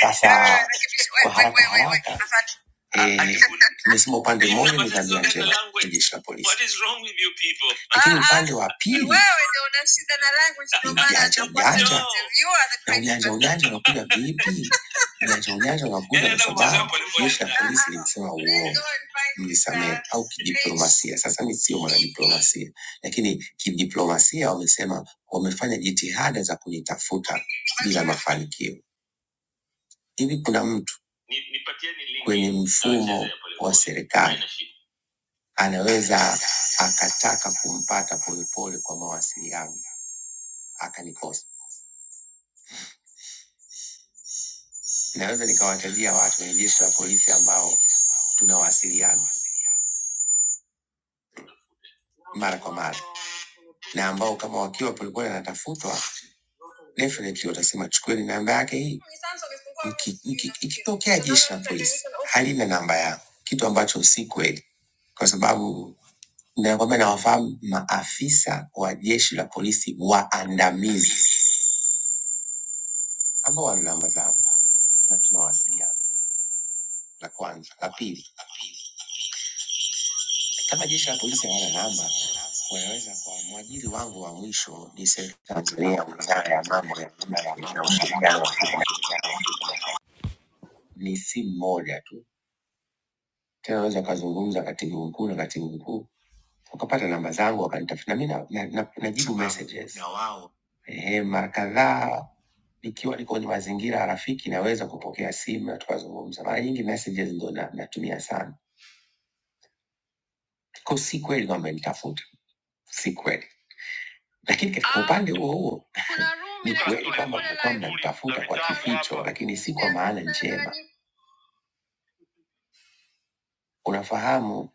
Sasa kwa haraka haraka eh, nimesema upande mmoja ni tabia njema ya jeshi la polisi, lakini upande wa pili Wewe ndio una shida na language ndio ni maana ujanja ujanja. You are the Na ujanja ujanja unakuja vipi? Ujanja ujanja unakuja kwa sababu jeshi la polisi lilisema uongo, mlisamehe au kidiplomasia. Sasa mi sio mwanadiplomasia, lakini kidiplomasia wamesema wamefanya jitihada za kunitafuta bila mafanikio. Hivi kuna mtu Ni- nipatieni link kwenye mfumo wa serikali anaweza akataka kumpata Polepole kwa mawasiliano akanikosa. Naweza nikawatajia watu kwenye jeshi la polisi ambao tunawasiliana mara kwa mara na ambao kama wakiwa Polepole anatafutwa definitely watasema chukueni namba yake hii. Mki- mki- Ikitokea jeshi la polisi halina namba yangu, kitu ambacho si kweli, kwa sababu na kwamba inawafahamu maafisa wa jeshi la polisi waandamizi ambao wana namba zao na tunawasiliana. La kwanza. La pili, kama jeshi la polisi hawana namba, wanaweza kwa mwajiri wangu wa mwisho ni serikali ya Tanzania, Muungano wa wizara ya Tanzania mambo ya nje Wizara ya na Mambo ya Nje ushirikiano wa na Ushirikiano wa Kigeni ni simu moja tu, tena unaweza ukazungumza katibu mkuu na katibu mkuu wakapata namba zangu wakanitafuta, na mi na- na- na- najibu messages na wao ehe, mara kadhaa nikiwa niko kwenye mazingira rafiki naweza kupokea simu na tukazungumza. Mara nyingi messages ndo na, natumia sana, kwa si kweli kwamba nitafuta, si kweli, lakini katika Ah, upande huo huo ni kweli kwamba mlikuwa mnanitafuta kwa kificho, lakini si kwa maana njema. Unafahamu,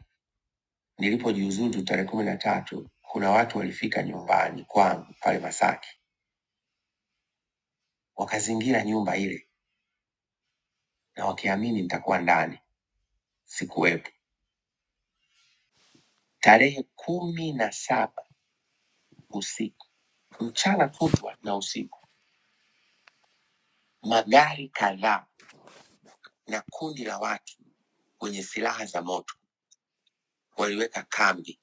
nilipojiuzulu tarehe kumi na tatu, kuna watu walifika nyumbani kwangu pale Masaki, wakazingira nyumba ile na wakiamini nitakuwa ndani. Sikuwepo. Tarehe kumi na saba usiku, mchana kutwa na usiku, magari kadhaa na kundi la watu wenye silaha za moto waliweka kambi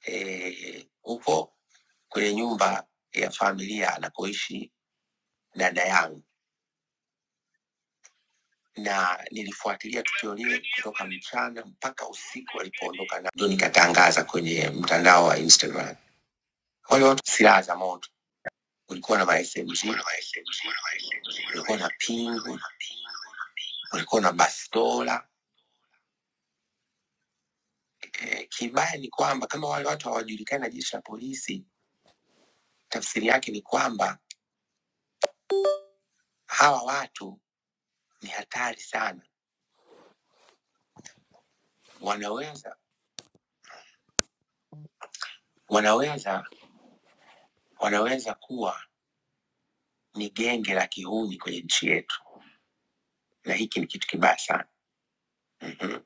eh, huko e, kwenye nyumba ya familia anapoishi dada yangu na nilifuatilia tukio lile kutoka mchana mpaka usiku walipoondoka, na ndio nikatangaza kwenye mtandao wa Instagram. Wale watu silaha za moto, kulikuwa na ma SMG, kulikuwa na pingu, kulikuwa na bastola. Eh, kibaya ni kwamba kama wale watu hawajulikani na jeshi la polisi, tafsiri yake ni kwamba hawa watu ni hatari sana, wanaweza wanaweza wanaweza kuwa ni genge la kihuni kwenye nchi yetu, na hiki ni kitu kibaya sana. Mhm.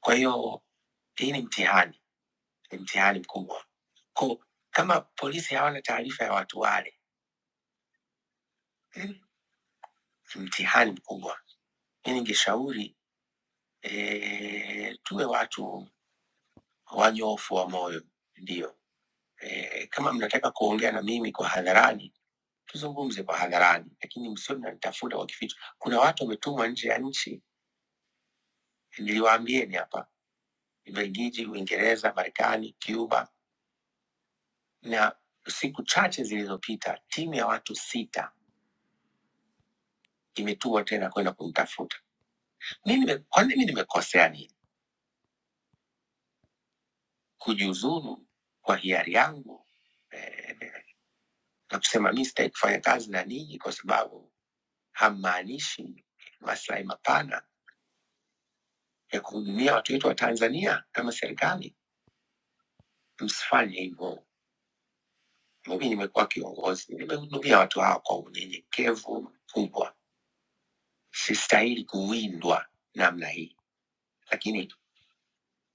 Kwa hiyo hii ni mtihani, ni mtihani mkubwa. Ko, kama polisi hawana taarifa ya watu wale, Mhm. ni mtihani mkubwa. Mi ningeshauri e, tuwe watu wanyofu wa moyo, ndio e, kama mnataka kuongea na mimi kwa hadharani tuzungumze kwa hadharani, lakini msio mnanitafuta kwa kificho. Kuna watu wametumwa nje ya nchi, niliwaambieni hapa Ubelgiji, Uingereza, Marekani, Cuba na siku chache zilizopita timu ya watu sita imetua tena kwenda kumtafuta. Mi nime- Kwani mimi kwa nini nimekosea nini kujiuzuru kwa hiari yangu eh, na kusema mi sitaki kufanya kazi na ninyi kwa sababu hammaanishi maslahi mapana ya kuhudumia watu wetu wa Tanzania kama serikali. Msifanye hivyo. Mimi nimekuwa kiongozi, nimehudumia watu hawa kwa unyenyekevu mkubwa. Sistahili kuwindwa namna hii, lakini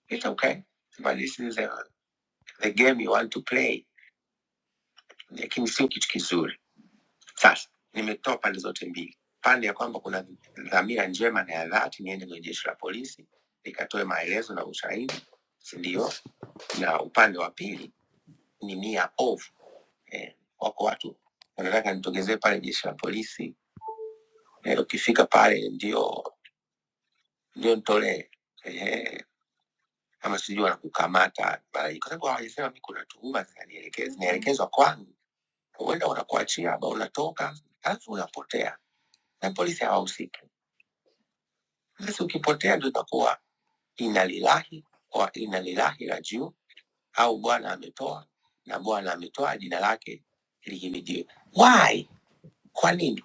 It's okay, but this is the, the game you want to play, lakini sio kitu kizuri. Sasa nimetoa pande zote mbili, pande ya kwamba kuna dhamira njema na ya dhati, niende kwenye jeshi la polisi nikatoe maelezo na ushahidi, si ndio? Na upande wa pili ni nia ovu eh, wako watu wanataka nitogezee pale jeshi la polisi eh, ukifika pale ndio ndio nitolee eh, ama sijui wanakukamata mara nyingi, kwa sababu hawajasema mi kuna tuhuma zinanielekeza zinaelekezwa kwangu huenda wanakuachia ama unatoka, alafu unapotea na polisi hawahusiki. Basi ukipotea ndio itakuwa inna lillahi wa inna ilaihi rajiun, au Bwana ametoa na Bwana ametoa, jina lake lihimidiwe. Why? Kwa nini?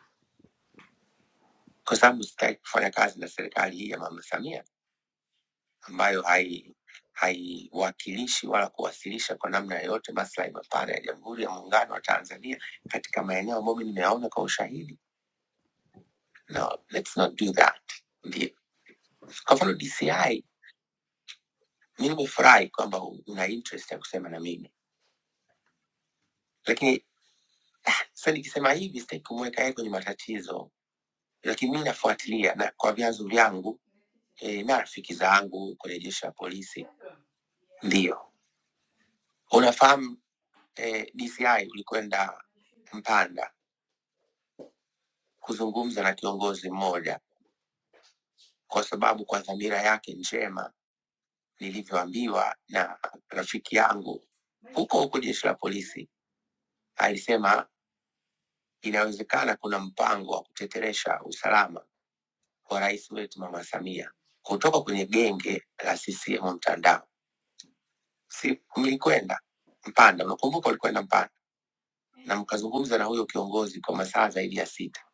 Kwa sababu sitaki kufanya kazi na serikali hii ya Mama Samia ambayo hai haiwakilishi wala kuwasilisha kwa namna yoyote maslahi mapana ya Jamhuri ya Muungano wa Tanzania katika maeneo ambayo mimi nimeyaona kwa ushahidi. No, let's not do that. Kwa mfano DCI, mi nimefurahi kwamba una interest ya kusema na mimi, lakini sasa nikisema hivi sitaki kumweka yeye kwenye matatizo, lakini mi nafuatilia na kwa vyanzo vyangu e, na rafiki zangu kwenye jeshi la polisi. Ndio unafahamu e, DCI ulikwenda Mpanda kuzungumza na kiongozi mmoja, kwa sababu kwa dhamira yake njema, nilivyoambiwa na rafiki yangu huko huko jeshi la polisi, alisema Inawezekana kuna mpango wa kuteteresha usalama wa rais wetu Mama Samia kutoka kwenye genge la CCM mtandao. Si mlikwenda Mpanda, unakumbuka ulikwenda Mpanda na mkazungumza na huyo kiongozi kwa masaa zaidi ya sita,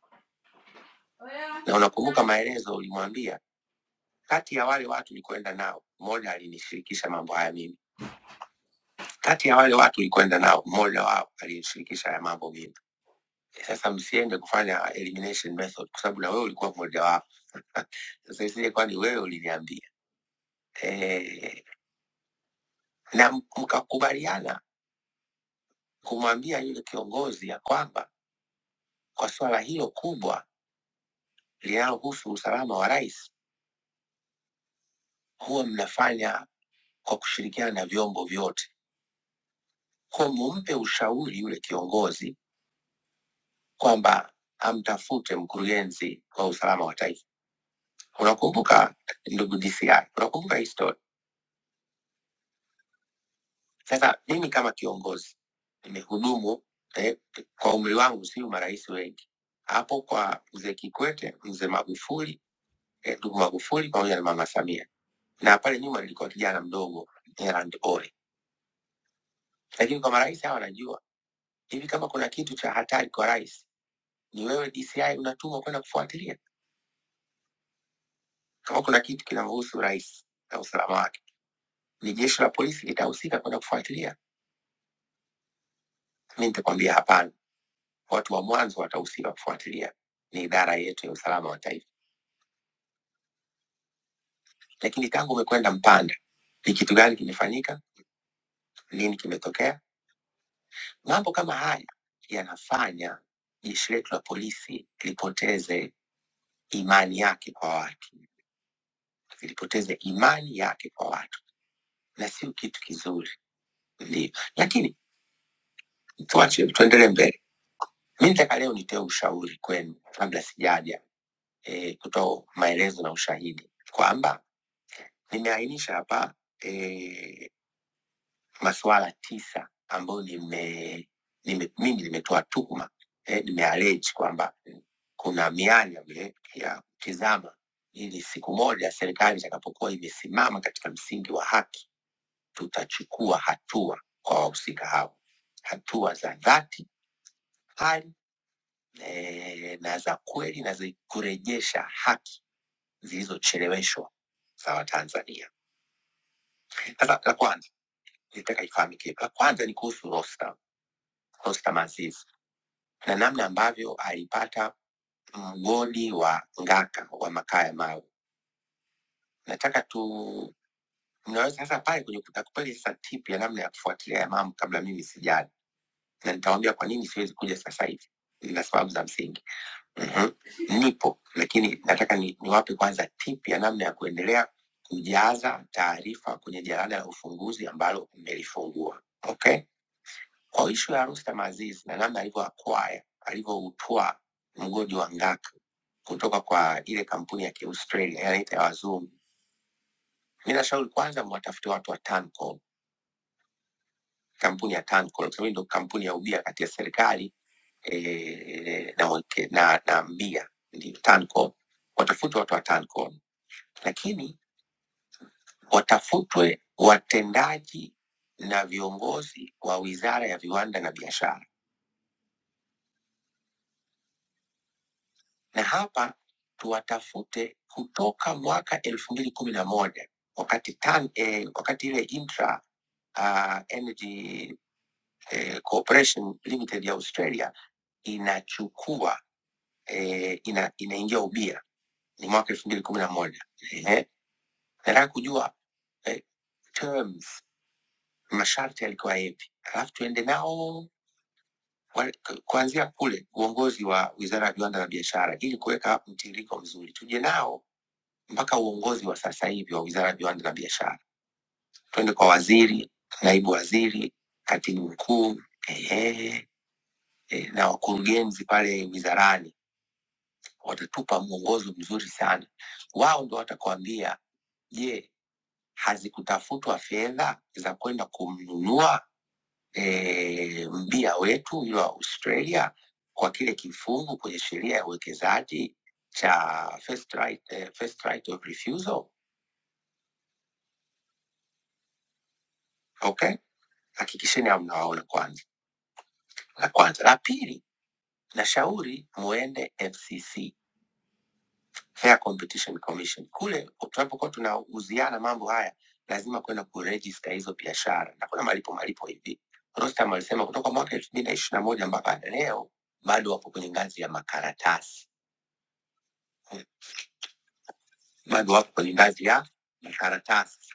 na unakumbuka maelezo ulimwambia, kati ya wale watu ulikwenda nao mmoja alinishirikisha mambo haya mimi, kati ya wale watu ulikwenda nao mmoja wao alinishirikisha haya mambo mimi. Sasa msiende kufanya elimination method, kwa sababu na wewe ulikuwa mmoja wao. Sasa isije kwani wewe uliniambia eh, na m- mkakubaliana kumwambia yule kiongozi ya kwamba kwa suala hilo kubwa linalohusu usalama wa rais, huwa mnafanya kwa kushirikiana na vyombo vyote, kwa mumpe ushauri yule kiongozi kwamba amtafute mkurugenzi wa usalama wa taifa. Unakumbuka ndugu DCI, unakumbuka historia Sasa mimi kama kiongozi nimehudumu eh, kwa umri wangu si marais wengi hapo, kwa mzee Kikwete, mzee Magufuli, eh, ndugu eh, Magufuli pamoja na mama Samia, na pale nyuma nilikuwa kijana mdogo Erand Ole. Lakini kwa marais hawa najua hivi, kama kuna kitu cha hatari kwa rais ni wewe DCI unatumwa kwenda kufuatilia. Kama kuna kitu kinamhusu rais na usalama wake, ni jeshi la polisi litahusika kwenda kufuatilia? Mi nitakwambia hapana, watu wa mwanzo watahusika kufuatilia, ni idara yetu ya usalama wa taifa. lakini tangu umekwenda Mpanda, ni kitu gani kimefanyika, lini kimetokea? Mambo kama haya yanafanya jeshi letu la polisi lipoteze imani yake kwa watu, lipoteze imani yake kwa watu, na sio kitu kizuri. Ndio, lakini tuache, tuendelee mbele. Mi nitaka leo nitoe ushauri kwenu, kabla sijaja e, kutoa maelezo na ushahidi kwamba nimeainisha hapa e, masuala tisa ambayo nime, nime, mimi nimetoa tuhuma eh, nimeallege kwamba kuna mianya vile ya kutizama, ili siku moja serikali itakapokuwa imesimama katika msingi wa haki, tutachukua hatua kwa wahusika hao, hatua za dhati hali eh, na za kweli na za kurejesha haki zilizocheleweshwa za Watanzania. Sasa la kwanza nitaka ifahamike, la kwanza ni kuhusu Rostam, Rostam Aziz na namna ambavyo alipata mgodi wa Ngaka wa makaa ya mawe. Nataka tu mnaweza sasa pale kwenye kutakupeli sasa tip ya namna ya kufuatilia ya mambo kabla mimi sijali, na nitawaambia kwa nini siwezi kuja sasa hivi na sababu za msingi. mm Nipo, lakini nataka ni, niwape kwanza tip ya namna ya kuendelea kujaza taarifa kwenye jarada la ufunguzi ambalo mmelifungua. Okay? Kwa ishu ya Rustam Aziz na namna alivyoakwaya alivyoutoa mgodi wa Ngaka kutoka kwa ile kampuni ya Kiaustralia yanaita ya wazungu, mi nashauri kwanza mwatafute watu wa Tanco, kampuni ya Tanco kwa sababu ndio kampuni ya ubia kati ya serikali e, na, wake- na, na mbia ndio Tanco. Watafute watu wa Tanco, lakini watafutwe watendaji na viongozi wa wizara ya viwanda na biashara na hapa tuwatafute kutoka mwaka elfu mbili kumi na moja wakati tan, eh, wakati ile intra uh, energy eh, corporation limited ya Australia inachukua eh, ina, inaingia ubia ni mwaka elfu mbili kumi na moja Ehe. nataka kujua eh, terms masharti yalikuwa yepi, alafu tuende nao wa- ku- kuanzia kule uongozi wa wizara ya viwanda na biashara, ili kuweka mtiririko mzuri, tuje nao mpaka uongozi wa sasa hivi wa Wizara ya Viwanda na Biashara, twende kwa waziri, naibu waziri, katibu mkuu ehe, eh, na wakurugenzi pale wizarani, watatupa mwongozo mzuri sana. Wao ndo watakuambia, je, hazikutafutwa fedha za kwenda kumnunua eh, mbia wetu yule wa Australia kwa kile kifungu kwenye sheria ya uwekezaji cha first right, eh, first right of refusal. Okay, hakikisheni hamnawaona kwanza La kwanza. La pili, nashauri muende FCC, Fair Competition Commission. Kule tunapokuwa tunauziana mambo haya, lazima kwenda kurejista hizo biashara na kuna malipo malipo hivi. Rostam alisema kutoka mwaka elfu mbili na ishirini na moja mpaka leo bado wapo kwenye ngazi ya makaratasi, bado wapo kwenye ngazi ya makaratasi.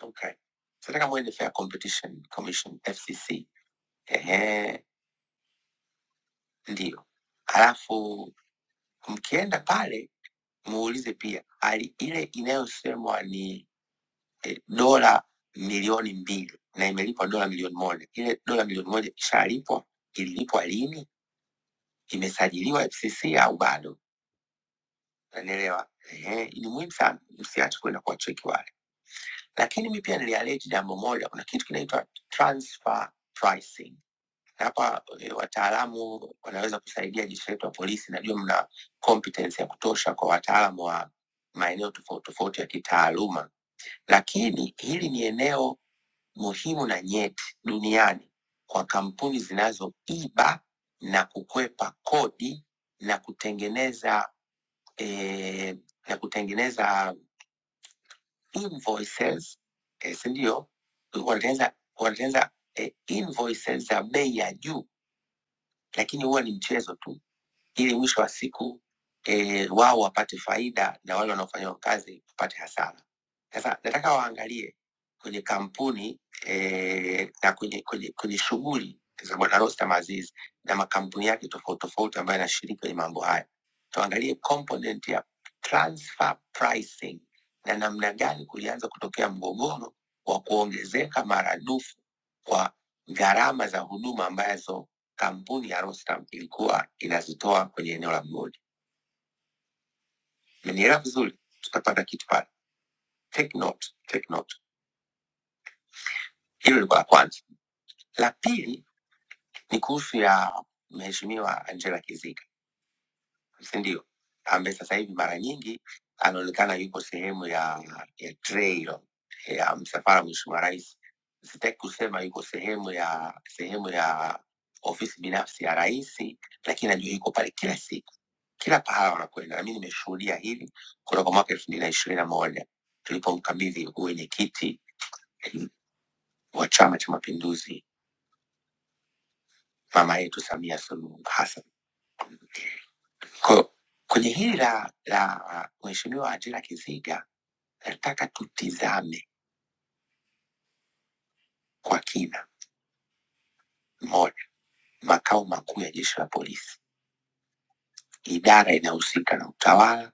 Okay, nataka muende Fair Competition Commission FCC. Ehe, ndio. Halafu mkienda pale muulize pia ali ile inayosemwa ni eh, dola milioni mbili na imelipwa dola milioni moja ile dola milioni moja ishalipwa ililipwa lini imesajiliwa fcc au bado nanielewa ni muhimu sana msiache kwenda kuwacheki wale lakini mi pia nilialeji jambo moja kuna kitu kinaitwa transfer pricing Na hapa eh, wataalamu wanaweza kusaidia jeshi letu la polisi najua mna competence ya kutosha kwa wataalamu wa maeneo tofauti tofauti ya kitaaluma lakini hili ni eneo muhimu na nyeti duniani kwa kampuni zinazoiba na kukwepa kodi na kutengeneza eh, na kutengeneza invoices eh, si ndio? Wanatengeneza wanatengeneza eh, invoices za bei ya juu, lakini huwa ni mchezo tu ili mwisho wa siku e, wao wapate faida na wale wanaofanyiwa kazi wapate hasara. Sasa nataka waangalie kwenye kampuni e, na kwenye, kwenye, kwenye shughuli za Bwana Rostam Aziz na makampuni yake tofauti tofauti ambayo yanashiriki kwenye mambo haya, tuangalie component ya transfer pricing na namna gani kulianza kutokea mgogoro wa kuongezeka maradufu kwa gharama za huduma ambazo kampuni ya Rostam ilikuwa inazitoa kwenye eneo la mgodi. Mmenielewa vizuri? Tutapata kitu pale. Take note, take note. Hilo lilikuwa la kwanza. La pili ni kuhusu ya mheshimiwa Angela Kiziga, si ndio? Ambaye sasa hivi mara nyingi anaonekana yuko sehemu ya, ya trail ya msafara wa mheshimiwa rais. Sitaki kusema yuko sehemu ya sehemu ya ofisi binafsi ya rais, lakini najua yuko pale kila siku Kila pahala wanakwenda, na mimi nimeshuhudia hili kutoka mwaka elfu mbili na ishirini na moja tulipomkabidhi uwenyekiti wa Chama cha Mapinduzi mama yetu Samia Suluhu Hassan. Kwa- Kwenye hili la, la uh, Mheshimiwa Ajira Kiziga, nataka tutizame kwa kina. Moja, makao makuu ya jeshi la polisi, idara inayohusika na utawala,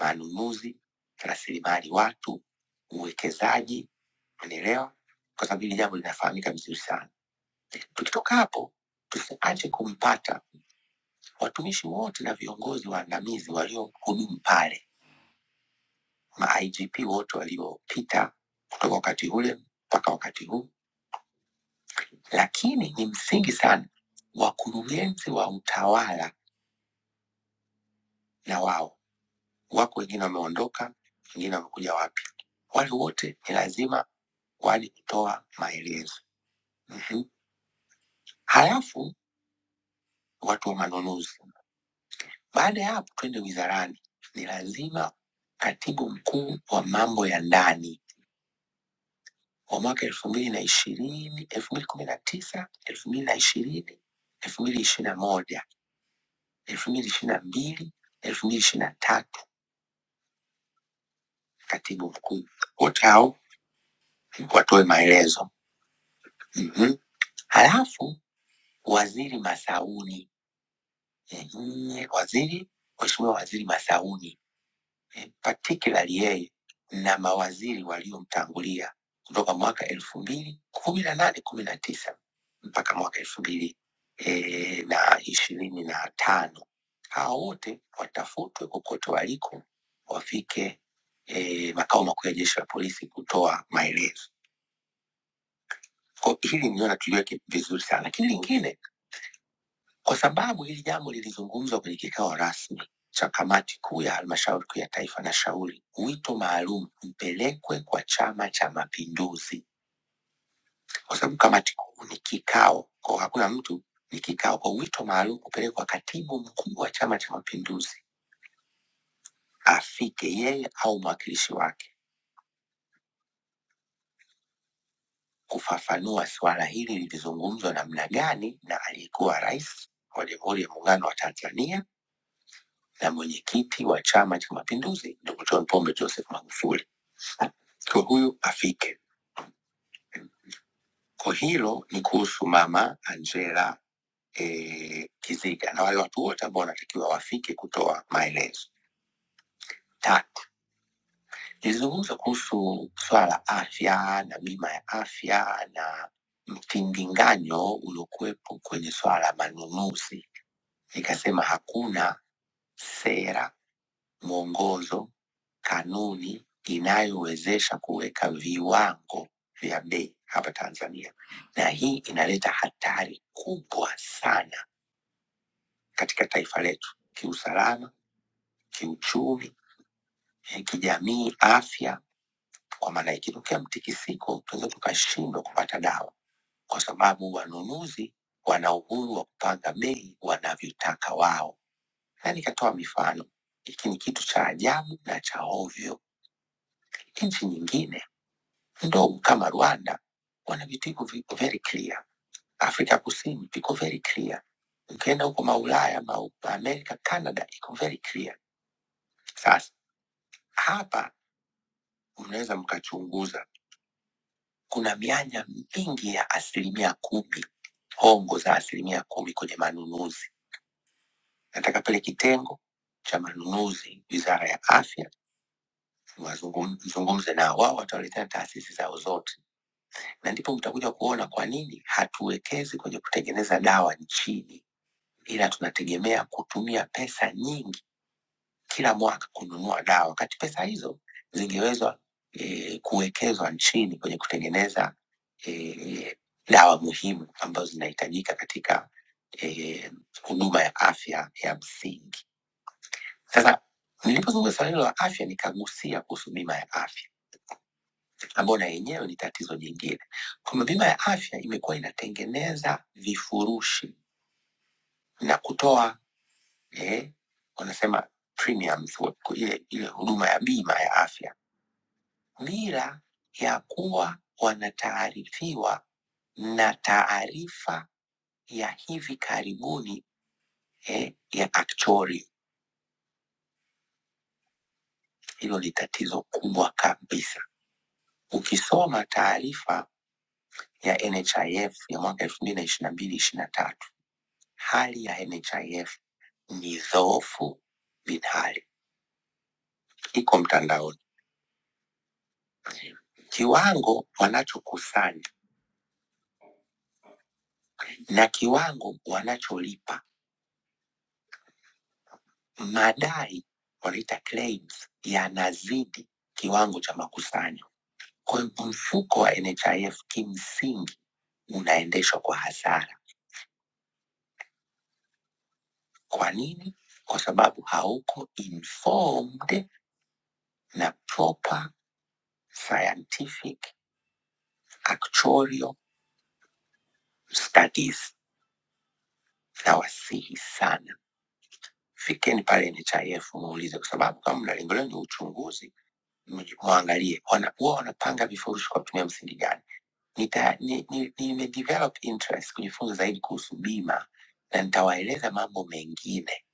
manunuzi, rasilimali watu, uwekezaji, unaelewa, kwa sababu hili jambo linafahamika vizuri sana Tukitoka hapo, tusiache kumpata watumishi wote na viongozi waandamizi waliohudumu pale, ma IGP wote waliopita kutoka wakati ule mpaka wakati huu, lakini ni msingi sana, wakurugenzi wa utawala na wao wako, wengine wameondoka, wengine wamekuja wapya, wale wote ni lazima waje kutoa maelezo. Mhm. Halafu watu wa manunuzi Baada ya hapo, twende wizarani. Ni lazima katibu mkuu wa mambo ya ndani wa mwaka elfu mbili na ishirini elfu mbili kumi na tisa elfu mbili na ishirini elfu mbili ishirini na moja elfu mbili ishirini na mbili elfu mbili ishirini na tatu katibu mkuu wote hao watoe maelezo mm-hmm. Halafu waziri Masauni, ehe, waziri mheshimiwa waziri Masauni particularly yeye na mawaziri waliomtangulia kutoka mwaka elfu mbili kumi na nane kumi na tisa mpaka mwaka elfu mbili eh, na ishirini na tano hao wote watafutwe kokote waliko wafike eh, makao makuu ya jeshi la polisi kutoa maelezo. Kwa hili niona tuliweke vizuri sana, lakini lingine Kwa sababu hili jambo lilizungumzwa kwenye kikao rasmi cha kamati kuu ya halmashauri kuu ya taifa, na shauri wito maalum mpelekwe kwa Chama cha Mapinduzi, kwa sababu kamati kuu ni kikao, kwa hakuna mtu, ni kikao, kwa wito maalum kupelekwa katibu mkuu wa Chama cha Mapinduzi afike yeye au mwakilishi wake kufafanua suala hili lilizungumzwa namna gani na aliyekuwa rais wa Jamhuri ya Muungano wa Tanzania na mwenyekiti wa Chama cha Mapinduzi, Dkt. John Pombe Joseph Magufuli kwa huyu afike. Kwa hilo ni kuhusu mama Angela eh, Kiziga na wale watu wote ambao wanatakiwa wafike kutoa maelezo. Tatu, nilizungumza kuhusu swala la afya na bima ya afya na mtinginganyo uliokuwepo kwenye swala la manunuzi. Nikasema hakuna sera, mwongozo kanuni inayowezesha kuweka viwango vya bei hapa Tanzania, na hii inaleta hatari kubwa sana katika taifa letu kiusalama, kiuchumi, eh, kijamii, afya. Kwa maana ikitokea mtikisiko, tunaweza tukashindwa kupata dawa kwa sababu wanunuzi wana uhuru wa kupanga bei wanavyotaka wao, na nikatoa mifano. Hiki ni kitu cha ajabu na cha ovyo. Nchi nyingine ndogo kama Rwanda wana vitu hivyo viko very clear. Afrika Kusini viko very clear. Ukienda huko maulaya ma Amerika, Canada iko very clear. Sasa hapa mnaweza mkachunguza, kuna mianya mingi ya asilimia kumi, hongo za asilimia kumi kwenye manunuzi. Nataka pale kitengo cha manunuzi, wizara ya afya, wazungum- zungumze nao, wao watawaletea taasisi zao zote na ndipo mtakuja kuona kwa nini hatuwekezi kwenye kutengeneza dawa nchini, ila tunategemea kutumia pesa nyingi kila mwaka kununua dawa, wakati pesa hizo zingewezwa e, kuwekezwa nchini kwenye kutengeneza e, dawa muhimu ambazo zinahitajika katika eh, huduma ya afya ya msingi. Sasa nilipozungumza swala hilo la afya, nikagusia kuhusu bima ya afya ambayo na yenyewe ni tatizo jingine, kwamba bima ya afya imekuwa inatengeneza vifurushi na kutoa eh, wanasema premiums, wa- ku- ile, ile huduma ya bima ya afya bila ya kuwa wanataarifiwa na taarifa ya hivi karibuni eh, ya actuary. Hilo ni tatizo kubwa kabisa. Ukisoma taarifa ya NHIF ya mwaka elfu mbili na ishirini na mbili ishirini na tatu hali ya NHIF ni dhoofu vidhari, iko mtandaoni. Kiwango wanachokusanya na kiwango wanacholipa, madai wanaita claims, yanazidi kiwango cha makusanyo. Kwa hiyo mfuko wa NHIF kimsingi unaendeshwa kwa hasara. Kwa nini? Kwa sababu hauko informed na proper scientific actuarial studies. Nawasihi sana fikeni pale NHIF muulize, kwa sababu kama mna lengo lenu ni uchunguzi, mji- mwangalie wana- huwa wanapanga vifurushi kwa kutumia msingi gani. Nita- ni- ni- Nimedevelop interest kujifunza zaidi kuhusu bima na nitawaeleza mambo mengine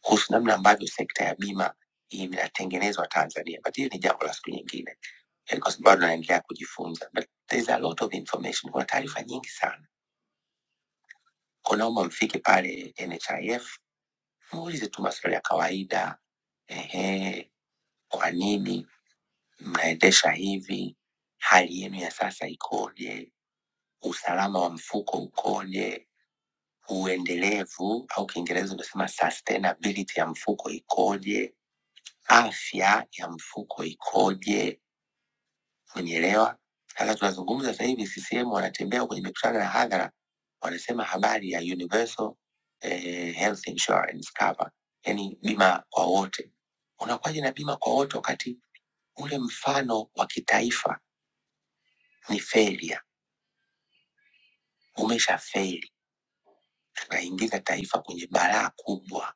kuhusu namna ambavyo sekta ya bima inatengenezwa Tanzania, but hili ni jambo la siku nyingine, Eh, kwa sababu bado naendelea kujifunza, but there is a lot of information, kuna taarifa nyingi sana. Kwa naomba mfike pale NHIF muulize tu maswali ya kawaida ehe, Kwa nini mnaendesha hivi? Hali yenu ya sasa ikoje? Usalama wa mfuko ukoje? Uendelevu au Kiingereza unasema sustainability ya mfuko ikoje? Afya ya mfuko ikoje? Umenielewa? Sasa tunazungumza sasa hivi, CCM wanatembea kwenye mikutano ya hadhara, wanasema habari ya universal eh, health insurance cover, yani bima kwa wote. Unakuwaje na bima kwa wote wakati ule mfano wa kitaifa ni failure, umeshafeli. Tunaingiza taifa kwenye balaa kubwa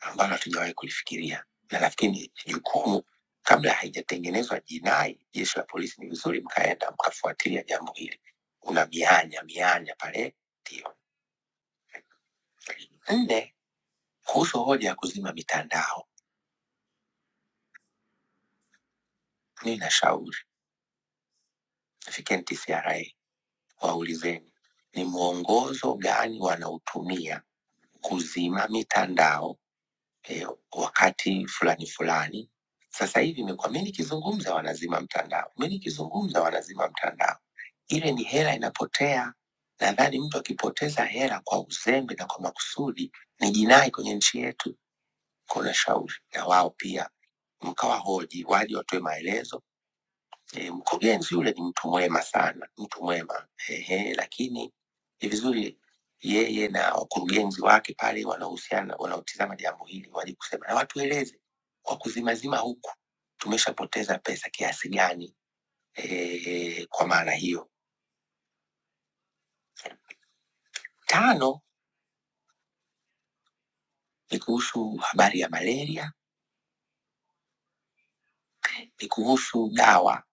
ambalo hatujawahi kulifikiria, na nafikiri ni jukumu, kabla haijatengenezwa jinai, jeshi la polisi, ni vizuri mkaenda mkafuatilia jambo hili. Kuna mianya mianya pale, ndio Nne, kuhusu hoja ya kuzima mitandao, mimi nashauri fikeni TCRA, waulizeni ni mwongozo gani wanautumia kuzima mitandao eh, wakati fulani fulani. Sasa hivi imekuwa mi nikizungumza wanazima mtandao, mi nikizungumza wanazima mtandao. Ile ni hela inapotea. Nadhani mtu akipoteza hela kwa uzembe na kwa makusudi ni jinai kwenye nchi yetu. Kuna shauri na wao pia mkawahoji, waje watoe maelezo E, mkurugenzi yule ni mtu mwema sana, mtu mwema ehe, lakini ni vizuri yeye na wakurugenzi wake pale wanaohusiana wanaotizama jambo hili waje kusema na watueleze kwa kuzimazima huku tumeshapoteza pesa kiasi gani. E, kwa maana hiyo, tano ni kuhusu habari ya malaria, ni kuhusu dawa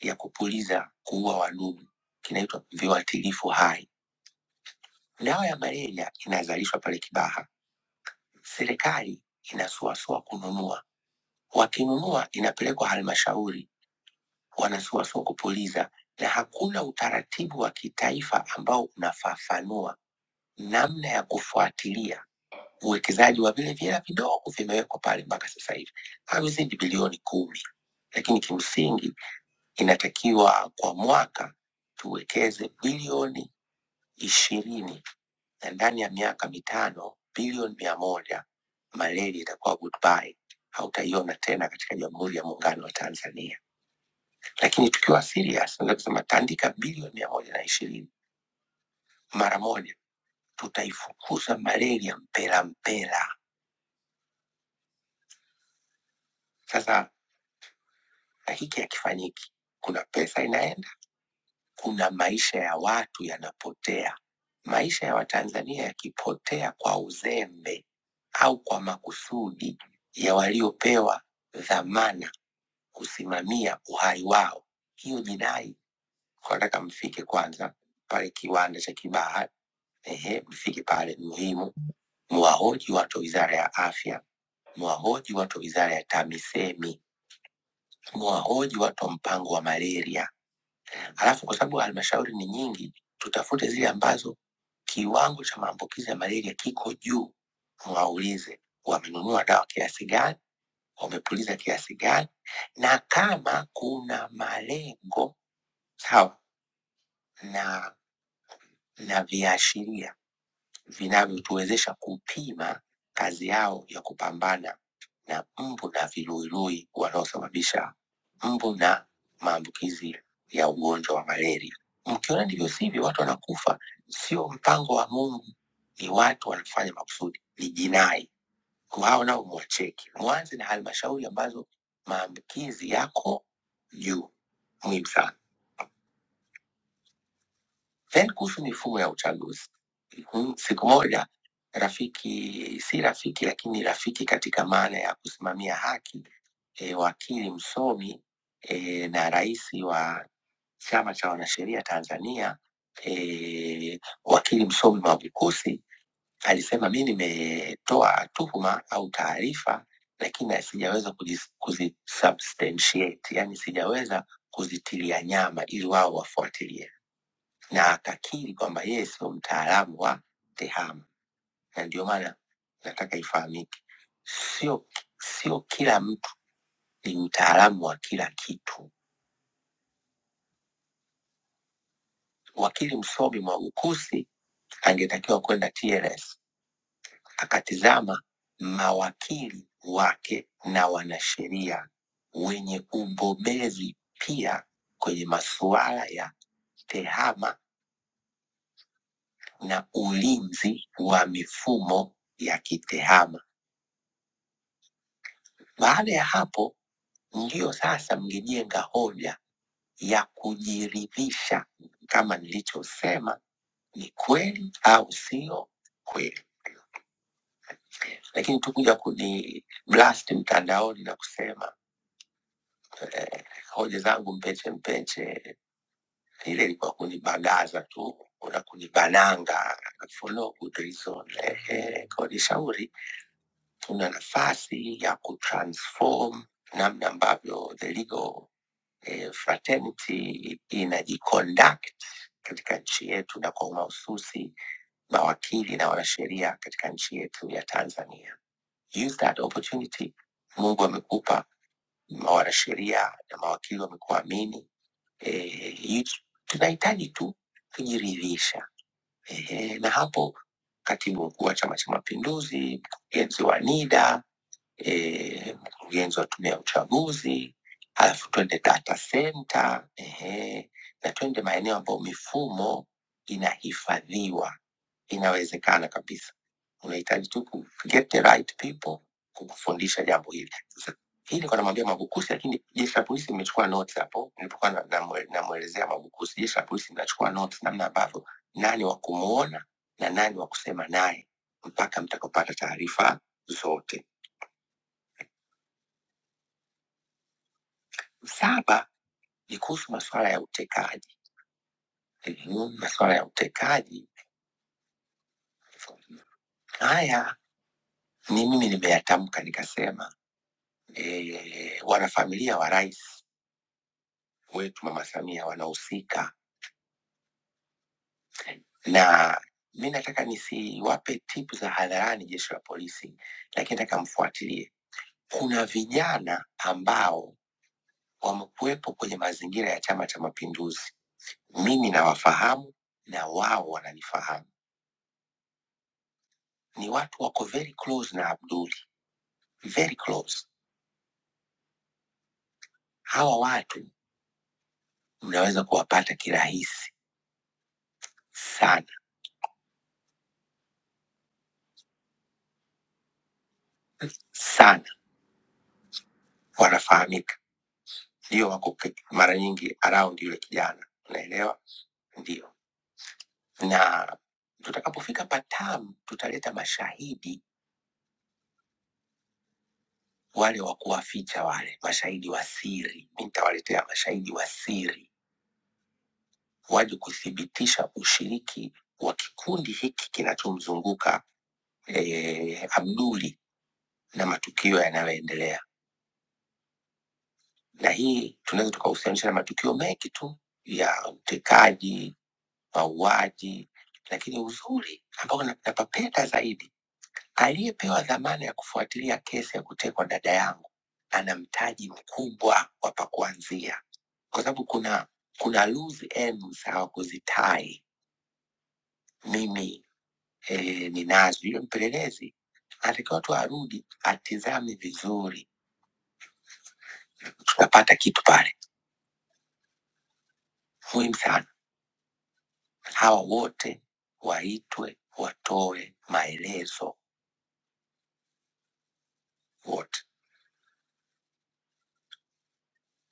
ya kupuliza kuua wadudu, kinaitwa viuatilifu hai. Dawa ya malaria inazalishwa pale Kibaha serikali inasuasua kununua. Wakinunua inapelekwa halmashauri, wanasuasua kupuliza, na hakuna utaratibu wa kitaifa ambao unafafanua namna ya kufuatilia uwekezaji wa vile vile vidogo vimewekwa pale mpaka sasa hivi havizidi bilioni kumi, lakini kimsingi inatakiwa kwa mwaka tuwekeze bilioni ishirini na ndani ya miaka mitano bilioni mia moja malaria itakuwa goodbye, hautaiona tena katika Jamhuri ya Muungano wa Tanzania. Lakini tukiwa serious, naweza kusema tandika bilioni mia moja na ishirini mara moja, tutaifukuza malaria mpela mpela. Sasa na hiki hakifanyiki, kuna pesa inaenda, kuna maisha ya watu yanapotea. Maisha ya Watanzania yakipotea kwa uzembe au kwa makusudi ya waliopewa dhamana kusimamia uhai wao. Hiyo jinai wanataka mfike kwanza pale kiwanda cha Kibaha. Ehe, mfike pale, ni muhimu. Mwahoji watu wa wizara ya afya, mwahoji watu wa wizara ya TAMISEMI, mwahoji watu wa mpango wa malaria. Alafu kwa sababu halmashauri ni nyingi, tutafute zile ambazo kiwango cha maambukizi ya malaria kiko juu, mwaulize wamenunua dawa kiasi gani, wamepuliza kiasi gani, na kama kuna malengo sawa na na viashiria vinavyotuwezesha kupima kazi yao ya kupambana na mbu na viluilui wanaosababisha mbu na maambukizi ya ugonjwa wa malaria. Mkiona ndivyo sivyo, watu wanakufa. Sio mpango wa Mungu, ni watu wanafanya makusudi, ni jinai. Kwa hao nao mwacheki, mwanze na halmashauri ambazo maambukizi yako juu. Muhimu sana. Then kuhusu mifumo ya uchaguzi, Mhm, siku moja rafiki, si rafiki lakini rafiki katika maana ya kusimamia haki e, wakili msomi e, na rais wa chama cha wanasheria Tanzania e, wakili msomi Mwabukusi alisema mi nimetoa tuhuma au taarifa lakini sijaweza kujis- kuzisubstantiate, yani sijaweza kuzitilia nyama ili wao wafuatilie na akakiri kwamba yeye sio mtaalamu wa tehama, na ndio maana nataka ifahamike, sio sio kila mtu ni mtaalamu wa kila kitu. Wakili Msomi Mwabukusi angetakiwa kwenda TLS akatizama mawakili wake na wanasheria wenye ubobezi pia kwenye masuala ya tehama na ulinzi wa mifumo ya kitehama Baada ya hapo, ndiyo sasa mngejenga hoja ya kujiridhisha kama nilichosema ni kweli au sio kweli. Lakini tukuja kuni blast mtandaoni na kusema eh, hoja zangu mpeche mpeche, ile ilikuwa kunibagaza tu na kunibananga for no good reason. Eh, kwa nishauri tuna nafasi ya kutransform namna ambavyo the legal eh, fraternity inajiconduct katika nchi yetu na kwa mahususi mawakili na wanasheria katika nchi yetu ya Tanzania. Use that opportunity. Mungu amekupa ma- wanasheria na mawakili wamekuamini. Eh, you- tunahitaji tu kujiridhisha. Eh, na hapo katibu mkuu wa Chama cha Mapinduzi, mkurugenzi wa NIDA, eh, mkurugenzi wa tume ya uchaguzi, halafu twende data center ehe, na twende maeneo ambayo mifumo inahifadhiwa. Inawezekana kabisa, unahitaji tu ku get the right people kukufundisha jambo hili. Sasa hii nilikuwa namwambia Mabukusi, lakini jeshi la polisi limechukua notes hapo nilipokuwa namwelezea na, namwe- namwelezea Mabukusi. Jeshi la polisi linachukua notes namna ambavyo nani wa kumuona na nani wa kusema naye mpaka mtakapopata taarifa zote. Saba, ni kuhusu masuala ya utekaji Mhm, masuala ya utekaji haya ni mimi nimeyatamka nikasema e, wanafamilia wa rais wetu mama samia wanahusika na mi nataka nisiwape tipu za hadharani jeshi la polisi lakini nataka mfuatilie kuna vijana ambao wamekuwepo kwenye mazingira ya chama cha mapinduzi mimi nawafahamu na wao wananifahamu ni watu wako very close na abduli very close hawa watu mnaweza kuwapata kirahisi sana sana, wanafahamika, ndio wako ke- mara nyingi around yule kijana, unaelewa? Ndio, na tutakapofika Patamu tutaleta mashahidi wale wa kuwaficha, wale mashahidi wa siri. Mi nitawaletea mashahidi wa siri waje kuthibitisha ushiriki wa kikundi hiki kinachomzunguka eh, Abduli na matukio yanayoendelea. na hii tunaweza tukahusianisha na matukio mengi tu ya utekaji, mauaji, lakini uzuri ambao na- napapenda zaidi, aliyepewa dhamana ya kufuatilia kesi ya kutekwa dada yangu ana mtaji mkubwa wa pa kuanzia, kwa sababu kuna kuna loose ends hawakuzitai. Mimi eh, ninazo. Yule mpelelezi anatakiwa tu arudi atizame vizuri, tutapata kitu pale muhimu sana. hawa wote waitwe watoe maelezo wote,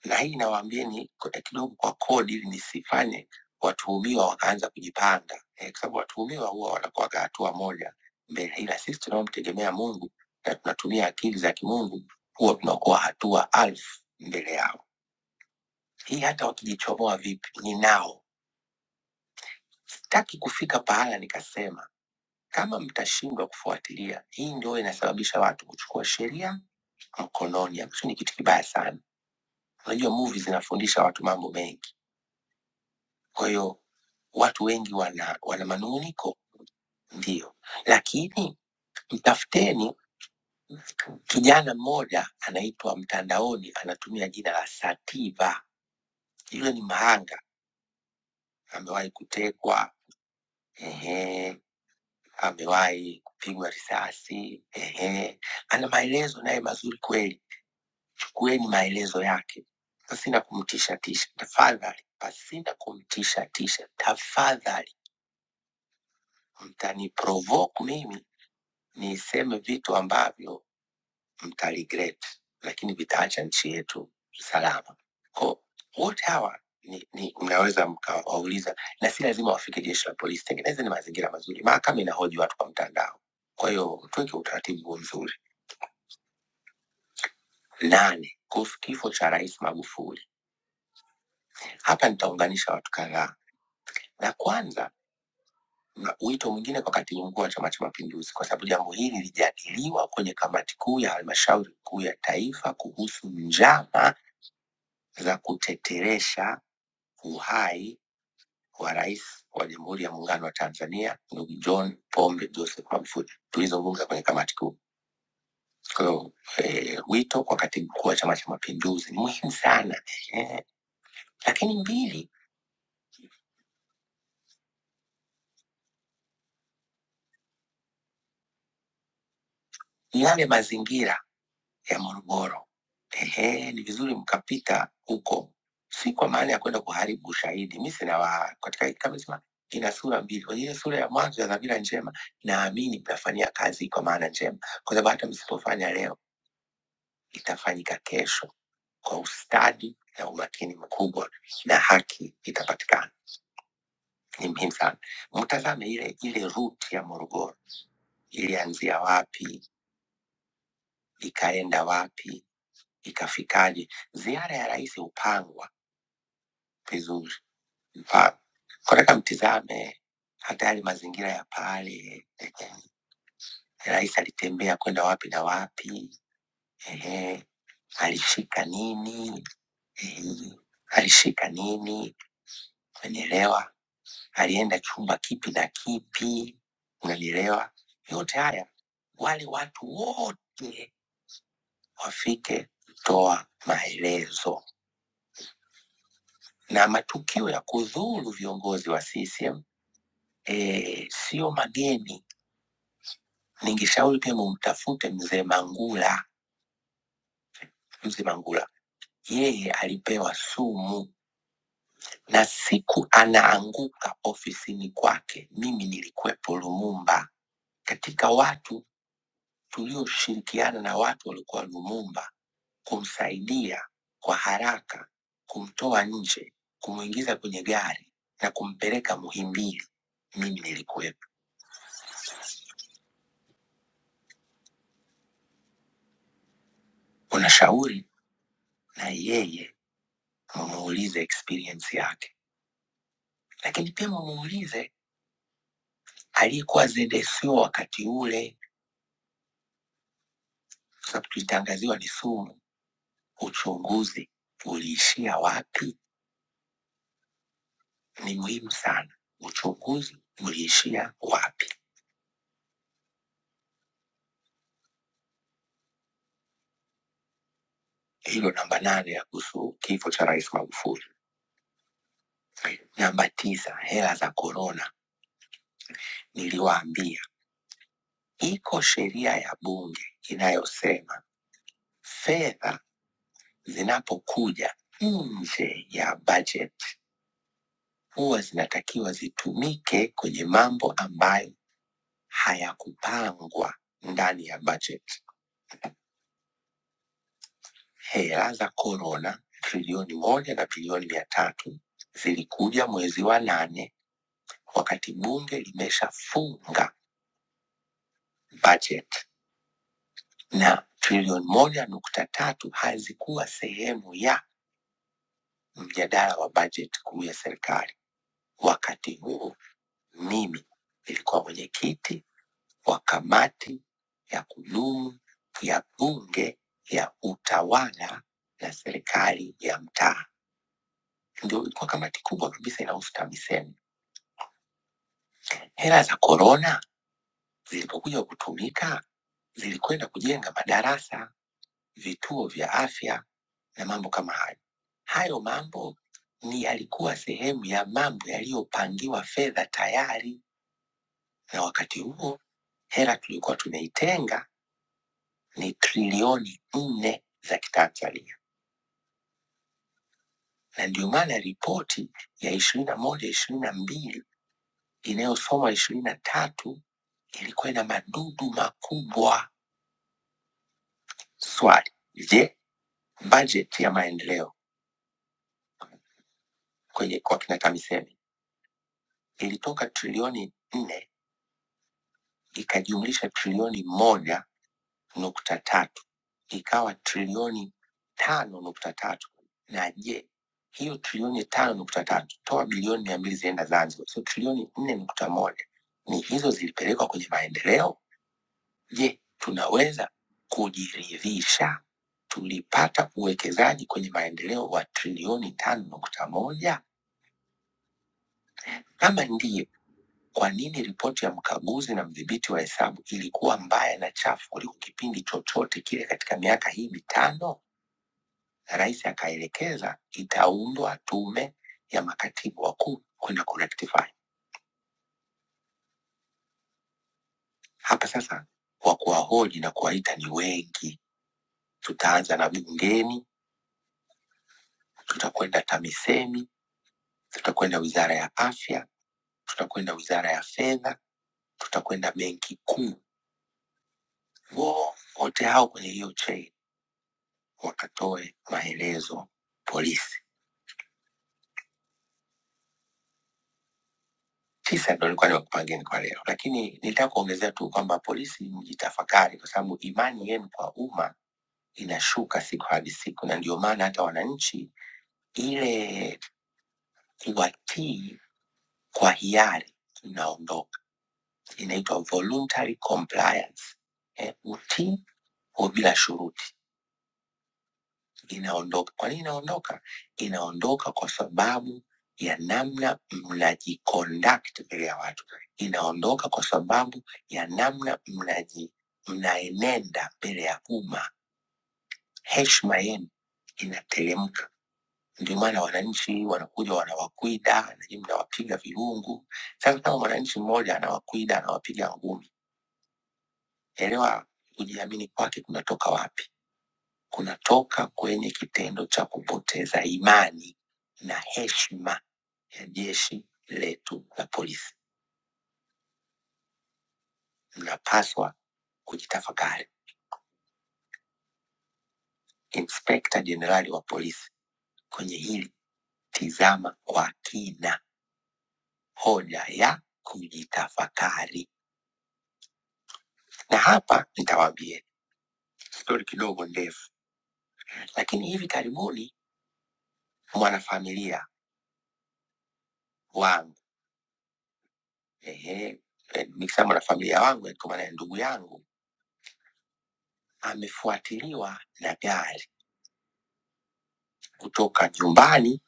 na hii inawaambieni kwa- kidogo kwa kodi, ili nisifanye watuhumiwa wakaanza kujipanga eh, kwa sababu watuhumiwa huwa wanakuwa hatua moja mbele, ila sisi tunaomtegemea Mungu na tunatumia akili za kimungu huwa tunakuwa hatua alfu mbele yao. Hii hata wakijichomoa vipi, ninao. Sitaki kufika pahala nikasema kama mtashindwa kufuatilia, hii ndio inasababisha watu kuchukua sheria mkononi, ambacho ni kitu kibaya sana. Unajua movie zinafundisha watu mambo mengi, kwa hiyo watu wengi wana, wana manunguniko ndio, lakini mtafuteni kijana mmoja anaitwa mtandaoni, anatumia jina la Sativa. Yule ni mhanga, amewahi kutekwa, ehe, amewahi kupigwa risasi, ehe, ana maelezo naye mazuri kweli. chukueni maelezo yake pasina kumtisha tisha. Tafadhali, pasina kumtisha tisha, tafadhali mtaniprovoke mimi niseme vitu ambavyo mtaregret, lakini vitaacha nchi yetu salama. Ko wote hawa ni, ni mnaweza mkawauliza, na si lazima wafike jeshi la polisi. Tengeneze ni mazingira mazuri. Mahakama inahoji watu kwa mtandao. Kwa hiyo tuweke utaratibu huo mzuri. Nane, kuhusu kifo cha Rais Magufuli. Hapa nitaunganisha watu kadhaa, na kwanza na wito mwingine kwa katibu mkuu wa Chama cha Mapinduzi, kwa sababu jambo hili lilijadiliwa kwenye kamati kuu ya halmashauri kuu ya taifa kuhusu njama za kuteteresha uhai wa rais wa Jamhuri ya Muungano wa Tanzania ndugu John Pombe Joseph Magufuli. Tulizungumza kwenye kamati kuu. Kwa hiyo eh, wito kwa katibu mkuu wa Chama cha Mapinduzi ni muhimu sana eh. Lakini mbili, ni yale mazingira ya Morogoro. Ehe, ni vizuri mkapita huko, si kwa maana ya kwenda kuharibu ushahidi. Mi sina wa katika hii kitabu sema ina sura mbili. Kwenye ile sura ya mwanzo ya dhamira njema, naamini mtafanyia kazi kwa maana njema, kwa sababu hata msipofanya leo itafanyika kesho kwa ustadi na umakini mkubwa, na haki itapatikana. Ni muhimu sana mtazame ile ile ruti ya Morogoro, ilianzia wapi, ikaenda wapi, ikafikaje? Ziara ya rais hupangwa vizuri. Mfano, Nataka mtizame hata yale mazingira ya pale, ehe, rais alitembea kwenda wapi na wapi, ehe, alishika nini, ehe, alishika nini, unanielewa? Alienda chumba kipi na kipi, unanielewa? Yote haya wale watu wote wafike kutoa maelezo, na matukio ya kudhuru viongozi wa CCM eh, sio mageni Ningeshauri pia mumtafute mzee Mangula. Mzee Mangula yeye alipewa sumu, na siku anaanguka ofisini kwake, mimi nilikuwepo Lumumba, katika watu tulioshirikiana na watu waliokuwa Lumumba kumsaidia kwa haraka, kumtoa nje, kumwingiza kwenye gari na kumpeleka Muhimbili. Mimi nilikuwepo. Unashauri na yeye mumuulize experience yake, lakini pia mumuulize aliyekuwa ZSO wakati ule, kwa sababu tulitangaziwa ni sumu. Uchunguzi uliishia wapi ni muhimu sana, uchunguzi uliishia wapi? Hilo namba nane ya kuhusu kifo cha Rais Magufuli. Namba tisa, hela za korona. Niliwaambia iko sheria ya Bunge inayosema fedha zinapokuja nje ya budget huwa zinatakiwa zitumike kwenye mambo ambayo hayakupangwa ndani ya bajeti. Hela za korona trilioni moja na trilioni mia tatu zilikuja mwezi wa nane wakati bunge limeshafunga bajeti, na trilioni moja nukta tatu hazikuwa sehemu ya mjadala wa bajeti kuu ya serikali. Wakati huo mimi nilikuwa mwenyekiti wa kamati ya kudumu ya bunge ya utawala na serikali ya mtaa. Ndio ilikuwa kamati kubwa kabisa inahusu TAMISEMI. Hela za korona zilipokuja kutumika, zilikwenda kujenga madarasa, vituo vya afya na mambo kama hayo. Hayo mambo ni yalikuwa sehemu ya mambo yaliyopangiwa fedha tayari, na wakati huo hela tulikuwa tumeitenga ni trilioni nne za kitanzania, na ndio maana ripoti ya ishirini na moja ishirini na mbili inayosoma ishirini na tatu ilikuwa ina madudu makubwa. Swali, je, bajeti ya maendeleo kwenye kwa kina TAMISEMI ilitoka trilioni nne ikajumlisha trilioni moja nukta tatu ikawa trilioni tano nukta tatu na je hiyo trilioni tano nukta tatu toa bilioni mia mbili zienda Zanzibar, so trilioni nne nukta moja ni hizo zilipelekwa kwenye maendeleo. Je, tunaweza kujiridhisha tulipata uwekezaji kwenye maendeleo wa trilioni tano nukta moja? Kama ndiyo, kwa nini ripoti ya mkaguzi na mdhibiti wa hesabu ilikuwa mbaya na chafu kuliko kipindi chochote kile katika miaka hii mitano? rais akaelekeza itaundwa tume ya makatibu wakuu kwenda kurectify. Hapa sasa wa kuwahoji na kuwaita ni wengi. Tutaanza na bungeni, tutakwenda TAMISEMI, tutakwenda wizara ya afya, tutakwenda wizara ya fedha, tutakwenda benki kuu. Wote hao kwenye hiyo chain wakatoe maelezo polisi. Tisa ndo nilikuwa nimekupangeni kwa leo, lakini nitaka kuongezea tu kwamba polisi mjitafakari, kwa sababu imani yenu kwa umma inashuka siku hadi siku, na ndio maana hata wananchi ile kuwatii kwa hiari inaondoka, inaitwa voluntary compliance. Eh, utii kwa bila shuruti inaondoka. Kwa nini inaondoka? Inaondoka kwa sababu ya namna mnajiconduct mbele ya watu, inaondoka kwa sababu ya namna mnaji mnaenenda mbele ya umma. Heshima yenu inateremka Ndio maana wananchi wanakuja wanawakwida, nanyi mnawapiga virungu. Sasa kama mwananchi mmoja anawakwida, anawapiga ngumi, elewa kujiamini kwake kunatoka wapi? Kunatoka kwenye kitendo cha kupoteza imani na heshima ya jeshi letu la polisi. Mnapaswa kujitafakari. Inspekta Jenerali wa polisi, kwenye hili tizama kwa kina hoja ya kujitafakari, na hapa nitawaambia stori kidogo ndefu, lakini hivi karibuni mwanafamilia wangu ehe, eh, nikisema mwanafamilia wangu eh, kwa maana ya ndugu yangu amefuatiliwa na gari kutoka nyumbani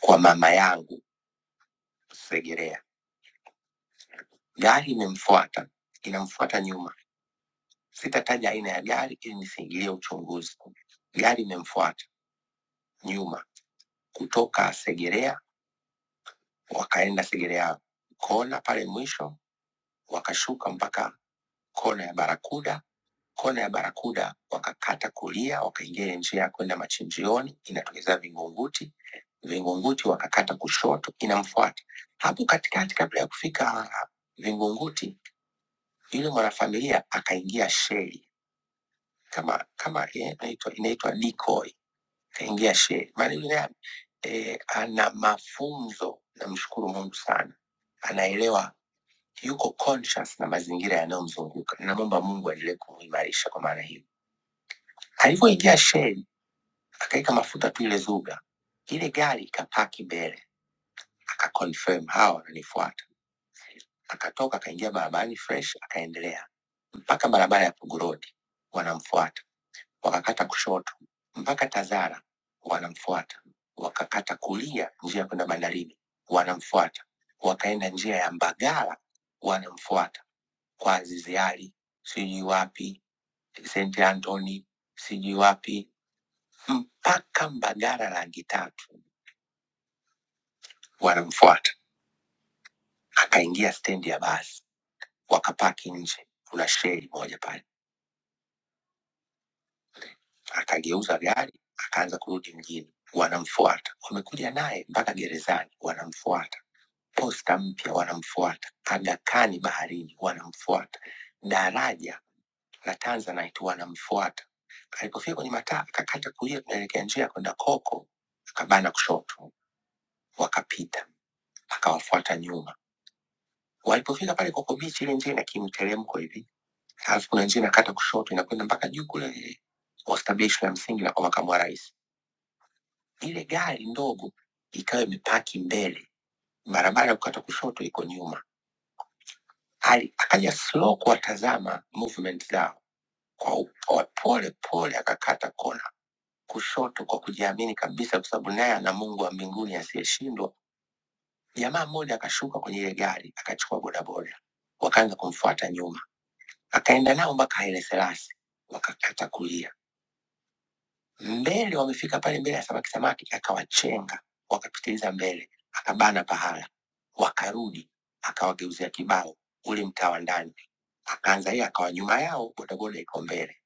kwa mama yangu Segerea. Gari imemfuata inamfuata nyuma, sitataja aina ya gari ili nisiingilie uchunguzi. Gari imemfuata nyuma kutoka Segerea, wakaenda Segerea kona pale mwisho, wakashuka mpaka kona ya Barakuda kona ya Barakuda, wakakata kulia, wakaingia ile njia ya kwenda machinjioni, inatokeza Vingunguti. Vingunguti wakakata kushoto, inamfuata hapo katikati. Kabla ya kufika Vingunguti, yule mwanafamilia akaingia sheli kama kama eh, inaitwa inaitwa decoy, akaingia sheli. Maana yule naye eh, ana mafunzo, namshukuru Mungu sana, anaelewa yuko conscious na mazingira yanayomzunguka. Namwomba Mungu aendelee kumuimarisha kwa maana hiyo. Alivyoingia sheli Akaweka mafuta tu ile Zuga, ile gari ikapaki mbele, akaconfirm hawa wananifuata. Akatoka akaingia barabarani fresh, akaendelea mpaka barabara ya Pugu Road, wanamfuata. Wakakata kushoto mpaka Tazara, wanamfuata. Wakakata kulia njia ya kwenda bandarini, wanamfuata. Wakaenda njia ya Mbagala, wanamfuata kwa Azizi Ali, sijui wapi St Anthony, sijui wapi mpaka Mbagala rangi tatu wanamfuata. Akaingia stendi ya basi, wakapaki nje, kuna sheri moja pale. Akageuza gari, akaanza kurudi mjini, wanamfuata. Wamekuja naye mpaka gerezani, wanamfuata. Posta mpya wanamfuata, Aga Khan baharini wanamfuata, daraja la Tanzanite wanamfuata. Alipofika kwenye mataa akakata kulia kunaelekea njia ya kwenda Koko, akabana kushoto, wakapita, akawafuata nyuma Walipofika pale Kokobichi, ile njia ina kimteremko hivi, alafu kuna njia inakata kushoto inakwenda mpaka juu kule hospitali ya msingi na kwa makamu wa rais. Ile gari ndogo ikawa imepaki mbele barabara ya kukata kushoto iko nyuma. Ali, akaja slow kuwatazama movement zao kwa upo- pole pole, akakata kona kushoto kwa kujiamini kabisa, kwa sababu naye ana Mungu wa mbinguni asiyeshindwa. Jamaa mmoja akashuka kwenye ile gari akachukua bodaboda, wakaanza kumfuata nyuma. akaenda nao mpaka Haile Selassie, wakakata kulia. Mbele wamefika pale mbele ya samaki samaki, akawachenga wakapitiliza mbele, akabana pahala, wakarudi, akawageuzia kibao ule mtaa wa ndani, akaanza yeye, akawa nyuma yao, bodaboda iko mbele,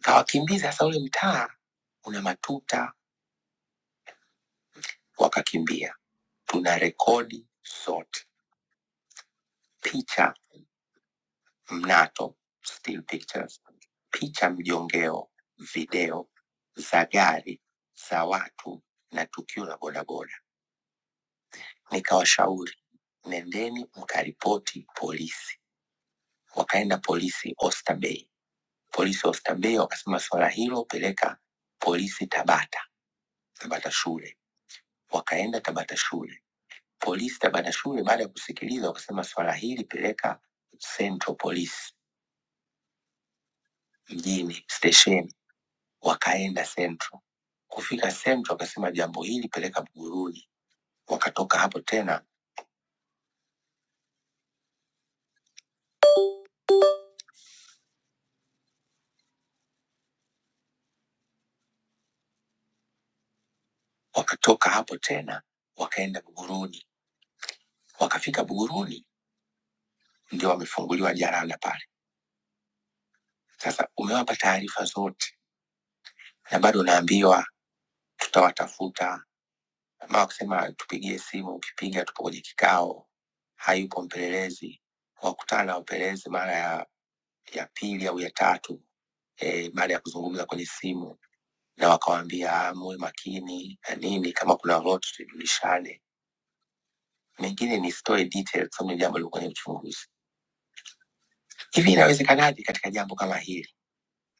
kawakimbiza. Sasa ule mtaa una matuta, wakakimbia. Tuna rekodi sote picha mnato, still pictures, picha mjongeo, video za gari, za watu na tukio la bodaboda. Nikawashauri, nendeni mkaripoti polisi. Wakaenda polisi Oyster Bay. Polisi Oyster Bay wakasema swala hilo peleka polisi Tabata, Tabata shule. Wakaenda Tabata shule. Polisi Tabata shule baada ya kusikiliza wakasema swala hili peleka Central Police mjini stesheni, wakaenda Central Kufika sehemu tu wakasema jambo hili peleka Buguruni, wakatoka hapo tena, wakatoka hapo tena, wakaenda Buguruni, wakafika Buguruni ndio wamefunguliwa jarada pale. Sasa umewapa taarifa zote na bado unaambiwa tutawatafuta, ama wakisema tupigie simu, ukipiga tupo kwenye kikao, hayupo mpelelezi. Wakutana na wapelelezi mara ya, ya pili au ya tatu eh, baada ya kuzungumza kwenye simu na wakawaambia "Ah, muwe makini na nini, kama kuna lolote tujulishane. mengine nisitoe details kwa sababu ni jambo liko kwenye uchunguzi. Hivi inawezekanaje katika jambo kama hili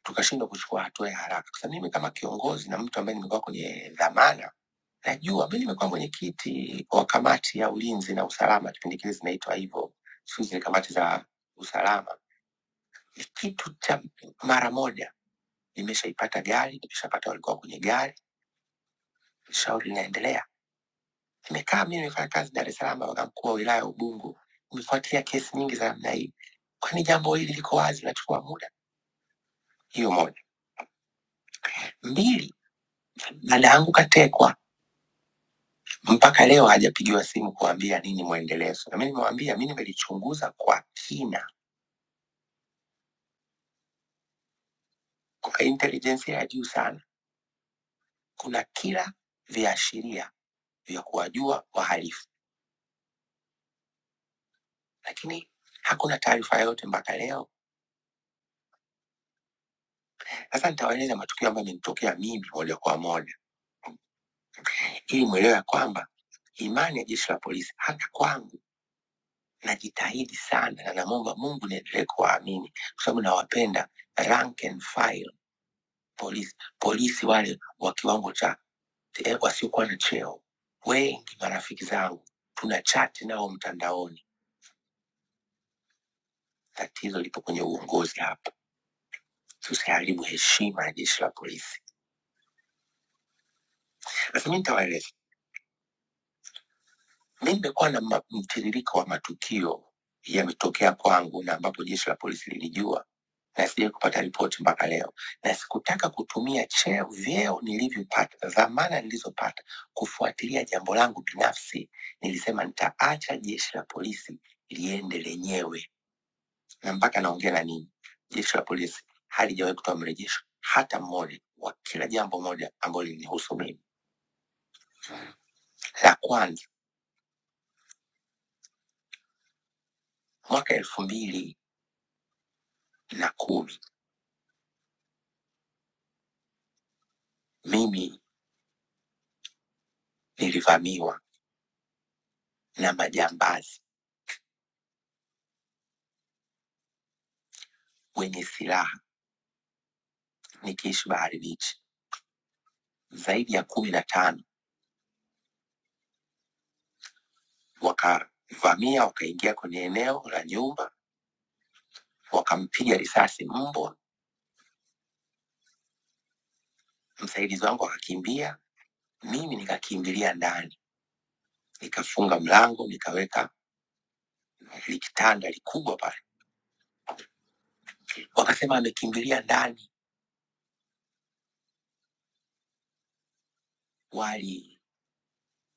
tukashindwa kuchukua hatua ya haraka? Sasa mimi kama kiongozi na mtu ambaye nimekuwa kwenye dhamana, najua mimi nimekuwa mwenyekiti wa kamati ya ulinzi na usalama, kipindi kile zinaitwa hivyo, siku hizi ni kamati za usalama. Kitu cha mara moja nimeshaipata gari, nimeshapata walikuwa kwenye gari, shauri linaendelea. Nimekaa mimi nimefanya kazi Dar es Salaam, wakati mkuu wa wilaya ya Ubungo, umefuatia kesi nyingi za namna hii kwani jambo hili liko wazi, linachukua muda. Hiyo moja. Mbili, dada yangu katekwa, mpaka leo hajapigiwa simu kuambia nini mwendelezo. Na mimi nimewambia, mi nimelichunguza kwa kina, kwa intelijensia ya juu sana. Kuna kila viashiria vya kuwajua wahalifu, lakini hakuna taarifa yoyote mpaka leo. Sasa nitawaeleza matukio ambayo yamenitokea mimi moja kwa moja, ili mwelewe ya kwamba imani ya jeshi la polisi hata kwangu najitahidi sana na namwomba Mungu niendelee kuwaamini kwa sababu nawapenda rank and file polisi, polisi wale wa kiwango cha eh, wasiokuwa na cheo. Wengi marafiki zangu tuna chati nao mtandaoni. Tatizo lipo kwenye uongozi hapa, tusiharibu heshima ya jeshi la polisi. Sasa mi nitawaeleza, mi nimekuwa na ma- mtiririko wa matukio yametokea kwangu na ambapo jeshi la polisi lilijua na sijai kupata ripoti mpaka leo, na sikutaka kutumia cheo, vyeo nilivyopata, dhamana nilizopata kufuatilia jambo langu binafsi. Nilisema nitaacha jeshi la polisi liende lenyewe, na mpaka naongea na ninyi, jeshi la polisi halijawahi kutoa mrejesho hata mmoja wa kila jambo moja ambalo linihusu mimi. La kwanza, mwaka elfu mbili na kumi mimi nilivamiwa na majambazi wenye silaha nikiishi Bahari Beach, zaidi ya kumi na tano wakavamia wakaingia kwenye eneo la nyumba, wakampiga risasi mbwa, msaidizi wangu akakimbia, mimi nikakimbilia ndani, nikafunga mlango, nikaweka likitanda likubwa pale, wakasema amekimbilia ndani. Wali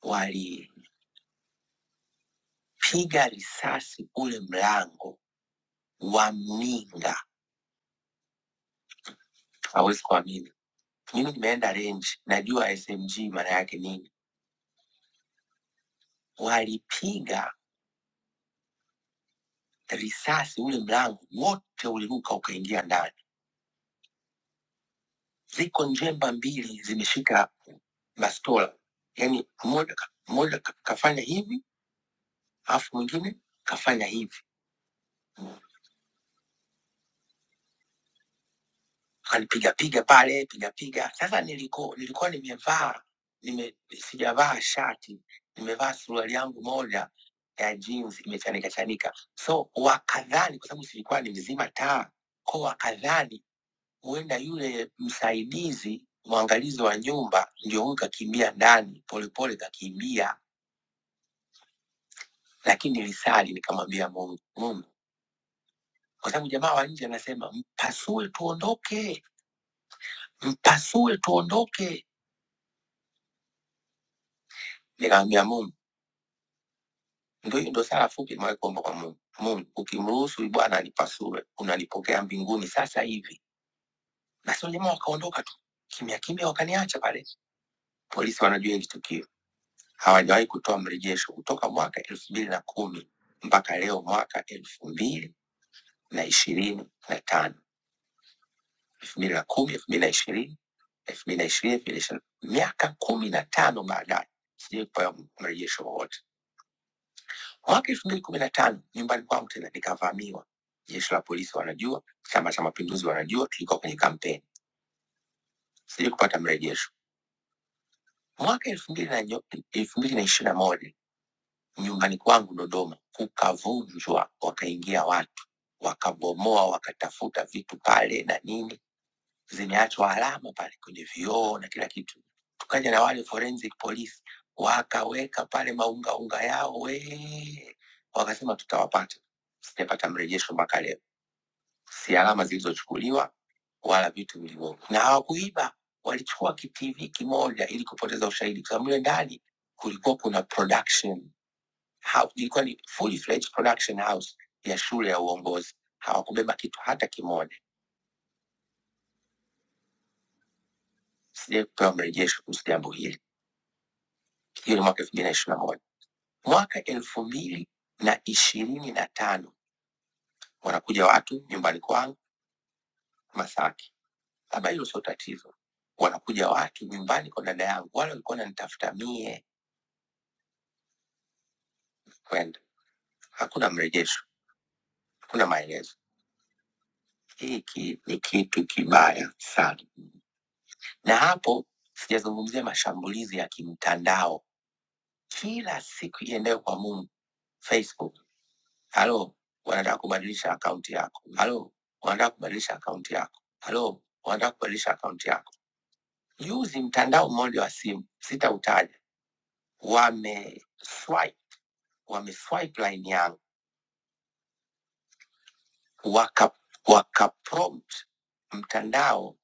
walipiga risasi ule mlango wa mninga, hawezi kuamini. Mimi nimeenda range, najua SMG maana yake nini. Walipiga risasi ule mlango wote uliruka ukaingia ndani ziko njemba mbili zimeshika bastola, yaani mmoja ka- mmoja ka- kafanya hivi alafu mwingine kafanya hivi, akanipiga piga pale, piga piga. Sasa niliko, nilikuwa nimevaa nime, sijavaa shati, nimevaa suruali yangu moja ya jeans imechanika chanika, so wakadhani, kwa sababu silikuwa nimezima taa, kwa wakadhani huenda yule msaidizi mwangalizi wa nyumba ndio huyu kakimbia ndani polepole, kakimbia lakini nilisali nikamwambia Mungu, Mungu, kwa sababu jamaa wa nje anasema mpasue tuondoke, mpasue tuondoke. Nikamwambia Mungu, ndio hiyo, ndio sala fupi nimewahi kuomba kwa Mungu. Mungu, ukimruhusu Bwana anipasue, unanipokea mbinguni sasa hivi. Na sio jamaa wakaondoka tu kimya kimya, wakaniacha pale. Polisi wanajua hili tukio, hawajawahi kutoa mrejesho kutoka mwaka elfu mbili na kumi mpaka leo mwaka elfu mbili na ishirini na tano elfu mbili na kumi elfu mbili na ishirini elfu mbili na ishirini elfu mbili na ishirini miaka kumi na tano baadaye sijai kupewa mrejesho wowote. Mwaka elfu mbili kumi na tano nyumbani kwangu tena nikavamiwa. Jeshi la polisi wanajua, Chama cha Mapinduzi wanajua, tulikuwa kwenye kampeni, sijai kupata mrejesho. Mwaka elfu mbili na nyo- elfu mbili na ishirini na moja nyumbani kwangu Dodoma kukavunjwa, wakaingia watu wakabomoa, wakatafuta vitu pale na nini zimeachwa alama pale kwenye vioo na kila kitu. Tukaja na wale forensic police wakaweka pale maungaunga yao we, wakasema tutawapata. Sijapata mrejesho mpaka leo, si alama zilizochukuliwa wala vitu vilivyo, na hawakuiba, walichukua kitv kimoja ili kupoteza ushahidi, kwa sababu mle ndani kulikuwa kuna production house, ilikuwa ni fully fledged production house ya shule ya uongozi. Hawakubeba kitu hata kimoja. Sijai kupewa mrejesho kuhusu jambo hili. hiyo ni mwaka elfu mbili na ishirini na moja mwaka elfu mbili na ishirini na tano wanakuja watu nyumbani kwangu Masaki, labda hilo sio tatizo. Wanakuja watu nyumbani kwa dada yangu, wale walikuwa wananitafuta mie kwenda, hakuna mrejesho, hakuna maelezo. Hiki ni kitu kibaya sana, na hapo sijazungumzia mashambulizi ya kimtandao kila siku iendayo kwa Mungu, Facebook Halo, wanataka kubadilisha akaunti yako. Halo, wanataka kubadilisha akaunti yako. Halo, wanataka kubadilisha akaunti yako. Juzi mtandao mmoja wa simu sitautaja, wameswipe wameswipe line yangu waka, waka prompt mtandao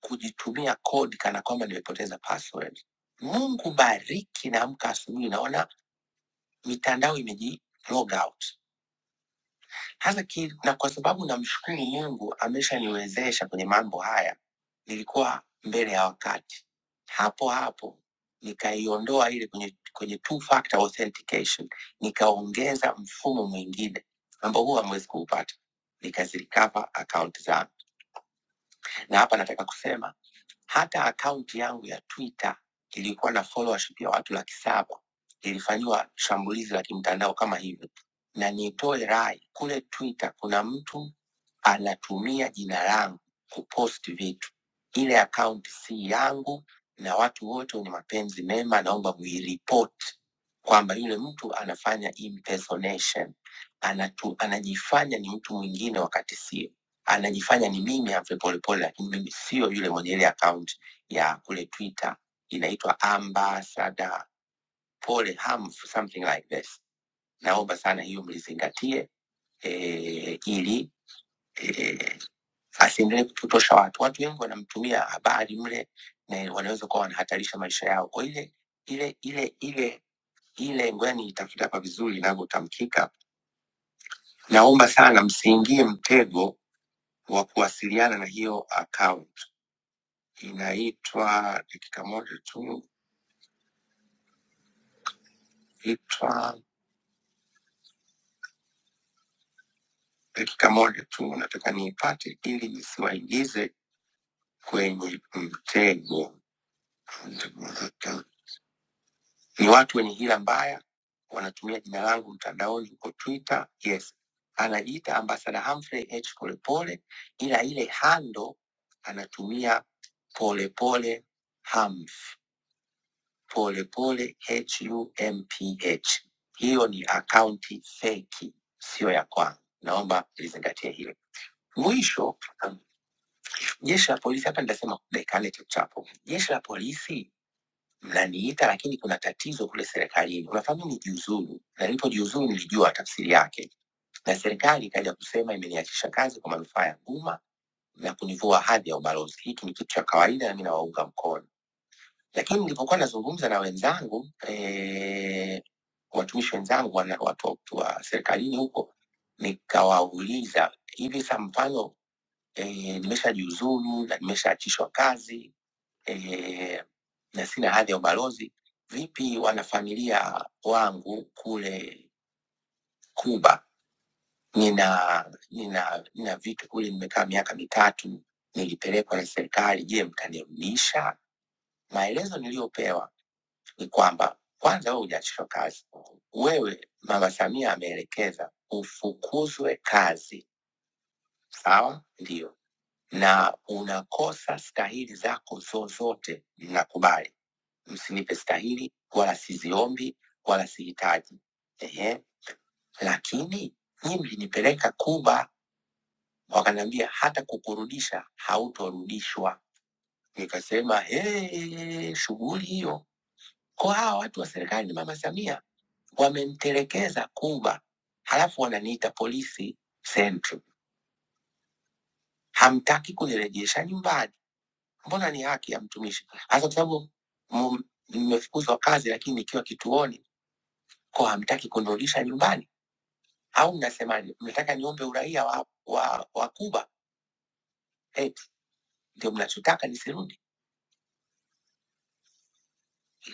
kujitumia kodi kana kwamba nimepoteza password. Mungu bariki, naamka asubuhi naona mitandao imeji log out. Hasa ki, na kwa sababu namshukuru Mungu ameshaniwezesha kwenye mambo haya, nilikuwa mbele ya wakati. Hapo hapo nikaiondoa ile kwenye, kwenye two factor authentication, nikaongeza mfumo mwingine ambao huwa hamwezi kuupata, nikazilikava akaunti zangu. Na hapa nataka kusema hata akaunti yangu ya Twitter ilikuwa na followership ya watu laki saba ilifanyiwa shambulizi la kimtandao kama hivyo, na nitoe rai kule Twitter, kuna mtu anatumia jina langu kupost vitu. Ile akaunti si yangu, na watu wote wenye mapenzi mema, naomba muiripoti kwamba yule mtu anafanya impersonation, anatu, anajifanya ni mtu mwingine wakati sio anajifanya ni mimi Humphrey Polepole, lakini mimi sio yule mwenye ile account ya kule Twitter inaitwa Ambassador Pole Humph, something like this. Naomba sana hiyo mlizingatie eh, ili eh, asiendelee kupotosha watu. Watu wengi wanamtumia habari mle na wanaweza kuwa wanahatarisha maisha yao kwa ile ile ile ile ile, ngoja niitafute hapa vizuri inavyotamkika. Naomba sana msiingie mtego wa kuwasiliana na hiyo account inaitwa dakika moja tu, itwa dakika moja tu, nataka niipate ili nisiwaingize kwenye mtego. Ni watu wenye hila mbaya, wanatumia jina langu mtandaoni huko Twitter. Yes, anajiita ambasada Humphrey H Polepole, ila ile hando anatumia Polepole Humph. polepole HUMPH. Hiyo ni akaunti feki, siyo ya kwangu. Naomba lizingatie hilo. Mwisho, um, jeshi la polisi, hapa nitasema dakikane chapo, jeshi la polisi mnaniita, lakini kuna tatizo kule serikalini. Unafahamu nijiuzuru, na nilipojiuzuru nilijua tafsiri yake, na serikali ikaja kusema imeniachisha kazi kwa manufaa ya umma na kunivua hadhi ya ubalozi. Hiki ni kitu cha kawaida, na mi nawaunga mkono Lakini nilipokuwa nazungumza na wenzangu eh, watumishi wenzangu wana- watu wa serikalini huko, nikawauliza hivi sa mfano eh, nimeshajiuzuru na nimeshaachishwa kazi eh, na sina hadhi ya ubalozi, vipi wanafamilia wangu kule Kuba nina nina nina vitu kule, nimekaa miaka mitatu, nilipelekwa na serikali. Je, mtanirudisha? Maelezo niliyopewa ni kwamba kwanza, wewe hujaachishwa kazi, wewe Mama Samia ameelekeza ufukuzwe kazi, sawa? Ndiyo, na unakosa stahili zako zozote. Nakubali, msinipe stahili, wala siziombi, wala sihitaji. Ehe, lakini nyinyi mlinipeleka Kuba, wakaniambia hata kukurudisha hautorudishwa. Nikasema hey, shughuli hiyo Kwa hawa watu wa serikali ni mama Samia wamemtelekeza Kuba, halafu wananiita polisi sentry. Hamtaki kunirejesha nyumbani, mbona ni haki ya mtumishi? Hasa kwa sababu mu- nimefukuzwa kazi, lakini nikiwa kituoni, kwa hamtaki kunirudisha nyumbani au mnasemaje? Mnataka niombe uraia wa, wa, wa Kuba? Eti ndio mnachotaka nisirudi?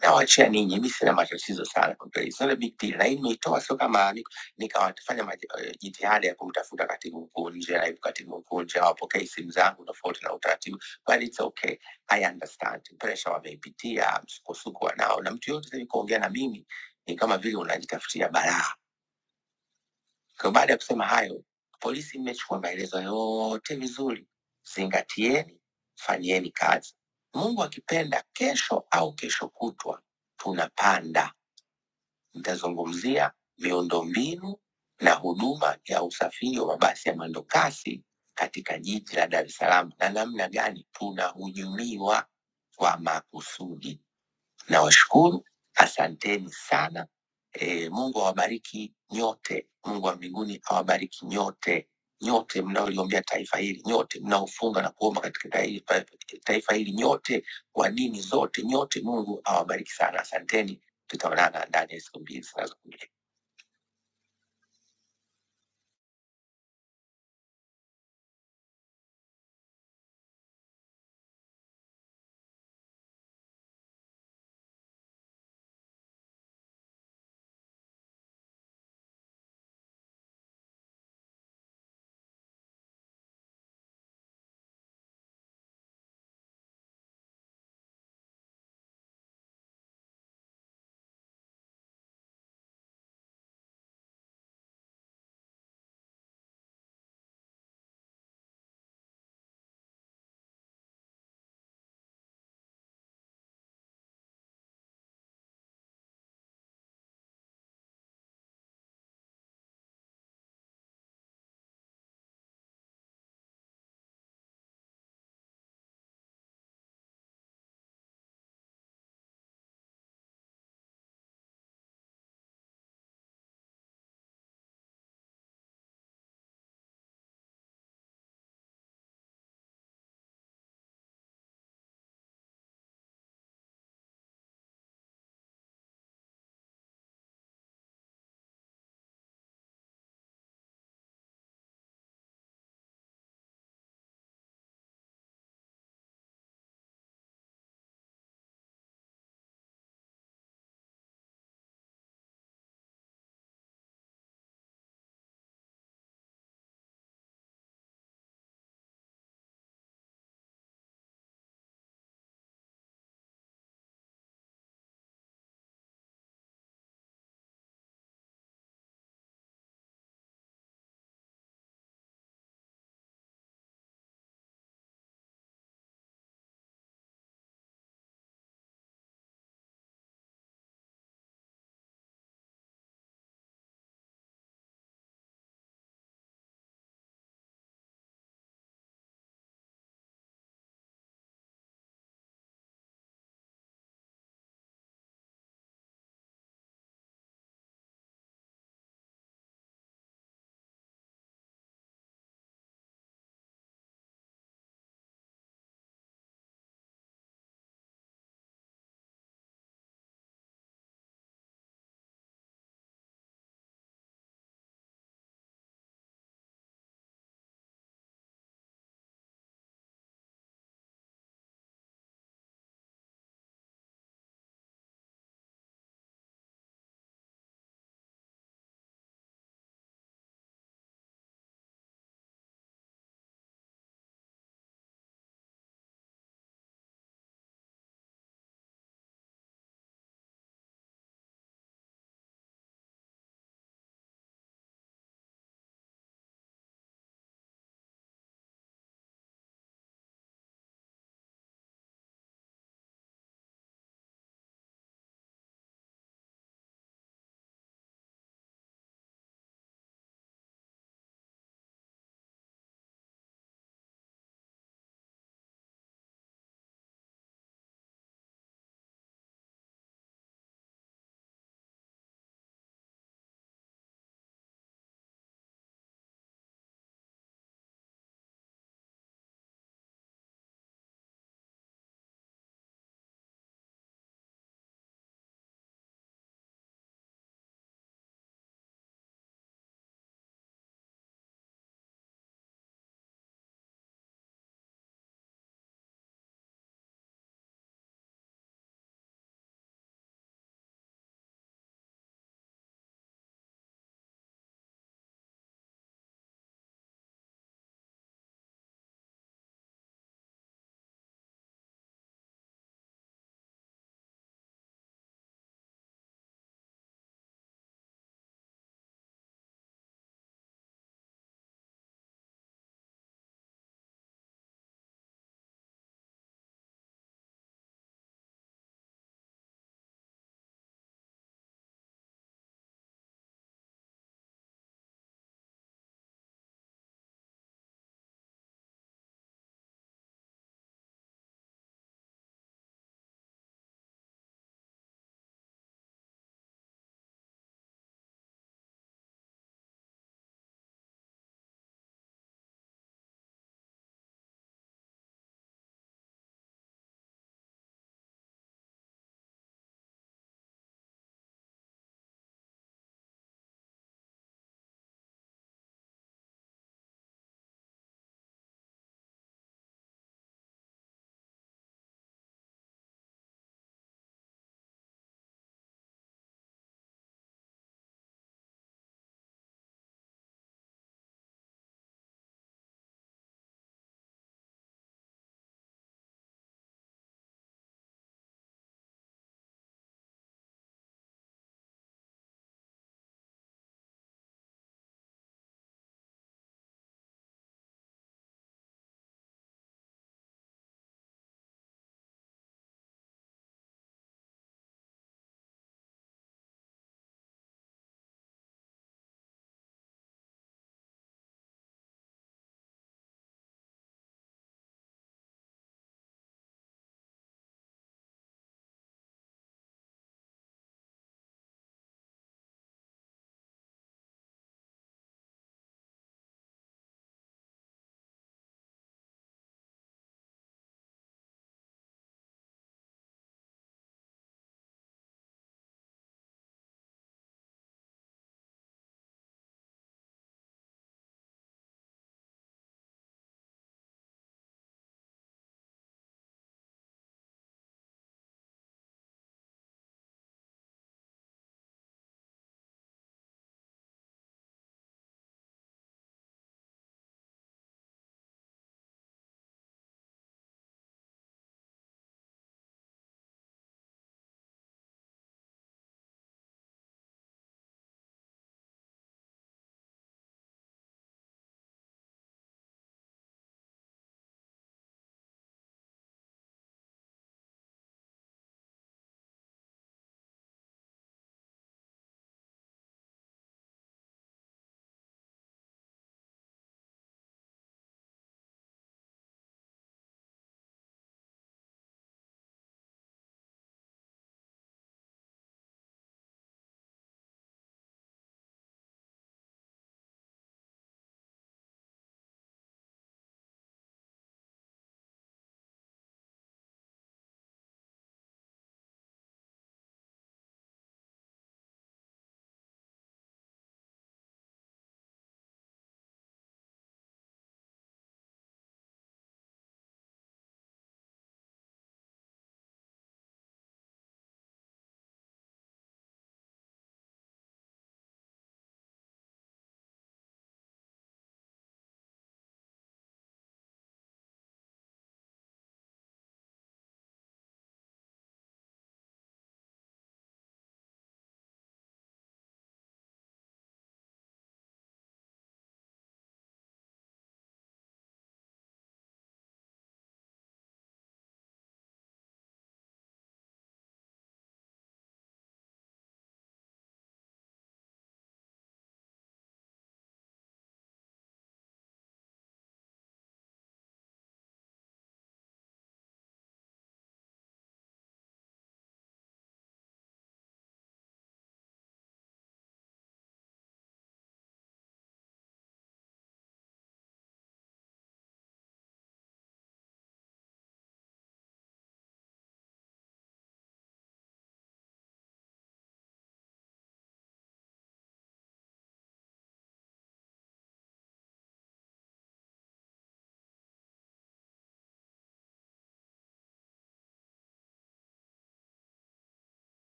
nawachia ninyi, mimi sina matatizo sana kwa kweli, it's not a big deal. Na hii nimeitoa sio kama ni- nikawafanya maji- eh, jitihada ya kumtafuta katibu mkuu nje, naibu katibu mkuu nje, hawapokei simu zangu tofauti na utaratibu, but it's okay, I understand. Pressure wameipitia, msukosuko wanao, na mtu yote sasa kuongea na mimi ni kama vile unajitafutia balaa. Kwa baada ya kusema hayo, polisi, mmechukua maelezo yote vizuri, zingatieni, fanyieni kazi. Mungu akipenda, kesho au kesho kutwa tunapanda Nitazungumzia miundombinu na huduma ya usafiri wa mabasi ya mwendokasi katika jiji la Dar es Salaam na namna gani tunahujumiwa kwa makusudi. Nawashukuru, asanteni sana. E, Mungu awabariki nyote. Mungu wa mbinguni awabariki nyote, nyote mnaoliombea taifa hili, nyote mnaofunga na kuomba katika taifa, eh, taifa hili, nyote wa dini zote, nyote. Mungu awabariki sana, asanteni. Tutaonana ndani ya siku mbili zinazokuja.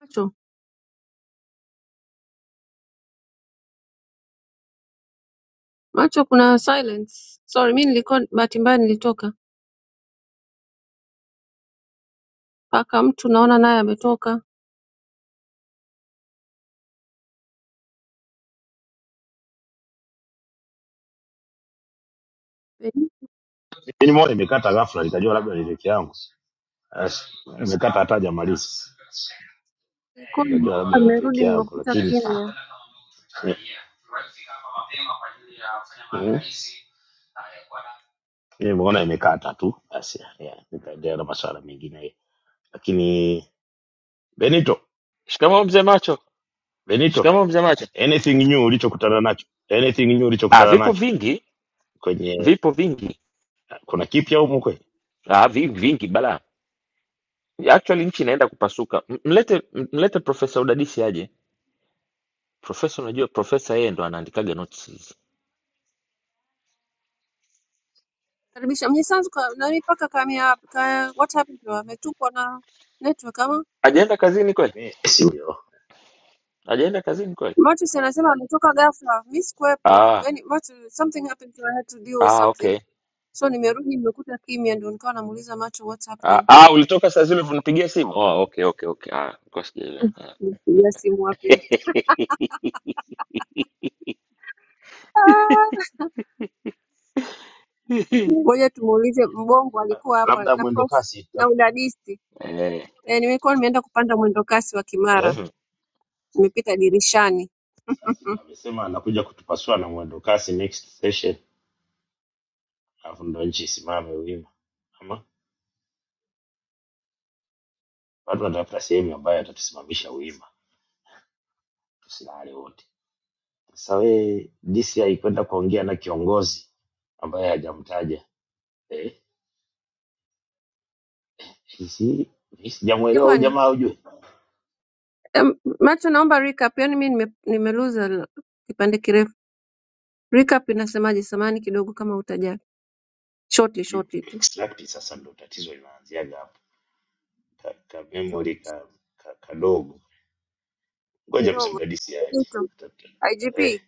Macho, macho kuna silence. Sorry, mi nilikuwa bahati mbaya nilitoka. Paka mtu naona naye ametoka. Benito Lakini moja imekata ghafla, nikajua labda ni peke yangu. As- Imekata hata hajamaliza, Nilikuwa nikajua labda ni peke amerudi yangu, nimekuta lakini kimya. Mhm. nimeona imekata tu. Basi yeah, yeah, nikaendelea na masuala mengine, lakini Benito, shikamoo mzee macho Benito, shikamoo mzee macho anything new ulichokutana nacho, anything new ah, ulichokutana vipo nacho vingi kwenye, vipo vingi kuna kipya humu kweli? ah, vi, vingi bala actually nchi inaenda kupasuka M- mlete m- mlete profesa udadisi aje profesa unajua profesa yeye ndo anaandikaga notes hizi Karibisha mnyisanzu ka, nani paka kamia ka, what happened to her? ametupwa na network ama ajaenda kazini kweli Messi huyo, ajaenda kazini kweli Macho si anasema ametoka ghafla. Mi sikuwepo. ah, Yaani Macho something happened to her, I had to deal with ah, something. okay So nimerudi nimekuta kimya ndio nikawa namuuliza Macho what's ah, happening. ah, ulitoka saa zile unipigia simu oh, okay okay okay ah, nilikuwa sijaelewa. Mm, ah, Nipigia simu wapi? Ah! Ngoja tumuulize Mbongo alikuwa hapa labda na mwendo prof kasi na udadisi. eh. E, nimekuwa nimeenda kupanda mwendokasi wa eh? Kimara, Mhm. nimepita dirishani. Sasa ndo amesema anakuja kutupasua na mwendo kasi next session, alafu ndo nchi isimame wima, ama watu wanatafuta sehemu ambayo atatusimamisha wima, tusilale wote. Sasa we DCI kwenda kuongea na kiongozi ambaye hajamtaja eh, sisi Je, sijamwelewa huyu kwani jamaa, ujue em, macho, naomba recap. Yaani mi nime- nimeluza l- kipande kirefu. Recap inasemaje? Samani kidogo kama utajali, shortly Sijui ku- shortly tu extract sasa ndo tatizo linaanziaga hapo ka, ka tu. memory ka, ka, kadogo. Ngoja mzee ndogo. udadisi aje Mtu, Tata- IGP eh,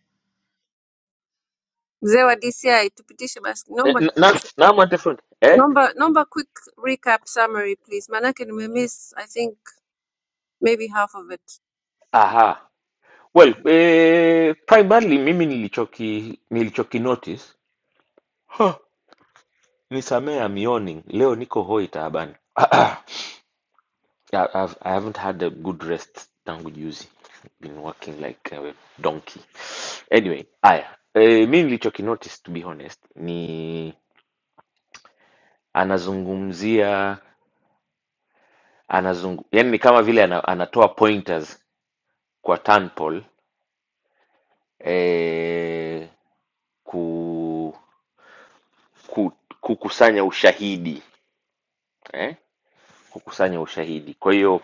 mzee wa DCI, tupitishe basi, Eh, naomba na, na, nipitishe. na mwante fundi eh? Naomba naomba quick recap summary please, maanake nimemiss I think maybe half of it. aha well eh, primarily mimi nilichoki nilichoki notice Huh. Nisamehe I'm yawning. Leo niko hoi taabani. I- I've, I haven't had a good rest tangu juzi. Been working like a donkey. Anyway, haya. Eh, mi nilichokinotice to be honest ni anazungumzia anazungu, yani ni kama vile ana, anatoa pointers kwa Tanpol eh, ku, ku, kukusanya ushahidi. eh? kukusanya ushahidi. Kwa hiyo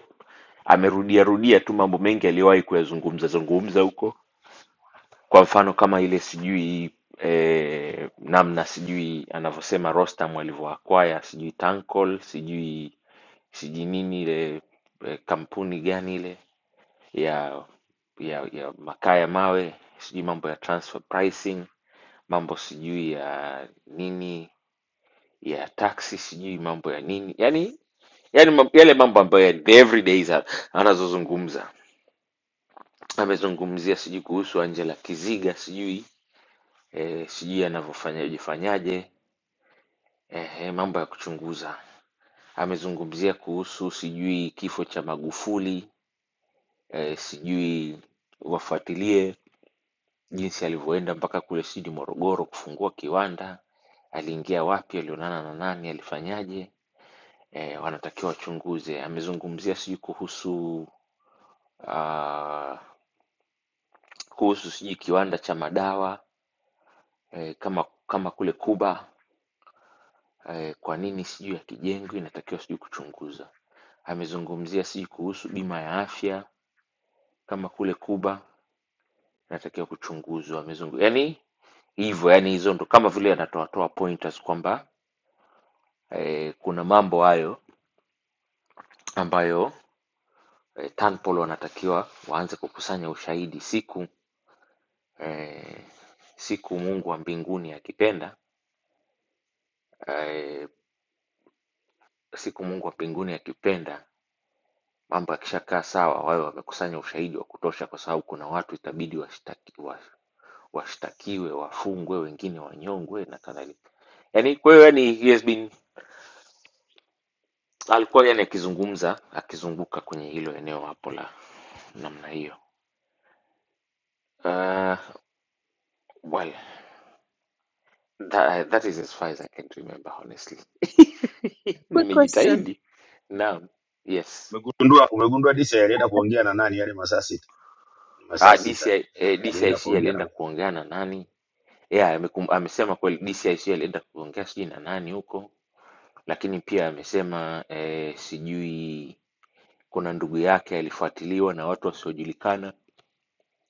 amerudia rudia tu mambo mengi aliyowahi kuyazungumza zungumza huko, kwa mfano kama ile sijui eh, namna sijui anavyosema Rostam alivyoakwaya sijui Tankol sijui sijui nini ile eh, kampuni gani ile ya ya ya makaa ya mawe sijui mambo ya transfer pricing mambo sijui ya nini ya taksi sijui mambo ya nini yani yaani mam- yale mambo ambayo yani the everydays ana- anazozungumza amezungumzia sijui kuhusu Angela Kiziga sijui eh, sijui anavyofanyaje fanyaje eh, eh, mambo ya kuchunguza amezungumzia kuhusu sijui kifo cha Magufuli eh, sijui wafuatilie jinsi alivyoenda mpaka kule sijui Morogoro kufungua kiwanda aliingia wapi alionana na nani alifanyaje eh, wanatakiwa wachunguze amezungumzia sijui kuhusu uh, kuhusu sijui kiwanda cha madawa eh, kama kama kule Kuba eh, kwa nini sijui yakijengwa inatakiwa sijui kuchunguza. Amezungumzia sijui kuhusu bima ya afya kama kule Kuba inatakiwa kuchunguzwa. Amezungu yani hivyo, yani hizo ndo kama vile anatoatoa pointers kwamba eh, kuna mambo hayo ambayo eh, Tanpolo wanatakiwa waanze kukusanya ushahidi siku eh, siku Mungu wa mbinguni akipenda eh, siku Mungu wa mbinguni akipenda mambo yakishakaa sawa wawe wamekusanya ushahidi wa kutosha kwa sababu kuna watu itabidi washtakiwe wafungwe wengine wanyongwe na kadhalika yani kwa hiyo yani he has been alikuwa yani akizungumza akizunguka kwenye hilo eneo hapo la namna hiyo uh, well that, that is as far as I can remember honestly Quick question. nimejitahidi naam yes Umegundua umegundua disi alienda kuongea na nani yale masaa ni masaa ah, sita DCI, eh, alienda DCIC kuongea alienda na kuongea na nani yeah, amekum- amesema kweli DCIC alienda kuongea sijui na nani huko Lakini pia amesema eh, sijui kuna ndugu yake alifuatiliwa na watu wasiojulikana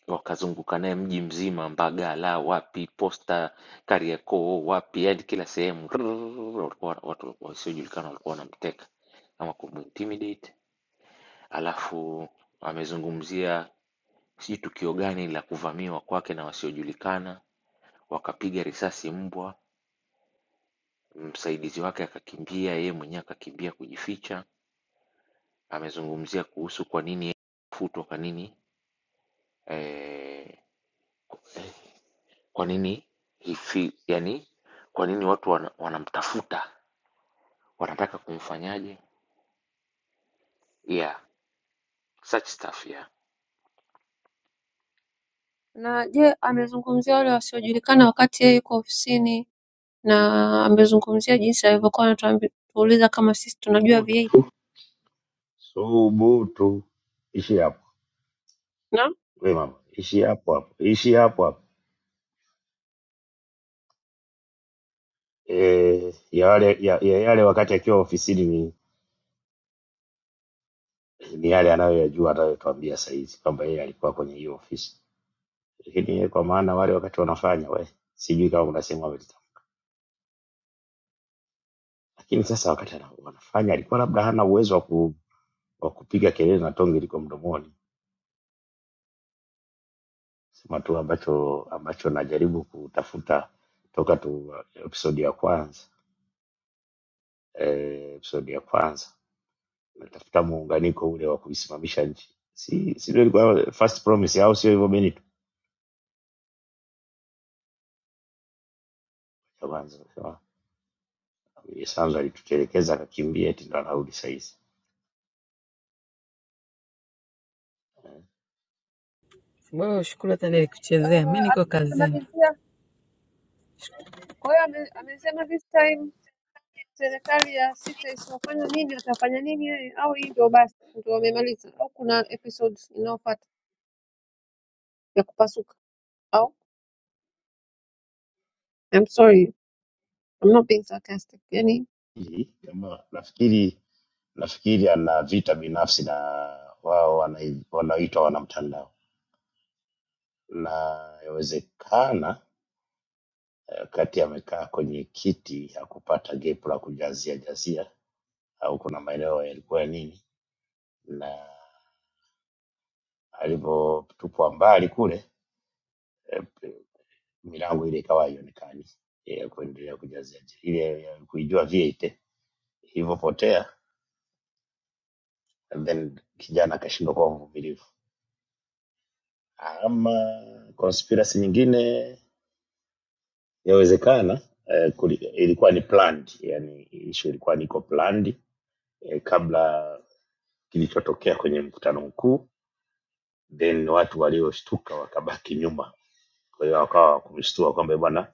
wakazunguka naye mji mzima, Mbagala wapi, Posta, Kariakoo wapi, yani kila sehemu rrrr, walikuwa watu wasiojulikana walikuwa wanamteka ama kumintimidate. Alafu amezungumzia sijui tukio gani la kuvamiwa kwake na wasiojulikana, wakapiga risasi mbwa, msaidizi wake akakimbia, yeye mwenyewe akakimbia kujificha amezungumzia kuhusu kwa nini yeye kufutwa kwa nini eh, kwa nini hifi, yani kwa nini watu wana, wanamtafuta wanataka kumfanyaje yeah such stuff yeah Na je amezungumzia wale wasiojulikana wakati yeye yuko ofisini na amezungumzia jinsi alivyokuwa anatuuliza kama sisi tunajua VA. Tu- subutu ishi hapo Naam. we mama ishi hapo hapo ishi hapo hapo e, ya wale ya, ya yale wakati akiwa ofisini ni, ni yale anayoyajua anayotuambia sahizi kwamba yeye alikuwa kwenye hiyo ofisi lakini yeye kwa maana wale wakati wanafanya we sijui kama unasema wamelita lakini sasa wakati ana- wanafanya alikuwa labda hana uwezo wa ku, wa kupiga kelele na tonge liko mdomoni sema tu ambacho ambacho najaribu kutafuta toka tu episodi ya kwanza eh, episodi ya kwanza natafuta muunganiko ule wa kuisimamisha nchi si si ndio ilikuwa first promise au sio hivyo Benito ya kwanza sawa Sanzu alitutelekeza akakimbia eti ndo anarudi saizi wewe ushukuru hata Uh, nilikuchezea, mi niko kazini. amemalizia. Kwa hiyo ame- amesema this time serikali ya sita isipofanya nini atafanya nini yeye au hii ndio basi ndio amemaliza au kuna episode inayofuata ya kupasuka au I'm sorry I'm not being sarcastic. Yani Hii, jamaa nafikiri nafikiri ana vita binafsi na wao wanai- wanaoitwa wanamtandao na yawezekana wakati amekaa kwenye kiti hakupata gepu la kujazia jazia au kuna maeneo yalikuwa ya nini na alivyotupwa mbali kule eh, milango ile ikawa haionekani ya kuendelea kujaza ile ya kuijua V8 ilivyopotea, and then kijana akashindwa kuwa mvumilivu. Ama conspiracy nyingine Yawezekana eh, kuli, ilikuwa ni planned, yani issue ilikuwa niko planned eh, kabla kilichotokea kwenye mkutano mkuu, then watu walioshtuka wakabaki nyuma. Kwa hiyo wakawa wakumshtua kwamba bwana,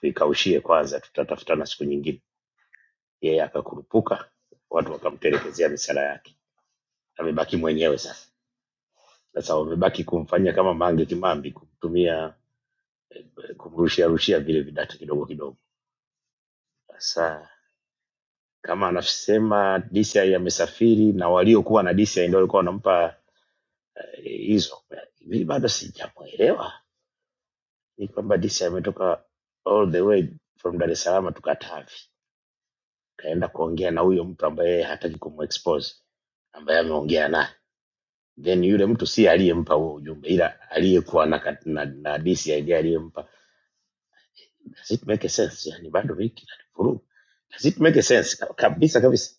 tuikaushie kwanza, tutatafutana siku nyingine. Yeye akakurupuka, watu wakamtelekezea misala yake, amebaki mwenyewe sasa. Sasa wamebaki kumfanyia kama Mange Kimambi, kumtumia eh, kumrushia rushia vile vidatu kidogo kidogo. Sasa kama anasema DCI amesafiri na waliokuwa na DCI ndio walikuwa wanampa eh, hizo. Mimi bado sijamuelewa ni kwamba DCI ametoka all the way from Dar es Salaam to Katavi kaenda kuongea na huyo mtu ambaye yeye hataki kumexpose ambaye ameongea naye, then yule mtu si aliyempa huo ujumbe, ila aliyekuwa na, kat- na, na DCI ndiye aliyempa. Does it make sense? Yani bado hiki na furu. Does it make sense? Kabisa kabisa,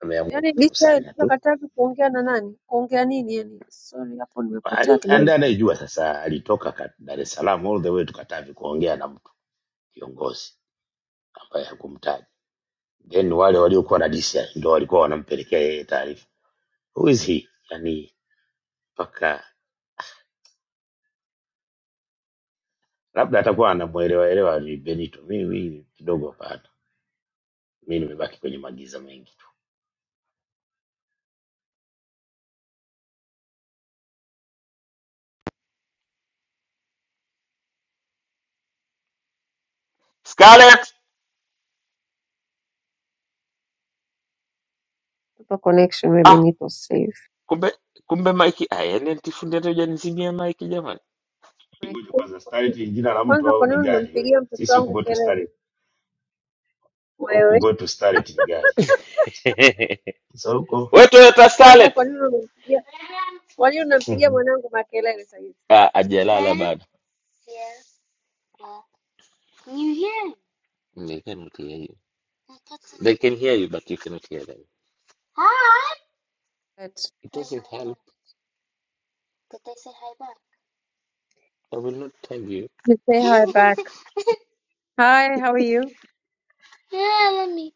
ameamua yani licha ya kutukusanya tu tunakataa kuongea na nani? Kuongea nini yani? Sorry hapo nimepotea Ali- kidogo. anda anayejua sasa alitoka Ka- Dar es Salaam all the way to Katavi kuongea na mtu kiongozi ambaye hakumtaja, then wale waliokuwa na disi ndo walikuwa wanampelekea yeye taarifa. Who is he? Yani mpaka labda atakuwa anamuelewa elewa ni Benito. Mimi mimi kidogo hapana, mi nimebaki kwenye magiza mengi tu. Scarlett! Hapa connection maybe ah niko safe. kumbe kumbe maiki ah yani ntifundi hata hujanizimia maiki jamani My Ngoja God. kwanza, Starlet ni jina la mtu Kwanza au kwa ni nini gari? We unampigia mtoto sisi huku wangu kwetu kelele Starlet, huku wewe? kwetu Starlet ni gari. Sasa huko wewe Toyota Kwanza Scarlett kwa nini unampigia kwa nini unampigia mwanangu makelele sasa hivi? ah ajalala bado Can you hear me? they can hear you they can hear you but you cannot hear them Ah. But It Does doesn't it help. Did they say hi back? I will not tell you. You say hi back. Hi, how are you? yeah, let me.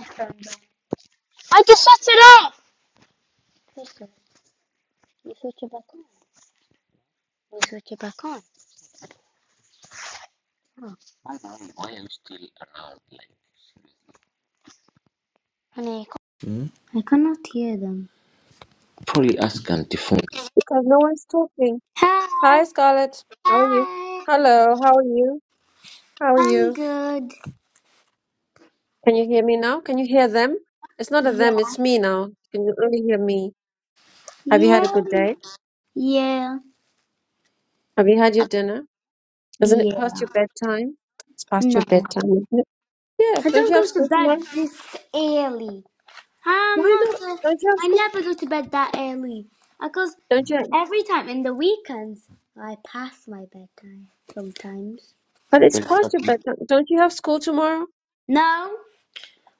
I just set it off. Listen, you switch it back on. You switch it back on. Oh, I don't know why I'm still around. Like, honey, I, hmm? I cannot hear them. probably ask Auntie Phone. Because no one's talking. Hi, Hi, Scarlett. How are you? hi. Hello, how are you? How are I'm you? good. Can you hear me now? Can you hear them? It's not a Yeah, them, it's me now. Can you only hear me? Have you had a yeah, good day? yeah, Have you had your dinner? Isn't it yeah. past your bedtime? It's past No, your bedtime, isn't it? Yeah, I don't don't you have go to school bed tomorrow? this early. I'm Why not. not? like- Don't you have I school? never go to bed that early. Because Don't you? have... every time in the weekends, I pass my bedtime sometimes. But it's That's past not your you. bedtime. Don't you have school tomorrow? No,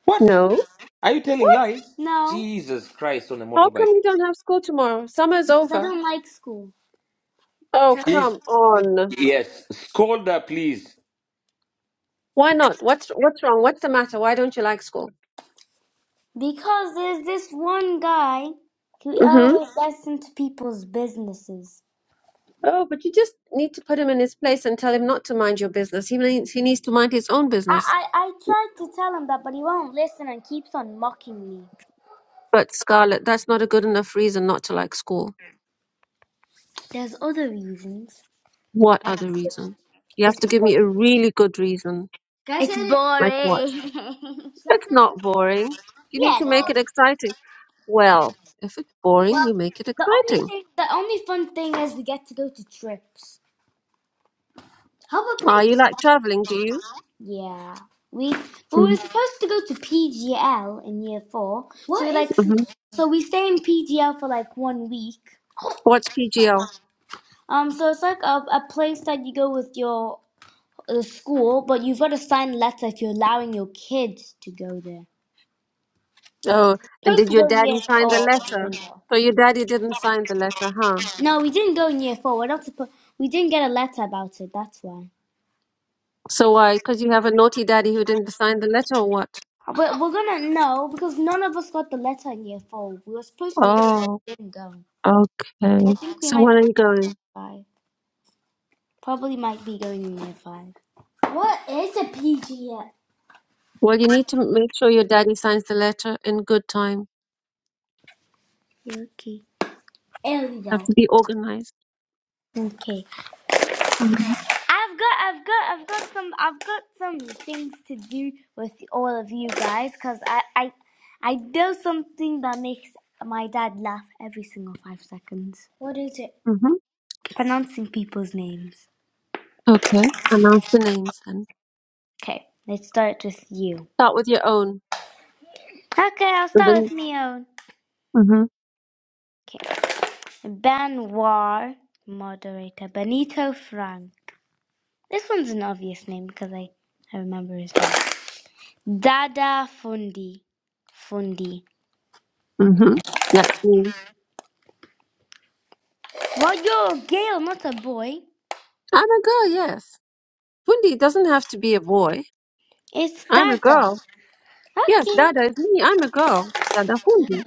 What? No. Are you telling What? lies? no, Jesus Christ on a How motorbike. come you don't have school tomorrow? Summer's because I over. don't like school. Oh, He's, come on. yes, scold her, please. Why not? What's what's wrong? What's the matter? Why don't you like school? Because there's this one guy who Mm-hmm. always gets into people's businesses. Oh, but you just need to put him in his place and tell him not to mind your business. He needs he needs to mind his own business. I, I, I tried to tell him that, but he won't listen and keeps on mocking me. But Scarlett, that's not a good enough reason not to like school. There's other reasons. What other reason? You have It's to give boring. me a really good reason. It's Like what? boring. It's not boring. You need yeah. to make it exciting. Well, if it's boring, Well, you make it the only exciting. thing, the only fun thing is we get to go to trips. How about Ah, play? you like traveling, do you? Yeah. We we were supposed to go to PGL in year four, so What we is? like P G L? Mm-hmm. so we stay in PGL for like one week. What's PGL? Um, so it's like a, a place that you go with your uh, school, but you've got to sign a letter if you're allowing your kids to go there. Oh, and supposed did to your go in year daddy four, sign the but we letter? didn't go. So your daddy didn't sign the letter, huh? No, we didn't go in year four. We're not supposed. We didn't get a letter about it. That's why. So why? Because you have a naughty daddy who didn't sign the letter, or what? But we're gonna know because none of us got the letter in year four. We were supposed to go, but Oh, we didn't go. So I okay. think we So might when be in are you year going? five. Probably might be going in year five. What is a PGF? Well, you need to make sure your daddy signs the letter in good time. Okay. There we Have go. to be organized. Okay. I've got, I've got, I've got some, I've got some things to do with all of you guys because I, I, I know something that makes my dad laugh every single five seconds. What is it? Mm-hmm. Pronouncing people's names. Okay. Announce the names then. Okay, let's start with you. Start with your own. Okay, I'll And start with then, me own. hmm Okay, Ben moderator Benito Frank. This one's an obvious name because I, I remember his name. Dada Fundi, Fundi. hmm That's me. Well, you're a girl, not a boy. I'm a girl, yes. Fundi doesn't have to be a boy. It's I'm a Dada. girl. Yes, Okay. Dada is me. I'm a girl. Dada Fundi.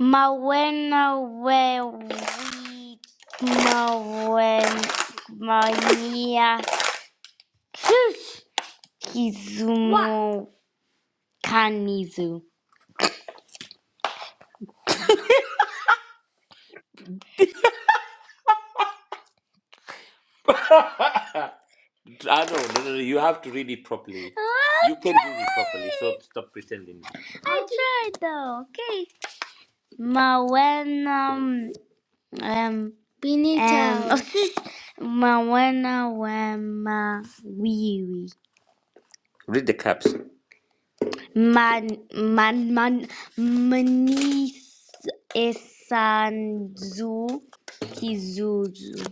Mawena we mawen mania shush kizumo kanizu. I know. no, no, no. You have to read it properly. You can read it properly, so stop pretending. I tried though. Okay. Mawena um um Benito. Mawena wema wiwi. Read the caps. Man man man manis esanzu kizuzu.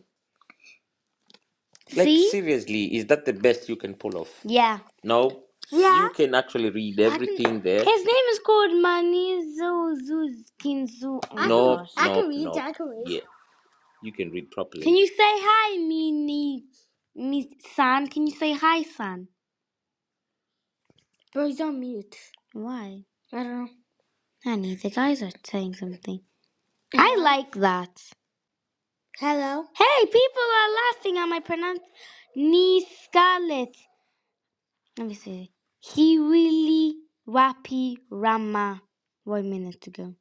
Like See? seriously, is that the best you can pull off? Yeah. No, Yeah. you can actually read I can. everything can, there. His name is called Manizuzuzkinzu. Oh my No, gosh. no, can read, no. I can read. Yeah, you can read properly. Can you say hi, Mini? Mi San? Can you say hi, San? Bro, he's on mute. Why? I don't know. Honey, the guys are saying something. Mm-hmm. I Yeah. like that. Hey, people are laughing at my pronunciation. Scarlet. Let me see. He really wappy Rama. One minute ago.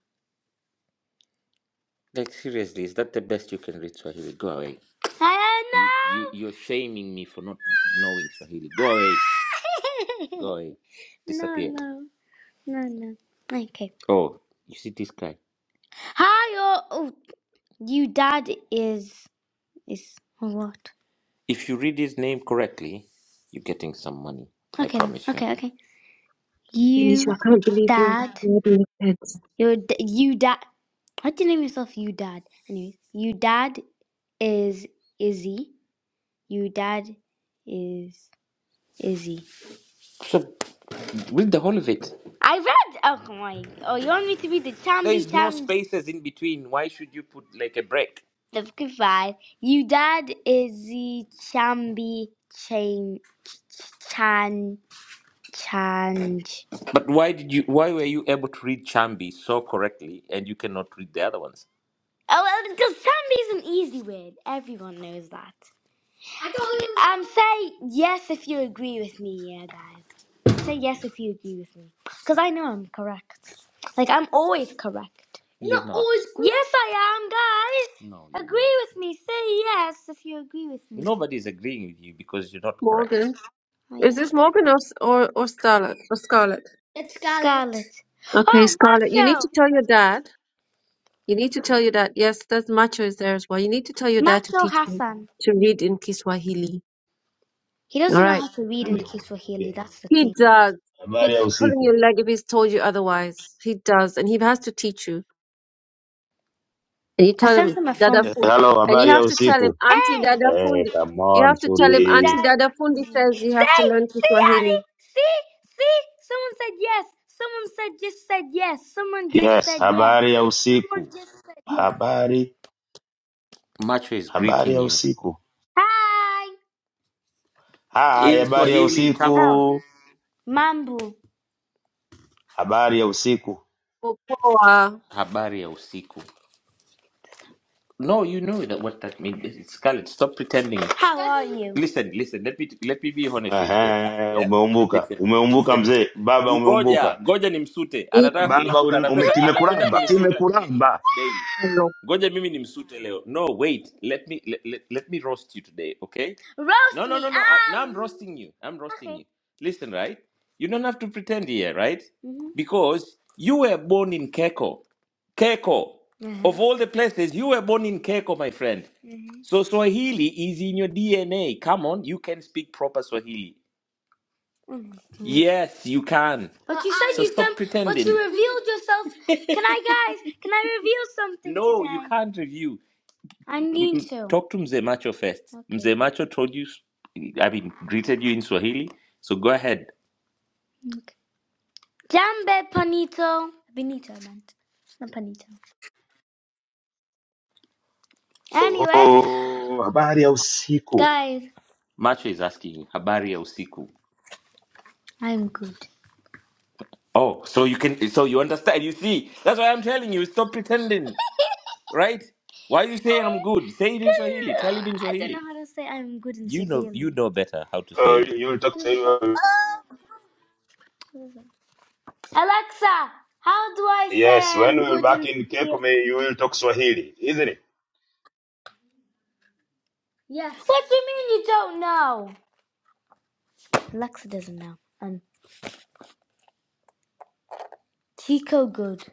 Like seriously, is that the best you can read Swahili? Go away. I don't know. You you you're shaming me for not knowing Swahili. Go away. Go away. No, Disappear. no, no, no. no. Okay. Oh, you see this guy? Hi, all. You dad is is what? If you read his name correctly, you're getting some money. I Okay, promise you. okay, okay. Benicio, You I can't believe you're dad, grabbing your kids. your d- you dad. How'd you name yourself? You dad. Anyways, you dad is Izzy. You dad is Izzy. Read the whole of it. I read. Oh my! Oh, you want me to read the There Tammy is no Tam? spaces in between. Why should you put like a break? The goodbye. You dad is the Chambi Chain Chan Change. But why did you? Why were you able to read Chambi so correctly and you cannot read the other ones? Oh, well, because Chambi is an easy word. Everyone knows that. I don't. Um, say yes if you agree with me, yeah, guys. Say yes if you agree with me. Because I know I'm correct. Like, I'm always correct. You're Not not. always correct. Yes, I am, guys. No, you're Agree not. with me. Say yes if you agree with me. Nobody's agreeing with you because you're not correct. Morgan. I Is am. this Morgan or, or, or Scarlet? Or Scarlet? It's Scarlett. Scarlet. Okay, Oh, Scarlet. You need to Macho! tell your dad. You need to tell your dad. Yes, that's Macho is there as well. You need to tell your dad to Macho teach you Hassan. to read in Kiswahili. He All doesn't know right. how to read in ambia, Kiswahili, ambia, that's the He thing. does. He's habari ya been pulling usiku. your leg if he's told you otherwise. He does, and he has to teach you. And you I tell sent him him a Dada thumbs Fundi, up. Hello, and you habari ya have to tell usiku. him Auntie Hey! Dada Hey, Fundi. come You on have to tell him you Auntie fundi. that Dada easy. Fundi Say, says you have to learn see, Ali, Kiswahili. see, see. Someone said yes. Someone said just said yes. Someone just Yes, said yes. habari ya Someone usiku. just said yes. Habari, Macho is habari greeting ya you. usiku. Hi. Hai, In habari ya Swahili, come Oh, on. usiku. mambo. Habari ya usiku. Popoa Habari ya usiku. No, you know that what that means. Scarlett, stop pretending. How are you? Listen, listen. Let me let me be honest with you. Yeah. Ehe, yeah? umeumbuka. Listen, Umeumbuka listen. mzee. Baba ngoja umeumbuka. ngoja nimsute ni anataka Baba kunisuta una- ume anapenda anapenda kimekuramba, kunisuta mimi kimekuramba. daily tano. ngoja mimi nimsute leo no wait let me let, let, let me roast you today okay no Roast no no me. no no I, now i'm Um. roasting you i'm roasting Okay. you listen right you don't have to pretend here right Mhm. because you were born in keko keko Mhm. of Mhm. all the places you were born in keko my friend Mhm. so swahili is in your dna come on you can speak proper swahili Yes, you can. But you So said so you stop done. But you revealed yourself. Can I, guys? Can I reveal something No, today? you can't review. I need to. Talk to Mzee Macho first. Okay. Mzee Macho told you, I mean, greeted you in Swahili. So go ahead. Okay. Jambe panito. Benito, I meant. Not panito. Anyways, Oh, habari ya usiku. guys, Macho is asking habari ya usiku. I'm good. Oh, so you can, so you understand. You see, that's why I'm telling you, stop pretending. right? Why you saying I'm good? Say it in Swahili. Tell it in Swahili. I don't know how to say I'm good in Swahili. You know, you know better how to Oh, say it. you you will talk You forgot- Swahili. Alexa, how do I say Yes, when I'm we will good back in in Swahili? Kekome, you will talk Swahili, isn't it? Yes. What do you mean you don't know? Alexa doesn't know. Um, Chico good.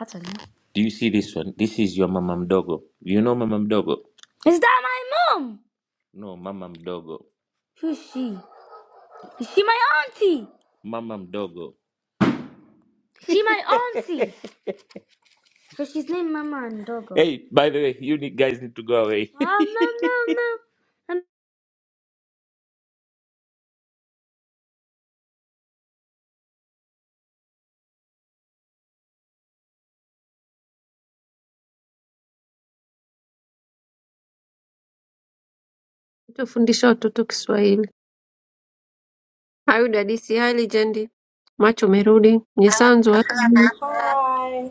I don't know. Do you see this one? This is your mama mdogo. You know mama mdogo? Is that my mom? No, mama mdogo. Who's she? Is she my auntie? Mama mdogo. Is she my auntie? So she's named Mama and Dogo. Hey, by the way, you need, guys need to go away. Mom, mom, mom, mom. Tufundisha watoto Kiswahili. Hayo dadisi, hai lijendi. Macho merudi. Nyesanzwe. Hi.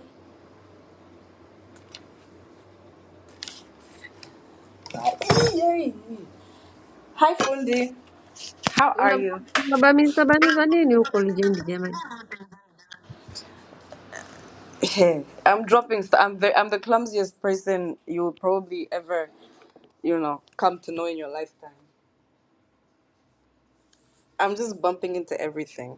Hi, Fundi. How are you? Unabamiza bamiza nini huko lijendi jamani? Hey, I'm dropping. St- I'm the I'm the clumsiest person you will probably ever you know come to know in your lifetime. I'm just bumping into everything.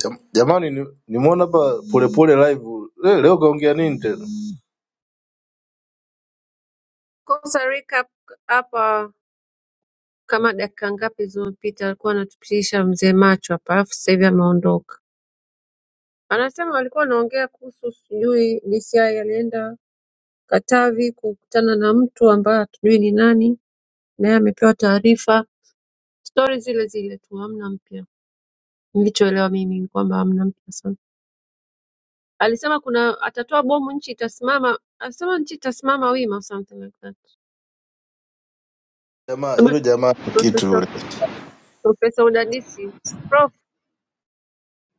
Jam- Jamani, ni- nimeona hapa polepole live leo, leo kaongea nini tena? Costa Rica hapa kama dakika ngapi zilizopita alikuwa anatupitisha mzee macho hapa alafu sasa hivi ameondoka anasema walikuwa wanaongea kuhusu sijui DCI alienda Katavi kukutana na mtu ambaye hatujui ni nani naye amepewa taarifa stori zile zile tu hamna mpya nilichoelewa mimi ni kwamba hamna mpya sana alisema kuna atatoa bomu nchi itasimama alisema nchi itasimama wima or something like that Jamaa Labda yule jamaa ni kitu profesa yule, profesa udadisi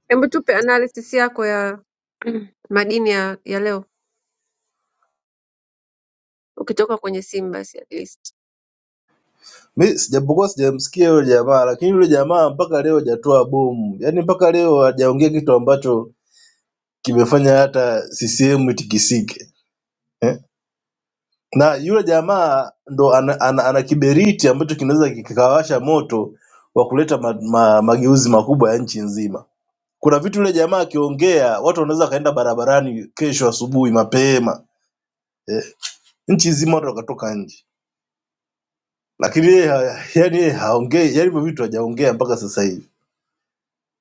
Hebu tupe analysis yako ya madini ya, ya leo ukitoka kwenye simu basi at least. mi sijapokuwa sijamsikia yule jamaa, lakini yule jamaa mpaka leo hajatoa bomu, yaani mpaka leo hajaongea kitu ambacho kimefanya hata CCM itikisike eh? Na yule jamaa ndo ana, ana, ana kiberiti ambacho kinaweza kikawasha moto wa kuleta ma, ma, mageuzi makubwa ya nchi nzima. Kuna vitu yule jamaa akiongea, watu wanaweza wakaenda barabarani kesho asubuhi mapema Eh? nchi zima watu wakatoka nje, lakini yeye ha- yani yeye haongei, yani hivyo vitu hajaongea mpaka sasa hivi.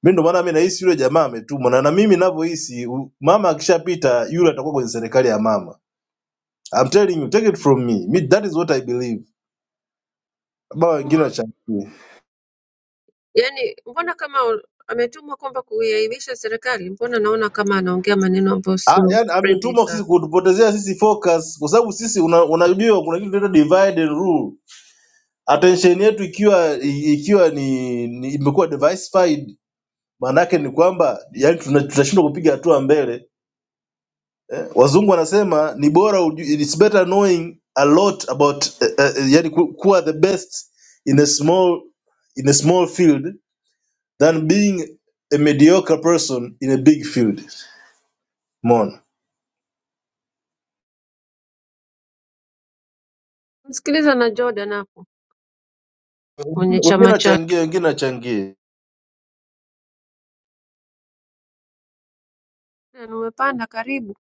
Mi ndo maana mi nahisi yule jamaa ametumwa, na na mimi navyohisi u- mama akishapita yule atakuwa kwenye serikali ya mama. I'm telling you, take it from me. me that is what I believe. Baba wengine Tumwa, wachangie. yani mbona kama u- ametumwa kwamba kuiaibisha serikali, mbona naona kama anaongea maneno ambayo Ah, sio yani friendly ametumwa sisi sana. kutupotezea sisi focus, kwa sababu sisi una- unajua kuna kitu kinaitwa divide and rule. Attention yetu ikiwa i- ikiwa ni, ni imekuwa diversified, maana yake ni kwamba yani tuna- tunashindwa kupiga hatua mbele wazungu wanasema ni bora uju- it's better knowing a lot about eh, eh, yani ku- kuwa the best in a small in a small field than being a mediocre person in a big field mona Msikiliza na Jordan hapo wengine kwenye wengine chama nachangia chake. wengine nachangia Na Umepanda karibu.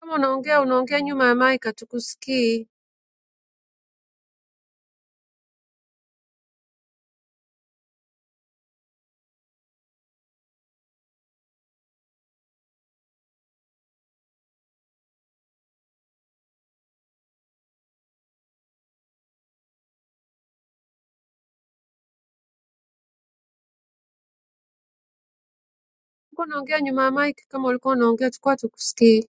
Kama unaongea unaongea nyuma ya mic hatukusikii. Ulikuwa unaongea nyuma ya mic kama ulikuwa unaongea tulikuwa hatukusikii.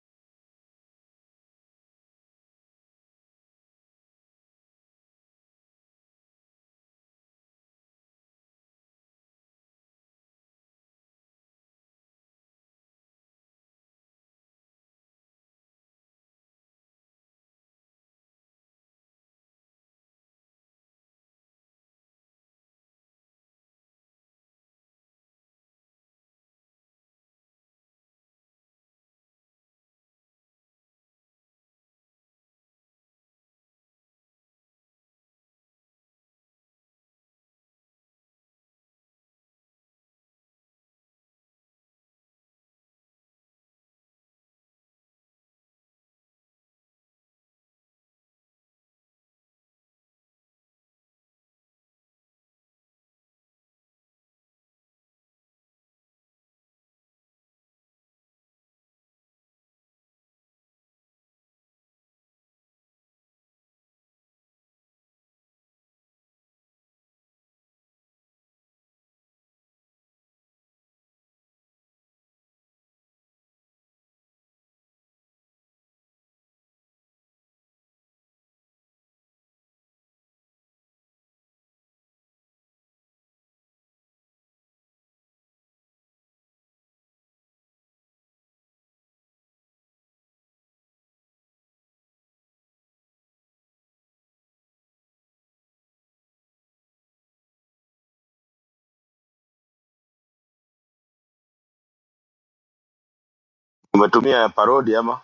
Umetumia parodi ama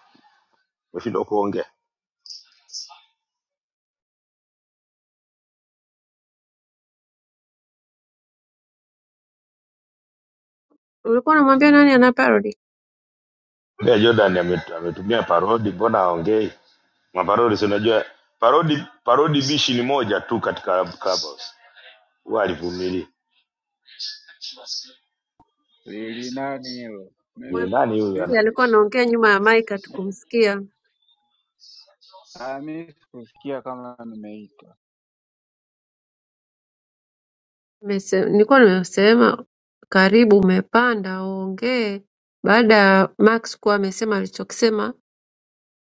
umeshindwa kuongea? Ulikuwa unamwambia nani ana parody? Pia Jordan Uh, amet- ametumia parodi, mbona aongei maparodi? Si unajua parodi, parodi bishi ni moja tu katika Clubhouse. Huwa alivumilia. Lili nani hilo? Mi Ni Mwampozi nani huyu mi- ana alikuwa anaongea nyuma ya mic hatukumsikia. ah, mi sikusikia kama nimeitwa Nimese- Nilikuwa nimesema karibu umepanda uongee baada ya Max kuwa amesema alichokisema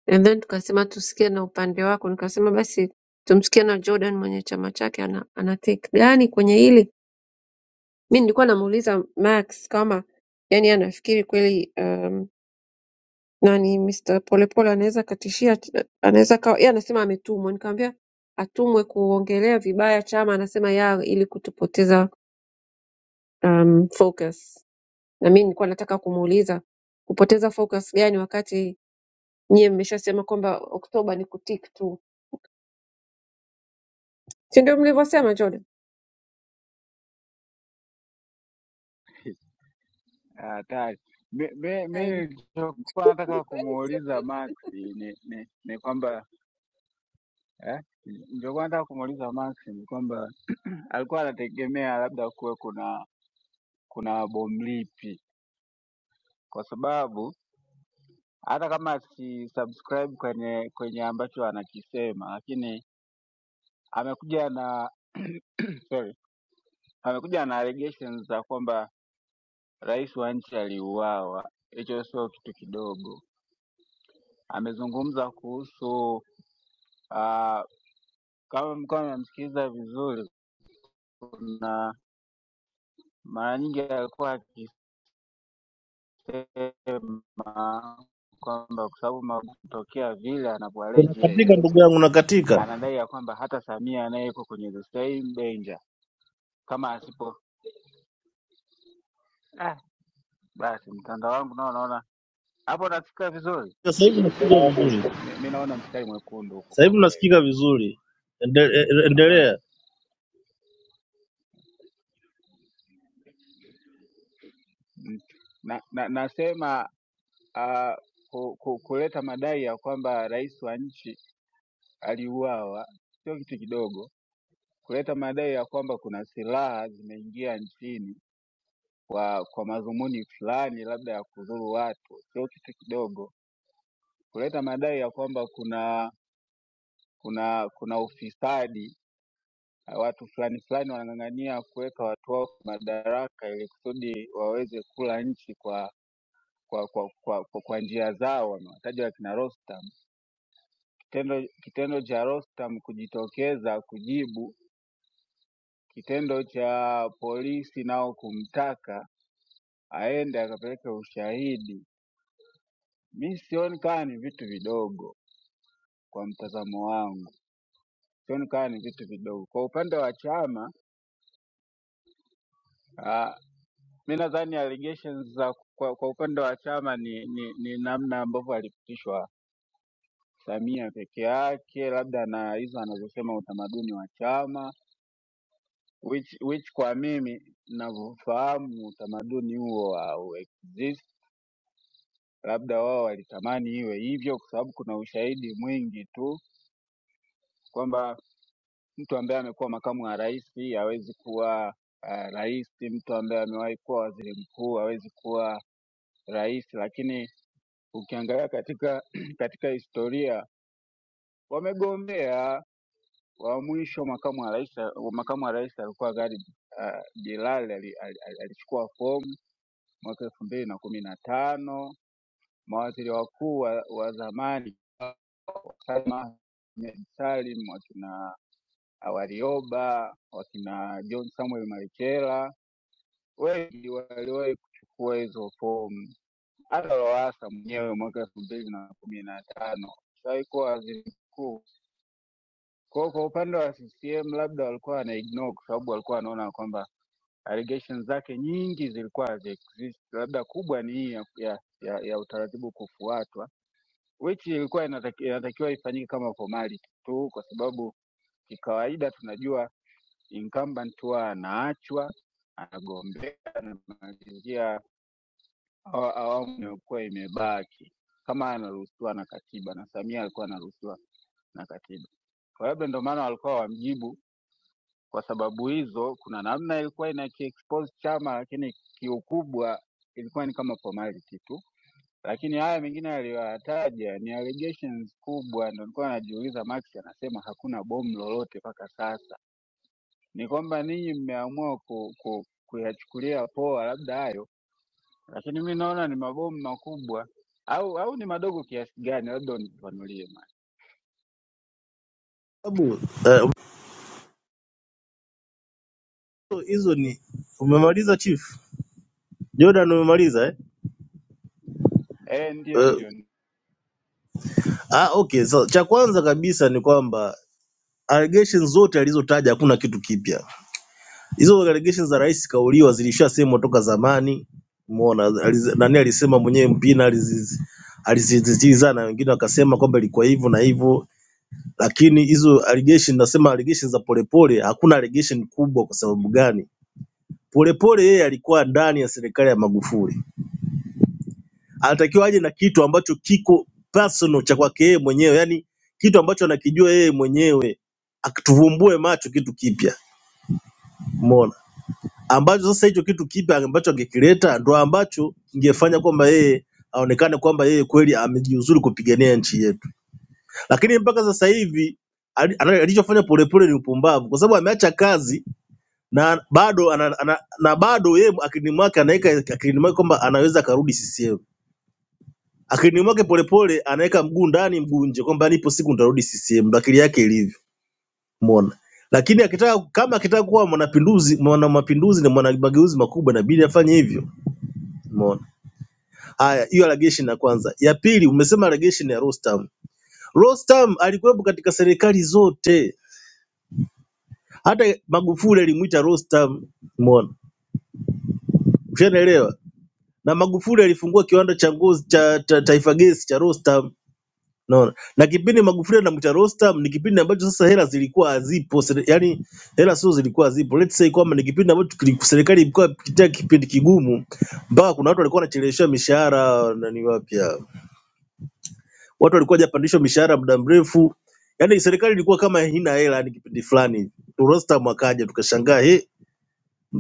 and then tukasema tusikie na upande wako nikasema basi tumsikie na Jordan mwenye chama chake ana, ana take gani kwenye hili mi nilikuwa namuuliza Max kama yani anafikiri kweli um, nani Mr. Polepole anaweza akatishia anaweza kawa yeye anasema ametumwa nikamwambia atumwe kuongelea vibaya chama anasema ya ili kutupoteza um, focus Na mimi nilikuwa nataka kumuuliza kupoteza focus gani wakati nyie mmeshasema kwamba Oktoba ni kutik tu, si ndio mlivyosema Jordan? Ah, hatari. Mi mi- mi Ai, nilichokuwa nataka kumuuliza Max ni ni, ni kwamba eh, nilichokuwa nataka kumuuliza Max ni kwamba alikuwa anategemea labda kuwe kuna kuna bomlipi, kwa sababu hata kama si subscribe kwenye kwenye ambacho anakisema, lakini amekuja na sorry, amekuja na allegations za kwamba Rais wa nchi aliuawa, hicho sio kitu kidogo. Amezungumza kuhusu ah, kama mlikuwa mnamsikiliza vizuri, kuna mara nyingi alikuwa akisema kwamba kwa sababu Magufuli kutokea vile anavyoaleji unakatika yeye, ndugu yangu unakatika anadai ya kwamba hata Samia naye yuko kwenye the same danger kama asipo ah, basi mtandao wangu nao naona hapo, nasikika vizuri. sasa hivi nasikika Mi vizuri mi- mi naona mstari mwekundu huko sasa kwa hivi kweli, nasikika vizuri Ende- eh, eh, Unaona? endelea Mm. na, na, nasema ah, ku, ku, kuleta madai ya kwamba rais wa nchi aliuawa sio kitu kidogo. Kuleta madai ya kwamba kuna silaha zimeingia nchini kwa kwa madhumuni fulani, labda ya kudhuru watu, sio kitu kidogo. Kuleta madai ya kwamba kuna kuna kuna ufisadi, ah, watu fulani fulani wanang'ang'ania kuweka watu wao madaraka ili kusudi waweze kula nchi kwa kwa kwa, kwa, kwa, kwa njia zao, wamewataja wakina Rostam Tendo, kitendo cha Rostam kujitokeza kujibu kitendo cha polisi nao kumtaka aende akapeleke ushahidi, mi sioni kama ni vitu vidogo kwa mtazamo wangu, sioni kama ni vitu vidogo. Kwa upande wa chama ah, mi nadhani allegations za kwa, kwa upande wa chama ni, ni, ni namna ambavyo alipitishwa Samia peke yake, labda na hizo anazosema utamaduni wa chama which which kwa mimi ninavyofahamu utamaduni huo hauexist. Labda wao walitamani iwe hivyo, kwa sababu kuna ushahidi mwingi tu kwamba mtu ambaye amekuwa makamu wa rais hawezi kuwa uh, rais, mtu ambaye amewahi kuwa waziri mkuu hawezi kuwa rais. Lakini ukiangalia katika katika historia wamegombea wa mwisho makamu wa rais, makamu wa rais alikuwa Gharib uh, Bilal ali- ali- ali- alichukua fomu mwaka elfu mbili na kumi na tano mawaziri wakuu wa, wa zamani Salma Ahmed Salim, wakina Warioba, wakina John Samuel Marekela, wengi waliwahi kuchukua hizo fomu. Hata Lowassa mwenyewe mwaka elfu mbili na kumi na tano alishawahi kuwa waziri mkuu. Kwa hiyo kwa upande wa CCM labda walikuwa wana ignore kwa sababu walikuwa wanaona kwamba allegations zake nyingi zilikuwa hazi exist, labda kubwa ni hii ya, ya, ya, ya utaratibu kufuatwa which ilikuwa inataki- inatakiwa ifanyike kama formality tu, kwa sababu kikawaida tunajua incumbent huwa anaachwa anagombea anamalizia awa- awamu inayokuwa imebaki, kama anaruhusiwa na katiba, na Samia alikuwa anaruhusiwa na katiba. Kwa hiyo ndio maana walikuwa wamjibu kwa sababu hizo. Kuna namna ilikuwa inakiexpose chama, lakini kiukubwa ilikuwa ni kama formality tu lakini haya mengine aliyoyataja ni allegations kubwa, ndo nilikuwa najiuliza. Max anasema hakuna bomu lolote mpaka sasa, ni kwamba ninyi mmeamua ku, ku, kuyachukulia poa labda hayo, lakini mi naona ni mabomu makubwa au au ni madogo kiasi gani? Labda unifafanulie Max. sababu eh, hizo ni umemaliza chief jordan umemaliza eh? Eh, ndio Eh, ndio. Ah, okay. So, cha kwanza kabisa ni kwamba allegations zote alizotaja hakuna kitu kipya. Hizo allegations za rais kauliwa zilishasemwa toka zamani. Umeona aliz, nani alisema mwenyewe Mpina aliziz- alizisisitiza na wengine wakasema kwamba ilikuwa hivyo na hivyo, lakini hizo allegation, nasema allegations za Polepole, hakuna allegation kubwa. Kwa sababu gani? Polepole yeye alikuwa ndani ya serikali ya Magufuli anatakiwa aje na kitu ambacho kiko personal cha kwake yeye mwenyewe, yani kitu ambacho anakijua yeye mwenyewe, akituvumbue macho kitu kipya, umeona, ambacho sasa hicho kitu kipya ambacho angekileta ndo ambacho kingefanya kwamba yeye aonekane kwamba yeye kweli amejiuzuru kupigania nchi yetu. Lakini mpaka sasa hivi ali- ana- alichofanya Polepole ni upumbavu, kwa sababu ameacha kazi na bado ana, ana, na bado yeye akilini mwake anaweka akilini mwake kwamba anaweza akarudi CCM Akilini mwake Polepole anaweka mguu ndani mguu nje kwamba nipo siku nitarudi CCM, ndo akili yake ilivyo. Umeona? Lakini akitaka kama akitaka kuwa mwanapinduzi, mwana mapinduzi na mwana mageuzi makubwa inabidi afanye hivyo. Umeona? Haya, hiyo allegation ya kwanza. Ya pili, umesema allegation ya Rostam. Rostam alikuwepo katika serikali zote. Hata Magufuli alimuita Rostam. Umeona? Ushanaelewa? Na Magufuli alifungua kiwanda cha ngozi cha, cha Taifa Gesi cha Rostam. Unaona? Na kipindi Magufuli anamwita Rostam ni kipindi ambacho sasa hela zilikuwa hazipo, sere- yaani hela sio zilikuwa hazipo. Let's say kwamba ni kipindi ambacho kili- serikali ilikuwa ikipitia kipindi kigumu, mpaka kuna watu walikuwa wanacheleweshwa mishahara nani wapya, watu walikuwa hajapandishwa mishahara muda mrefu, yaani serikali ilikuwa kama haina hela, ni kipindi fulani. Rostam akaja tukashangaa, eh,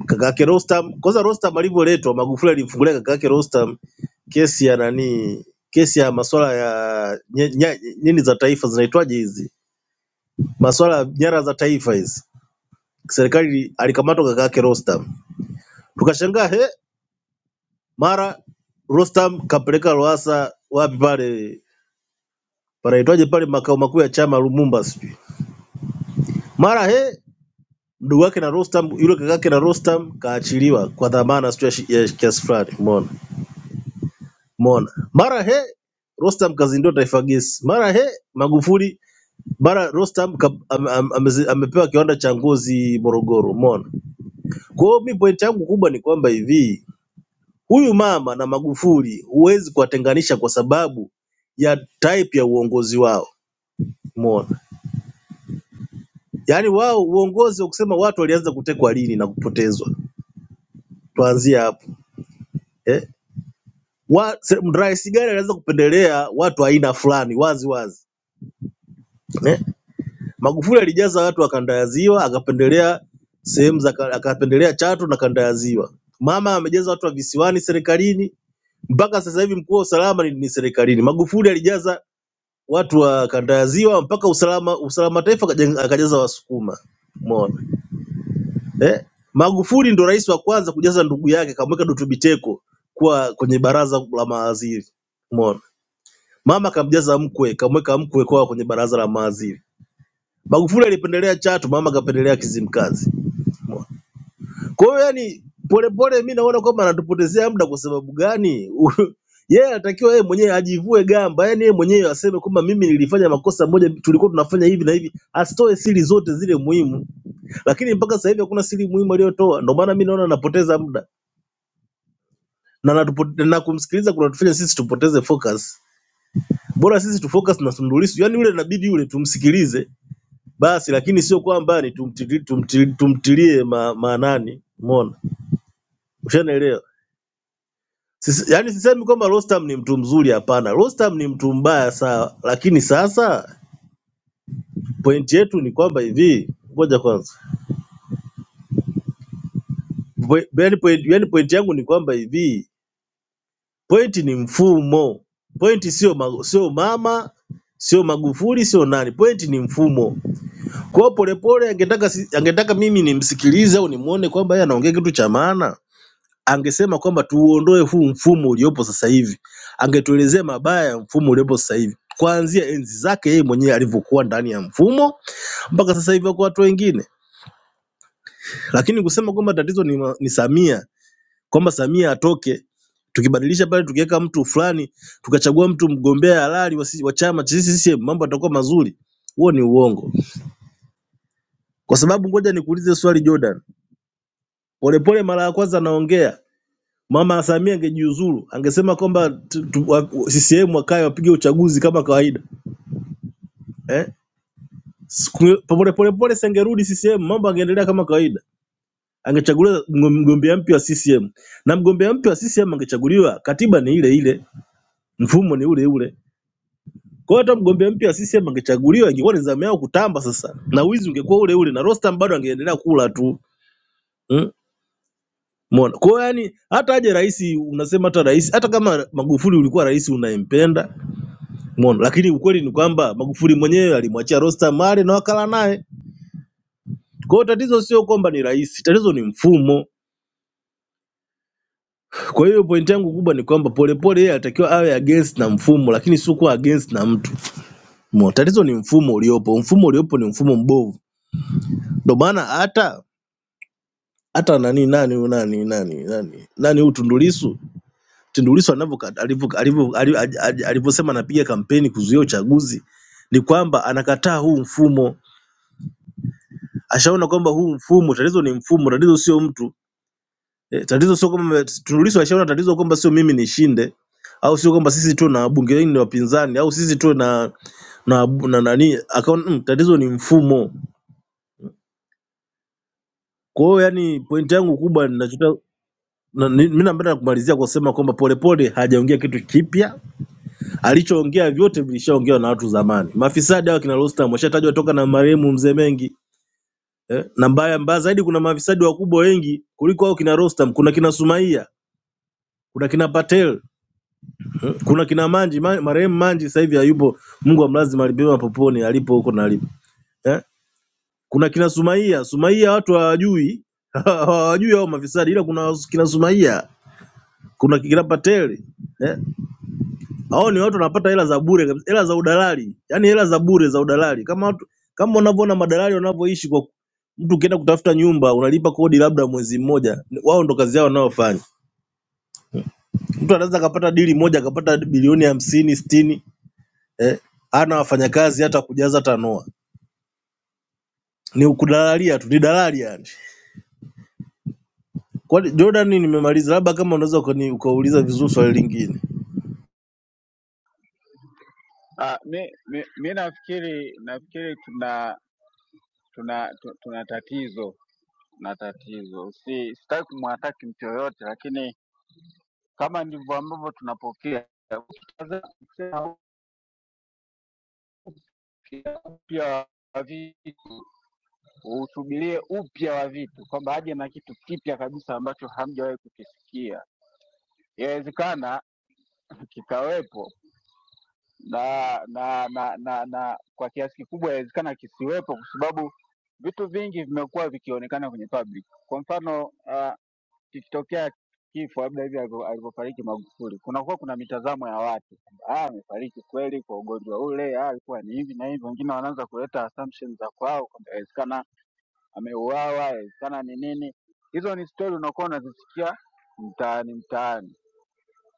kaka yake Rostam. Kwanza Rostam alivyoletwa, Magufuli alimfungulia kaka yake Rostam kesi ya nani, kesi ya masuala ya nye- nya- nini za taifa zinaitwaje hizi masuala ya nyara za taifa hizi. Serikali alikamatwa kaka yake Rostam, tukashangaa he, mara Rostam kapeleka Lowassa wapi pale panaitwaje pale makao makuu ya chama Lumumba sijui, mara he mdogo wake na Rostam yule kaka yake na Rostam kaachiliwa kwa dhamana sijui ya shi- ya kiasi fulani, umeona umeona, mara he Rostam kazindua taifa gesi, mara he Magufuli, mara Rostam ka, am, am, amezi- amepewa kiwanda cha ngozi Morogoro, umeona. Kwa hiyo mi point yangu kubwa ni kwamba hivi Huyu mama na Magufuli huwezi kuwatenganisha kwa sababu ya type ya uongozi wao. Umeona? Yaani wao uongozi wa kusema watu walianza kutekwa lini na kupotezwa. Tuanzie hapo. Eh? Wa, se- rais gani alianza kupendelea watu aina fulani wazi wazi? Eh? Magufuli alijaza watu wa kanda ya Ziwa akapendelea sehemu za ka- akapendelea Chato na kanda ya Ziwa. Mama amejaza watu wa visiwani serikalini mpaka sasa hivi mkuu wa usalama ni, ni serikalini. Magufuli alijaza watu wakandaziwa mpaka usalama usalama taifa akaja- akajaza Wasukuma. Umeona eh? Magufuli ndo rais wa kwanza kujaza ndugu yake, kamweka Dutu Biteko kuwa kwenye baraza la mawaziri. Umeona, mama kamjaza mkwe, kamweka mkwe kwa kwenye baraza la mawaziri. Magufuli alipendelea Chatu, mama akapendelea Kizimkazi. Umeona? Kwa hiyo yani, polepole mi naona kwamba anatupotezea muda. Kwa sababu gani? yeye yeah, anatakiwa yeye mwenyewe ajivue gamba, yani yeye mwenyewe aseme kwamba mimi nilifanya makosa moja, tulikuwa tunafanya hivi na hivi, asitoe siri zote zile muhimu, lakini mpaka sasa hivi hakuna siri muhimu aliyotoa. Ndio maana mi naona anapoteza muda na, anatupo- na kumsikiliza kunatufanya sisi tupoteze focus. Bora sisi tufocus na Tundu Lissu, yani yule inabidi yule tumsikilize basi, lakini sio kwamba ni tumtili- tumtili- tumtilie ma- maanani. Umeona, ushanielewa? Sisi, yani sisemi kwamba Rostam ni mtu mzuri, hapana. Rostam ni mtu mbaya sawa, lakini sasa pointi yetu ni kwamba hivi, ngoja kwanza, Po- yani pointi yani point yangu ni kwamba hivi, pointi ni mfumo, pointi sio ma, sio mama sio Magufuli sio nani, pointi ni mfumo. Kwa hiyo Polepole angetaka si- angetaka mimi nimsikilize au nimuone kwamba yeye anaongea kitu cha maana, angesema kwamba tuuondoe huu mfumo uliopo sasa hivi, angetuelezea mabaya ya mfumo uliopo sasa hivi, kuanzia enzi zake yeye mwenyewe alivyokuwa ndani ya mfumo mpaka sasa hivi kwa watu wengine. Lakini kusema kwamba tatizo ni, ma- ni Samia, kwamba Samia atoke, tukibadilisha pale, tukiweka mtu fulani, tukachagua mtu mgombea halali wa si- wa chama cha CCM, mambo yatakuwa mazuri, huo ni uongo. Kwa sababu ngoja nikuulize swali Jordan, Polepole mara ya kwanza anaongea Mama Samia angejiuzuru angesema kwamba tu- tu- wa- CCM wakae wapige uchaguzi kama kawaida eh? Siku- Pole pole pole singerudi CCM, mambo angeendelea kama kawaida, angechaguliwa mgo- mgombea mpya wa CCM na mgombea mpya wa CCM angechaguliwa, katiba ni ile ile, mfumo ni ule ule. Kwa hiyo hata mgombea mpya wa CCM angechaguliwa, ingekuwa ni zamu yao kutamba sasa, na wizi ungekuwa ule ule, na Rostam bado angeendelea kula tu mm? Mona. Kwa hiyo yani, hata aje rais, unasema hata rais, hata kama Magufuli ulikuwa rais unayempenda Umeona? Lakini ukweli ni kwamba Magufuli mwenyewe alimwachia Rostam mali na wakala naye. Kwa hiyo tatizo sio kwamba ni rais, tatizo ni mfumo. Kwa hiyo pointi yangu kubwa ni kwamba Polepole yeye alitakiwa awe against na mfumo, lakini sio kuwa against na mtu. Umeona? Tatizo ni mfumo uliopo, mfumo uliopo ni mfumo mbovu. Ndio maana hata hata nani nani huyu nani nani nani nani huyu Tundu Lissu Tundu Lissu anavyoka- alivyo- alivyo- ali- ali- alivyosema anapiga kampeni kuzuia uchaguzi ni kwamba anakataa huu mfumo ashaona kwamba huu mfumo tatizo ni mfumo, tatizo sio mtu eh, tatizo sio kwamba Tundu Lissu ashaona tatizo kwamba sio mimi nishinde au sio kwamba sisi tu na wabunge wengi ni wapinzani au sisi tu na na, na nani akaona mm, tatizo ni mfumo. Kwa hiyo yani point yangu kubwa ninachotaka na, ni- mimi napenda kumalizia kwa kusema kwamba Polepole hajaongea kitu kipya, alichoongea vyote vilishaongewa na watu zamani. Mafisadi hao kina Rostam washatajwa toka na marehemu mzee Mengi eh, na mbaya mbaya zaidi kuna mafisadi wakubwa wengi kuliko hao kina Rostam, kuna kina Sumaia kuna kina Patel, kuna kina Manji, Ma- marehemu Manji sasa hivi hayupo, Mungu amlaze mahali pema poponi alipo huko na alipo eh? Kuna kina Sumaia, Sumaia watu hawajui hawajui hao mafisadi, ila kuna kina Sumaia, kuna kina Patel eh? Hao ni watu wanapata hela za bure kabisa, hela za udalali, yaani hela za bure za udalali, kama watu kama unavyoona madalali wanavyoishi kwa mtu ukienda kutafuta nyumba unalipa kodi labda mwezi mmoja, wao ndo kazi yao wanayofanya. Mtu anaweza akapata dili moja akapata bilioni hamsini sitini eh, hana wafanyakazi hata kujaza tanua, ni kudalalia tu, ni dalali yani. Kwani Jordan, nimemaliza, labda kama unaweza ukani- ukauliza vizuri swali lingine. Ah, mi, mi, mi nafikiri nafikiri tuna tuna tu- tuna tatizo na tatizo si sitaki kumwataki mtu yoyote lakini kama ndivyo ambavyo tunapokea. Ukitazama upya wa vitu, usubirie upya wa vitu, kwamba aje na kitu kipya kabisa ambacho hamjawahi kukisikia. Yawezekana kikawepo na na, na na na kwa kiasi kikubwa yawezekana kisiwepo, kwa sababu vitu vingi vimekuwa vikionekana kwenye public. Kwa mfano uh, kikitokea kifo labda hivi alivyo- alivyofariki Magufuli, kunakuwa kuna mitazamo ya watu kwamba ah, amefariki kweli kwa ugonjwa ule, ah, alikuwa ni hivi na hivi. Wengine wanaanza kuleta assumptions za kwao kwamba inawezekana ameuawa, inawezekana ni nini. Hizo ni stori unakuwa unazisikia mtaani mtaani.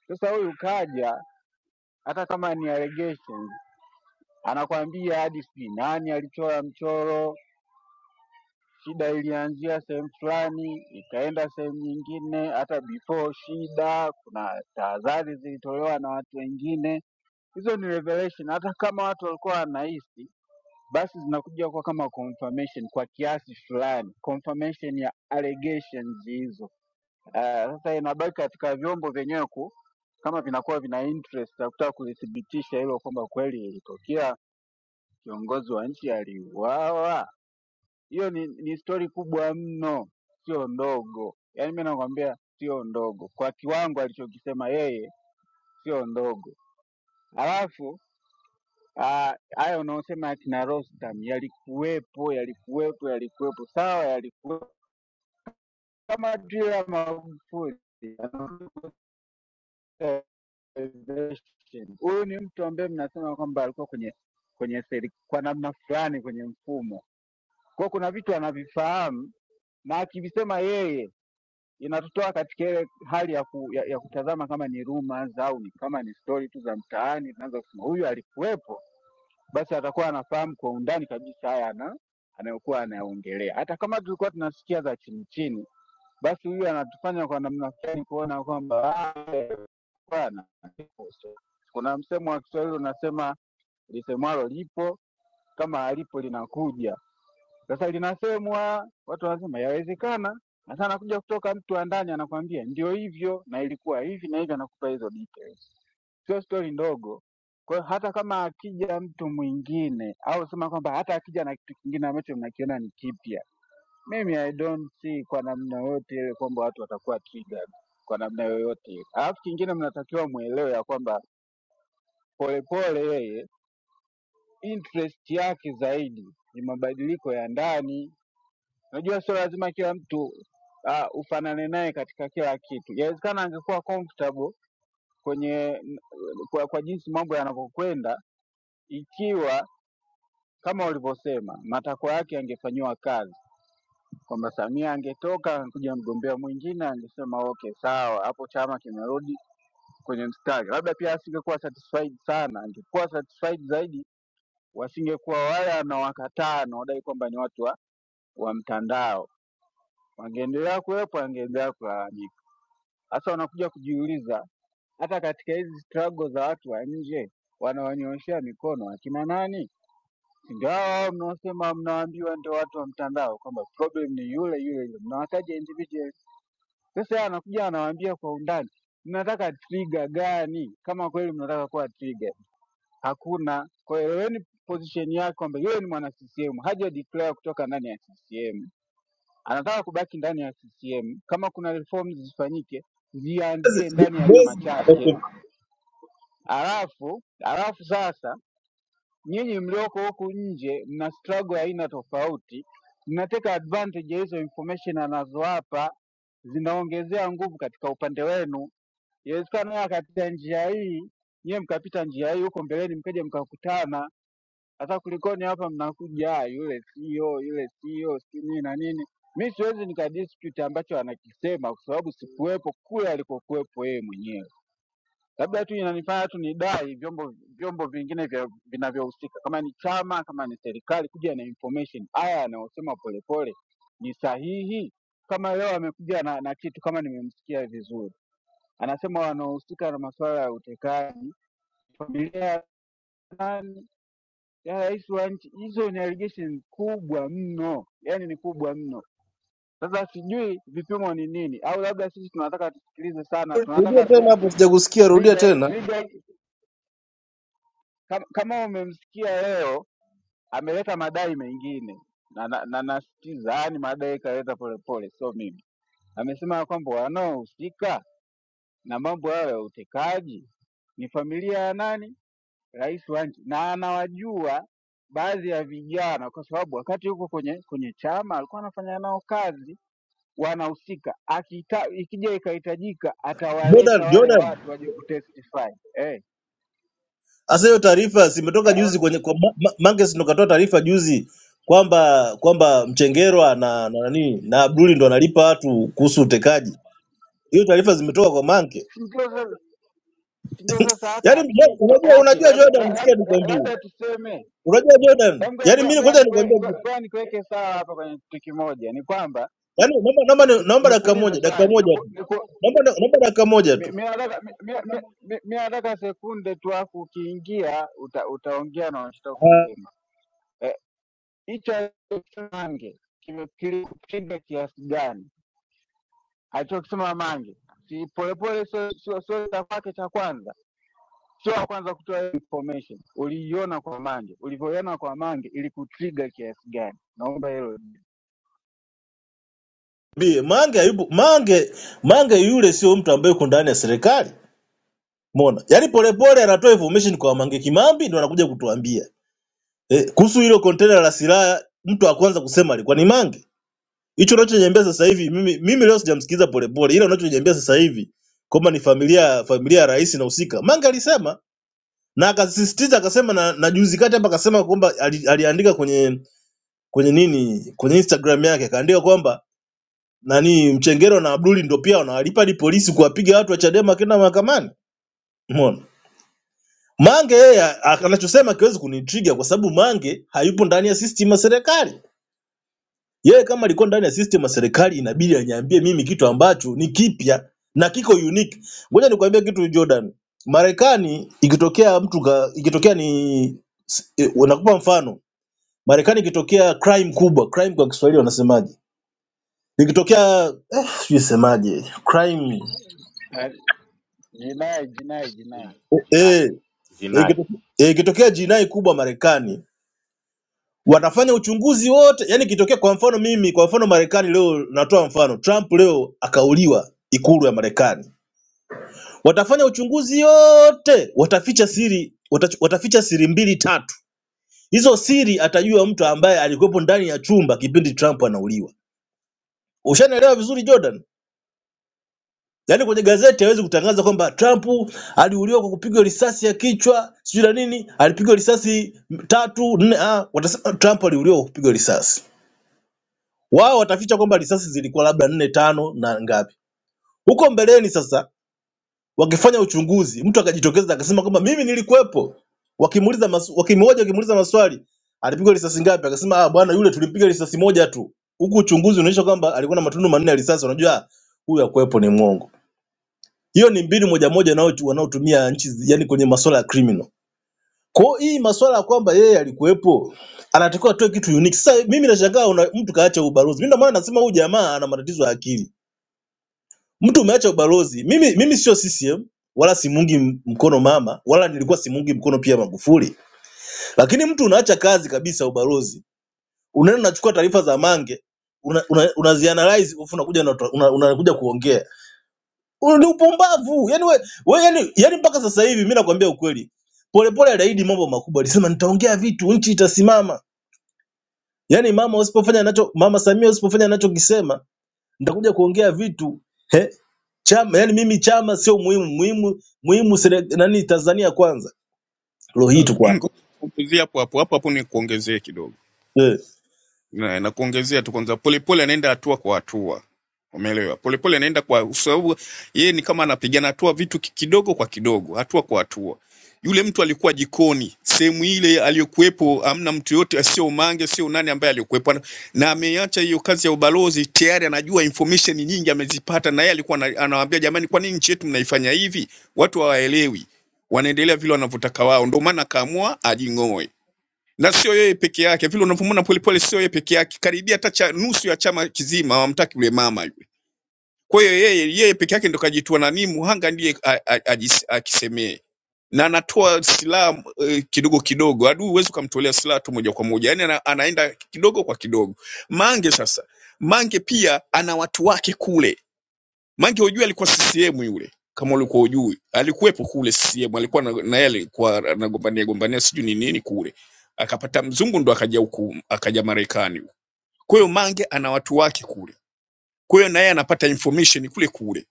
Sasa huyu kaja, hata kama ni allegations, anakwambia hadi sijui nani alichora mchoro Shida ilianzia sehemu fulani ikaenda sehemu nyingine, hata before shida kuna tahadhari zilitolewa na watu wengine. Hizo ni revelation, hata kama watu walikuwa wanahisi, basi zinakuja kwa kama confirmation kwa kiasi fulani, confirmation ya allegations hizo. Eh, Sasa uh, inabaki katika vyombo vyenyewe ku kama vinakuwa vina interest ya kutaka kulithibitisha hilo kwamba kweli ilitokea kiongozi wa nchi aliuawa hiyo ni, ni stori kubwa mno, sio ndogo. Yaani mi nakwambia sio ndogo, kwa kiwango alichokisema yeye sio ndogo. Alafu ah, haya unaosema akina Rostam yalikuwepo, yalikuwepo, yalikuwepo, sawa, yalikuwepo kama tu ya Magufuli organization. Huyu ni mtu ambaye mnasema kwamba alikuwa kwenye kwenye seri, kwa namna fulani kwenye mfumo. Kwa hiyo kuna vitu anavifahamu na akivisema yeye inatutoa katika ile hali ya, ku, ya, ya kutazama kama ni rumors au ni kama ni stori tu za mtaani. Tunaanza kusema huyu alikuwepo, basi atakuwa anafahamu kwa undani kabisa haya ana anayokuwa anayaongelea. Hata kama tulikuwa tunasikia za chini chini, basi huyu anatufanya kwa namna fulani kuona kwamba "Ah, eh, bwana kuna msemo wa Kiswahili unasema lisemwalo lipo, kama halipo linakuja. Sasa linasemwa, watu wanasema yawezekana, na sana kuja kutoka mtu wa ndani anakwambia ndio hivyo na ilikuwa hivi na hivyo, anakupa hizo details, sio stori ndogo. Kwa hiyo hata kama akija mtu mwingine au sema kwamba hata akija na kitu kingine ambacho mnakiona ni kipya, mimi I don't see kwa namna yoyote ile kwamba watu watakuwa triggered kwa namna yoyote ile. Alafu kingine mnatakiwa mwelewe ya kwamba Polepole yeye interest yake zaidi ni mabadiliko ya ndani Unajua sio lazima kila mtu uh, ufanane naye katika kila kitu. Yawezekana angekuwa comfortable kwenye kwa, kwa jinsi mambo yanavyokwenda, ikiwa kama ulivyosema matakwa yake yangefanyiwa kazi, kwamba Samia angetoka angekuja mgombea mwingine, angesema okay, sawa, hapo chama kimerudi kwenye mstari. Labda pia asingekuwa satisfied sana, angekuwa satisfied zaidi, wasingekuwa wale anawakataa anaodai kwamba ni watu wa, wa mtandao, wangeendelea kuwepo, angeendelea kulalamika. Sasa wanakuja kujiuliza hata katika hizi struggle za watu wa nje wanawanyoshea mikono akina nani? Si Ndio hao hao mnaosema mnaambiwa ndio watu wa mtandao kwamba problem ni yule yule yule, mnawataja individuals. Sasa yeye anakuja anawaambia kwa undani, mnataka trigger gani? Kama kweli mnataka kuwa trigger, hakuna. Kwa hiyo eleweni position yake kwamba yule ni mwana CCM, haja declare kutoka ndani ya CCM anataka kubaki ndani ya CCM. Kama kuna reforms zifanyike, zianzie ndani ya chama Bezi, chake, alafu alafu sasa nyinyi mlioko huku nje mna struggle ya aina tofauti, mnateka advantage ya hizo information anazowapa, zinaongezea nguvu katika upande wenu. Inawezekana yeye akapita njia hii, nyie mkapita njia hii, huko mbeleni mkaja mkakutana sasa kulikoni hapa mnakuja "Ah, yule sio yule sio si nini na nini. Mi siwezi nikadispute ambacho anakisema kwa sababu sikuwepo kule alikokuwepo yeye mwenyewe. Labda tu inanifanya tu nidai vyombo vyombo vingine vya vinavyohusika kama ni chama kama ni serikali kuja na information haya anayosema Polepole ni sahihi. Kama leo amekuja na, na kitu kama nimemsikia vizuri, anasema wanaohusika na masuala ya utekaji familia ya nani ya rais wa nchi. Hizo ni allegation kubwa mno, yani ni kubwa mno. Sasa sijui vipimo ni nini, au labda sisi tunataka tusikilize sana, rudia tunataka tu tena hapo, sijakusikia. Rudia trigger, tena. trigger kama, kama umemsikia leo ameleta madai mengine na, na, na nasitiza yani madai kaleta polepole, sio mimi. Amesema ya kwamba wanaohusika na mambo hayo ya utekaji ni familia ya nani? rais wa nchi, na anawajua baadhi ya vijana, kwa sababu wakati yuko kwenye kwenye chama alikuwa anafanya nao kazi, wanahusika. Akita, ikija ikahitajika, Jordan, atawaleta wale Jordan, watu waje kutestify eh, sasa hiyo taarifa zimetoka juzi eh, kwenye kwa Ma- Ma- Manges ndo katoa taarifa juzi kwamba kwamba Mchengerwa na na nani na Abduli ndo analipa watu kuhusu utekaji. Hiyo taarifa zimetoka kwa Mange. si ndio sasa si ndio sasa hata Yaani mja- akito unajua okay, unajua labda la- Jordan, la- sikia la- nikwambie. labda tuseme Unajua Jordan, eh, ngoja yaani ngoja- mimi ngoja kwanza nikue- nikwambie ngoja- ngoja nikuweke sawa hapa kwenye kitu kimoja, ni kwamba Yaani naomba naomba ni- niku- naomba dakika nikuulize moja, dakika swali, moja tu. nipo Naomba da- naomba dakika moja mi tu. mi nataka mi- mi- mi- mi- mi nataka sekunde tu, afu ukiingia uta, utaongea na unachotaka Ah, kusema. Eh, Hicho alichokisema Mange kime- kilikupinga kiasi gani? Alichokisema Mange si polepole, sio sio sio cha kwake cha kwanza, sio wa kwanza kutoa hiyo information. Uliiona kwa Mange, ulivyoiona kwa Mange ilikutriga kiasi gani? Naomba hilo Bi Mange hayupo. Mange Mange yule sio mtu ambaye yuko ndani ya serikali. Umeona? Yaani polepole anatoa information kwa Mange Kimambi ndio anakuja kutuambia. Eh, kuhusu hilo container la silaha mtu wa kwanza kusema alikuwa ni Mange. Hicho unachoniambia sasa hivi mimi mimi leo sijamsikiza polepole. Ila unachoniambia sasa hivi kwamba ni familia familia ya rais na husika. Mange alisema na akasisitiza akasema na, na juzi kati hapa akasema kwamba ali, aliandika kwenye kwenye nini kwenye Instagram yake akaandika kwamba nani Mchengero na Abduli ndio pia wanawalipa hadi polisi kuwapiga watu wa Chadema wakienda mahakamani. Umeona? Mange yeye a- anachosema kiwezi kunitriga kwa sababu Mange hayupo ndani ya system ya serikali. Yeye kama alikuwa ndani ya system ya serikali inabidi aniambie mimi kitu ambacho ni kipya na kiko unique. Ngoja nikwambie kitu Jordan. Marekani ikitokea mtu ka, ikitokea ni s- eh, nakupa mfano. Marekani ikitokea crime kubwa, crime kwa Kiswahili wanasemaje? Ikitokea eh, sijui semaje crime Ah, Jinai, jinai, jinai. eh, vinai eh, vinai ikitokea, eh, ikitokea jinai kubwa Marekani wanafanya uchunguzi wote. Yani ikitokea kwa mfano mimi, kwa mfano Marekani leo, natoa mfano Trump leo akauliwa ikulu ya Marekani, watafanya uchunguzi yote, wataficha siri watach- wataficha siri mbili tatu. Hizo siri atajua mtu ambaye alikuwepo ndani ya chumba kipindi Trump anauliwa. Ushanaelewa vizuri Jordan? Yaani kwenye gazeti hawezi kutangaza kwamba Trump aliuliwa kwa kupigwa risasi ya kichwa sijui na nini, alipigwa risasi tatu nne. Ah, watasema Trump aliuliwa kwa kupigwa risasi. Wao wataficha kwamba risasi zilikuwa labda nne tano na ngapi. Huko mbeleni sasa, wakifanya uchunguzi, mtu akajitokeza akasema kwamba mimi nilikuwepo, wakimuuliza masu, wakimhoja wakimuuliza maswali, alipigwa risasi ngapi? Akasema ah, bwana yule tulimpiga risasi moja tu. Huku uchunguzi unaonyesha kwamba alikuwa na matundu manne ya risasi. Unajua huyu akuwepo ni mwongo. Hiyo ni mbinu moja moja wanao- wanaotumia nchi yani kwenye masuala ya criminal. Kwa hiyo hii masuala ya kwamba yeye alikuwepo anatakiwa atoe kitu unique. Sasa mimi nashangaa una- mtu kaacha ubalozi. Mimi ndio maana nasema huyu jamaa ana matatizo ya akili. Mtu umeacha ubalozi. Mimi mimi sio CCM wala simungi m- mkono mama wala nilikuwa simungi mkono pia Magufuli. Lakini mtu unaacha kazi kabisa ubalozi. Unaenda unachukua taarifa za Mange una, una, unazianalyze alafu unakuja unatoa- una- unakuja kuongea. Una- ni upumbavu yani we, we yani, yani mpaka sasa hivi mi nakwambia ukweli, polepole aliahidi mambo makubwa, alisema nitaongea vitu nchi itasimama. Yani mama usipofanya anacho mama Samia usipofanya anachokisema nitakuja kuongea vitu He? Chama, yani mimi chama sio muhimu, muhimu muhimu sele, nani Tanzania kwanza. Leo hii Kaka, tu kwanza ngoja nikuongezee hapo hapo hapo hapo, nikuongezee kidogo eh. na, na kuongezea tu kwanza, polepole anaenda hatua kwa hatua, umeelewa? Polepole anaenda kwa sababu yeye ni kama anapigana hatua vitu ki- kidogo kwa kidogo, hatua kwa hatua. Yule mtu alikuwa jikoni, sehemu ile aliyokuwepo, hamna mtu yote, sio Mange, sio nani ambaye aliyokuwepo, Ana- na ameacha hiyo kazi ya ubalozi tayari, anajua information nyingi amezipata, na yeye alikuwa ana- anawaambia jamani, kwa nini nchi yetu mnaifanya hivi? Watu hawaelewi, wanaendelea vile wanavyotaka wao, ndio maana akaamua ajing'oe na sio yeye peke yake, vile unavyomwona Polepole sio yeye peke yake, karibia hata cha nusu ya chama kizima hawamtaki yule mama yule. Kwa hiyo yeye yeye peke yake ndo kajitua nani, mhanga ndiye a- a- ajis- akisemee na anatoa silaha eh, kidogo kidogo. Adui huwezi ukamtolea silaha tu moja kwa moja, yani ana, anaenda kidogo kwa kidogo. Mange sasa, Mange pia ana watu wake kule Mange hujui alikuwa CCM yule, kama ulikuwa hujui, alikuwepo kule CCM, alikuwa na na yeye alikuwa anagombania gombania gombania sijui ni nini kule, akapata mzungu ndo akaja huku, akaja Marekani. Kwa hiyo Mange ana watu wake kule, kwa hiyo na yeye anapata information kule kule.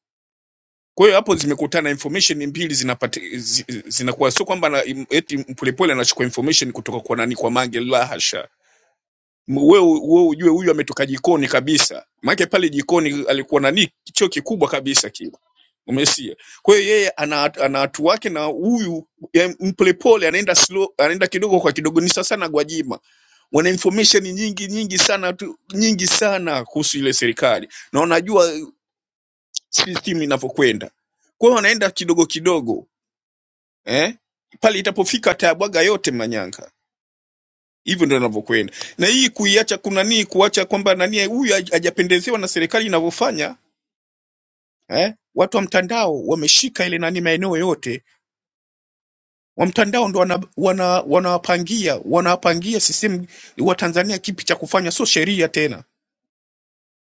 Kwa hiyo hapo zimekutana information mbili zinapata zi- zinakuwa sio kwamba na- eti Mpolepole anachukua information kutoka kwa nani, kwa Mange, la hasha M- wewe wewe ujue huyu ametoka jikoni kabisa, maana pale jikoni alikuwa nani choo kikubwa kabisa kile, umesia. Kwa hiyo yeye ana ana watu wake, na huyu ya mpolepole anaenda slow, anaenda kidogo kwa kidogo. Ni sasa na Gwajima wana information nyingi nyingi sana tu, nyingi sana kuhusu ile serikali na wanajua system inavyokwenda, kwa hiyo wanaenda kidogo kidogo eh? Pale itapofika atayabwaga yote Manyanga hivyo ndo anavyokwenda na hii kuiacha kunanii kuacha kwamba nani huyu haj- hajapendezewa na serikali inavyofanya eh? watu wa mtandao wameshika ile nani maeneo yote wa mtandao ndo wana, wana, wanawapangia wana wanawapangia sisemu wa Tanzania kipi cha kufanya sio sheria tena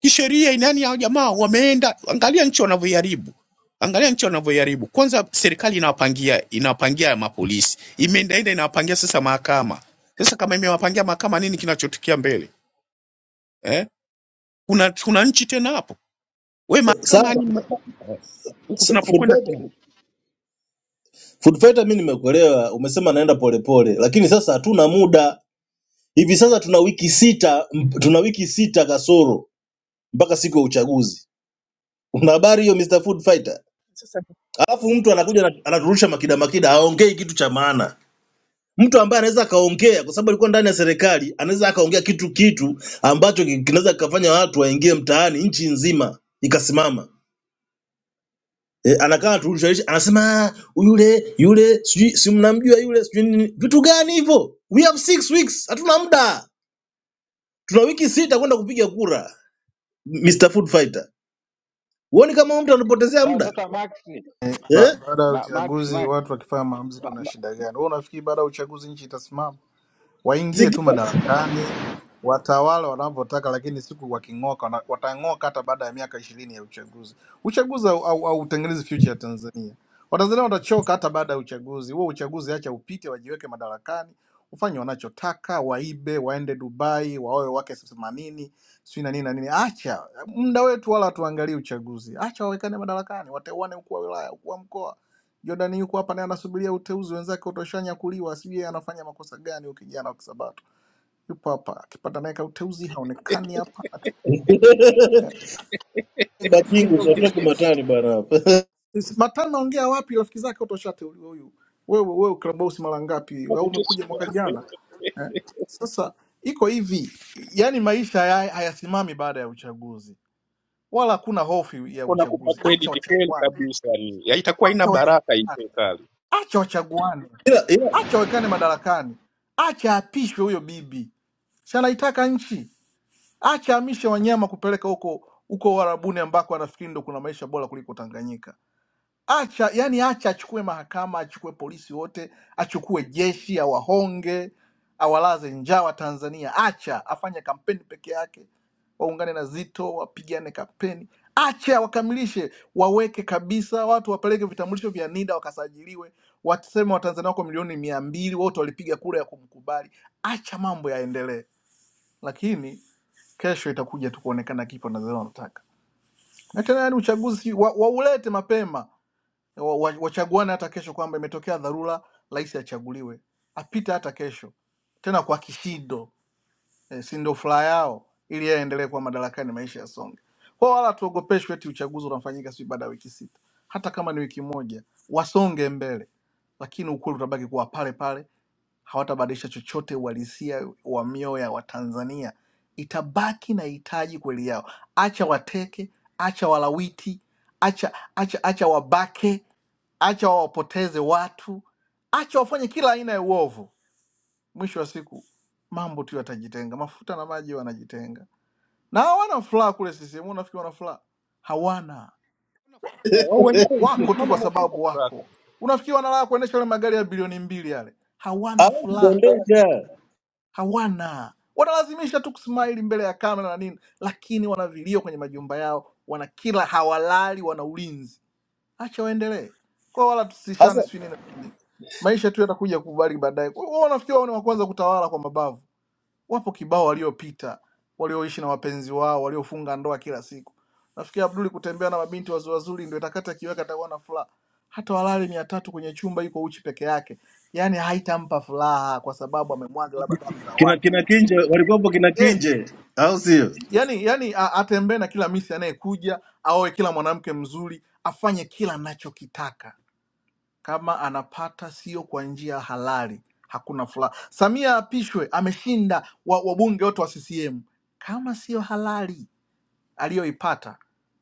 kisheria inani hao jamaa wameenda angalia nchi wanavyoiharibu angalia nchi wanavyoiharibu kwanza serikali inawapangia inawapangia mapolisi imeendaenda inawapangia sasa mahakama sasa kama imewapangia mahakama nini kinachotukia mbele eh? kuna kuna nchi tena hapo we mahakama Sawa yani ma- huku sa- Food tunapokwenda tena. Fighter- Food Fighter, mi nimekuelewa, umesema naenda polepole, lakini sasa hatuna muda hivi sasa, tuna wiki sita, m- tuna wiki sita kasoro mpaka siku ya uchaguzi Una habari hiyo Mr. Food Fighter? Alafu mtu anakuja ana- anaturusha makida makida, haongei kitu cha maana. Mtu ambaye anaweza akaongea kwa sababu alikuwa ndani ya serikali, anaweza akaongea kitu kitu ambacho ki- kinaweza kikafanya watu waingie mtaani nchi nzima ikasimama. E, anakaa anaturusha anasema "Ah, yule yule sijui si mnamjua yule sijui nini. Vitu gani hivyo? We have six weeks, hatuna muda. Tuna wiki sita kwenda kupiga kura. Mr. Food Fighter. Huoni kama huyu mtu anapotezea Sa- muda? sasa. Max Ba- Eh? baada ya ma, Max uchaguzi Max watu wakifanya maamuzi, ma, tuna ma, shida gani? Wewe unafikiri baada ya uchaguzi nchi itasimama? waingie tu Sikia. madarakani watawala wanavyotaka, lakini siku waking'oka wana- watang'oka hata baada ya miaka ishirini ya uchaguzi. Uchaguzi hautengenezi au, au hautengenezi future ya Tanzania. Watanzania watachoka hata baada ya uchaguzi huo. Uchaguzi acha upite, wajiweke madarakani, ufanye wanachotaka, waibe, waende Dubai, waoe wake themanini sijui na nini na nini. Acha muda wetu, wala tuangalie uchaguzi. Acha wawekane madarakani, wateuane ukuu wa wilaya, ukuu wa mkoa Jordan yuko hapa naye anasubiria uteuzi, wenzake utoshanyakuliwa, sijui yeye anafanya makosa gani huyu kijana wa Kisabato. Yupo hapa akipata naye kauteuzi, haonekani hapa eh, Bakingu ujinga ujinga utatoki tu. matani bwana hapa. Is- Matano ongea wapi? Rafiki zake utoshateuliwa huyu. Wewe wewe Clubhouse mara ngapi? Au umekuja mwaka jana eh? Sasa iko hivi, yani maisha haya- hayasimami baada ya uchaguzi, wala hakuna hofu ya Kuna kupa uchaguzi. Acha credit kweli wachaguane, kabisa, ni ya itakuwa ina acha baraka hii wachaguane, serikali. acha wachaguane. Ila ila acha awekane madarakani, acha apishwe huyo bibi, si anaitaka nchi, acha ahamishe wanyama kupeleka huko huko Uarabuni ambako anafikiri ndo kuna maisha bora kuliko Tanganyika acha yani acha achukue mahakama achukue polisi wote achukue jeshi awahonge awalaze njaa wa tanzania acha afanye kampeni peke yake waungane na zito wapigane kampeni acha wakamilishe waweke kabisa watu wapeleke vitambulisho vya nida wakasajiliwe waseme watanzania wako milioni mia mbili wote walipiga kura ya kumkubali acha mambo yaendelee lakini kesho itakuja tu kuonekana kifo na zile wanataka na tena yani uchaguzi wa, waulete mapema wa- wa- wachaguane hata kesho kwamba imetokea dharura, rais achaguliwe, apite hata kesho tena kwa kishindo eh, si ndio furaha yao, ili yeye aendelee kuwa madarakani, maisha yasonge. Kwa hiyo wala tuogopeshwe eti uchaguzi unafanyika si baada ya wiki sita, hata kama ni wiki moja, wasonge mbele, lakini ukweli utabaki kuwa pale pale hawatabadilisha chochote uhalisia wa mioyo ya Watanzania, itabaki na hitaji kweli yao. Acha wateke, acha walawiti, acha acha acha wabake, acha wawapoteze watu, acha wafanye kila aina ya uovu. Mwisho wa siku mambo tu yatajitenga, mafuta na maji wanajitenga, na hawana furaha kule CCM. Unafikiri wana furaha? Hawana, Ah, Wao wenyewe wako tu kwa mama mwenyewe ana sababu furaha wako. kabisa. Unafikiri wana raha kuendesha yale magari ya bilioni mbili yale? Hawana hawezi furaha kuendesha. hawana wanalazimisha tu kusmaili mbele ya kamera na nini lakini wana vilio kwenye majumba yao wana kila hawalali wana ulinzi acha waendelee kwa wala Sasa tusishane sijui nini na nini maisha tu yatakuja kubali baadaye Kwa- wao wanafikiri wao ni wa kwanza kutawala kwa mabavu wapo kibao waliopita walioishi na wapenzi wao waliofunga ndoa kila siku nafikiri abduli kutembea na mabinti wazuri wazuri ndio itakata kiweka atakuwa na furaha hata walali mia tatu kwenye chumba yuko uchi peke yake yaani haitampa furaha kwa sababu amemwaga labda damu za watu kina kina Kinje walikuwepo kina yes Kinje, au sio? yani yani a- atembee na kila misi anayekuja aoe kila mwanamke mzuri afanye kila anachokitaka kama anapata sio kwa njia halali hakuna furaha samia apishwe ameshinda wa- wabunge wote wa ccm kama sio halali aliyoipata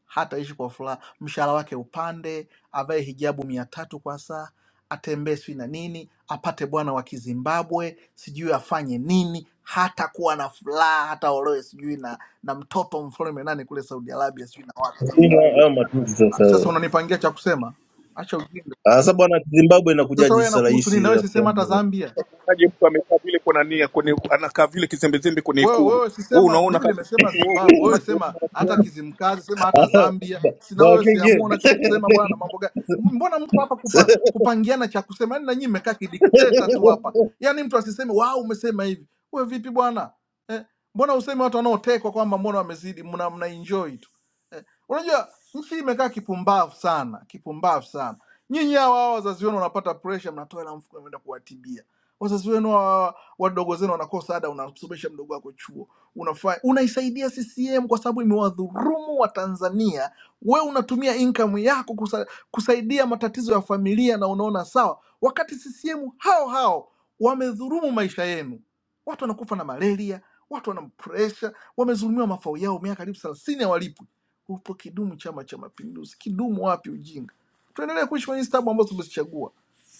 hataishi kwa furaha, mshahara wake upande, avae hijabu mia tatu kwa saa, atembee sijui na nini, apate bwana wa Kizimbabwe, sijui afanye nini, hatakuwa na furaha, hata olewe sijui na, na mtoto mfalme nani kule Saudi Arabia sijui na watu. sina haya matusi sasa. Sasa unanipangia cha kusema, acha ujinga. Ah, Sasa bwana Zimbabwe Sasa inakujaje wewe sasa nakuhusu rais nini? Nawe rafiki sisema hata yangu? Zambia Unaje mtu amekaa vile kwa nani kwenye anakaa vile kizembezembe kwenye wewe, ikulu, wewe wewe sisema unaona mimi, kabisa nimesema wewe Zimbabwe, wewe wewe macho wewe sema rafiki hata yangu Kizimkazi, sema hata Zambia, sina Bwana wewe Kingi. siamua unachokisema bwana. Mambo gani? M- Mbona mko hapa kupa, kupangiana cha kusema? Yani nanyi mmekaa kidikteta tu hapa, yani mtu asiseme wao umesema hivi. Wewe vipi bwana eh? Mbona useme watu wanaotekwa kwamba mbona wamezidi, mna, mna enjoy tu eh? Unajua nchi hii imekaa kipumbavu sana, kipumbavu sana. Nyinyi hawa hawa wazazi wenu wanapata pressure, mnatoa hela mfuko, mnaenda kuwatibia wazazi wenu wa- wadogo zenu wanakosa ada, unamsomesha mdogo wako chuo, unafanya unaisaidia CCM kwa sababu imewadhurumu Watanzania. We unatumia income yako kusa, kusaidia matatizo ya familia na unaona sawa, wakati CCM hao hao wamedhurumu maisha yenu. Watu wanakufa na malaria, watu wana pressure, wamezulumiwa mafao yao miaka karibu thelathini hawalipwi. Upo kidumu Chama cha Mapinduzi, kidumu wapi ujinga? Tuendelee kuishi kwenye stabu ambazo tumezichagua.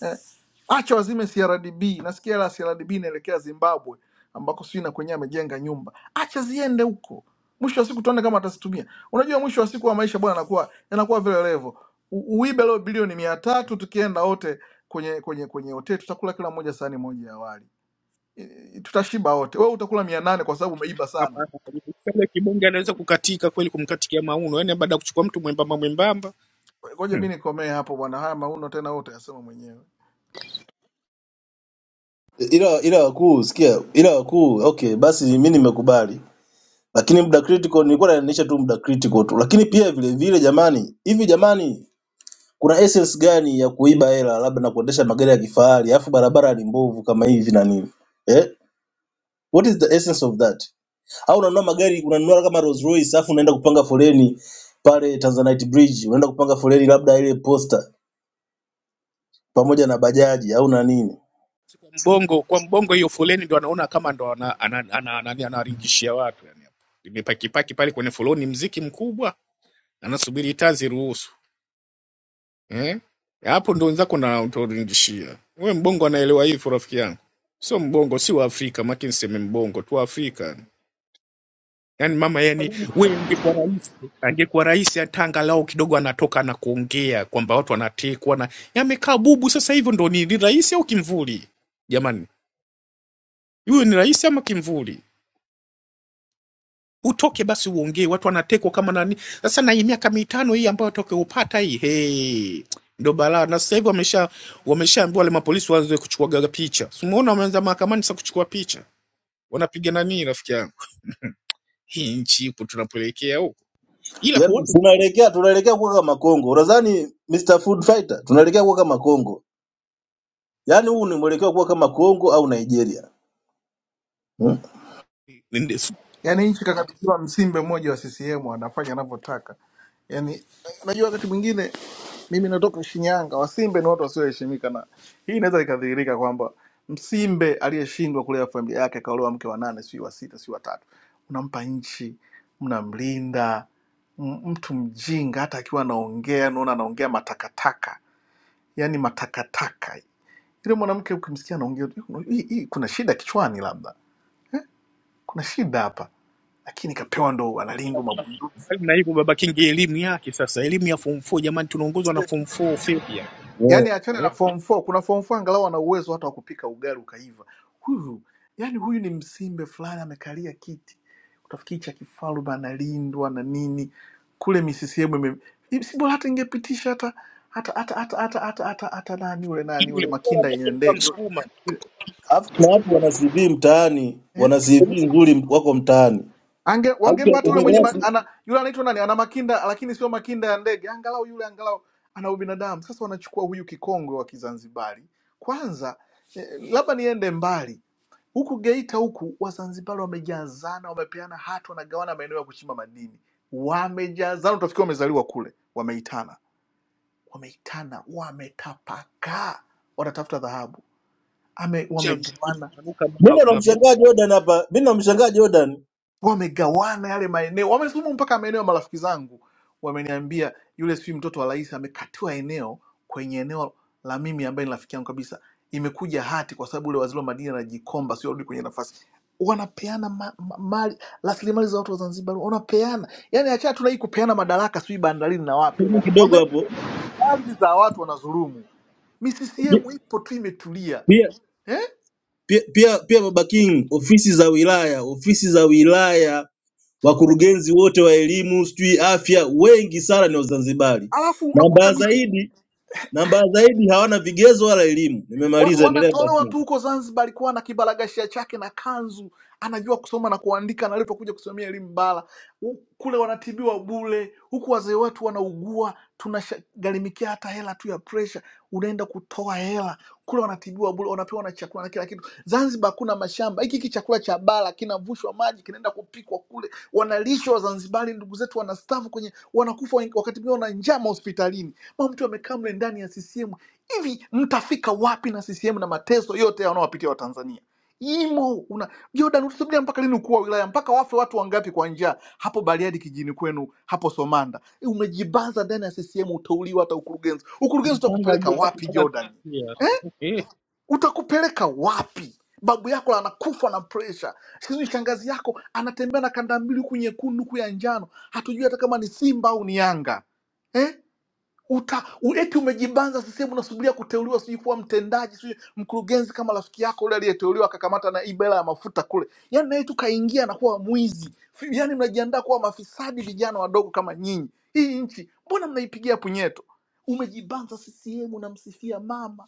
Eh acha wazime CRDB. Nasikia la CRDB inaelekea Zimbabwe ambako sijui na kwenyewe amejenga nyumba, acha ziende huko. Mwisho wa siku tuone kama atazitumia. Unajua, mwisho wa siku wa maisha bwana, yanakuwa yanakuwa vile levo. U- Uibe leo bilioni mia tatu, tukienda wote kwenye kwenye kwenye hoteli tutakula kila mmoja sahani moja ya wali, E, tutashiba wote. Wewe utakula mia nane kwa sababu umeiba mama sana. hapa. karibu. Sasa kibonge anaweza kukatika kweli, kumkatikia mauno, yani baada ya kuchukua mtu mwembamba mwembamba Ngoja mi nikomee hapo bwana, haya mauno tena wewe utayasema mwenyewe. Ila ila wakuu sikia, ila wakuu okay, basi mimi nimekubali. Lakini muda critical nilikuwa naendesha tu muda critical tu. Lakini pia vile vile jamani, hivi jamani kuna essence gani ya kuiba hela labda na kuendesha magari ya kifahari alafu barabara ni mbovu kama hivi na nini eh? what is the essence of that au unanunua magari unanunua kama Rolls Royce alafu unaenda kupanga foleni pale Tanzanite Bridge unaenda kupanga foleni labda ile posta pamoja na bajaji au na nini Si kwa mbongo kwa mbongo hiyo foleni ndo anaona kama ndo ana- ana- ana- ana- anawaringishia watu yani hapo imepakipaki pale kwenye foleni mziki mkubwa anasubiri taa ziruhusu eh hapo ndo wenzako na utawaringishia we mbongo anaelewa hivyo rafiki yangu sio mbongo si wa afrika makini seme mbongo tu wa afrika yani mama yani we angekuwa rais angekuwa rais hata angalau kidogo anatoka na kuongea kwamba watu wanatekwa na yamekaa bubu sasa hivyo ndo ni, ni rais au kimvuli jamani huyu ni rais ama kimvuli utoke basi uongee, watu wanatekwa kama nani. Sasa na hii miaka mitano hii ambayo toke upata hii hey, ndo balaa. Na sasa hivi wamesha wameshaambiwa wale mapolisi waanze kuchukua picha, simuona wameanza mahakamani sasa kuchukua picha, wanapiga nani, rafiki yangu, hii nchi ipo tunapoelekea huko, ila kwa yaani watu tunaelekea tunaelekea kuwa kama Kongo unadhani Mr Food Fighter tunaelekea kuwa kama Kongo yaani huu ni mwelekeo kuwa kama Kongo au Nigeria hmm? nende- si- Yaani nchi kakabidhiwa msimbe mmoja wa CCM anafanya anavyotaka. Yaani unajua wakati mwingine mimi natoka Shinyanga, Wasimbe ni watu wasioheshimika, na hii inaweza ikadhihirika kwamba Msimbe aliyeshindwa kulea familia yake akaolewa mke wa nane, si wa sita, si wa tatu, unampa nchi, mnamlinda m- mtu mjinga, hata akiwa anaongea naona anaongea matakataka, yaani matakataka. Yule mwanamke ukimsikia anaongea, hii hii hii kuna shida kichwani labda kuna shida hapa lakini kapewa ndo analingo mabunduki mbali na hivyo, baba King elimu yake sasa, elimu ya form 4 jamani, tunaongozwa na form 4 failure yeah. yani achana na eh, form 4 kuna form 4 angalau ana uwezo hata wa kupika ugali ukaiva huyu yani huyu ni msimbe fulani amekalia kiti utafikiri cha kifalume analindwa na nini kule misisiemu ime si bora hata ingepitisha hata hata hata hata hata hata hata hata nani ule nani ule yule bora makinda yenye yake ndege mkamsukuma Alafu kuna watu wana CV mtaani wana CV nzuri wako mtaani Ange wangempata yule mwenye hautatumia ma, basi. ana yule anaitwa nani? Ana makinda lakini sio makinda ya ndege. Angalau yule angalau ana ubinadamu. Sasa wanachukua huyu kikongwe wa Kizanzibari. Kwanza eh, labda niende mbali. Huku Geita huku Wazanzibari wamejazana, wamepeana hati, wanagawana maeneo ya kuchimba madini. Wamejazana, utafikiri wamezaliwa kule, wameitana. Wameitana, wametapakaa, wanatafuta dhahabu. Ame, cha mjini wamegawana kupanuka ma- Mimi mavya- namshangaa Jordan hapa, mimi namshangaa Jordan wamegawana yale maeneo, wamesumu mpaka maeneo. Marafiki zangu wameniambia yule sijui mtoto wa rais amekatiwa eneo kwenye eneo la mimi ambaye ni rafiki yangu kabisa, imekuja hati kwa sababu yule waziri wa madini anajikomba, sio rudi kwenye nafasi. Wanapeana ma, ma, mali rasilimali za watu wa Zanzibar, wanapeana yani, achana tu na hii kupeana madaraka, sijui bandarini na wapi, Subiri kidogo wameenda hapo. ardhi za watu wanazulumu. Mi Pi- CCM ipo tu imetulia Pia eh? pia pia pia Baba King, ofisi za wilaya, ofisi za wilaya, wakurugenzi wote wa elimu, sijui afya, wengi sana ni Wazanzibari, Alafu na unakuta mbaya zaidi na mbaya zaidi hawana vigezo wala elimu. wa, Nimemaliza, endelea Baba wanatolewa King. tu huko Zanzibar. Alikuwa na kibaragashia chake na kanzu, anajua kusoma na kuandika, na alipokuja kusomea elimu bara U- kule wanatibiwa bule, huku wazee wetu wanaugua, tunagharimikia hata hela tu ya presha, unaenda kutoa hela kule, wanatibiwa bule, wanapewa na chakula na kila kitu. Zanzibar kuna mashamba, hiki hiki chakula cha bara kinavushwa maji, kinaenda kupikwa kule, wanalishwa Wazanzibari, ndugu zetu wanastafu kwenye, wanakufa wakati mwingine wana njaa mahospitalini, mama mtu amekaa mle ndani ya CCM hivi mtafika wapi na CCM na mateso yote wanaowapitia Watanzania? Imo una Jordan, utasubiria mpaka lini ukuu wa wilaya? Mpaka wafe watu wangapi kwa njaa hapo Bariadi kijini kwenu hapo Somanda? Eh, Umejibaza ndani ya CCM, utauliwa hata ukurugenzi. Ukurugenzi mipanga utakupeleka aliyopata wapi mpaka Jordan? Eh? kufikia. Utakupeleka wapi? Babu yako anakufa na presha, sijui shangazi yako anatembea na kanda mbili huku nyekundu huku ya njano, hatujui hata kama ni Simba au ni Yanga eh? uta u- eti umejibanza sisehemu unasubiria kuteuliwa sijui kuwa mtendaji sijui mkurugenzi kama rafiki yako ule aliyeteuliwa akakamata na ibela ya mafuta kule yani naye tu kaingia na kuwa mwizi Fi- yani mnajiandaa kuwa mafisadi vijana wadogo kama nyinyi hii nchi mbona mnaipigia punyeto umejibanza sisehemu unamsifia mama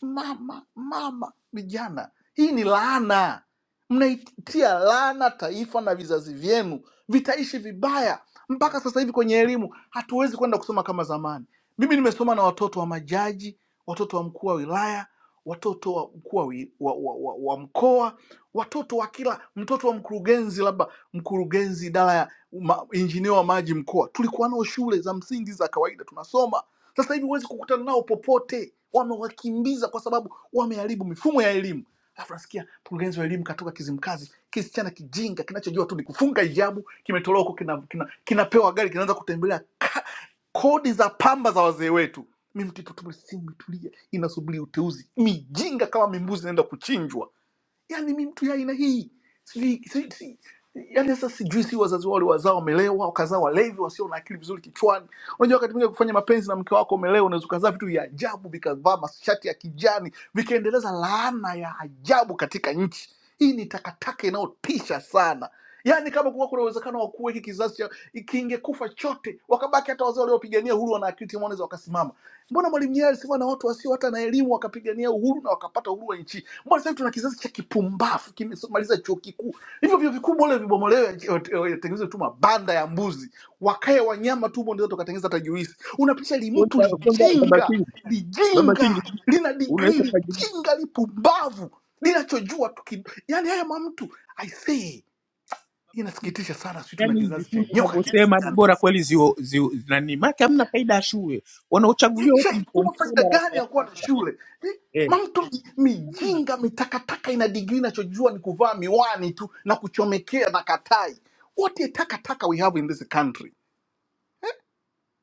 mama mama vijana hii ni laana mnaitia laana taifa na vizazi vyenu vitaishi vibaya mpaka sasa hivi kwenye elimu hatuwezi kwenda kusoma kama zamani. Mimi nimesoma na watoto wa majaji, watoto wa mkuu wa wilaya, watoto wa mkuu wa, wi- wa, wa, wa, wa mkoa, watoto wa kila mtoto wa mkurugenzi, labda mkurugenzi idara ya ma- injinia wa maji mkoa. Tulikuwa nao shule za msingi za kawaida tunasoma sasa hivi huwezi kukutana nao popote, wamewakimbiza kwa sababu wameharibu mifumo ya elimu. Alafu nasikia mkurugenzi wa elimu katoka Kizimkazi, kisichana kijinga kinachojua tu ni kufunga hijabu, kimetolewa huko, kina, kina, kinapewa gari, kinaanza kutembelea ka, kodi za pamba za wazee wetu. Mimi mtipo tu simu imetulia, inasubiri uteuzi. Mijinga kama mimbuzi inaenda kuchinjwa. Yaani mi mtu ya aina hii sijui si- si- yaani sasa sijui si wazazi wao wazao wamelewa wakazaa walevi wasio na akili vizuri kichwani. Unajua wakati mwingine kufanya mapenzi na mke wako umelewa, unaweza ukazaa vitu vya ajabu vikavaa mashati ya kijani vikaendeleza laana ya ajabu katika nchi hii. Ni takataka inayotisha sana. Yaani kama kuwa kuna uwezekano wa kuwa hiki kizazi cha- kingekufa chote, wakabaki hata wazee waliopigania uhuru wana akili timamu, wanaweza wakasimama Mbona Mwalimu Nyerere alisema na watu wasio hata na elimu wakapigania uhuru na wakapata uhuru wa nchi? Mbona sasa hivi tuna kizazi cha kipumbavu kimemaliza chuo kikuu? Hivyo vyuo vikuu bora vibomolewe, eh, yatengenezwe tu mabanda ya mbuzi, wakae wanyama tu, ndio tukatengeneza hata juisi. Unapitisha limtu Kwanza kwanza baba lijinga, King, baba King lijinga lina unaweza digrii, ukajibu lijinga lipumbavu, linachojua tu kid... yani haya mamtu I say, inasikitisha sana. Sisi tuna yani hizi kizazi cha shule nyoka kiasi unavyosema ni gani? bora kweli zio zio nani maki hamna faida ya shule. Wanaochaguliwa wote ni form ishaikuwa four faida darasa gani la ya kuwa na saba. shule Ni- Eh. mamtu Hamna mijinga mitakataka ina digrii inachojua ni kuvaa miwani tu na kuchomekea na katai wote takataka we have in this country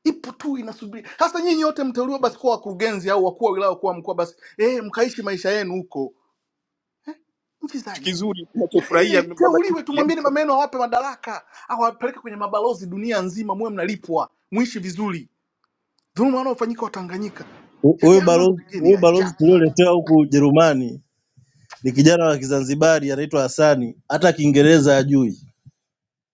ipo tu inasubiri sasa nyinyi wote mteuliwa basi kuwa wakurugenzi au wakuu wa wilaya kuwa mkoa basi eh mkaishi maisha yenu huko nchi za kitu kizuri eh, tunachofurahia baba King. mteuliwe Yani tumwambieni mameno awape madaraka awapeleke kwenye mabalozi dunia nzima muwe mnalipwa muishi vizuri dhuluma wanaofanyika watanganyika Hu- yaani Huyu haya mambo balozi pengine huyu ya balozi ajabu sana. tulioletewa huku Ujerumani ni kijana wa Kizanzibari anaitwa Hasani, hata Kiingereza hajui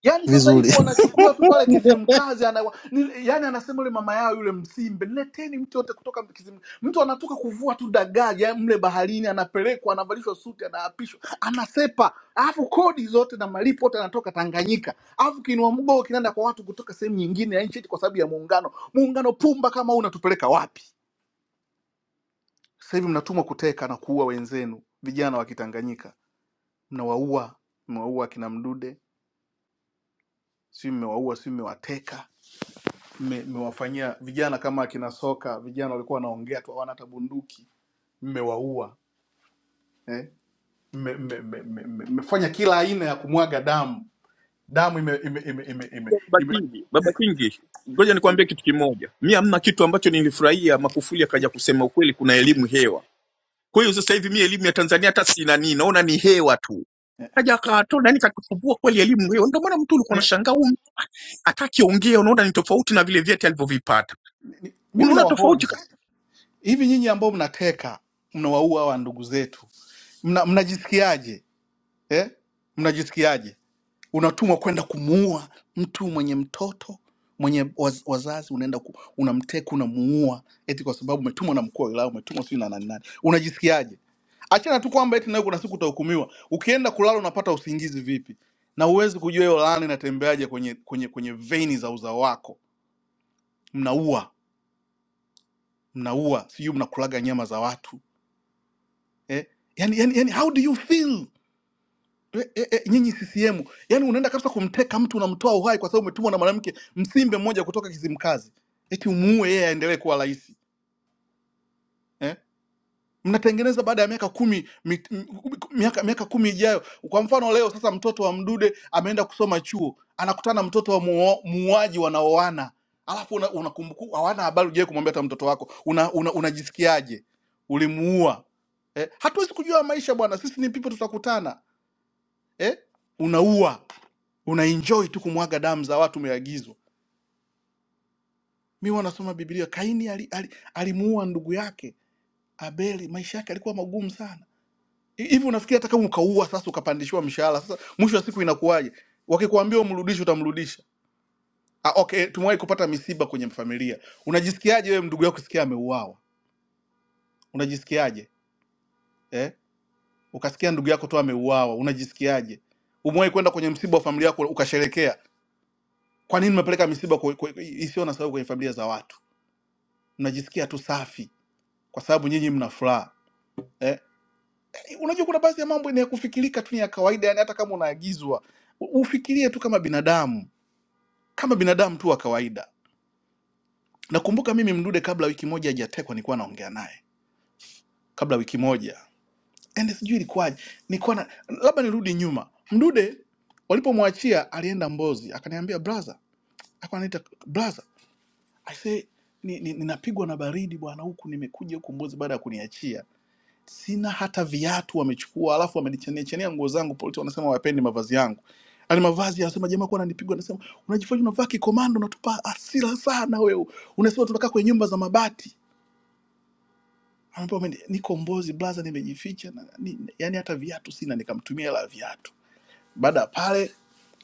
Yaani sasa vizuri. hivi wanachukuliwa tu pale Kizimkazi ana, ni- yaani anasema yule mama yao yule Msimbe, leteni mtu yote kutoka Kizim. Mtu anatoka kuvua tu dagaa ya mle baharini, anapelekwa, anavalishwa suti, anaapishwa, anasepa, alafu kodi zote na malipo yote anatoka Tanganyika, alafu kinua mgoo kinaenda kwa watu kutoka sehemu nyingine ya nchi eti kwa sababu ya muungano. Muungano pumba kama huu unatupeleka wapi? Sasa hivi mnatumwa kuteka na kuua wenzenu, vijana wa Kitanganyika mnawaua, mnawaua akina Mdude, si mmewaua, si mmewateka mme- mmewafanyia vijana kama akina soka vijana walikuwa wanaongea tu hawana hata bunduki mmewaua eh? mmefanya mme, mme, mme, mme, mmefanya kila aina ya kumwaga damu damu ime, ime, ime, ime, ime, baba ime. King, baba King ngoja nikwambie kitu kimoja. Mimi hamna kitu ambacho nilifurahia Makufuli akaja kusema ukweli kuna elimu hewa. Kwa hiyo sasa hivi mi elimu ya Tanzania hata sina nini, naona ni hewa tu. Kaja akatoa nani kakifufua kweli elimu hiyo. Ndio maana mtu ulikuwa Ni, unashangaa huyu mtu atakiongea, unaona ni tofauti na vile vyeti alivyovipata. ni, mimi Unaona tofauti. nawahoji ka- hivi nyinyi ambao mnateka mnawaua hawa ndugu zetu mna, mnajisikiaje eh? mnajisikiaje unatumwa kwenda kumuua mtu mwenye mtoto mwenye waz, wazazi unaenda ku, unamteka unamuua eti kwa sababu umetumwa na mkuu wa wilaya umetumwa sijui na nani nani unajisikiaje achana tu kwamba eti nawe kuna siku utahukumiwa ukienda kulala unapata usingizi vipi na huwezi kujua hiyo laana inatembeaje kwenye kwenye kwenye veini za uzao wako mnaua mnaua sijui mnakulaga nyama za watu eh? yani, yani, yani, how do you feel e, e, e, nyinyi CCM, yani unaenda kabisa kumteka mtu unamtoa uhai kwa sababu umetumwa na mwanamke msimbe mmoja kutoka Kizimkazi, eti umuue yeye aendelee kuwa rais eh? Mnatengeneza baada ya miaka kumi mi, m- miaka miaka kumi ijayo. Kwa mfano leo sasa, mtoto wa Mdude ameenda kusoma chuo, anakutana na mtoto wa muo- muuaji, wanaoana alafu unakumbuka una unakumbuku- hawana habari, hujawahi kumwambia hata mtoto wako unajisikiaje, una, una unajisikiaje? ulimuua eh? Hatuwezi kujua maisha bwana, sisi ni pipo, tutakutana eh? unaua unaenjoy tu kumwaga damu za watu umeagizwa mi wanasoma biblia kaini alimuua ali, ali alimuua ndugu yake abeli maisha yake alikuwa magumu sana Hi- hivi unafikiri hata kama ukaua sasa ukapandishiwa mshahara sasa mwisho wa siku inakuwaje wakikuambia umrudishe utamrudisha ah, okay tumewahi kupata misiba kwenye familia unajisikiaje wewe ndugu yako kusikia ameuawa unajisikiaje eh? ukasikia ndugu yako tu ameuawa unajisikiaje umewahi kwenda kwenye msiba wa familia yako ukasherekea Kwa nini mmepeleka misiba kwe- kwe- kwe- isiyo na sababu kwenye familia za watu? Mnajisikia tu safi kwa sababu nyinyi mna furaha eh? Unajua, kuna baadhi ya mambo ni ya kufikirika tu, ni ya kawaida. Yani hata kama unaagizwa u- ufikirie tu kama binadamu, kama binadamu tu wa kawaida. Nakumbuka mimi Mdude, kabla wiki moja hajatekwa, nilikuwa naongea naye kabla wiki moja, and sijui ilikuwaje, nilikuwa na labda nirudi nyuma. Mdude walipomwachia alienda Mbozi, akaniambia brother, akaniita brother Aise, ni, ni, ninapigwa na baridi bwana, huku nimekuja huku Mbozi baada ya kuniachia, sina hata viatu wamechukua, alafu wamenicheneachenea nguo zangu. Polisi wanasema wapendi mavazi yangu, yani mavazi, anasema jamaa kuwa ananipigwa, anasema unajifanya unavaa kikomando, unatupa asira sana wewe, unasema tunakaa kwenye nyumba za mabati. Ambapo mimi niko Mbozi blaza, nimejificha na, ni, yani hata viatu sina, nikamtumia hela ya viatu. Baada ya pale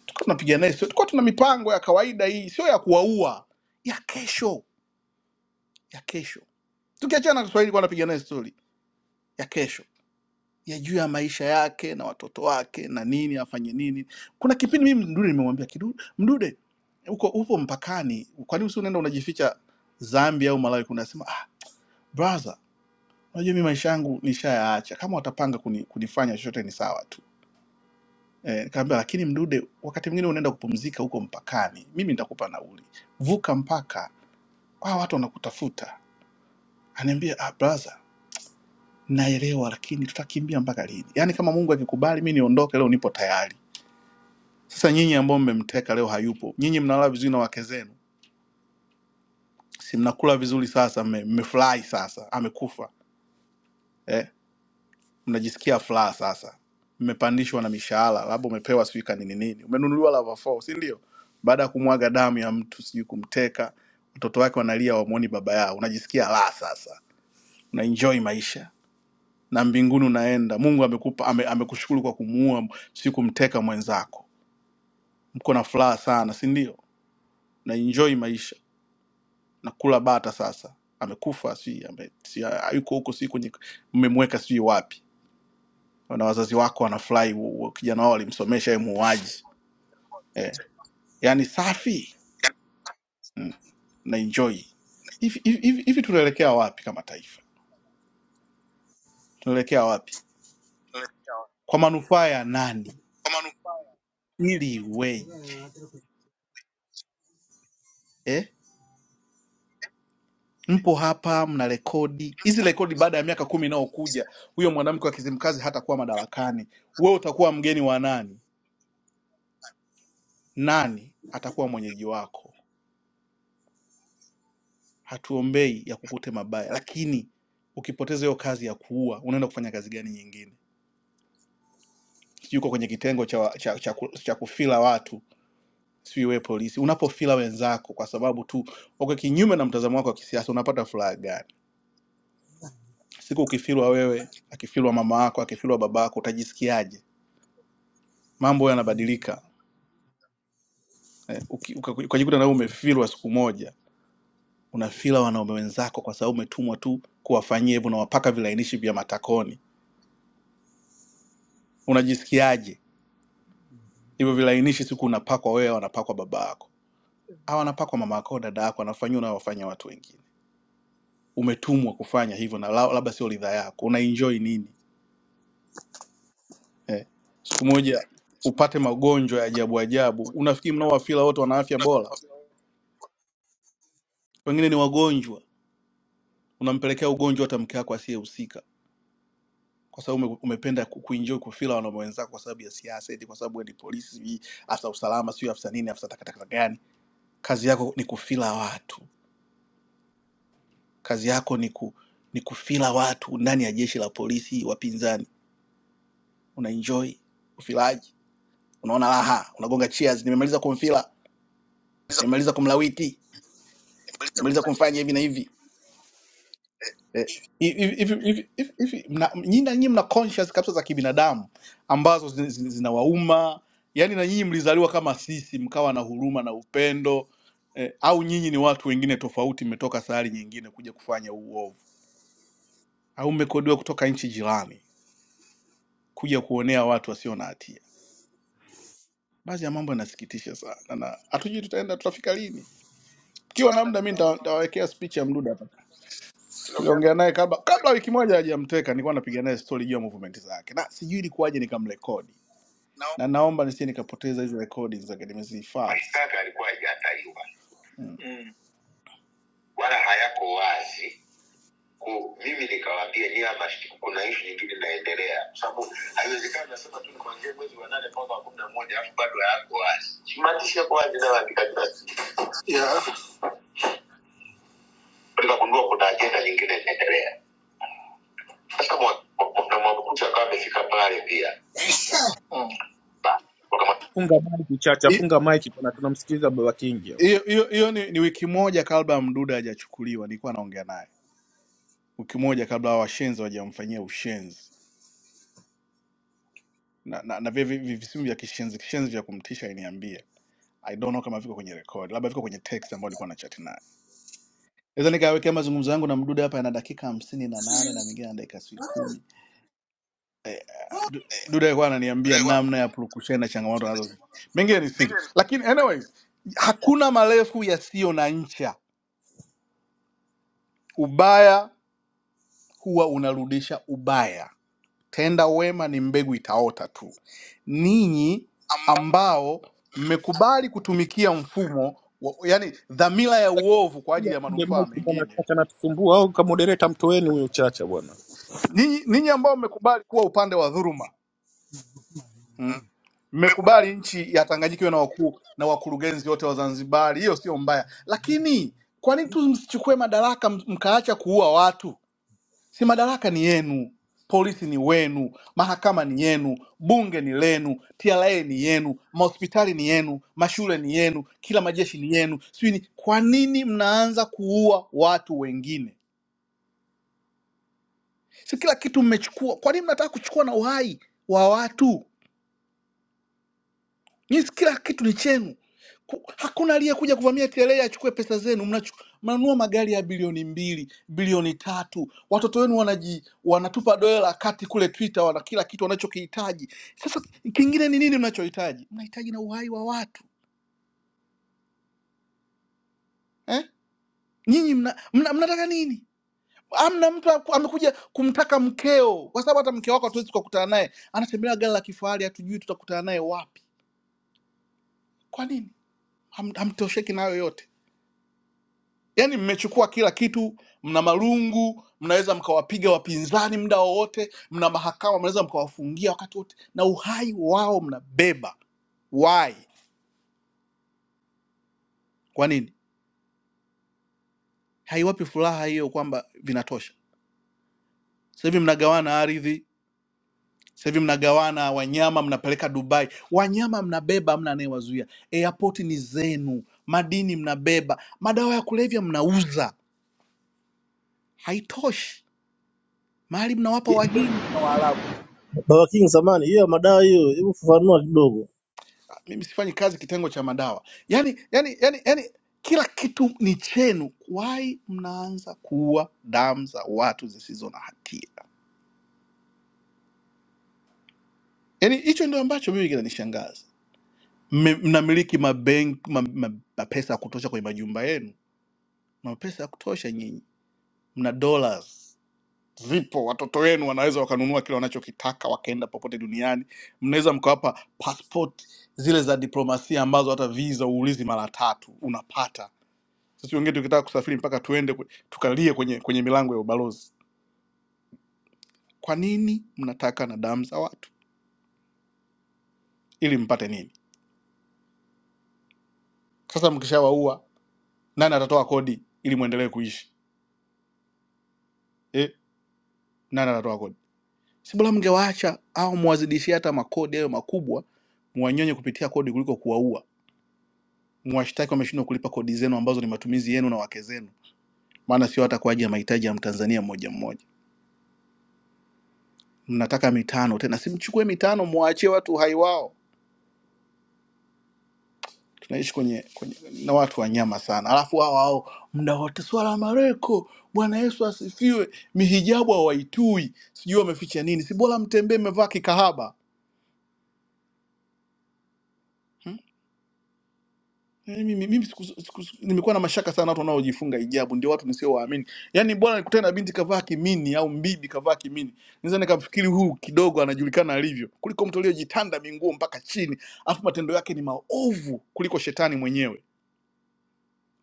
tukawa tunapiga naye, sio- tulikuwa tuna mipango ya kawaida hii, sio ya kuwaua, ya kesho, ya kesho tukiachana na Kiswahili, bwana, piga naye stori ya kesho ya juu ya maisha yake na watoto wake na nini afanye nini. Kuna kipindi mimi Mdude nimemwambia Kidu- Mdude, uko upo mpakani, kwa nini si unaenda unajificha Zambia au Malawi? Kuna nasema ah, brother, unajua mimi maisha yangu nishayaacha, kama watapanga kuni, kunifanya chochote ni sawa tu. Eh, nikamwambia lakini Mdude, wakati mwingine unaenda kupumzika huko mpakani, mimi nitakupa nauli, vuka mpaka, hawa watu wanakutafuta. Ananiambia ah, brother naelewa, lakini tutakimbia mpaka lini? Yaani kama Mungu akikubali mi niondoke leo, nipo tayari. Sasa nyinyi ambao mmemteka leo hayupo, nyinyi mnalala vizuri na wake zenu, si mnakula vizuri? Sasa mme- mmefurahi, sasa amekufa, mnajisikia furaha sasa, mmepandishwa na mishahara, labda umepewa sijui kanini nini, nini, umenunuliwa lava four, si ndio? Baada ya kumwaga damu ya mtu, sijui kumteka, watoto wake wanalia, wamwoni baba yao, unajisikia raha sasa, unaenjoy maisha na mbinguni unaenda. Mungu amekupa ame, amekushukuru kwa kumuua, si kumteka mwenzako mko na furaha sana si ndio na enjoy maisha na kula bata sasa amekufa si ame- si- hayuko huko si kwenye mmemweka sijui wapi na wazazi wako wanafurahi u- u- kijana wao walimsomesha ye muuaji yaani safi na enjoy hivi hivi- hivi- hivi tunaelekea wapi kama taifa tunaelekea wapi Kwa kwa manufaa ya nani manufaa ili iweje eh? mpo hapa mna rekodi hizi yuko rekodi baada ya miaka kumi inayokuja huyo mwanamke wa kizimkazi hatakuwa madarakani wewe utakuwa mgeni wa nani nani atakuwa mwenyeji wako. Hatuombei ya kukute mabaya, lakini ukipoteza hiyo kazi ya kuua, unaenda kufanya kazi gani nyingine? Sijui uko kwenye kitengo cha, cha, cha, ku- cha kufila watu, sijui wewe polisi, unapofila wenzako kwa sababu tu uko kinyume na mtazamo wako wa kisiasa, unapata furaha gani? Siku ukifilwa wewe, akifilwa mama yako, akifilwa baba yako, utajisikiaje? Mambo yanabadilika. Eh, uki- uka- ukajikuta na wewe umefilwa siku moja, unafila wanaume wenzako kwa sababu umetumwa tu kuwafanyia hivyo, unawapaka vilainishi vya matakoni unajisikiaje hivyo vilainishi siku unapakwa wewe wanapakwa baba yako au anapakwa mama yako dada yako anafanyia unawafanya watu wengine umetumwa kufanya hivyo na la- labda sio ridhaa yako unaenjoy nini eh. siku moja upate magonjwa ya ajabu ajabu unafikiri mnaowafila wote wana afya bora wengine ni wagonjwa unampelekea ugonjwa hata mke wako asiyehusika kwa sababu ume- umependa ku- kuenjoy kufila wanaume wenzako kwa sababu ya siasa eti kwa sababu wewe ni polisi sijui afisa usalama sio afisa nini afisa takatakata gani kazi yako ni kufila watu kazi yako ni, ku, ni kufila watu ndani ya jeshi la polisi wapinzani unaenjoy ufilaji unaona raha unagonga cheers nimemaliza kumfila nimemaliza kumlawiti nimemaliza kumfanya hivi na hivi eh, Eh, hivi- hivi- hivi- hivi- hivi, mna- nyinyi na nyinyi mna conscious kabisa za kibinadamu ambazo zin- zin- zinawauma yaani na nyinyi mlizaliwa kama sisi mkawa na huruma na upendo eh, au nyinyi ni watu wengine tofauti mmetoka sayari nyingine kuja kufanya huu uovu au mmekodiwa kutoka nchi jirani kuja kuonea watu wasio na hatia. Baadhi ya mambo yanasikitisha sana, na hatujui tutaenda tutafika lini. Kiwa na muda, mi nita- nitawawekea speech ya Mdude hapa. Tuliongea naye kabla kabla wiki moja hajamteka, nilikuwa napiga naye story juu ya movement zake, na sijui ilikuwaje nikamrekodi, na naomba nisije nikapoteza hizi recordings zake, nimezihifadhi. Mashtaka yalikuwa hajataliwa Mm. wala hayako wazi ku mimi nikawaambia niama kuna ishu nyingine inaendelea kwa sababu haiwezekani nasema tu nikuanzia mwezi wa nane mpaka wa kumi na moja alafu bado hayako wazi Si maandishi yako wazi nayoandika kila siku yeah. nikagundua kuna ajenda nyingine inaendelea sasa mwa- mwa- na mwabukusi akawa amefika pale pia Ba- wakama- Funga mic Chacha, Hi- funga mic bwana, tunamsikiliza Baba Kingi hapo. hiyo hiyo hiyo ni, ni wiki moja kabla mduda hajachukuliwa nilikuwa naongea naye wiki moja kabla hawa washenzi wajamfanyia ushenzi na, na, na vile vi- vi- visimu vya kishenzi kishenzi vya kumtisha aliniambia I don't know kama viko kwenye record, labda viko kwenye text ambayo alikuwa anachati naye. Naweza nikawekea mazungumzo yangu na Mdude hapa yana dakika hamsini na nane na mengine yana dakika sijui kumi. Du- eh, Mdude alikuwa ananiambia namna ya purukushani na changamoto anazo, mengine ni siri, lakini anyways, hakuna marefu yasiyo na ncha. Ubaya huwa unarudisha ubaya, tenda wema, ni mbegu itaota tu. Ninyi ambao mmekubali kutumikia mfumo wa, yani dhamira ya Baba uovu kwa Kingi ajili ya afunge manufaa mic bwana, mengine Chacha anatusumbua au kama moderator mtoeni huyo Chacha bwana. Ninyi ninyi ambao mmekubali kuwa upande wa dhuluma, mm, mmekubali nchi ya Tanganyika iwe na wakuu na wakurugenzi wote wa Zanzibari, hiyo sio mbaya, lakini kwa nini tu msichukue madaraka m- mkaacha kuua watu? Si madaraka ni yenu, polisi ni wenu, mahakama ni yenu, bunge ni lenu, TRA ni yenu, mahospitali ni yenu, mashule ni yenu, kila majeshi ni yenu. Sijui ni kwa nini mnaanza kuua watu wengine? Si kila kitu mmechukua, kwa nini mnataka kuchukua na uhai wa watu? Nyinyi kila kitu ni chenu. Ku- Hakuna aliyekuja kuvamia TRA achukue pesa zenu. Mnachu- Mnanunua magari ya bilioni mbili, bilioni tatu, watoto wenu wanaji, wanatupa dola la kati kule Twitter, wana kila kitu wanachokihitaji. Sasa kingine ni nini mnachohitaji? Mnahitaji na uhai wa watu eh? Nyinyi mna, mna, mnataka nini? Amna mtu aku- amekuja kumtaka mkeo, kwa sababu hata mke wako hatuwezi tukakutana naye, anatembelea gari la kifahari, hatujui tutakutana naye wapi. Kwa nini Ham- hamtosheki nayo yote? Yaani mmechukua kila kitu, mna marungu, mnaweza mkawapiga wapinzani muda wowote, mna mahakama, mnaweza mkawafungia wakati wote, na uhai wao mnabeba. Why? Kwa nini? Haiwapi furaha hiyo kwamba vinatosha? Sasa hivi mnagawana ardhi, sasa hivi mnagawana wanyama, mnapeleka Dubai. Wanyama mnabeba, hamna anayewazuia. Airport ni zenu, madini mnabeba, madawa ya kulevya mnauza. Haitoshi. Mahali mnawapa Wahindi na Waarabu. Baba King samani hiyo madawa hiyo, hebu fafanua kidogo. mimi sifanyi kazi kitengo cha madawa. Yani, yani, yani, yani kila kitu ni chenu. Why mnaanza kuua damu za watu zisizo na hatia? Yani hicho ndio ambacho mimi kinanishangaza. Mme- Mnamiliki mabenki ma, ma, mapesa ya kutosha kwenye majumba yenu, mapesa ya kutosha nyinyi, mna dollars zipo, watoto wenu wanaweza wakanunua kile wanachokitaka wakaenda popote duniani. Mnaweza mkawapa passport zile za diplomasia ambazo hata visa uulizi mara tatu unapata sisi wengine tukitaka kusafiri mpaka tuende kwe- tukalie kwenye kwenye milango ya ubalozi. Kwa nini mnataka na damu za watu ili mpate nini? Sasa mkishawaua, nani atatoa kodi ili muendelee kuishi eh? Nani atatoa kodi? Si bora mngewaacha au muwazidishie hata makodi hayo makubwa, muwanyonye kupitia kodi kuliko kuwaua. Mwashtaki wameshindwa kulipa kodi zenu ambazo ni matumizi yenu na wake zenu, maana sio hata kwa ajili ya mahitaji ya Mtanzania mmoja mmoja. Mnataka mitano tena, simchukue mitano, muwaachie watu uhai wao tunaishi kwenye, kwenye na watu wanyama sana, alafu hao hao muda wote swala mareko, Bwana Yesu asifiwe, mihijabu hawaitui, sijui wameficha nini, si bora mtembee mmevaa kikahaba hmm? Yaani Mimi, mimi siku, siku, siku- nimekuwa na mashaka sana watu wanaojifunga hijabu, ndio watu nisiowaamini. Yaani bora nikutane na binti kavaa kimini au mbibi kavaa kimini, naweza nikafikiri huyu kidogo anajulikana alivyo, kuliko mtu aliyejitanda minguo mpaka chini, alafu matendo yake ni maovu kuliko shetani mwenyewe.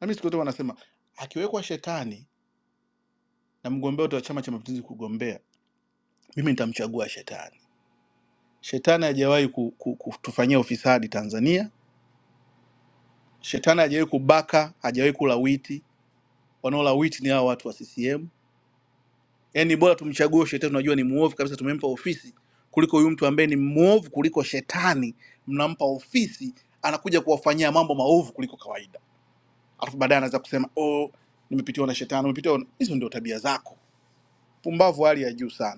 Na mimi siku zote wanasema akiwekwa shetani na mgombea wote wa Chama cha Mapinduzi kugombea, mimi nitamchagua Shetani. Shetani hajawahi ku- ku- kutufanyia ufisadi Tanzania. Shetani hajawahi kubaka, hajawahi kula witi. Wanaola witi ni hawa watu wa CCM. Yaani bora tumchague huyo Shetani, tunajua ni muovu kabisa, tumempa ofisi kuliko huyu mtu ambaye ni mwovu kuliko Shetani, mnampa ofisi, anakuja kuwafanyia mambo maovu kuliko kawaida, alafu baadaye anaweza kusema oh, nimepitiwa na Shetani. Umepitiwa na... hizo ndio tabia zako, pumbavu hali ya juu sana.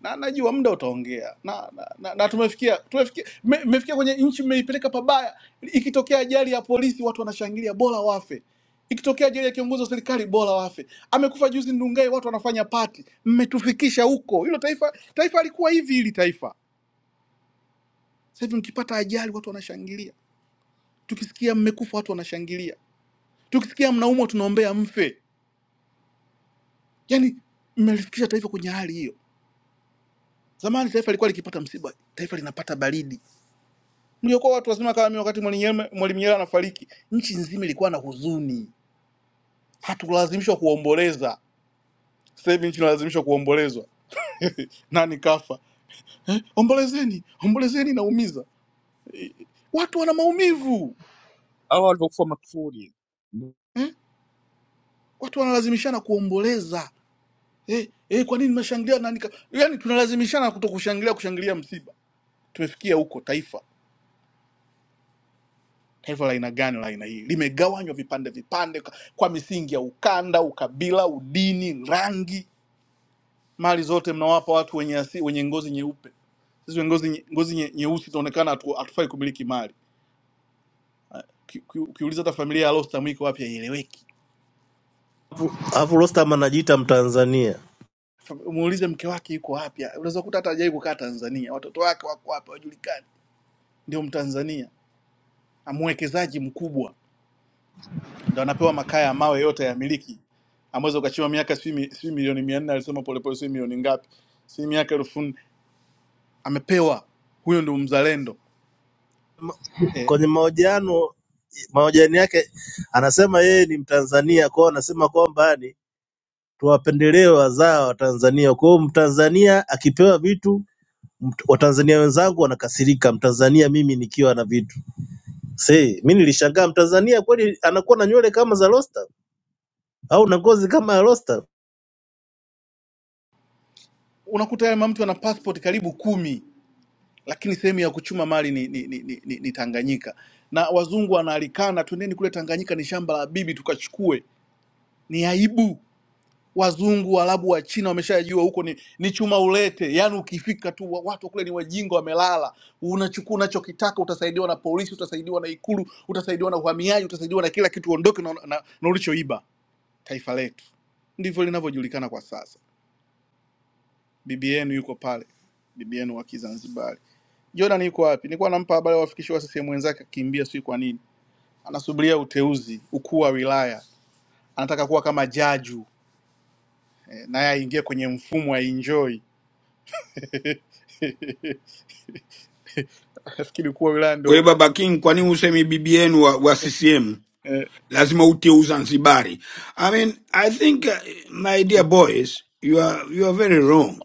na najua muda utaongea na, na, na, na tumefikia tumefikia mme- mmefikia me, kwenye nchi mmeipeleka pabaya. Ikitokea ajali ya polisi watu wanashangilia, bora wafe. Ikitokea ajali ya kiongozi wa serikali, bora wafe. Amekufa juzi Ndungai, watu wanafanya pati. Mmetufikisha huko. Hilo taifa taifa alikuwa hivi, hili taifa sasa hivi mkipata ajali watu wanashangilia, tukisikia mmekufa watu wanashangilia, tukisikia mnaumwa tunaombea mfe. Yani mmelifikisha taifa kwenye hali hiyo. Zamani taifa lilikuwa likipata msiba, taifa linapata baridi mliokuwa watu wazima kama mimi wakati Mwalimu Nyerere Mwalimu Nyerere anafariki, nchi nzima ilikuwa na huzuni, hatukulazimishwa kuomboleza. Sasa hivi nchi inalazimishwa kuombolezwa. Nani kafa? Eh, ombolezeni, ombolezeni, inaumiza. Watu wana maumivu Hao walivyokufa makufuri. eh? Watu wanalazimishana kuomboleza eh, eh, kwa nini mnashangilia nani ka... Yani tunalazimishana kuto kushangilia, kushangilia msiba. Tumefikia huko taifa taifa la aina gani la aina hii limegawanywa vipande vipande kwa kwa misingi ya ukanda, ukabila, udini, rangi mali zote mnawapa watu wenye, asi, wenye ngozi nyeupe. Sisi wenye ngozi nye- ngozi nye- nyeusi tunaonekana hatu- hatufai kumiliki mali. Uki- uki- Ukiuliza hata familia ya Rostam iko wapi haieleweki. Alafu alafu Rostam anajiita Mtanzania Fam- Muulize mke wake yuko wapi, unaweza kukuta hata hajawahi kukaa Tanzania, watoto wake wako wapi hawajulikani. Ndio Mtanzania amwekezaji mkubwa, ndio anapewa makaa ya mawe yote ya miliki, ameweza ukachiwa miaka sijui mi- sijui milioni mia nne alisema Polepole, sijui milioni ngapi, sijui miaka elfu nne amepewa. Huyo ndio mzalendo eh. kwenye mahojiano mahojiano yake anasema yeye ni Mtanzania, kwao anasema kwamba ni tuwapendelee wazaa wa Tanzania. Kwa hiyo Mtanzania akipewa vitu Mt- Watanzania wenzangu wanakasirika, Mtanzania mimi nikiwa na vitu see. Mi nilishangaa Mtanzania kweli anakuwa na nywele kama za Rostam au na ngozi kama ya Rostam? Unakuta yale mamtu ana passport karibu kumi lakini sehemu ya kuchuma mali ni, ni, ni, ni, ni, ni Tanganyika na wazungu wanaalikana, twendeni kule Tanganyika, ni shamba la bibi tukachukue. Ni aibu. Wazungu, Waarabu, wa China wameshajua huko ni, ni chuma ulete. Yani ukifika tu wa- watu kule ni wajinga, wamelala. Unachukua unachokitaka, utasaidiwa na polisi, utasaidiwa na Ikulu, utasaidiwa na uhamiaji, utasaidiwa na kila kitu, uondoke na, na, na ulichoiba. Taifa letu ndivyo linavyojulikana kwa sasa bibi yenu yuko pale, bibi yenu wa Kizanzibari. Jordan yuko wapi? Nilikuwa nampa habari wafikishe wa CCM wenzake, akimbia sijui kwa nini. Anasubiria uteuzi ukuu wa wilaya, anataka kuwa kama jaju eh, naye aingie kwenye mfumo aenjoy. Nafikiri ukuu wa wilaya Wewe ndo Baba King, kwa nini usemi bibi yenu wa, wa CCM eh, lazima utie Uzanzibari? I mean, I think uh, my dear boys, you are, you are very wrong.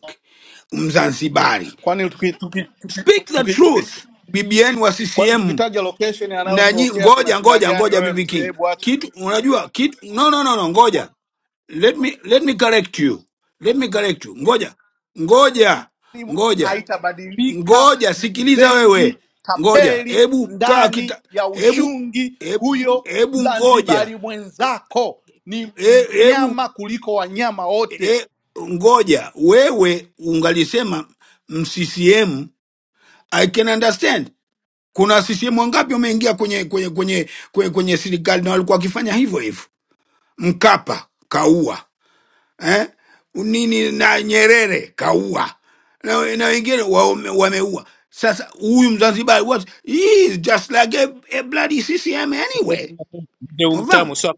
Mzanzibari, kwani tuki, tuki, tuki, speak the tuki, truth. tuki, Bibi yenu wa kwani CCM tukitaja location na nyi, anayotokea kuna ngoja shida ngoja gani? ngoja, Wewe bibi mzee, King, hebu acha kitu unajua kitu, no, no, no, no, ngoja, let me, let me correct you, let me correct you, ngoja ngoja elimu ngoja haitabadilika ngoja ni sikiliza mzenji wewe ngoja tapeli hebu kaa ndani kita ya hebu ushungi he- huyo hebu ngoja mzanzibari mwenzako ni He- hebu mnyama kuliko wanyama wote he- ngoja wewe ungalisema mm, ccm i can understand kuna ccm wangapi wameingia kwenye kwenye kwenye kwenye, kwenye serikali na walikuwa wakifanya hivyo hivyo mkapa kaua eh? nini na Nyerere kaua na, na wengine waume- wameua. Sasa huyu Mzanzibari what he is just like a, a bloody CCM anyway. Mzee Unafahamu? umtamu sio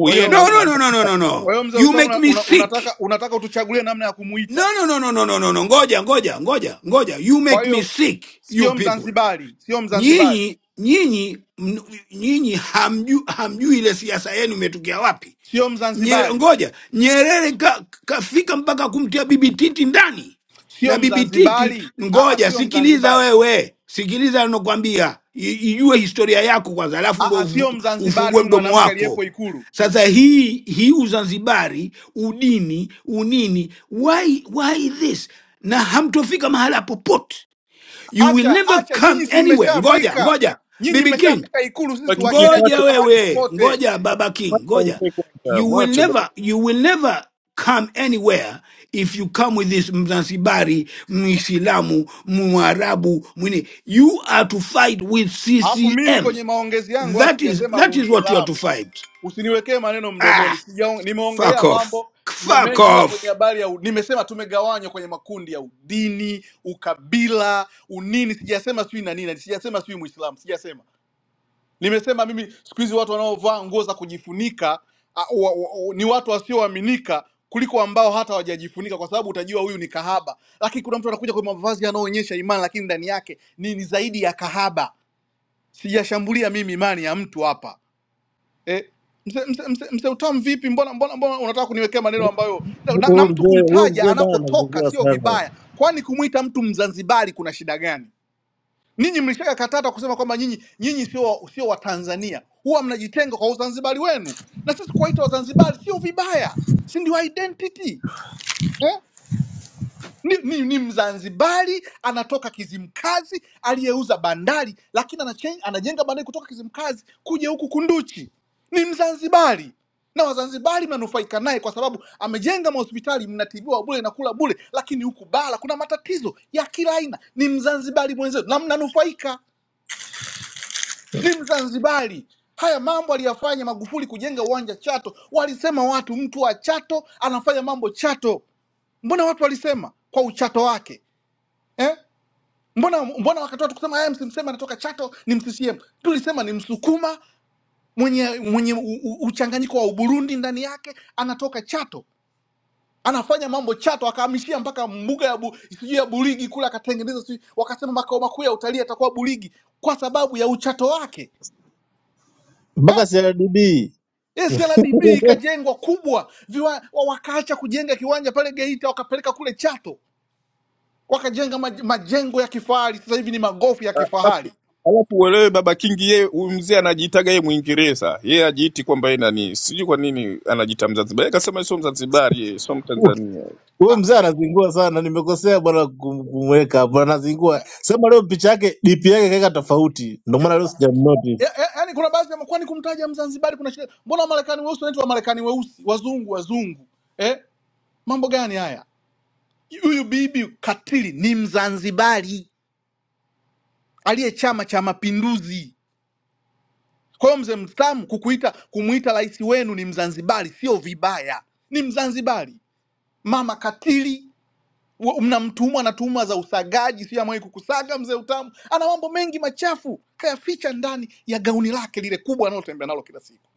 kwa yeye hiyo na No, no, no, no, no, no, kwa no. hiyo mzee You utamu make una, me una- unataka sick. unataka utuchagulie namna ya kumuita No, no, no, no, no, no, no, no. Ngoja, ngoja, ngoja, ngoja. You kwa make me hiyo sick, you sio people. mzanzibari sio mzanzibari Nyinyi, nyinyi, mn- nyinyi hamjui, hamjui ile siasa yenu imetokea wapi. sio Nyere, mzanzibari ngoja Nyerere ka, kafika mpaka kumtia Bibi Titi ndani na sio Bibi Titi. mzanzibari Aa, Ngoja sio sikiliza, mzanzibari wewe sikiliza nakwambia, i- ijue historia yako kwanza, alafu ndo Aa, ufu- sio mzanzibari ufungue huyu mdomo mwanamke wako. aliyepo ikulu Sasa hii hii Uzanzibari, udini, unini, why why this? Na hamtofika mahala popote, you will Acha never acha, come nyinyi si anywhere. Ngoja mmeshafika, ngoja, nyinyi Bibi King mmeshafika Ikulu, sisi Baba Kingi tuwacheni, ngoja mwache hatutafika mahali wewe popote. ngoja baba king mwache ngoja aongee kwanza. you will Mwache never you will never come anywhere if you come with this mzanzibari muislamu mwarabu mwini you are to fight with Alafu mimi ccm kwenye maongezi yangu haya that is sijasema that is what you are to Uislamu, fight usiniwekee maneno ah mdomoni. Sijaong, fuck nimeongelea off mambo me- fuck mengi, ila kwenye off habari ya u- nimesema tumegawanywa kwenye makundi ya udini, ukabila, unini. Sijasema sijui na nini, sijasema sijui Muislamu, sijasema. Nimesema mimi siku hizi watu wanaovaa nguo za kujifunika a, wa, wa, wa, ni watu wasioaminika kuliko ambao hata hawajajifunika, kwa sababu utajua huyu ni kahaba. Lakini kuna mtu anakuja kwa mavazi yanayoonyesha imani, lakini ndani yake ni, ni zaidi ya kahaba. Sijashambulia mimi imani ya mtu hapa eh. Mzee mzee mzee mzee Utamu, vipi? Mbona mbona mbona unataka kuniwekea maneno ambayo na, na na Huyu mtu mzee huyu kumtaja mzee bana anakotoka anazingua sio sana vibaya, kwani kumwita mtu Mzanzibari kuna shida gani? Ninyi mlishakataa kusema kwamba nyinyi nyinyi sio wa- sio Watanzania, huwa mnajitenga kwa Uzanzibari wenu, na sisi kuwaita Wazanzibari sio vibaya, si ndio identity eh? Ni, ni, ni Mzanzibari anatoka Kizimkazi aliyeuza bandari, lakini anachen- anajenga bandari kutoka Kizimkazi kuja huku Kunduchi. Ni Mzanzibari na Wazanzibari mnanufaika naye kwa sababu amejenga mahospitali, mnatibiwa bure na kula bure, lakini huku bara kuna matatizo ya kila aina. Ni Mzanzibari mwenzetu na mnanufaika ni Mzanzibari. Haya mambo aliyafanya Magufuli kujenga uwanja Chato, walisema watu, mtu wa Chato anafanya mambo Chato. Mbona watu walisema kwa uchato wake eh? Mbona mbona wakatoa tu kusema "Aya, msimseme anatoka Chato ni mCCM. Tulisema ni Msukuma mwenye mwenye u, u, uchanganyiko wa Uburundi ndani yake, anatoka Chato anafanya mambo Chato, akahamishia mpaka mbuga ya bu, sijui ya Burigi kule akatengeneza, sijui wakasema makao makuu ya utalii atakuwa Burigi kwa sababu ya uchato wake. mpaka Eh? CRDB SLDB ikajengwa kubwa viwa, wa- wakaacha kujenga kiwanja pale Geita wakapeleka kule Chato wakajenga maj- majengo ya kifahari, sasa hivi ni magofu ya Ah, kifahari. Alafu alafu uelewe baba Kingi, yeye huyu mzee anajiitaga yeye Mwingereza, yeye ajiiti kwamba yeye nani, sijui kwa nini anajiita Mzanzibari. Yeye kasema yeye sio Mzanzibari, yeye sio Mtanzania. Huyo Ah, mzee ya- anazingua sana, nimekosea bwana kum- kumweka hapo, anazingua. Sema leo picha yake DP yake kaeka tofauti, ndio maana leo sijamnotice. ya- Yaani kuna baadhi ya kwani kumtaja Mzanzibari kuna shida. Mbona Wamarekani weusi wanaitwa Wamarekani weusi, wazungu wazungu eh? Mambo gani haya? Huyu bibi katili ni Mzanzibari aliye Chama cha Mapinduzi. Kwa hiyo mzee Mtamu kukuita kumuita rais wenu ni Mzanzibari sio vibaya, ni Mzanzibari. Mama katili Wa- mnamtuhuma na tuhuma za usagaji, sijui amewahi kukusaga mzee Utamu. Ana mambo mengi machafu kayaficha ndani ya gauni lake lile kubwa analotembea nalo kila siku.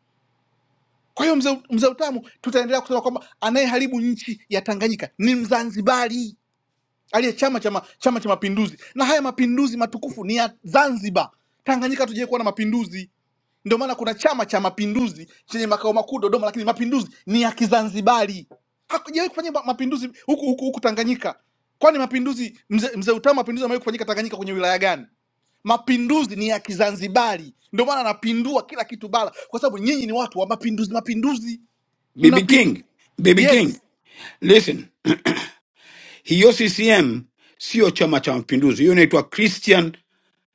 Kwa hiyo mzee, mzee Utamu, tutaendelea kusema kwamba anayeharibu nchi ya Tanganyika ni Mzanzibari aliye chama cha ma- chama cha mapinduzi na haya mapinduzi matukufu ni ya zanzibar tanganyika tujawai kuwa na mapinduzi ndio maana kuna chama cha mapinduzi chenye makao makuu dodoma lakini mapinduzi ni ya kizanzibari hakujawai kufanya ma- mapinduzi huku huku huku tanganyika kwani mapinduzi mzee mzee utamu mapinduzi amewahi kufanyika tanganyika kwenye wilaya gani mapinduzi ni ya kizanzibari ndio maana anapindua kila kitu bara kwa sababu nyinyi ni watu wa mapinduzi mapinduzi bibi mnapin king bibi king yes listen hiyo ccm sio chama cha mapinduzi hiyo inaitwa christian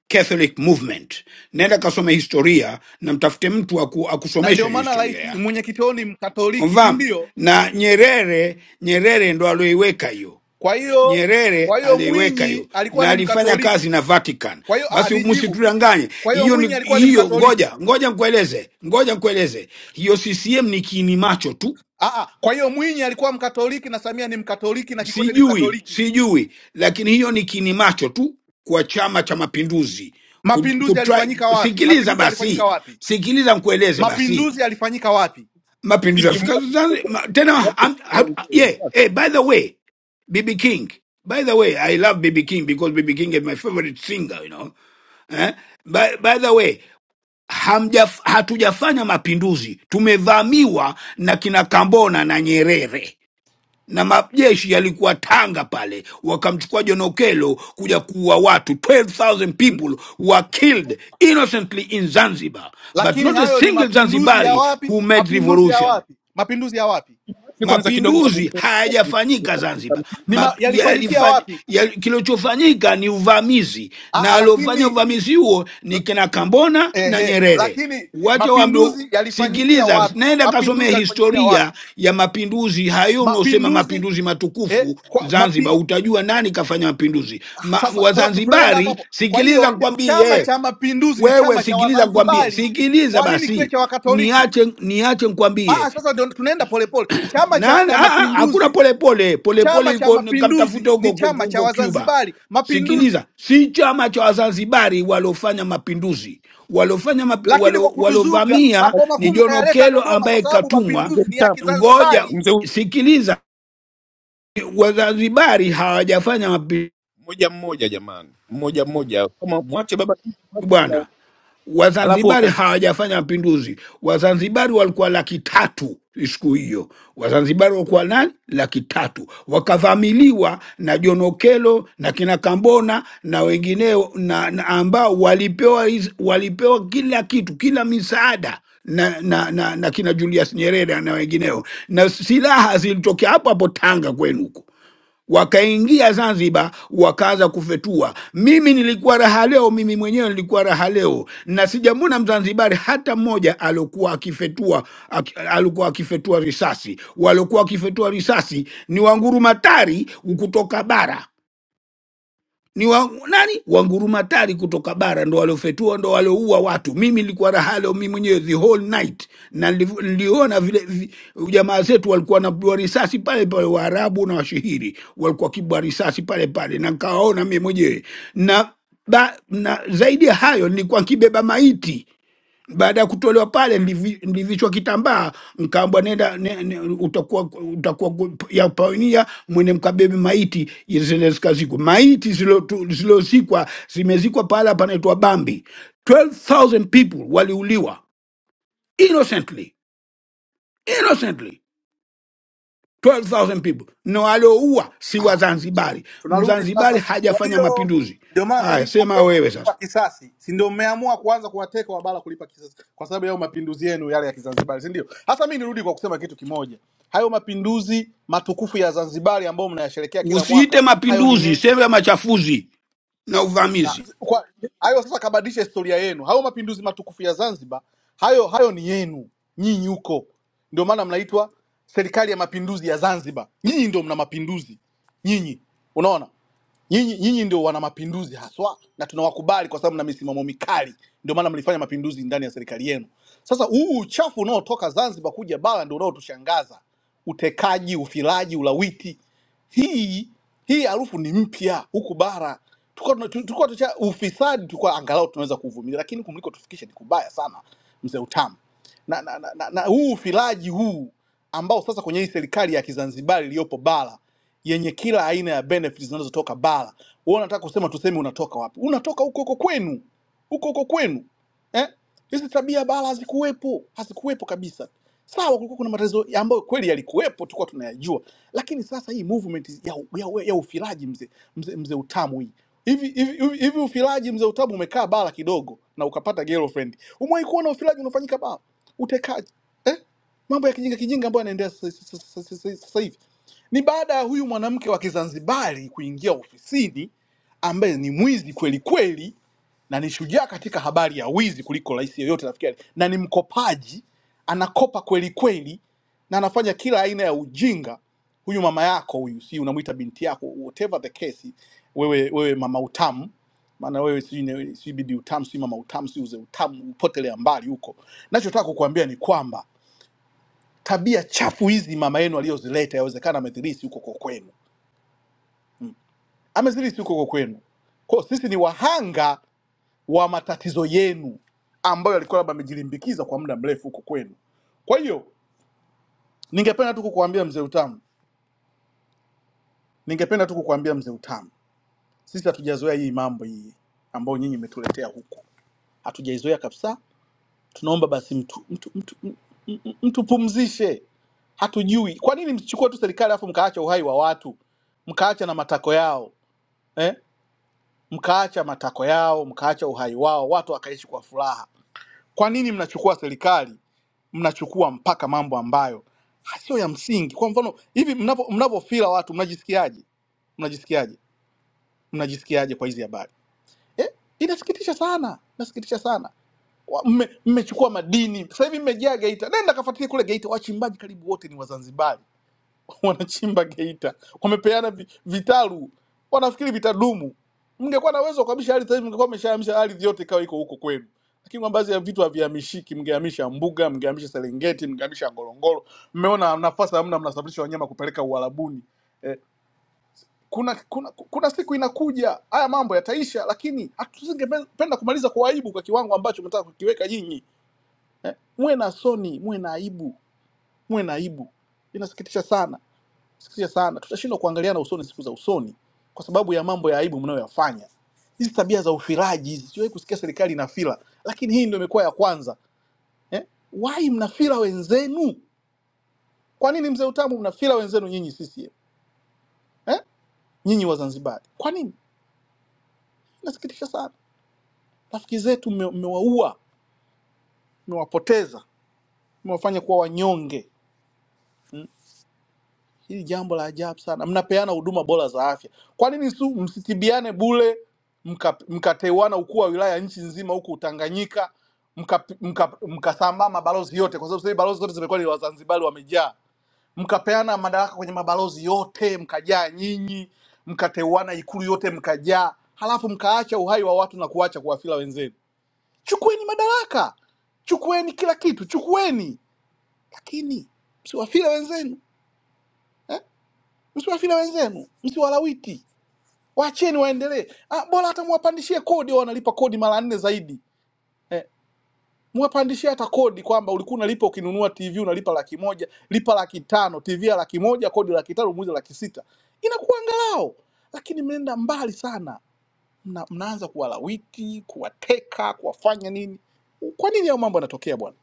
Catholic movement. Nenda kasome historia na mtafute mtu aku, na akusomesha ndio hiyo maana historia rais yake. mwenyekiti wao ni mkatoliki si Umfahamu? ndio Na Nyerere, Nyerere ndo alioiweka hiyo. Kwa hiyo Nyerere kwa hiyo aliiweka hiyo Mwinyi alikuwa na ni alifanya kazi Mkatoliki. na Vatican. Kwa hiyo ah, Basi nijibu. msitudanganye, Kwa hiyo hiyo Mwinyi ni alikuwa ni hiyo. Mkatoliki. Ngoja ngoja nikueleze, ngoja nikueleze, hiyo CCM ni kiini macho tu Ah, ah, kwa hiyo Mwinyi alikuwa Mkatoliki na Samia ni Mkatoliki na Kikwete ni sijui Mkatoliki. sijui lakini hiyo ni kinimacho tu kwa chama cha mapinduzi Ku- Mapinduzi yalifanyika kutry- wapi? sikiliza Mapinduzi yalifanyika basi wapi? sikiliza nkueleze basi Mapinduzi yalifanyika wapi? Baba mapinduzi ya Kingi, afrika mwache Zanzi- kidogo, ma- tena mwache am- kidogo ha- mzee, yeah, hey, mwache by the way bb king by the way i love bb king because bb king is my favorite singer you know eh? by, by the way hamjaf, hatujafanya mapinduzi tumevamiwa na kina kambona na nyerere na majeshi yalikuwa Tanga pale, wakamchukua John Okello kuja kuua watu 12000 Mm, people were killed innocently in Zanzibar but Lakini not a hayo ni single mapinduzi ya Zanzibari wapi? who made Mapinduzi ya revolution wapi? Mapinduzi ya wapi? Mwache kwanza kidogo mapinduzi aongee na hayajafanyika kusikia Zanzibar. kama Ni mtu. ma, Map, Wewe yalifanyikia kama yalifa- wapi? yali- kilichofanyika ni uvamizi, Ah, na ah, aliofanya lakini uvamizi huo ni kina Kambona na ehe, Nyerere. lakini Wacha waambie, mapinduzi yalifanyikia sikiliza, wapi? naenda kasomea Mapinduzi yalifanyikia wapi? historia ya mapinduzi hayo unaosema mapinduzi mapinduzi eh, matukufu kwa, mapi, Zanzibar, utajua nani kafanya mapinduzi Ma, sasa sasa tu- tunaenda hapo Wazanzibari. hapo. Kwa Sikiliza hiyo Chama kwambie cha Mapinduzi ni wewe, chama cha sikiliza kwambie, Wazanzibari, sikiliza kwa nini kiwe basi, cha Wakatoliki? niache niache nkwambie Aa, sasa ndio tunaenda polepole. Chama cha, na- na- cha ah, ah, hakuna Mapinduzi, polepole polepole Chama cha yuko Mapinduzi kamtafuta huko ni huko chama cha huko Cuba. Wazanzibari, mapinduzi Sikiliza, si chama cha Wazanzibari waliofanya mapinduzi, waliofanya mapi, lakini kwa walo, kutuzuga, walovamia makao ni makuu John mkayaleta Okello Dodoma, kwa ambaye sababu katumwa. mzee mapinduzi ni ya mtamu, Ngoja Kizanzibari. mzee huyu sikiliza, Wazanzibari hawajafanya mapinduzi. mmoja mmoja, jamani, mmoja mmoja, kama mwache baba Kingi, mwache bwana. huyo. alafu Wazanzibari utam hawajafanya mapinduzi. Wazanzibari walikuwa laki tatu siku hiyo, Wazanzibari walikuwa nani? Laki tatu, wakavamiliwa na Jonokelo na kina Kambona na wengineo na, na ambao walipewa hizi- walipewa kila kitu, kila misaada na, na, na, na kina Julius Nyerere na wengineo, na silaha zilitokea hapo hapo Tanga kwenu huko wakaingia Zanzibar wakaanza kufetua. Mimi nilikuwa raha leo, mimi mwenyewe nilikuwa raha leo, na sijamwona Mzanzibari hata mmoja aliokuwa akifetua aki, alikuwa akifetua risasi. Waliokuwa wakifetua risasi ni wangurumatari kutoka bara ni wa, nani wangurumatari kutoka bara ndo waliofetua ndo walioua watu. Mimi nilikuwa raha leo mimi mwenyewe the whole night, na niliv- niliona vile vi, jamaa zetu walikuwa wanapigwa risasi pale pale, Waarabu na washihiri walikuwa wakipigwa risasi pale pale, na nikawaona mimi mwenyewe na, ba, na zaidi ya hayo nilikuwa nkibeba maiti baada ya kutolewa pale mlivi- mlivishwa kitambaa mkaambwa nenda ne, ne, utakuwa utakuwa gu- ya pawenia mwene mkabebe maiti zile zikazikwa maiti zilotu- zilozikwa zimezikwa pahala panaitwa bambi 12000 people waliuliwa innocently innocently 12000 people na walioua si wazanzibari tunarudi mzanzibari sasa. Kwa hajafanya hiyo mapinduzi ndio maana sasa haya hivi sema mnateka wewe sasa kulipa kisasi, si ndio? Mmeamua kuanza kuwateka wabala kulipa kisasi kwa sababu yao mapinduzi yenu yale ya Kizanzibari, si ndio? Hasa mimi nirudi kwa kusema kitu kimoja, hayo mapinduzi matukufu ya Zanzibari ambayo mnayasherekea kila usiite mwaka, hayo ni mapinduzi yenu, sema machafuzi na Ah, uvamizi kwa hayo sasa kabadilisha historia yenu. Hayo mapinduzi matukufu ya Zanzibar, hayo hayo ni yenu nyinyi huko, ndio maana mnaitwa serikali ya mapinduzi ya Zanzibar. Nyinyi ndio mna mapinduzi nyinyi, unaona nyinyi nyinyi ndio wana mapinduzi haswa, na tunawakubali kwa sababu mna misimamo mikali, ndio maana mlifanya mapinduzi ndani ya serikali yenu. Sasa huu uchafu unaotoka Zanzibar kuja bara ndio unaotushangaza, utekaji, ufilaji, ulawiti hii hii harufu ni mpya huku bara Tulikuwa tuna- tulikuwa tucha ufisadi tulikuwa angalau tunaweza kuvumilia lakini kumliko tufikishe ni kubaya sana mzee utamu na, na, na, na, na huu ufilaji huu ambao sasa kwenye hii serikali ya kizanzibari iliyopo bara yenye kila aina ya benefits zinazotoka bara wewe unataka kusema tuseme unatoka wapi unatoka huko huko kwenu huko huko kwenu eh? hizi tabia bala hazikuwepo hazikuwepo kabisa sawa kulikuwa kuna matatizo ambayo kweli yalikuwepo tulikuwa tunayajua lakini sasa hii movement ya, ya, ya ufilaji mzee mzee mzee utamu hii hivi hivi hivi hivi ufilaji mzee utamu umekaa bala kidogo na ukapata girlfriend umewahi kuona ufilaji unafanyika bala utekaji eh? mambo ya kijinga kijinga ambayo yanaendelea sasa sasa- sasa- sasa- sasa hivi ni baada ya huyu mwanamke wa kizanzibari kuingia ofisini ambaye ni mwizi kweli kweli na ni shujaa katika habari ya wizi kuliko rais yeyote nafikiri, na ni mkopaji, anakopa kweli kweli na anafanya kila aina ya ujinga. Huyu mama yako huyu, si unamwita binti yako, whatever the case, wewe wewe mama utamu, maana wewe si ni- si bibi utamu, si mama utamu, si uze utamu, upotelea mbali huko. Nachotaka kukuambia ni kwamba tabia chafu hizi mama yenu aliyozileta, yawezekana amezilisi huko kwa kwenu, amezilisi huko kwa kwenu. Kwa hiyo sisi ni wahanga wa matatizo yenu ambayo yalikuwa labda amejilimbikiza kwa muda mrefu huko kwenu. Kwa hiyo ningependa tu kukuambia mzee Utamu, ningependa tu kukuambia mzee Utamu, sisi hatujazoea hii mambo hii ambayo nyinyi mmetuletea huku, hatujaizoea kabisa. Tunaomba basi mtu mtu mtu m- m- mtupumzishe, hatujui kwa nini msichukue tu serikali alafu mkaacha uhai wa watu, mkaacha na matako yao eh? mkaacha matako yao, mkaacha uhai wao, watu wakaishi kwa furaha Kwa nini mnachukua serikali, mnachukua mpaka mambo ambayo sio ya msingi? Kwa mfano hivi, mnapo mnapofila watu mnajisikiaje? Mnajisikiaje? Mnajisikiaje kwa hizi habari eh? Inasikitisha sana, inasikitisha sana. Wa- mme- Mmechukua madini sasa hivi mmejaa Geita. Nenda kafuatilia kule Geita, wachimbaji karibu wote ni Wazanzibari wanachimba Geita, wamepeana vi- vitalu, wanafikiri vitadumu. Mngekuwa na uwezo wa kuhamisha ardhi sasa hivi, mngekuwa mmeshahamisha ardhi yote ikawa iko huko kwenu, lakini kwa baadhi ya vitu havihamishiki. Mngehamisha mbuga, mngehamisha Serengeti, mngehamisha Ngorongoro. Mmeona nafasi hamna, mnasafirisha wanyama kupeleka Uarabuni. Eh, kuna, kuna, kuna siku inakuja haya mambo yataisha, lakini hatusingependa kumaliza kwa aibu kwa kiwango ambacho mnataka kukiweka nyinyi. Eh, muwe na soni, muwe na aibu, muwe na aibu. Inasikitisha sana Sikia sana, tutashindwa kuangaliana usoni siku za usoni kwa sababu ya mambo ya aibu mnayoyafanya. Hizi tabia za ufilaji hizi, sijawahi kusikia serikali inafila, lakini hii ndio imekuwa ya kwanza eh? Why mnafila wenzenu? Kwa nini mzee Utamu mnafila wenzenu nyinyi CCM eh? Nyinyi Wazanzibari, kwa nini? Nasikitisha sana, rafiki zetu mme- mmewaua, mmewapoteza, mmewafanya kuwa wanyonge. Hili jambo la ajabu sana. Mnapeana huduma bora za afya, kwa nini su msitibiane bule mka- mkateuana ukuu wa wilaya nchi nzima huku Tanganyika mkasambaa mka, mka mkasambaa mabalozi yote, kwa sababu sasa hivi balozi zote zimekuwa ni Wazanzibari wamejaa, mkapeana madaraka kwenye mabalozi yote mkajaa nyinyi, mkateuana ikulu yote mkajaa, halafu mkaacha uhai wa watu na kuacha kuwafila wenzenu. Chukueni madaraka, chukueni kila kitu, chukueni, lakini msiwafile wenzenu. Eh? msiwafile wenzenu, msiwalawiti, waacheni waendelee. Ah, bora hata muwapandishie kodi, wao wanalipa kodi mara nne zaidi eh, muwapandishie hata kodi kwamba ulikuwa unalipa ukinunua TV unalipa laki moja, lipa laki tano, TV ya laki moja, kodi laki tano, muuze laki sita, inakuwa angalau. Lakini mmeenda mbali sana, mna, mnaanza kuwalawiti, kuwateka, kuwafanya nini. Kwa nini hayo mambo yanatokea bwana?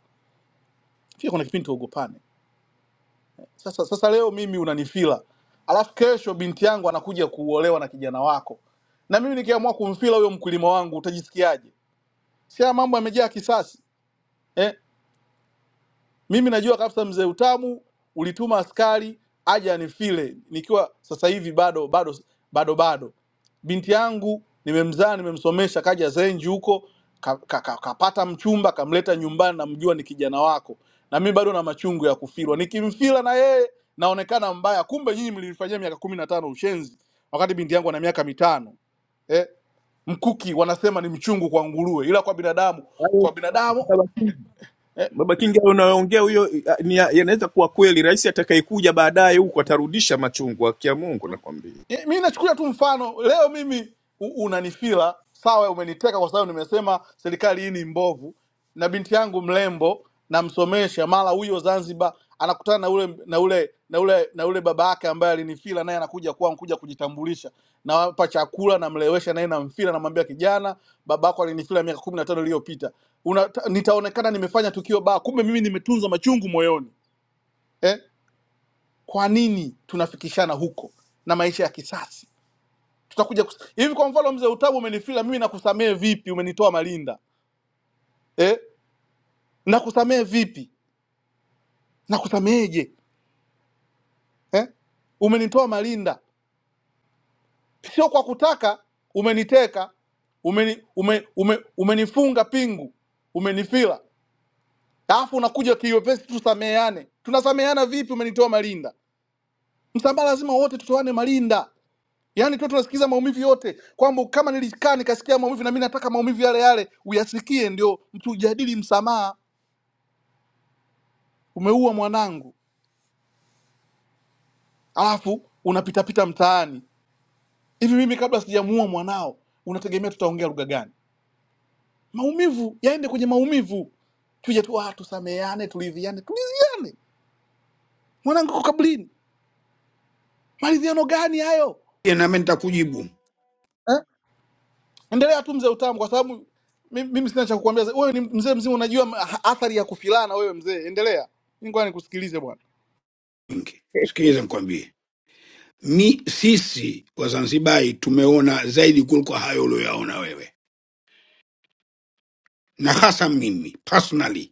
Pia kuna kipindi tuogopane Sasa, sasa leo mimi unanifila, alafu kesho binti yangu anakuja kuolewa na kijana wako, na mimi nikiamua kumfila huyo mkulima wangu utajisikiaje? Si haya mambo yamejaa kisasi eh? Mimi najua kabisa mzee Utamu ulituma askari aje anifile nikiwa sasa hivi bado bado bado bado. Binti yangu nimemzaa, nimemsomesha, kaja Zenji huko ka, ka, ka, kapata mchumba kamleta nyumbani, namjua ni kijana wako, na mimi bado na machungu ya kufilwa. Nikimfila na yeye naonekana mbaya, kumbe nyinyi mlilifanyia miaka kumi na tano ushenzi, wakati binti yangu ana miaka mitano eh, mkuki wanasema ni mchungu kwa nguruwe, ila kwa binadamu, hayo kwa binadamu Baba Kingi hayo unaongea huyo ah, ni- ya- yanaweza kuwa kweli. Rais atakayekuja baadaye huko atarudisha machungu, haki ya Mungu nakwambia. Eh, mi nachukulia tu mfano leo mimi u- unanifila sawa umeniteka kwa sababu nimesema serikali hii ni mbovu na binti yangu mrembo namsomesha mara huyo zanzibar anakutana na ule na ule na ule na ule baba yake ambaye alinifila naye anakuja kwangu kuja kujitambulisha nawapa chakula namlewesha naye namfila namwambia kijana baba yako alinifila miaka kumi na tano iliyopita Una- ta- nitaonekana nimefanya tukio baya kumbe mimi nimetunza machungu moyoni eh? kwa nini tunafikishana huko na maisha ya kisasa tutakuja kus... hivi kwa mfano mzee utabu umenifila mimi nakusamehe vipi umenitoa malinda eh? nakusamehe vipi nakusameheje eh? umenitoa malinda sio kwa kutaka umeniteka umeni, ume, ume, umenifunga pingu umenifila alafu unakuja kiwepesi tusameheane tunasameheana vipi umenitoa malinda msambaa lazima wote tutoane malinda yaani tu tunasikiza maumivu yote kwamba kama nilikaa nikasikia maumivu na mimi nataka maumivu yale yale uyasikie ndio tujadili msamaha umeua mwanangu, alafu unapitapita mtaani hivi. Mimi kabla sijamuua mwanao, unategemea tutaongea lugha gani? Maumivu yaende kwenye maumivu, tuje tu ah, tusameane, tuliviane, tuliziane. Mwanangu uko kaburini, maridhiano gani hayo nami nitakujibu eh? Endelea tu mzee utamu, kwa sababu mi- mimi sina cha kukuambia. za- Wewe ni mzee mzima, unajua ma- athari ya kufilana. Wewe mzee, endelea, mimi ngoja nikusikilize bwana. wengi. Sikiliza nikwambie, mi sisi Wazanzibari tumeona zaidi kuliko hayo ulioyaona wewe, na hasa mimi personally.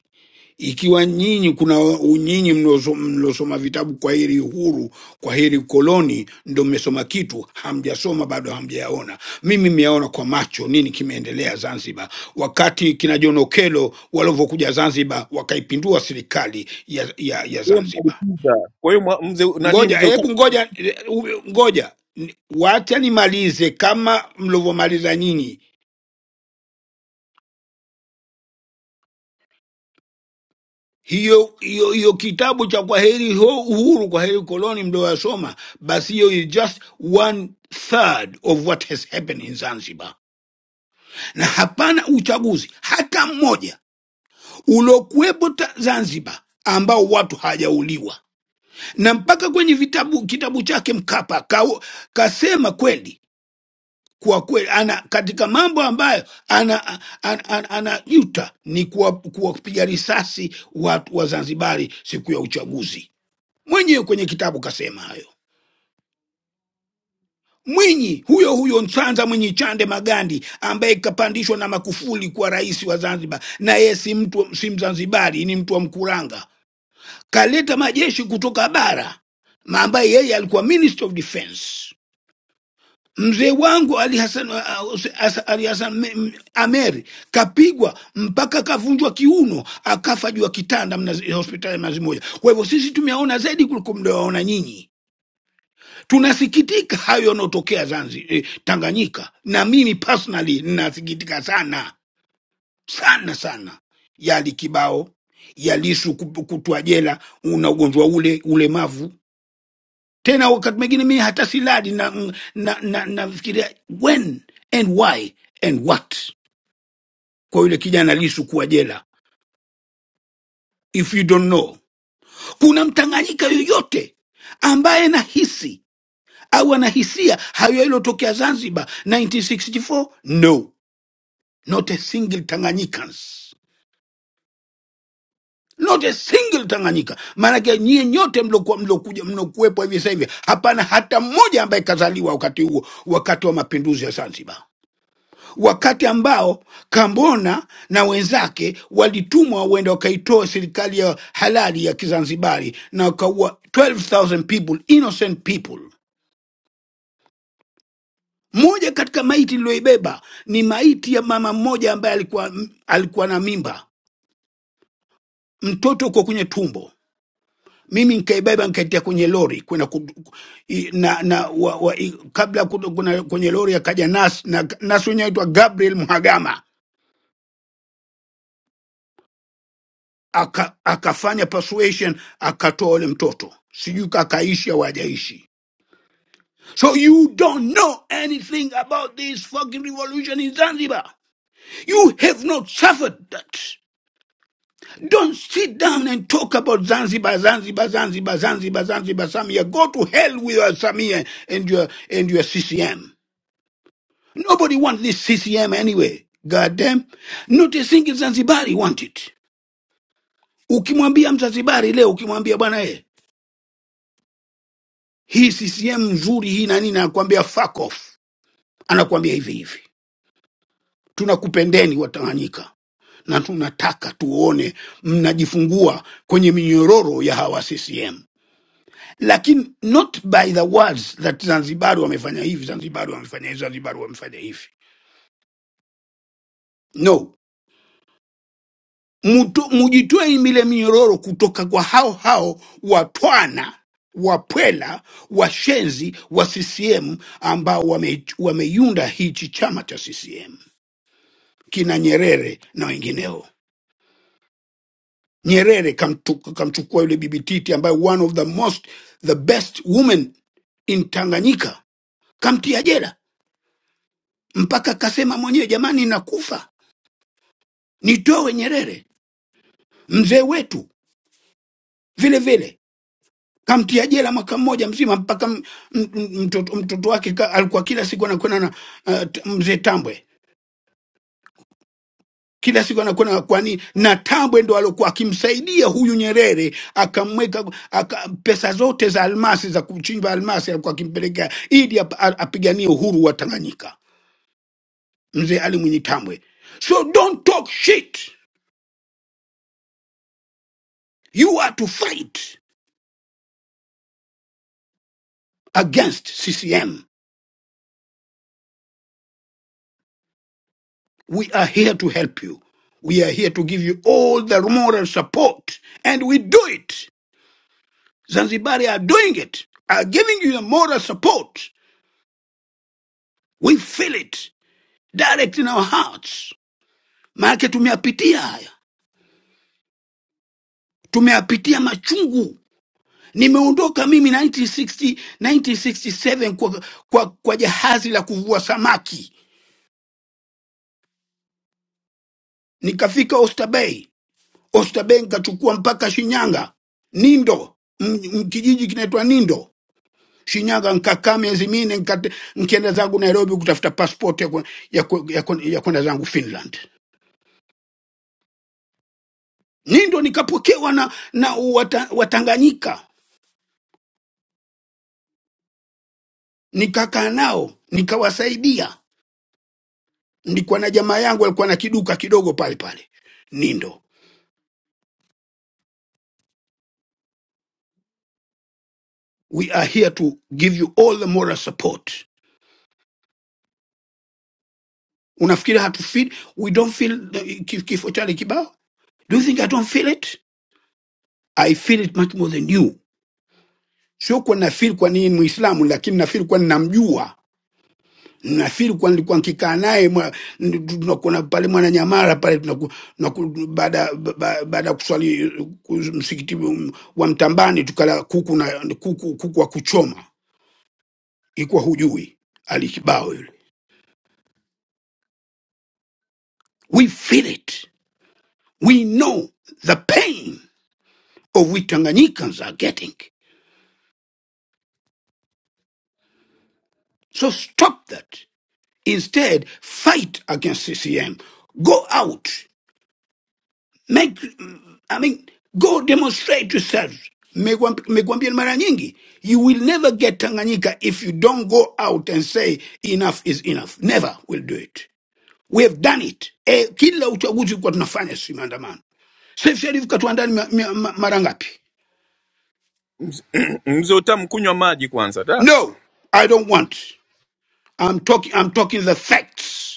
Ikiwa nyinyi kuna u- nyinyi mlioso- mliosoma vitabu kwa hili uhuru, kwa hili koloni, ndo mmesoma kitu, hamjasoma bado, hamjayaona. Mimi mmeyaona kwa macho nini kimeendelea Zanzibar, wakati kina John Okello walivyokuja Zanzibar wakaipindua serikali ya, ya, ya Wewe Zanzibar. mnalipiza. Kwa hiyo mwa- mzee nani ngoja mzee utam, hebu ngoja eh, u- ngoja Ni- wacha nimalize kama mlivyomaliza nyinyi hiyo hiyo hiyo kitabu cha kwa heri ho uhuru kwa heri koloni mlioyasoma basi hiyo is just one third of what has happened in zanzibar na hapana uchaguzi hata mmoja uliokuwepo ta- zanzibar ambao watu hajauliwa na mpaka kwenye vitabu kitabu chake mkapa kao, kasema kweli kwa kweli ana katika mambo ambayo ana ana, ana, ana yuta ni kuwa- kuwapiga risasi watu wa Zanzibari siku ya uchaguzi. Mwenyewe kwenye kitabu kasema hayo. Mwinyi huyo huyo Msanza Mwinyi Chande Magandi ambaye kapandishwa na Makufuli kuwa rais wa Zanzibar, na yeye si mtu si Mzanzibari, ni mtu wa Mkuranga, kaleta majeshi kutoka bara na ambaye yeye alikuwa Minister of Defence mzee wangu Ali Hassan, uh, Huse- As- Ali Hassan Me- M- Ameri kapigwa mpaka kavunjwa kiuno akafa juu ya kitanda mnazi, hospitali Mnazi Moja. Kwa hivyo sisi tumeona zaidi kuliko mnayoona nyinyi. Tunasikitika hayo yanayotokea Zanzibar, eh, Tanganyika, na mimi personally ninasikitika sana sana sana yali kibao ya Lisu kup- kutwa jela, una ugonjwa ule ulemavu tena wakati mwingine mimi hata siladi na na na nafikiria when and why and what kwa yule kijana lisu kuwa jela if you don't know kuna mtanganyika yoyote ambaye anahisi au anahisia hayo yaliyotokea zanzibar 1964 no not a single tanganyikans not a single tanganyika maanake nyie nyote mlokuwa mlokuja mlokuwepo hivi sasa hivi hapana hata mmoja ambaye kazaliwa wakati huo wakati wa mapinduzi ya zanzibar wakati ambao Kambona na wenzake walitumwa wenda wakaitoa serikali ya halali ya Kizanzibari na wakaua 12,000 people, innocent people. Moja katika maiti niliyoibeba ni maiti ya mama mmoja ambaye alikuwa, alikuwa na mimba, mtoto kwa kwenye tumbo mimi nikaibeba nikaitia kwenye lori kwenda ku- ku- i- na, na wa, wa, i- kabla kuna, kwenye lori akaja nas na nas wenyewe aitwa Gabriel Mhagama aka, akafanya persuasion akatoa ule mtoto sijui kakaishi au hajaishi so you don't know anything about this fucking revolution in zanzibar you have not suffered that don't sit down and talk about zanzibar zanzibar zanzibar zanzibar zanzibar samia go to hell with your samia and your and your ccm nobody wants this ccm anyway god damn not a single zanzibari want it ukimwambia mzanzibari leo ukimwambia bwana eh, hii CCM nzuri hii na nini, anakuambia fuck off, anakuambia hivi hivi, tunakupendeni Watanganyika na tunataka tuone mnajifungua kwenye minyororo ya hawa CCM, lakini not by the words that Zanzibari wamefanya hivi, Zanzibari wamefanya hivi, Zanzibari wamefanya hivi. No, Muto- mujitoe mile minyororo kutoka kwa hao hao watwana wapwela washenzi wa CCM ambao wame- wameiunda hichi chama cha CCM. kina Nyerere na wengineo. Nyerere kamtu- kamchukua yule bibi Titi ambaye one of the most the best woman in Tanganyika, kamtia jela mpaka kasema mwenyewe, jamani, nakufa nitowe Nyerere. Mzee wetu vile vile kamtia jela mwaka mmoja mzima mpaka m- m- m- mtoto, mtoto wake ka, alikuwa kila siku anakwenda na uh, t- mzee Tambwe kila siku anakuwa na kwani Natambwe ndo alokuwa akimsaidia huyu Nyerere, akamweka aka, pesa zote za almasi za kuchimba almasi alikuwa akimpelekea ili ap, a- apiganie uhuru wa Tanganyika, mzee Ali Mwinyi Tambwe. So don't talk shit, you are to fight against CCM. We are here to help you. We are here to give you all the moral support and we do it. Zanzibari are doing it, are giving you the moral support. We feel it. direct in our hearts. Maanake tumeyapitia haya, tumeyapitia machungu. Nimeondoka mimi 1960, 1967 kwa, kwa, kwa jahazi la kuvua samaki, nikafika Oyster Bay. Oyster Bay nikachukua mpaka Shinyanga, Nindo, m- m- kijiji kinaitwa Nindo, Shinyanga. Nikakaa miezi minne, nikate- nikaenda zangu Nairobi kutafuta passport ya ku- ya ku- ya ku- ya kwenda zangu Finland. Nindo nikapokewa na, na wata, Watanganyika nikakaa nao nikawasaidia. Nilikuwa na jamaa yangu alikuwa na kiduka kidogo pale pale Nindo. We are here to give you all the moral support. Unafikiri hatufi we don't feel the- ki- kifo chale kibao? Do you think I don't feel it? I feel it much more than you. Sio kuwa na feel kwa nini Muislamu, lakini na feel kwa ninamjua nafikiri kwa nilikuwa nkikaa naye mwa- ndi- tunakuna pale mwananyamara pale tunaku- tunaku- baada ba- baada ya kuswali ku- msikiti wa mtambani tukala kuku na kuku, kuku wa kuchoma ilikuwa hujui alikibao yule we feel it we know the pain of we tanganyikans are getting so stop that instead fight against ccm go out make I mean, go demonstrate yourself. Megwam- Megwambia mara nyingi, you will never get Tanganyika if you don't go out and say enough is enough. Never will do it. We have done it. Eh, kila uchaguzi kwa tunafanya si maandamano. Saif Sharif katuandaa ni ma- ma- ma- mara ngapi? mzee utam kunywa maji kwanza da. No, I don't want. I'm talking, I'm talking the facts.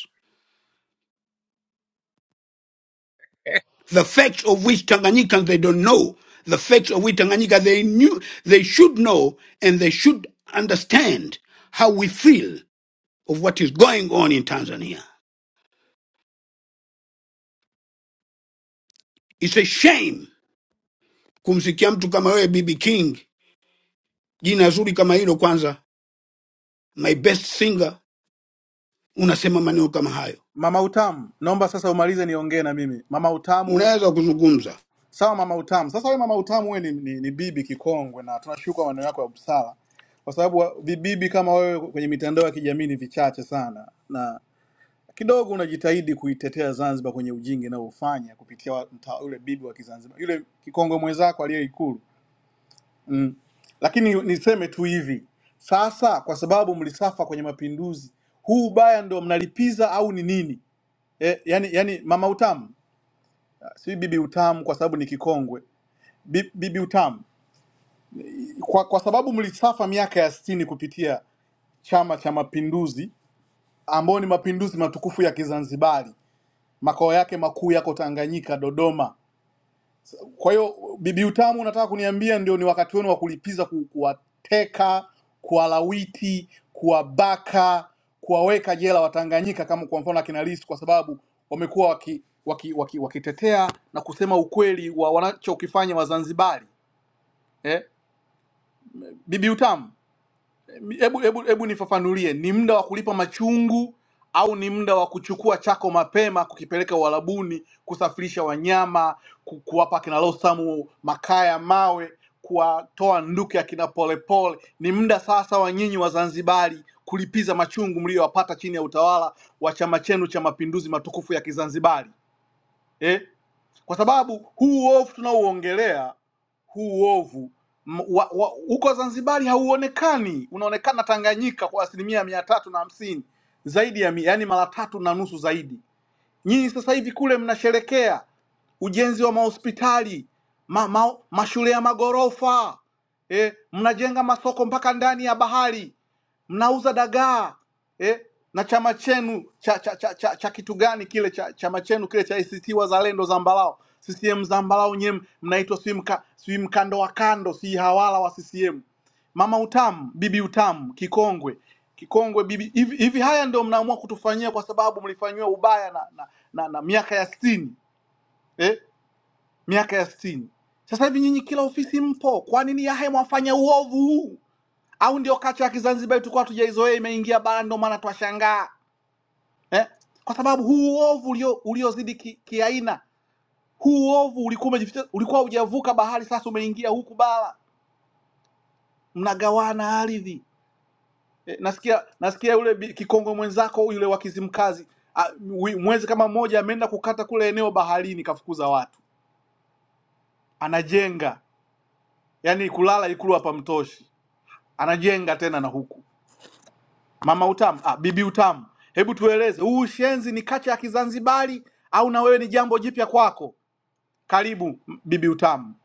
the facts of which Tanganyikans they don't know, the facts of which Tanganyika they knew, they should know, and they should understand how we feel of what is going on in Tanzania. It's a shame kumsikia mtu kama wewe BB King, jina zuri kama hilo, kwanza my best singer, unasema maneno kama hayo. Mama Utamu, naomba sasa umalize niongee na mimi. Mama Utamu Unaweza kuzungumza Sawa mama utamu. Sasa wewe mama utamu, wewe ni, ni, ni bibi kikongwe na tunashukuru kwa maneno yako ya busara, kwa sababu wa- vibibi kama wewe kwenye mitandao ya kijamii ni vichache sana, na kidogo unajitahidi kuitetea Zanzibar kwenye ujinga unaofanya kupitia wa- mta- yule bibi wa Kizanzibar, yule kikongwe mwenzako aliye Ikulu mm. Lakini niseme tu hivi sasa, kwa sababu mlisafa kwenye mapinduzi, huu ubaya ndio mnalipiza au ni nini? E, yani, yani mama utamu si bibi utamu, kwa sababi ni kikongwe Bi- bibi utamu kwa, kwa sababu mlisafa miaka ya sitini kupitia Chama cha Mapinduzi ambao ni mapinduzi matukufu ya Kizanzibari, makao yake makuu yako Tanganyika, Dodoma. Kwa hiyo bibi Utamu, unataka kuniambia ndio ni wakati wenu wa kulipiza, ku- kuwateka, kuwalawiti, kuwabaka, kuwaweka jela Watanganyika kama kwa mfano akina Lissu, kwa sababu wamekuwa wakitetea waki, waki, waki wakitetea na kusema ukweli wa wanachokifanya Wazanzibari eh? Bibi Utamu, hebu hebu hebu nifafanulie, ni muda wa kulipa machungu au ni muda wa kuchukua chako mapema kukipeleka Uarabuni, kusafirisha wanyama, ku- kuwapa akina Lothamu makaa ya mawe, kuwatoa nduke akina Polepole? Ni muda sasa wa nyinyi Wazanzibari kulipiza machungu mliyowapata chini ya utawala wa chama chenu cha Mapinduzi matukufu ya Kizanzibari eh? kwa sababu huu uovu tunaouongelea huu uovu m- wa- wa- huko Zanzibari hauonekani, unaonekana Tanganyika kwa asilimia mia tatu na hamsini zaidi ya yani mara tatu na nusu zaidi Nyinyi sasa hivi kule mnasherekea ujenzi wa mahospitali ma, ma, mashule ya magorofa eh, mnajenga masoko mpaka ndani ya bahari, mnauza dagaa eh, na chama chenu cha, cha, cha, cha, cha kitu gani kile cha, chama chenu kile cha ACT Wazalendo Zambalao CCM Zambalao, nyewe mnaitwa sijui mka, sijui mkando wa kando, si hawala wa CCM, mama utamu, bibi utamu, kikongwe kikongwe bibi hivi hivi haya ndio mnaamua kutufanyia kwa sababu mlifanyiwa ubaya na na, na, na miaka ya sitini eh? miaka ya sitini sasa hivi nyinyi kila ofisi mpo kwa nini yahe mwafanya uovu huu au ndio kacha ya kizanzibari tulikuwa tujaizoea imeingia bara ndio maana twashangaa eh? kwa sababu huu uovu ulio uliozidi ki- kiaina huu uovu ulikuwa umejificha ulikuwa hujavuka bahari sasa umeingia huku bara mnagawana ardhi Eh, nasikia nasikia yule bi- kikongwe mwenzako yule wa Kizimkazi a- wi- mwezi kama mmoja ameenda kukata kule eneo baharini, kafukuza watu, anajenga yani kulala ikulu hapa mtoshi, anajenga tena na huku. Mama Utamu, ah, bibi Utamu, hebu tueleze huu ushenzi ni kacha ya Kizanzibari au na wewe ni jambo jipya kwako? Karibu m- bibi Utamu.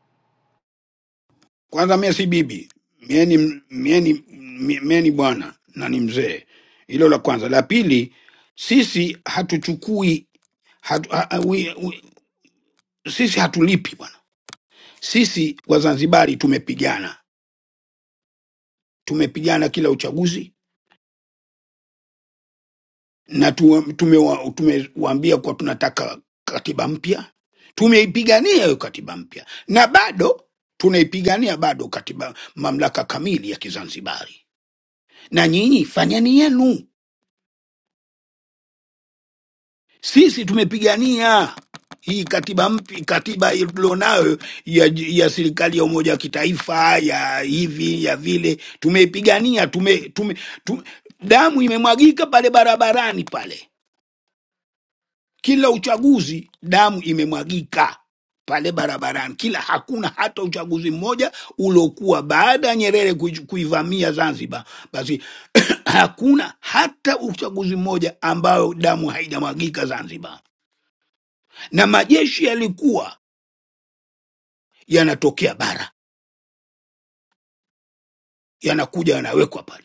kwanza, mie si bibi, mie ni, mie ni, mie mie ni bwana na ni mzee. Hilo la kwanza. La pili, sisi hatuchukui hatu, ha, ha- we, we, sisi hatulipi bwana. Sisi Wazanzibari tumepigana, tumepigana kila uchaguzi na tumewaambia tume, tumewaambia kuwa tunataka katiba mpya, tumeipigania hiyo katiba mpya na bado tunaipigania bado katiba mamlaka kamili ya Kizanzibari, na nyinyi fanyeni yenu Sisi tumepigania hii katiba mpya, katiba tulionayo ya, ya serikali ya umoja wa kitaifa ya hivi ya vile, tumeipigania tume, tume, tume, damu imemwagika pale barabarani pale, kila uchaguzi damu imemwagika pale barabarani kila, hakuna hata uchaguzi mmoja uliokuwa baada ya Nyerere kuij- kuivamia Zanzibar, basi hakuna hata uchaguzi mmoja ambayo damu haijamwagika Zanzibar na majeshi yalikuwa yanatokea bara yanakuja yanawekwa pale.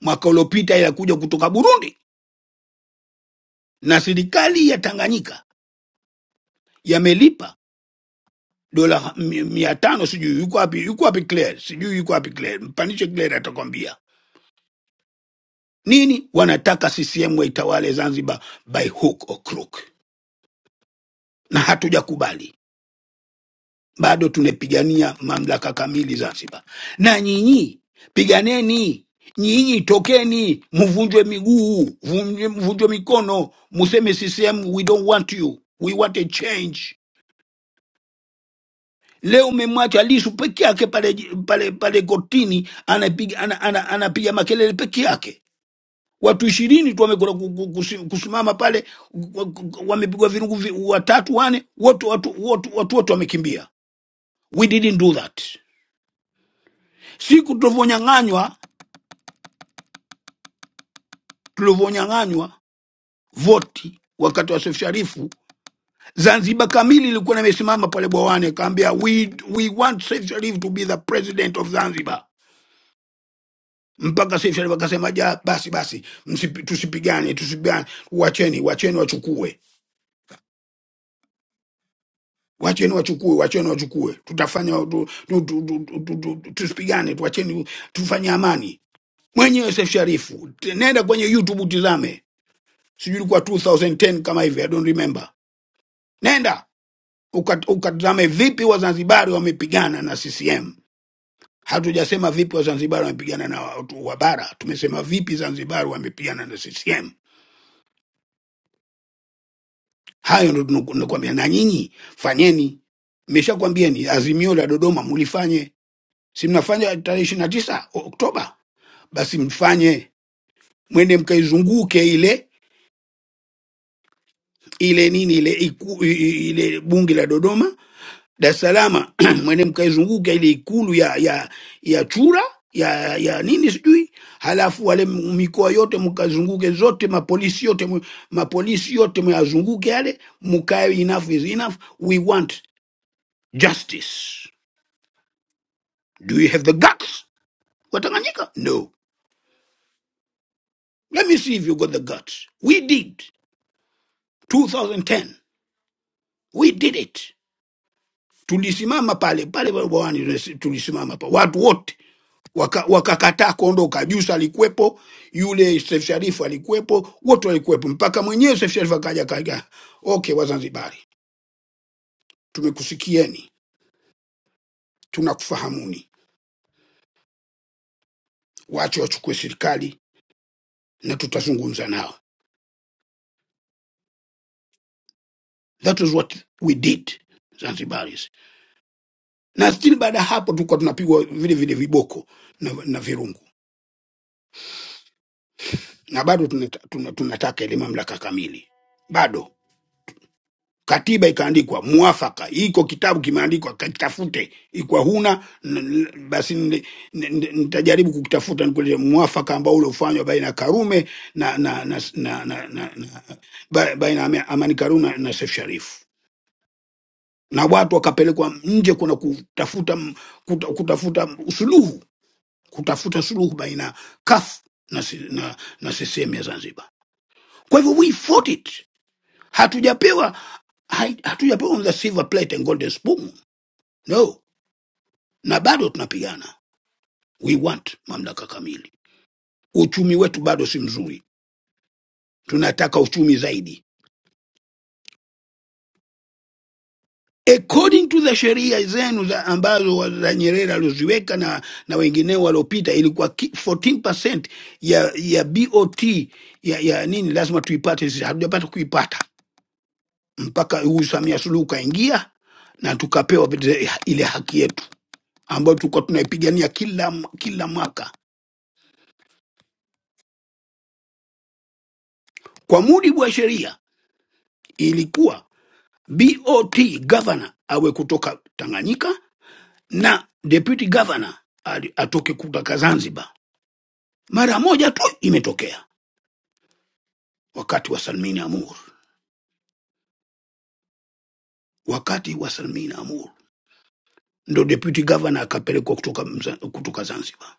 Mwaka uliopita yalikuja kutoka Burundi na serikali ya Tanganyika yamelipa dola mi- mia tano sijui yuko wapi yuko wapi Claire sijui yuko wapi Claire, mpanishe Claire atakwambia nini. Wanataka CCM waitawale Zanzibar by hook or crook, na hatujakubali. bado tunapigania mamlaka kamili Zanzibar. Na nyinyi piganeni, nyinyi tokeni, mvunjwe miguu, mvunjwe mvunjwe mikono, museme CCM we don't want you, we want a change. Leo umemwacha Lisu peke yake pale pale pale kotini, anapiga ana, ana, anapiga makelele peke yake. Watu ishirini tu wamekuwa ku- ku- kusi- kusimama pale, wa- ku- wamepigwa virungu vi- watatu wane, wote watu wote watu wote wamekimbia. We didn't do that siku tulivyonyang'anywa tulivyonyang'anywa voti wakati wa Seif Sharifu, Zanzibar kamili ilikuwa imesimama pale bwawani, akaambia we, we want Seif Sharif to be the president of Zanzibar. Mpaka Seif Sharif akasema ja, basi basi, msipi- tusipigane, tusipigane, wacheni, wacheni wachukue wacheni wachukue, wacheni wachukue, tutafanya tu- tu- tu- tu- tu- tu- tu- tusipigane, tuacheni tufanye amani. Mwenyewe Seif Sharifu, nenda kwenye YouTube utizame, sijui ilikuwa 2010 kama hivi, I don't remember nenda ukat- ukatazame vipi wazanzibari wamepigana na ccm hatujasema vipi wazanzibari wamepigana na watu wa bara tumesema vipi zanzibari wamepigana na ccm hayo ndo tunu- nakwambia na nyinyi fanyeni meshakwambieni azimio la dodoma mulifanye si mnafanya tarehe ishiri na tisa oktoba basi mfanye mwende mkaizunguke ile ile nini ile iku, i- i- ile bunge la dodoma Dar es Salaam mwene mkaizunguka ile ikulu ya ya ya chura ya ya nini sijui, halafu wale m- mikoa yote mkazunguke zote, mapolisi yote mu- mapolisi yote myazunguke yale, mkae, enough is enough, we want justice. Do you have the guts? Watanganyika, no. Let me see if you got the guts. We did 2010, we did it. Tulisimama pale pale bawani, tulisimama pa watu wote waka- wakakataa kuondoka. Jusa alikuwepo, yule Seif Sharif alikuwepo, wote walikuwepo, mpaka mwenyewe Seif Sharif akaja kaja, okay, Wazanzibari tumekusikieni, tunakufahamuni, wache wachukue serikali na tutazungumza nao. That was what we did Zanzibaris, na still baada ya hapo tulikuwa tunapigwa vile vile viboko na, na virungu na bado tunata- tuna- tunataka ile mamlaka kamili bado katiba ikaandikwa mwafaka, iko kitabu kimeandikwa, kakitafute. Ikwa huna n- n- basi n- n- nitajaribu kukitafuta nikulete mwafaka ambao uliofanywa baina ya Karume na, na, na, na, na, na, na ba- baina ya Ame- Amani Karume na na Seif Sharif, na watu wakapelekwa nje kuna kutafuta m- kuta, kutafuta suluhu kutafuta suluhu baina ya CUF na, si- na, na CCM ya Zanzibar. Kwa hivyo we fought it hatujapewa hai- hatujapewa the silver plate and golden spoon no na bado tunapigana we want mamlaka kamili uchumi wetu bado si mzuri tunataka uchumi zaidi according to the sheria zenu za ambazo wa- za nyerere alizoziweka na, na wengineo waliopita ilikuwa ki- 14% ya ya bot ya, ya nini lazima tuipate sisi hatujapata kuipata mpaka huyu samia suluhu kaingia na tukapewa vile- ile haki yetu ambayo tulikuwa tunaipigania kila, kila mwaka. Kwa mujibu wa sheria, ilikuwa BOT governor awe kutoka Tanganyika na deputy governor ali- atoke kutoka Zanzibar. Mara moja tu imetokea wakati wa Salmin Amur, wakati wa Salmin Amur ndo deputy governor akapelekwa kutoka, Mza- kutoka Zanzibar,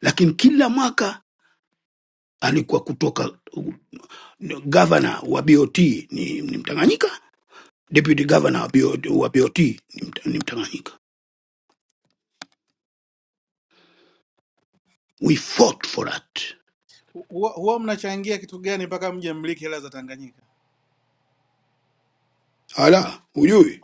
lakini kila mwaka alikuwa kutoka uh, governor wa BOT ni, ni Mtanganyika deputy governor wa BOT, wa BOT ni, mta, ni Mtanganyika. We fought for that. Hu- huwa huwa mnachangia kitu gani mpaka mje mmiliki hela za Tanganyika? Ala, hujui?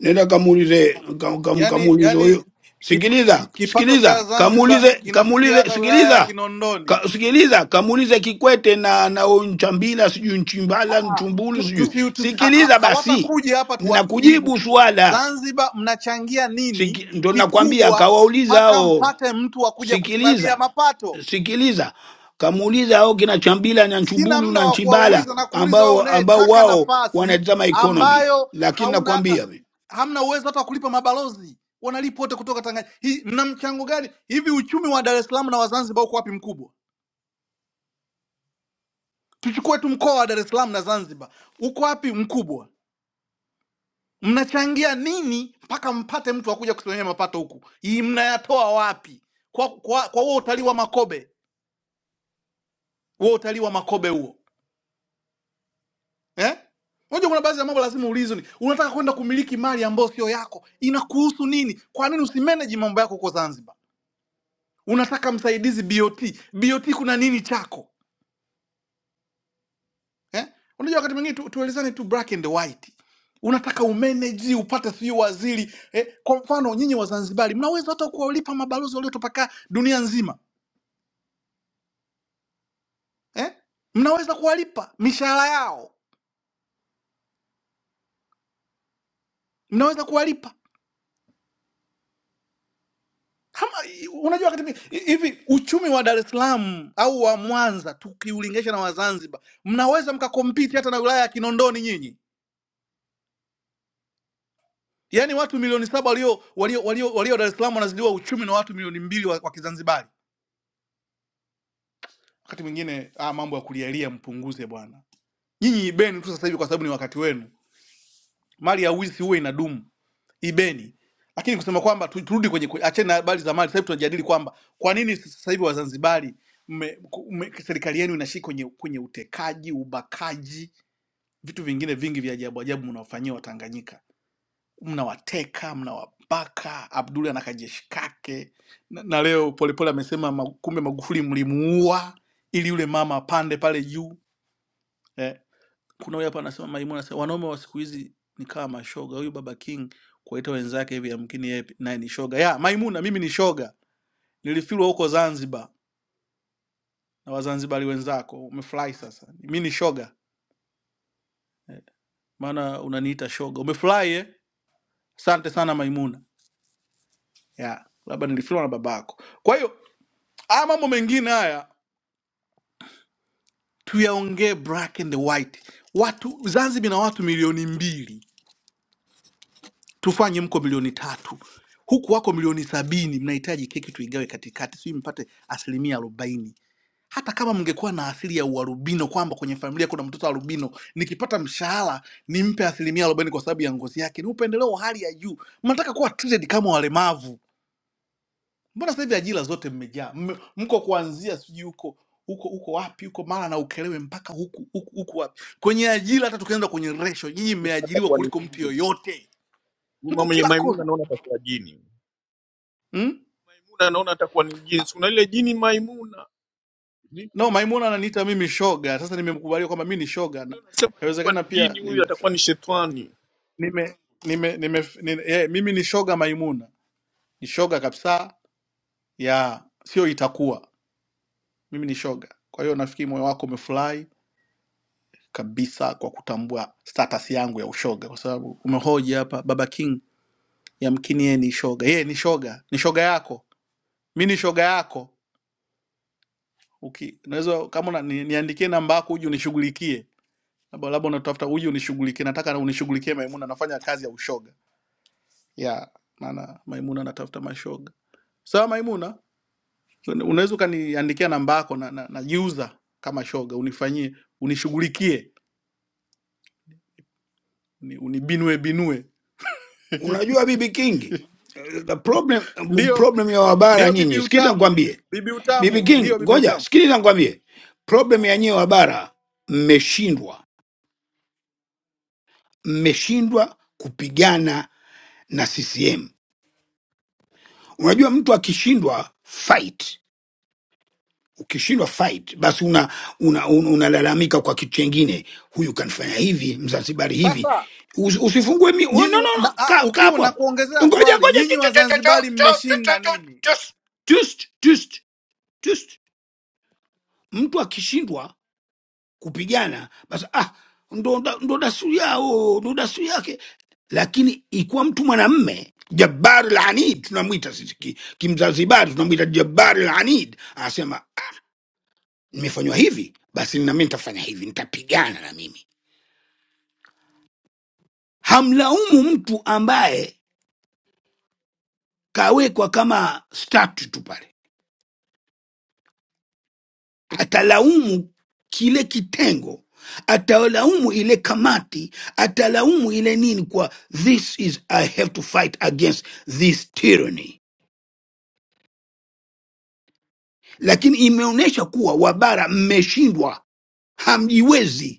Nenda kamuulize kam, kam, Yaani kamuulize yaani huyo. ki- Sikiliza, kipato cha sikiliza, Zanzibar kamuulize, kinafikia kamuulize, hata wilaya ya sikiliza. Kinondoni. Ka, sikiliza, kamuulize Kikwete na na huyu Nchambila sijui Nchimbala, Nchumbulu tu, sijui. tusi, tusi, ha, ha- Sikiliza basi. hawatakuja hapa tu watujibu. Nakujibu swala. Zanzibar mnachangia nini Siki, ndo nakwambia kikubwa kawauliza mpaka hao. mpate mtu wa kuja kusimamia Sikiliza. mapato? sikiliza kamuuliza au kina chambila na Sina nchumbulu muda na wa nchimbala kuwauliza na kuuliza wewe ambao ambao unayetaka wao nafasi wanatazama economy ambayo lakini hauna hata nakwambia vi- hamna uwezo hata wa kulipa mabalozi wanalipa wote kutoka Tanganyika. Hii mna mchango gani? Hivi uchumi wa Dar es Salaam na wa Zanzibar uko wapi mkubwa? Tuchukue tu mkoa wa Dar es Salaam na Zanzibar, uko wapi mkubwa? Mnachangia nini mpaka mpate mtu akuja kusimamia mapato huku? Hii mnayatoa wapi? Kwa kwa kwa huo utalii wa Makobe, huo utalii wa Makobe huo eh? Unajua kuna baadhi ya mambo lazima uulizwe, ni unataka kwenda kumiliki mali ambayo sio yako, inakuhusu nini? Kwa nini usimanage mambo yako huko Zanzibar? Unataka msaidizi BOT, BOT kuna nini chako eh? Unajua wakati mwingine tu, tuelezane tu black and white unataka umeneji upate sijui waziri eh, kwa mfano nyinyi Wazanzibari mnaweza hata kuwalipa mabalozi waliotapakaa dunia nzima eh? mnaweza kuwalipa mishahara yao, mnaweza kuwalipa kama unajua wakati mwingine- hi- hivi uchumi wa Dar es Salaam au wa Mwanza tukiulinganisha na wa Zanzibar, mnaweza mkakompiti hata na wilaya ya Kinondoni nyinyi. Yaani watu milioni saba walio walio walio, walio Dar es Salaam wanazidiwa uchumi na watu milioni mbili wa, wa Kizanzibari. Wakati mwingine ah, mambo ya kulialia mpunguze bwana, nyinyi ibeni tu sasa hivi kwa sababu ni wakati wenu mali ya wizi huwe inadumu ibeni lakini kusema kwamba tu- turudi kwenye kwe- acheni na habari za mali sasa hivi tunajadili kwamba kwa nini sasa hivi wazanzibari mme- ku- mme- serikali yenu inashii kwenye, kwenye utekaji ubakaji vitu vingine vingi vya ajabu ajabu mnawafanyia watanganyika mnawateka mnawabaka abduli ana kajeshi kake na, na leo polepole amesema ma- kumbe magufuli mlimuua ili yule mama apande pale juu Eh, kuna huyu hapa anasema Maimun anasema wanaume wa siku hizi ni kama mashoga. Huyu baba King kuwaita wenzake hivi, yamkini yeye pi- naye ni shoga. Ya Maimuna, mimi ni shoga, nilifilwa huko Zanzibar na Wazanzibari wenzako. Umefurahi sasa, mimi ni shoga, maana unaniita shoga. Umefurahi eh? Asante sana Maimuna. Ya labda nilifilwa na babako. Kwa hiyo haya mambo mengine haya tuyaongee, black and white. Watu Zanzibar na watu milioni mbili tufanye mko milioni tatu huku wako milioni sabini mnahitaji keki tuigawe katikati sijui mpate asilimia arobaini hata kama mngekuwa na asili ya uarubino kwamba kwenye familia kuna mtoto arubino nikipata mshahara nimpe asilimia arobaini kwa sababu ya ngozi yake ni upendeleo wa hali ya juu mnataka kuwa treated kama walemavu mbona sasa hivi ajira zote mmejaa Mme- mko kuanzia sijui huko huko huko wapi huko mara na ukelewe mpaka huku huku huku wapi kwenye ajira hata tukienda kwenye resho nyinyi mmeajiriwa Atakuwa ni kuliko mtu jini. yoyote Mama mko mwenye kila Maimuna kona anaona atakuwa jini. mm? Maimuna anaona atakuwa ni jini. Si Una ile jini Maimuna. Ni- No, Maimuna ananiita mimi shoga. Sasa nimemkubalia kwamba mi ni shoga. Na- ndio Nasema atakuwa ni Inawezekana pia jini huyu nime, atakuwa ni shetani. nime, nime, nime, nime, yeah, mimi ni shoga Maimuna. Ni shoga kabisa ya sio itakuwa. Mimi ni shoga. Kwa hiyo nafikiri moyo wako umefurahi kabisa kwa kutambua status yangu ya ushoga kwa sababu umehoji hapa Baba King yamkini yeye ni shoga. Yeye ni shoga. Ni shoga yako. Mi ni shoga yako. Uki, unaweza kama una- ni- niandikie namba yako uje unishughulikie labda labda unatafuta huyu unishughulikie, nataka na unishughulikie Maimuna, nafanya kazi ya ushoga ya maana Maimuna anatafuta mashoga. Sawa so, Maimuna, unaweza ukaniandikia namba yako na, na, na user kama shoga, unifanyie unishughulikie, uni- unibinue binue. unajua bibi kingi eh, the problem Ndio problem ya wabara ndio bibi nyinyi sikiliza utamu, nikwambie bibi bibi utamu, king ndio bibi ngoja utamu. sikiliza nikwambie problem ya nyinyi wabara mmeshindwa mmeshindwa kupigana na ccm unajua mtu akishindwa fight ukishindwa fight basi una unalalamika una, un- unalalamika kwa kitu chengine huyu kanifanya hivi mzanzibari hivi Sasa Usi- usifungue mi oh, no, nyinyi wa- no, no. na, ah, ka ka ukiwa hapo na hapo kuongezea ngoja swali, ngoja Tu- nyinyi tu- tu- tu- Wazanzibari tu- tu- tu- mmeshinda nini? tu- tus- tus- tus- tus. mtu akishindwa kupigana basi ah ndo da- ndo dasturi yao ndo dasturi yake lakini ikiwa mtu mwanamme jabari lanid tunamwita sisi kimzanzibari ki kimzanzibari tunamwita jabari lanid anasema nimefanywa hivi basi na mimi nitafanya hivi nitapigana na mimi hamlaumu mtu ambaye kawekwa kama statue tu pale atalaumu kile kitengo atalaumu ile kamati atalaumu ile nini kwa this is i have to fight against this tyranny lakini imeonyesha kuwa wabara mmeshindwa hamjiwezi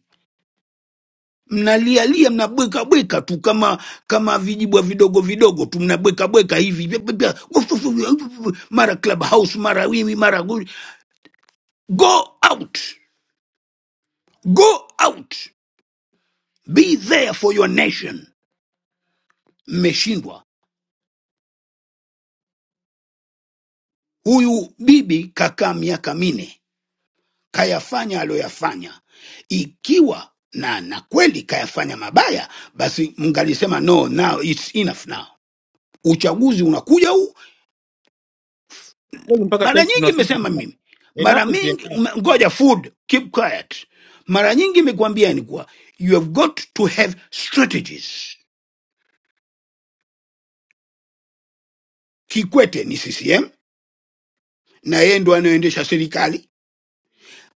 mnalialia mnabwekabweka tu kama kama vijibwa vidogo vidogo tu mnabwekabweka hivi Pia- pia- pia. mara club house mara wiwi mara guli. go out go out be there for your nation mmeshindwa huyu bibi kakaa miaka mine kayafanya aliyoyafanya ikiwa na na kweli kayafanya mabaya basi mngalisema no now it's enough now uchaguzi unakuja huu Kweli mpaka sasa mara hivi nyingi tunasema imesema mimi mara enough is mingi enough. m- ngoja food keep quiet mara nyingi imekwambia ni kuwa you have got to have strategies kikwete ni ccm na yeye ndo anayoendesha serikali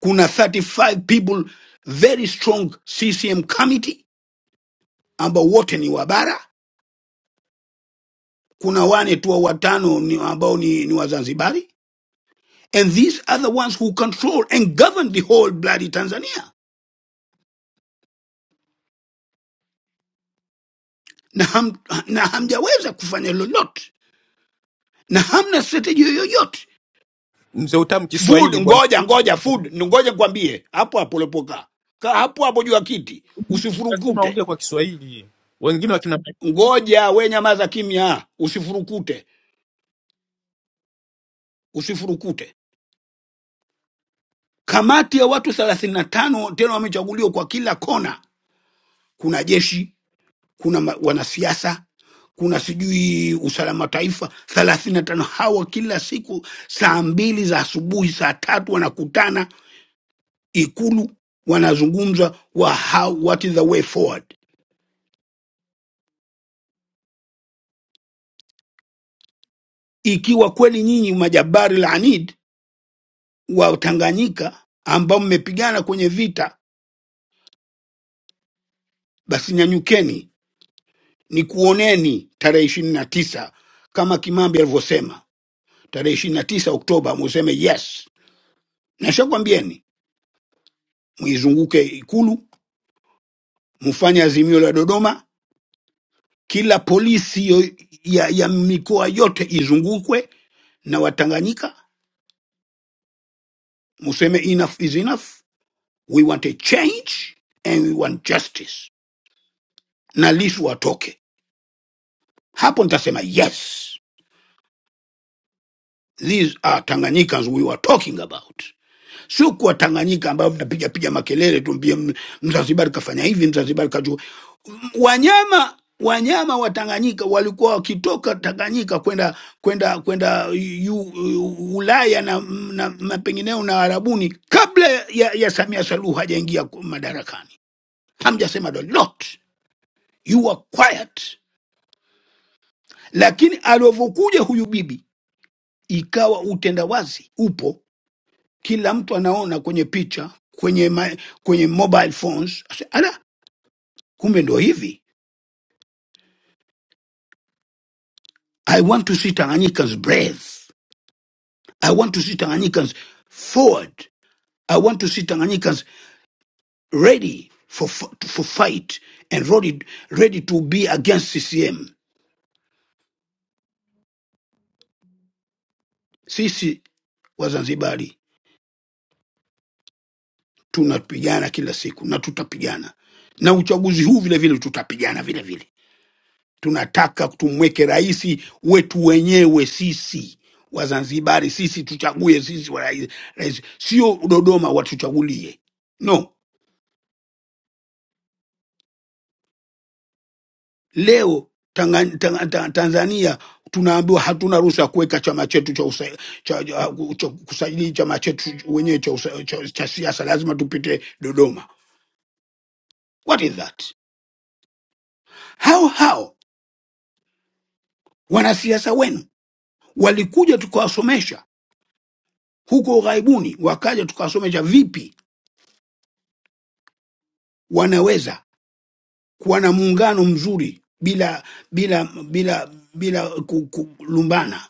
kuna 35 people very strong ccm committee ambao wote ni wa bara kuna wane tu wa watano ni ambao ni, ni wazanzibari and these are the ones who control and govern the whole bloody tanzania na, ham, na hamjaweza kufanya lolote na hamna strategy yoyote Mzee utam food Kiswahili bwana. ngoja ngoja food ngoja nikwambie hapo hapo ulipokaa Ka- hapo hapo juu ya kiti Nasema usifurukute ongea kwa Kiswahili. Wengine wakina ngoja we nyamaza kimya usifurukute usifurukute kamati ya watu thelathini na tano tena wamechaguliwa kwa kila kona kuna jeshi kuna ma- wanasiasa kuna sijui usalama taifa thelathini na tano hawa kila siku saa mbili za asubuhi saa tatu wanakutana Ikulu wanazungumza wa how, what is the way forward. Ikiwa kweli nyinyi majabari laanid wa Tanganyika ambao mmepigana kwenye vita, basi nyanyukeni, nikuoneni tarehe ishirini na tisa kama Kimambi alivyosema tarehe ishirini na tisa Oktoba, museme yes. Nashakwambieni muizunguke Ikulu, mfanye azimio la Dodoma, kila polisi yo, ya, ya mikoa yote izungukwe na Watanganyika, museme enough is enough we want a change and we want justice na lisu watoke hapo nitasema yes these are tanganyikans we were talking about sio kuwa tanganyika ambayo mnapiga piga makelele tumbie mzanzibari kafanya hivi mzanzibari kaju wanyama wanyama wa tanganyika walikuwa wakitoka tanganyika kwenda kwenda kwenda yu- yu- ulaya na, na, na pengineo na arabuni kabla ya, ya samia saluhu hajaingia ku- madarakani hamjasema lolote you are quiet. Lakini alivyokuja huyu bibi, ikawa utendawazi upo, kila mtu anaona kwenye picha, kwenye ma, kwenye mobile phones. Asa, Ala, kumbe ndo hivi. I want to see Tanganyikans brave. I want to see Tanganyikans forward. I want to see Tanganyikans ready for f- for fight and ready, ready to be against CCM. Sisi Wazanzibari tunapigana kila siku na tutapigana na uchaguzi huu vile vile tutapigana vile vile tunataka tumweke rais wetu wenyewe sisi wazanzibari sisi tuchague sisi wa rais, rais sio dodoma watuchagulie no leo tanga, tanga, ta, tanzania tunaambiwa hatuna ruhusa ya kuweka chama chetu cha, usa, cha, cha, cha kusajili chama chetu wenyewe cha, usa- cha, cha siasa lazima tupite dodoma what is that how how wanasiasa wenu walikuja tukawasomesha huko ughaibuni, wakaja tukawasomesha vipi wanaweza kuwa na muungano mzuri bila bila bila bila ku- kulumbana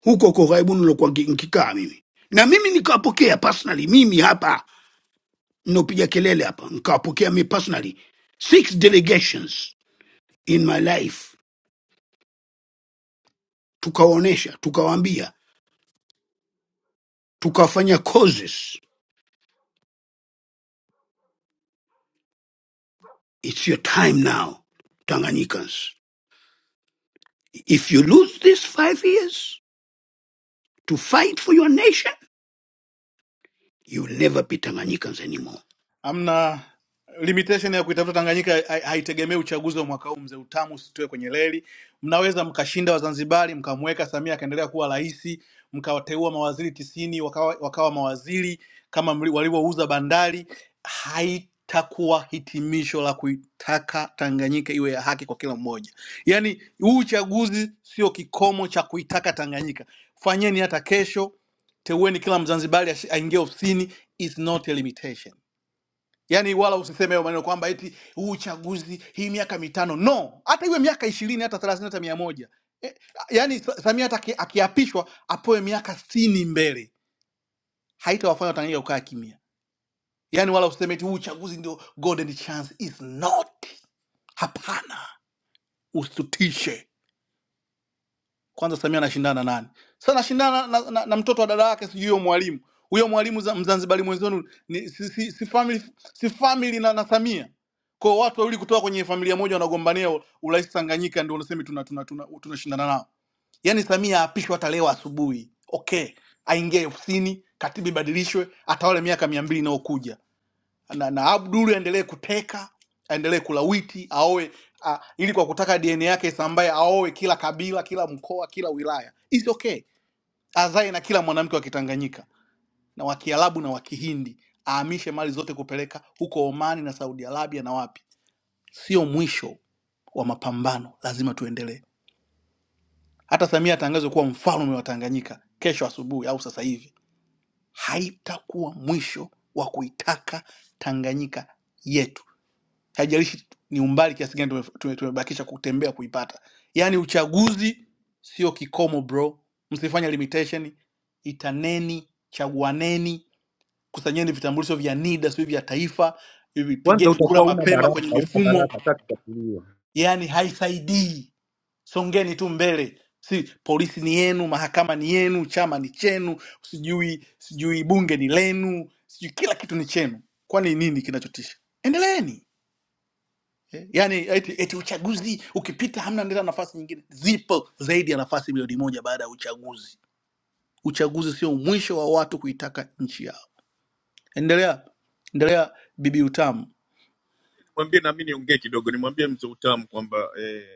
huko kwa ughaibuni nilokuwa nki- nkikaa mimi, na mimi nikawapokea personally, mimi hapa ninaopiga kelele hapa, nikawapokea mimi personally six delegations in my life, tukawaonesha, tukawaambia, tukawafanya causes, it's your time now Tanganyikans, if you lose these five years to fight for your nation you will never be tanganyikans anymore Amna limitation ya kuitafuta Tanganyika hai- haitegemei uchaguzi wa mwaka huu. Mzee Utamu usitoe kwenye reli. Mnaweza mkashinda Wazanzibari, mkamweka Samia akaendelea kuwa rais, mkawateua mawaziri tisini wakawa, wakawa mawaziri kama mli- walivyouza bandari. Haitakuwa hitimisho la kuitaka Tanganyika iwe ya haki kwa kila mmoja. Yaani huu uchaguzi sio kikomo cha kuitaka Tanganyika. Fanyeni hata kesho, teueni kila Mzanzibari ashi- aingie ofisini, is not a limitation yaani wala usiseme hayo maneno kwamba eti huu uchaguzi hii miaka mitano no hata iwe miaka ishirini hata thelathini hata mia moja e, yaani Sa- samia hata aki- akiapishwa apewe miaka sitini mbele haitawafanya watanganyika kukaa kimya yaani wala usiseme eti huu uchaguzi ndio golden chance is not hapana usitutishe kwanza Samia anashindana nani? Sasa anashindana na, na, na mtoto wa dada yake, sijui huyo mwalimu huyo mwalimu za- Mzanzibari mwenzenu ni, si, si, si family, si family na, na Samia kwa watu wawili kutoka kwenye familia moja wanagombania u- urais Tanganyika, ndio unasema tuna tuna tunashindana tuna, tuna tunashindana nao. Yaani Samia aapishwe hata leo asubuhi, okay, aingie ofisini, katiba ibadilishwe, atawale miaka mia mbili inayokuja na, na Abdul aendelee kuteka, aendelee kulawiti, aoe a, ili kwa kutaka DNA yake isambae, aoe kila kabila, kila mkoa, kila wilaya. It's okay. Azae na kila mwanamke wa Kitanganyika na wa Kiarabu na wa Kihindi, ahamishe mali zote kupeleka huko Omani na Saudi Arabia na wapi. Sio mwisho wa mapambano, lazima tuendelee. Hata Samia atangazwe kuwa mfalme wa Tanganyika kesho asubuhi au sasa hivi, haitakuwa mwisho wa kuitaka Tanganyika yetu. haijalishi ni umbali kiasi gani tume- tume- tumebakisha kutembea kuipata yaani uchaguzi sio kikomo bro msifanye limitation itaneni chaguaneni kusanyeni vitambulisho vya nida sio vya taifa hivi Kwanza pigeni kura utakuwa una mapema baraka, kwenye una mifumo baraka, hata kufuatiliwa. yaani haisaidii songeni tu mbele si polisi ni yenu mahakama ni yenu chama ni chenu sijui sijui bunge ni lenu sijui kila kitu ni chenu kwani nini kinachotisha endeleeni Eh, yaani eti, eti uchaguzi ukipita hamna ndio nafasi nyingine zipo zaidi ya nafasi milioni moja baada ya uchaguzi uchaguzi sio mwisho wa watu kuitaka nchi yao endelea endelea bibi utamu Mwambie nami niongee kidogo, nimwambie mzee utamu kwamba eh,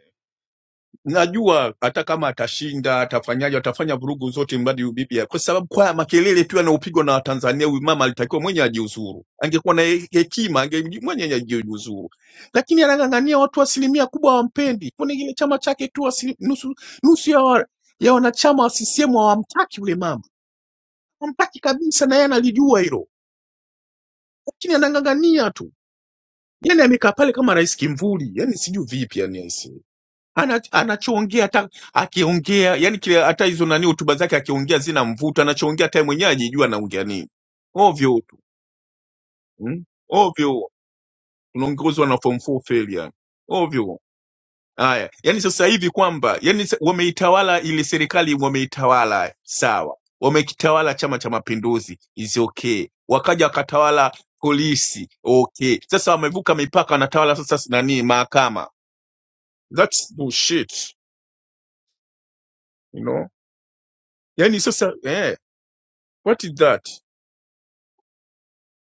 Najua hata kama atashinda atafanyaje, atafanya vurugu zote mradi UBPA, kwa sababu kwa makelele tu yanayopigwa na Watanzania, huyu mama alitakiwa mwenye ajiuzuru. Angekuwa na he- hekima, ange mwenye ajiuzuru, lakini anang'ang'ania watu asilimia kubwa hawampendi. Kuna kile chama chake tu asili, nusu, nusu ya, wa, ya wanachama wa CCM hawamtaki yule mama, hawamtaki kabisa, na yeye analijua hilo, lakini anang'ang'ania tu. yani amekaa pale kama rais kimvuli yani sijui vipi yani aisee ana anachoongea hata akiongea yani kile hata hizo nani hotuba zake akiongea zina mvuto anachoongea hata yeye mwenyewe ajijua anaongea nini ovyo tu mm? ovyo unaongozwa na form 4 fail yani ovyo haya yani sasa hivi kwamba yani sa- wameitawala ile serikali wameitawala sawa wamekitawala chama cha mapinduzi is okay wakaja wakatawala polisi okay sasa wamevuka mipaka wanatawala sasa nani mahakama That's bullshit, you know. Yani sasa eh, what is that?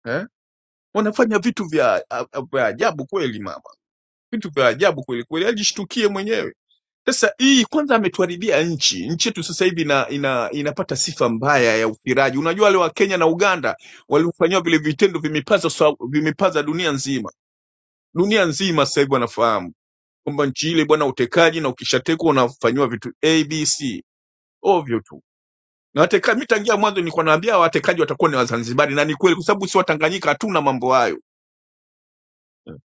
Eh? Wanafanya vitu vya a- a- vya ajabu kweli mama. Vitu vya ajabu kweli kweli, ajishtukie mwenyewe. Sasa hii kwanza ametuharibia nchi. Nchi yetu sasa hivi ina, ina, inapata sifa mbaya ya ufiraji. Unajua wale wa Kenya na Uganda waliofanyiwa vile vitendo vimepaza sa- vimepaza dunia nzima. Dunia nzima sasa hivi wanafahamu kwamba nchi ile bwana utekaji na ukishatekwa unafanyiwa vitu ABC ovyo tu na wateka, mi tangia mwanzo nilikuwa naambia watekaji watakuwa ni Wazanzibari, na ni kweli, kwa sababu si Watanganyika hatuna mambo hayo.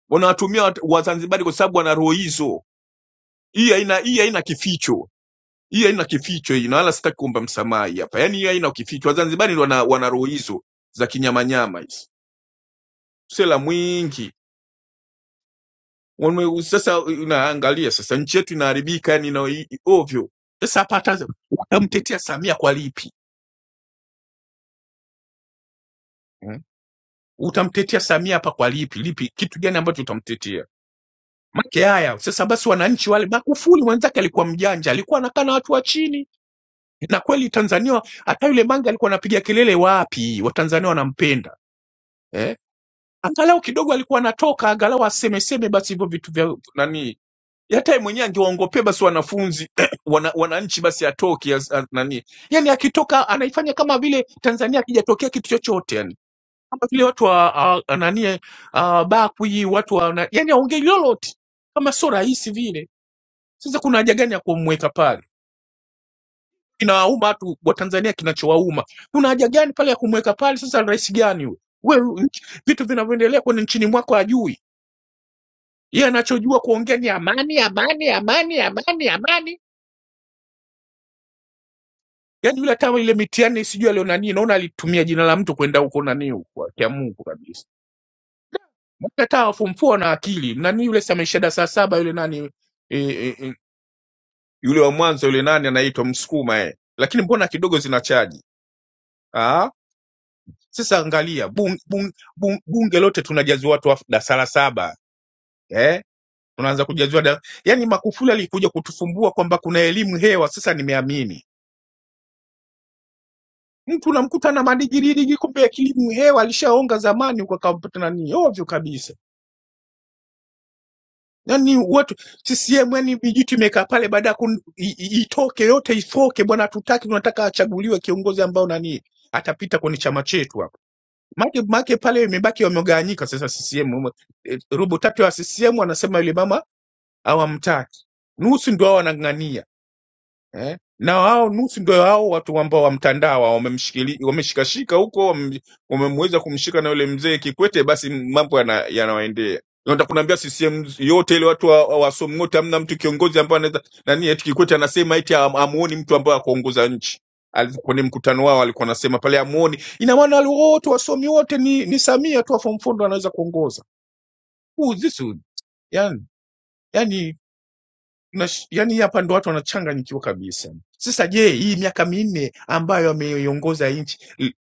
Wanawatumia wat- Wazanzibari kwa sababu wana roho hizo. Hii haina hii haina kificho, hii haina kificho hii, na wala sitaki kuomba msamaha hii hapa. Yani hii haina kificho. Wazanzibari ndio wana, wana roho hizo za kinyamanyama hizi, sela mwingi Wame, sasa unaangalia sasa nchi yetu inaharibika, yani ina, i- i- ovyo. Sasa hapa hata utamtetea Samia kwa lipi? Hmm? Utamtetea Samia hapa kwa lipi? Lipi kitu gani ambacho utamtetea? Make haya sasa basi, wananchi wale, Magufuli mwenzake alikuwa mjanja, alikuwa anakaa na watu wa chini, na kweli Tanzania, hata yule Mange alikuwa anapiga kelele, wapi Watanzania wanampenda eh? Angalau kidogo alikuwa anatoka, angalau aseme seme basi hivyo vitu vya nani, hata yeye mwenyewe angewaongopea basi wanafunzi wana, wananchi basi atoke as- as- nani, yani akitoka anaifanya kama vile Tanzania akijatokea kitu chochote yani kama vile watu wa ah, nani uh, Bakwi watu wa yani aongei lolote kama sio rahisi vile sasa kuna haja gani ya kumweka pale? Inawauma watu wa Tanzania, kinachowauma kuna haja gani pale ya kumweka pale? Sasa rais gani huyo? Wewe nchi- vitu vinavyoendelea kwenye nchini mwako hajui yeye, anachojua kuongea ni amani, amani, amani, amani, amani. Yaani yule kama ile mitihani sijui alio nani, naona alitumia jina la mtu kwenda huko nani huko, akia Mungu kabisa. Mkataa fumfua na akili nani yule, sasa ameshaenda saa saba yule nani e, e, e, yule wa Mwanza yule nani anaitwa Msukuma eh, lakini mbona kidogo zina chaji Sasa angalia bung, bung, bung, bunge lote tunajazi watu wa darasa la saba eh? Tunaanza kujaziwa da... yani Magufuli alikuja kutufumbua kwamba kuna elimu hewa. Sasa nimeamini mtu unamkuta na madigiri digi, kumbe elimu hewa alishaonga zamani huko akampata nani ovyo kabisa. Yani watu CCM yani vijiti imekaa pale, baada ya kun- i- i- itoke yote ifoke bwana, tutaki tunataka achaguliwe kiongozi ambao nani atapita kwenye chama chetu Make, make pale imebaki wamegawanyika sasa. CCM eh, robo tatu ya CCM wanasema yule mama hawamtaki, nusu ndio hao wanang'ang'ania eh? na hao nusu ndio hao watu ambao wa mtandao hao wamemshikili- wameshikashika huko wame- wamemweza kumshika na yule mzee Kikwete, basi mambo yana- yanawaendea. Nataka kunaambia CCM yote ile watu wa- wa- wasomi wote, hamna mtu kiongozi ambaye anaweza nani, eti Kikwete anasema eti ham- hamuoni mtu ambaye akuongoza nchi Al- kwenye mkutano wao alikuwa anasema pale amuoni. Ina maana wale wote wasomi wote ni, ni Samia tu wa form four ndo anaweza kuongoza. Who is this? Yani, yani yani hapa ndo watu wanachanganyikiwa kabisa. Sasa je, hii miaka minne ambayo ameiongoza nchi i-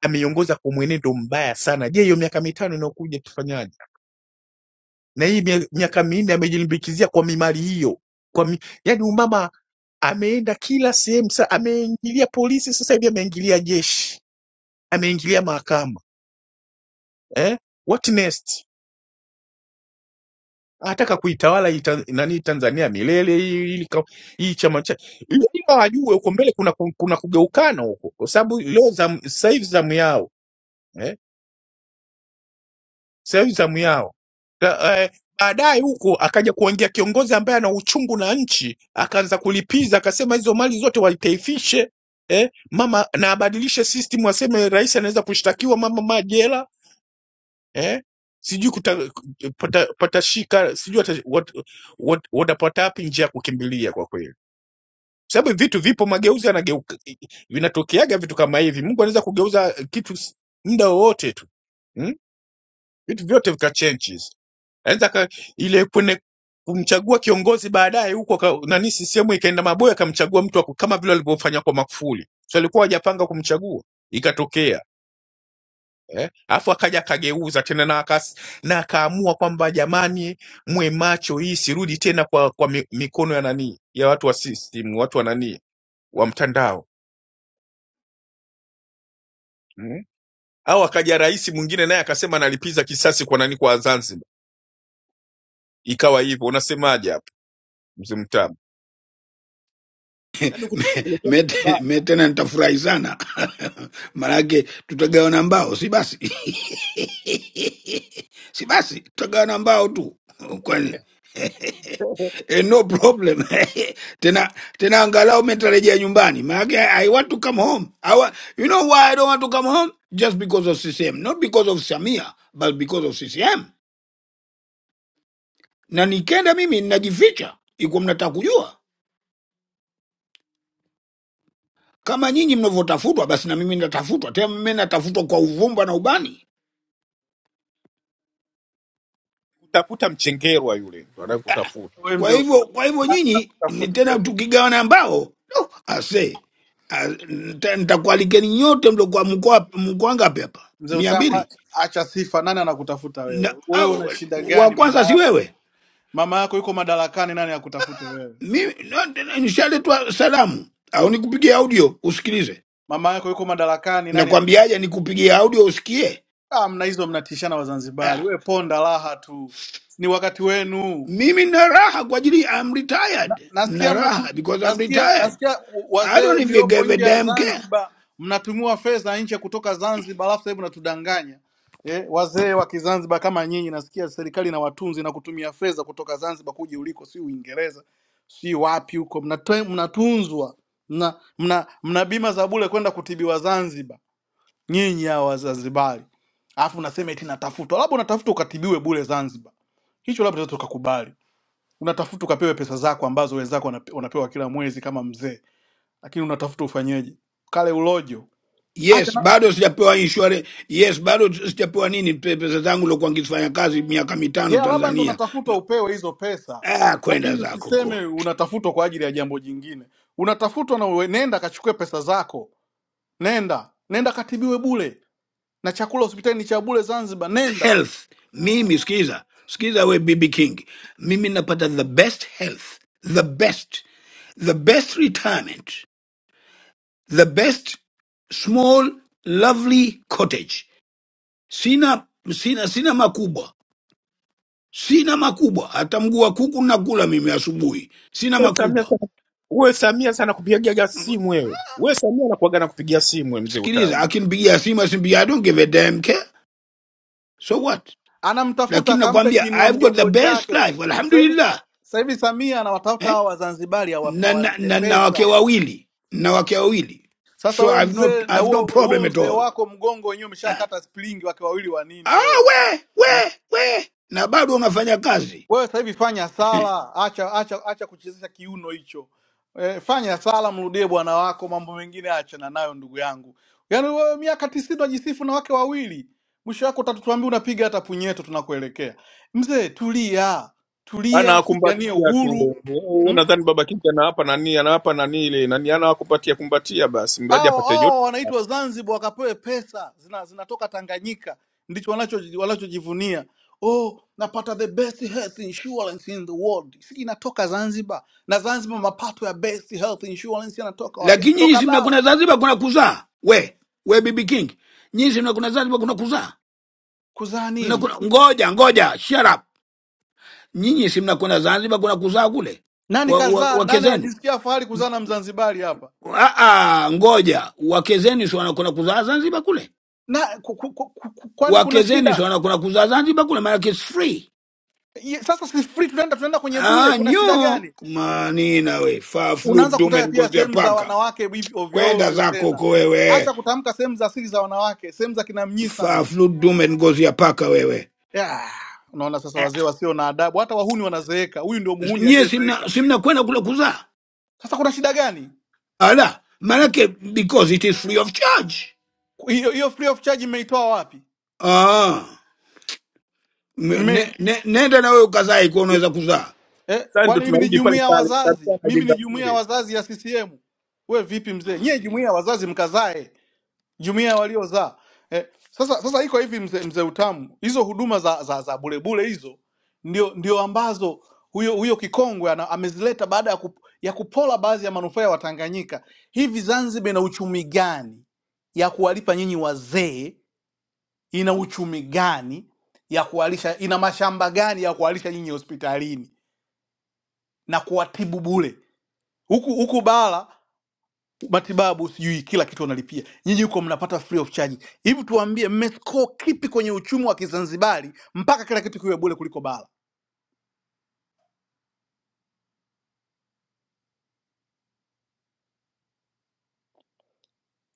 ameiongoza kwa mwenendo mbaya sana, je, hiyo miaka mitano inayokuja tufanyaje? Na hii mia- miaka minne amejilimbikizia kwa mimari hiyo, kwa mi, yani umama ameenda kila sehemu, sa ameingilia polisi, sasa hivi ameingilia jeshi, ameingilia mahakama eh? What next? anataka kuitawala hii Tan- nani Tanzania milele hii hii ka- hii chama cha ila ila wajue huko mbele kuna ku- kuna kugeukana huko, kwa sababu leo zamu- sasa hivi zamu yao eh, sasa hivi zamu yao Ta- eh, baadaye huko akaja kuingia kiongozi ambaye ana uchungu na nchi, akaanza kulipiza, akasema hizo mali zote walitaifishe eh, mama na abadilishe system, aseme rais anaweza kushtakiwa mama majela eh? sijui kuta- pata- patashika sijui wata- wat- wat- watapata wapi njia ya kukimbilia kwa kweli sababu vitu vipo mageuzi yanageuka vinatokeaga vitu kama hivi mungu anaweza kugeuza kitu s- muda wowote tu hmm? vitu vyote vika changes anaweza ka- ile kwenye kumchagua kiongozi baadaye huko aka- nani CCM ikaenda maboya akamchagua mtu wa ku- kama vile walivyofanya kwa Magufuli so alikuwa hajapanga kumchagua ikatokea eh? Alafu akaja akageuza tena na, akas, na akaamua kwamba jamani, mwe macho, hii sirudi tena kwa, kwa mi- mikono ya nani ya watu wa system, watu wa nani wa mtandao mm? Au akaja rais mwingine naye akasema analipiza kisasi kwa nani, kwa Zanzibar, ikawa hivyo. Unasemaje hapo mzee Mtamu? Yaani mete me tena nitafurahi sana maanake tutagawana mbao si basi si basi tutagawana mbao tu kwani eh, no problem tena tena angalau metarejea nyumbani maanake I, i want to come home I wa, you know why i don't want to come home just because of ccm not because of samia but because of ccm na nikienda mimi ninajificha ikuwa mnataka kujua kama nyinyi mnavyotafutwa basi na mimi natafutwa tena mimi natafutwa kwa uvumba na ubani kutafuta mchengerwa yule, wanataka ah. kutafuta wewe kwa mzee hivyo utamu kwa hivyo nani nyinyi ni anakutafuta tena wewe tukigawana ambao no, ase Ah, nita- nitakualikeni nyote mliokuwa mkoa mkoa ngapi hapa mzee mia utamu a- mbili acha sifa nani anakutafuta na wewe wewe au, una shida wa gani kwanza mama si yako wewe mama yako yuko madarakani nani akutafute wewe mimi no, tena nishaletwa salamu au nikupigie audio usikilize mama yako yuko madarakani nani akutafuta nakwambiaje nikupigie audio usikie ah, mna hizo mnatishana ah. wazanzibari wewe ponda raha tu ni wakati wenu mimi na raha kwa ajili I'm Na- retired na nasikia mnatu, raha because I'm nasikia retired nasikia I wazee don't even mliopo give a nje ya damn care. Zanzibar mnatumiwa fedha nje kutoka Zanzibar, alafu hebu natudanganya eh, wazee wa Kizanzibar kama nyinyi. Nasikia serikali na watunzi na kutumia fedha kutoka Zanzibar kuja uliko, si Uingereza si wapi huko, mnate- mnatunzwa mna, mna, mna bima za bure kwenda kutibiwa Zanzibar nyinyi hao Wazanzibari, alafu unasema eti natafutwa, labda unatafuta ukatibiwe bure Zanzibar, hicho labda tunaweza tukakubali unatafuta ukapewe pesa zako ambazo wenzako wanape- wanapewa kila mwezi kama mzee, lakini unatafuta ufanyeje? Kale ulojo acha Yes, na bado sijapewa insurance. Yes, bado sijapewa nini pe- pesa zangu lokuwa nikifanya kazi miaka mitano yeah, labda ndo Tanzania. unatafuta Lo- upewe hizo pesa, Ah, kwenda lakini zako ko. usiseme unatafutwa kwa ajili ya jambo jingine. Unatafutwa na uwe, nenda kachukue pesa zako, nenda nenda katibiwe bule na chakula hospitali ni cha bule Zanzibar, nenda Health. Mimi sikiza. Sikiza we BB King. Mimi napata the best health, the best, the best retirement, the best small lovely cottage. Sina sina sina makubwa. Sina makubwa. Hata mguu wa kuku nakula mimi asubuhi. Sina wewe Samia makubwa. sana, wewe Samia sana kupigaga simu wewe, wewe Samia anakuaga na kupigia simu wewe mzee sikiliza Utamu. akinipigia simu asimpigia i don't give a damn care so what anamtafuta lakini akampe nakwambia kiinua i've got the mgongo best chake. life Sasa hivi alhamdulillah sasa hivi Samia anawatafuta eh? hawa Wazanzibari awa- na, na, awalipe na, na wake pesa wawili na wake wawili Sasa so wewe i've not mzee, na i've no huo problem huo at uzee all wako mgongo wenyewe ah, umeshakata splingi, wake wawili wa nini ah, wewe? we we we na bado unafanya kazi Wewe sasa hivi fanya sala, acha acha acha kuchezesha kiuno hicho. E, fanya sala, mrudie bwana wako, mambo mengine achana nayo ndugu yangu. Yaani wewe miaka tisini unajisifu na wake wawili, mwisho wako utatuambia unapiga hata punyeto tunakuelekea. Mzee tulia, tulia, pigania anawakumbatia uhuru. tu. hmm? Wewe Nadhani baba Kingi anawapa nani, anawapa nani ile nani, anawakumbatia kumbatia, basi mradi hao apate joto. hao wanaitwa Zanzibar wakapewe pesa zina, zinatoka Tanganyika, ndicho wanacho- wanachojivunia. Oh, napata the best health insurance in the world. Si inatoka Zanzibar, na Zanzibar mapato ya best health insurance yanatoka wapi? lakini nyinyi Yanatoka si mnakuna bara. zanzibar kuna kuzaa we we bibi king nyinyi si mnakuna zanzibar kuna kuzaa Kuzaa nini? mnakuna ngoja ngoja shut up Nyinyi si mnakwenda Zanzibar kuna kuzaa kule Nani wa, wa, kazaa? wake Nani zenu? anajisikia fahari kuzaa na Mzanzibari hapa? Ah, ah, ngoja wake zenu si wanakwenda kuzaa Zanzibar kule? Na ku, ku, ku, ku, kwani Wake kuna zenu si shida wanakwenda kuzaa Zanzibar kule? Maanake it's free. Ye- sasa? Si free tunaenda tunaenda kwenye bule, Ah, kuna shida nyo gani? manina we faflu unaanza dume kutaja pia ngozi ya sehemu za paka, wanawake hivi ovyo kwenda ovyo zako tena. huko wewe, Acha kutamka sehemu za asili za wanawake, sehemu za kina Mnyisanzu. faflu dume ngozi ya paka wewe Yeah. Unaona sasa, eh. wazee wasio na adabu, hata wahuni wanazeeka. Huyu ndio muhuni Nyie simna aliyezeeka. simna kwenda kule kuzaa Sasa kuna shida gani? ala, maanake because it is free of charge Hiyo hiyo free of charge mmeitoa wapi? ah. M- ne, Mme, ne, nenda na wewe ukazae kuwa unaweza kuzaa eh, Sasa ndio kwani mimi ni tunarudi pale jumuiya ya pale, wazazi? Samia Mimi anajenga ni jumuiya ya kule. wazazi ya CCM. We vipi mzee? Nyie jumuiya ya wazazi mkazae. jumuiya ya waliozaa eh, sasa sasa iko hivi mzee mze utamu hizo huduma za za, za bulebule hizo ndio ndio ambazo huyo huyo kikongwe ana, amezileta baada ya, kup, ya kupola baadhi ya manufaa ya Watanganyika. Hivi Zanzibar ina uchumi gani ya kuwalipa nyinyi wazee? Ina uchumi gani ya kuwalisha? Ina mashamba gani ya kuwalisha nyinyi hospitalini na kuwatibu bure, huku huku bara matibabu, sijui kila kitu wanalipia. Nyinyi huko mnapata free of charge. Hivi tuambie, mmescore kipi kwenye uchumi wa Kizanzibari mpaka kila kitu kiwe bure kuliko bara?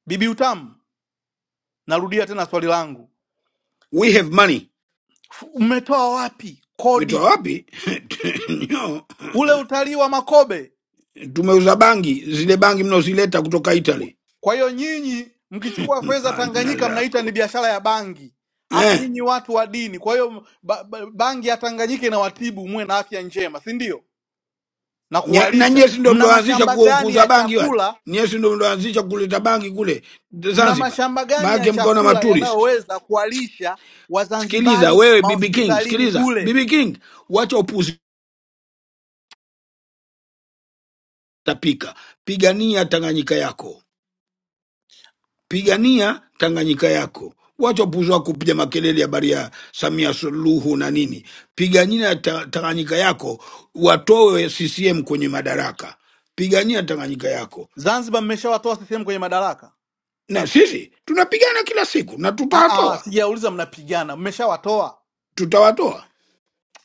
Bibi Utamu, narudia tena swali langu, we have money. F- mmetoa wapi Umetoa kodi wapi? no. ule utalii wa Makobe? Tumeuza bangi, zile bangi mnaozileta kutoka Italy. Kwa hiyo nyinyi mkichukua fedha Maana Tanganyika mnaita ni zako biashara ya bangi, afu eh. nyinyi watu wa dini. Kwa hiyo ba, ba, bangi ya Tanganyika inawatibu muwe na afya njema, si ndio? na nya- Na kuwalisha. nyie si ndio Mna mlioanzisha mashamba ku- gani kuuza ya bangi wale, chakula nyie si ndio mlioanzisha kuleta bangi kule Mna Zanzibar, mashamba gani ya maanake mkaona chakula maturist. yanayoweza kuwalisha Sikiliza Wazanzibari wewe BB King, mahospitalini sikiliza bule? BB King, wacha upuzi tapika, pigania Tanganyika yako Pigania Tanganyika yako. Wacha upuuzi wako kupiga makelele habari ya Samia Suluhu na nini. Pigania ta, Tanganyika yako, watoe CCM kwenye madaraka. Pigania Tanganyika yako, Zanzibar mmeshawatoa CCM kwenye madaraka? na sisi tunapigana kila siku na Ah, ah, tutawatoa, sijauliza mnapigana, mmeshawatoa. tutawatoa,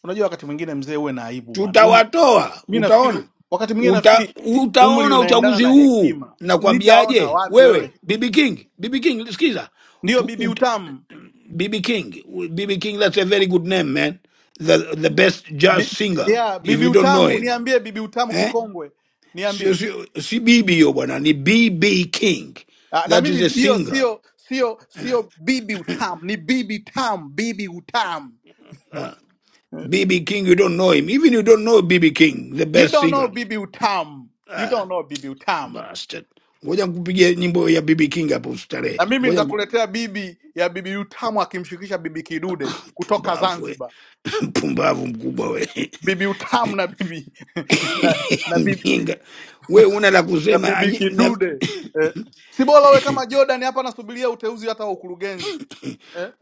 Unajua wakati mwingine mzee, uwe na aibu bwana. Um, tutawatoa. mi nafikiri Utaona wakati mwingine Uta, nafikiri umri utaona unaendana uchaguzi na huu hekima. Nitaona nakwambiaje. wapi wewe? Wewe Bibi King, Bibi King, sikiza Ndiyo bibi utamu BB King. BB King, that's a very good name, man. The the best jazz bi, singer, yeah, if bibi you don't know utamu, him. niambie bibi utamu Eh? kikongwe, Sio, niambie sio, si BB yo bwana, ni BB King. Ah, na That is mimi a hiyo singer. sio sio sio bibi utam ni bibi tam bibi utam Uh, BB King, you don't know him. Even you don't know BB King, the you best don't know singer. bibi utam you don't Ah, know bibi utam bastard. Ngoja nikupigie nyimbo ya BB King hapo ustarehe. na mimi Ngoja niku- nitakuletea bibi ya bibi utamu akimshirikisha bibi kidude kutoka mpumbavu we. zanzibar Mpumbavu mkubwa we. bibi utamu na bibi na, na bibi Mjinga. We una la na kusema bibi anyi- na- kidude eh. sibora uwe kama jordan hapa nasubiria uteuzi hata wa ukurugenzi eh?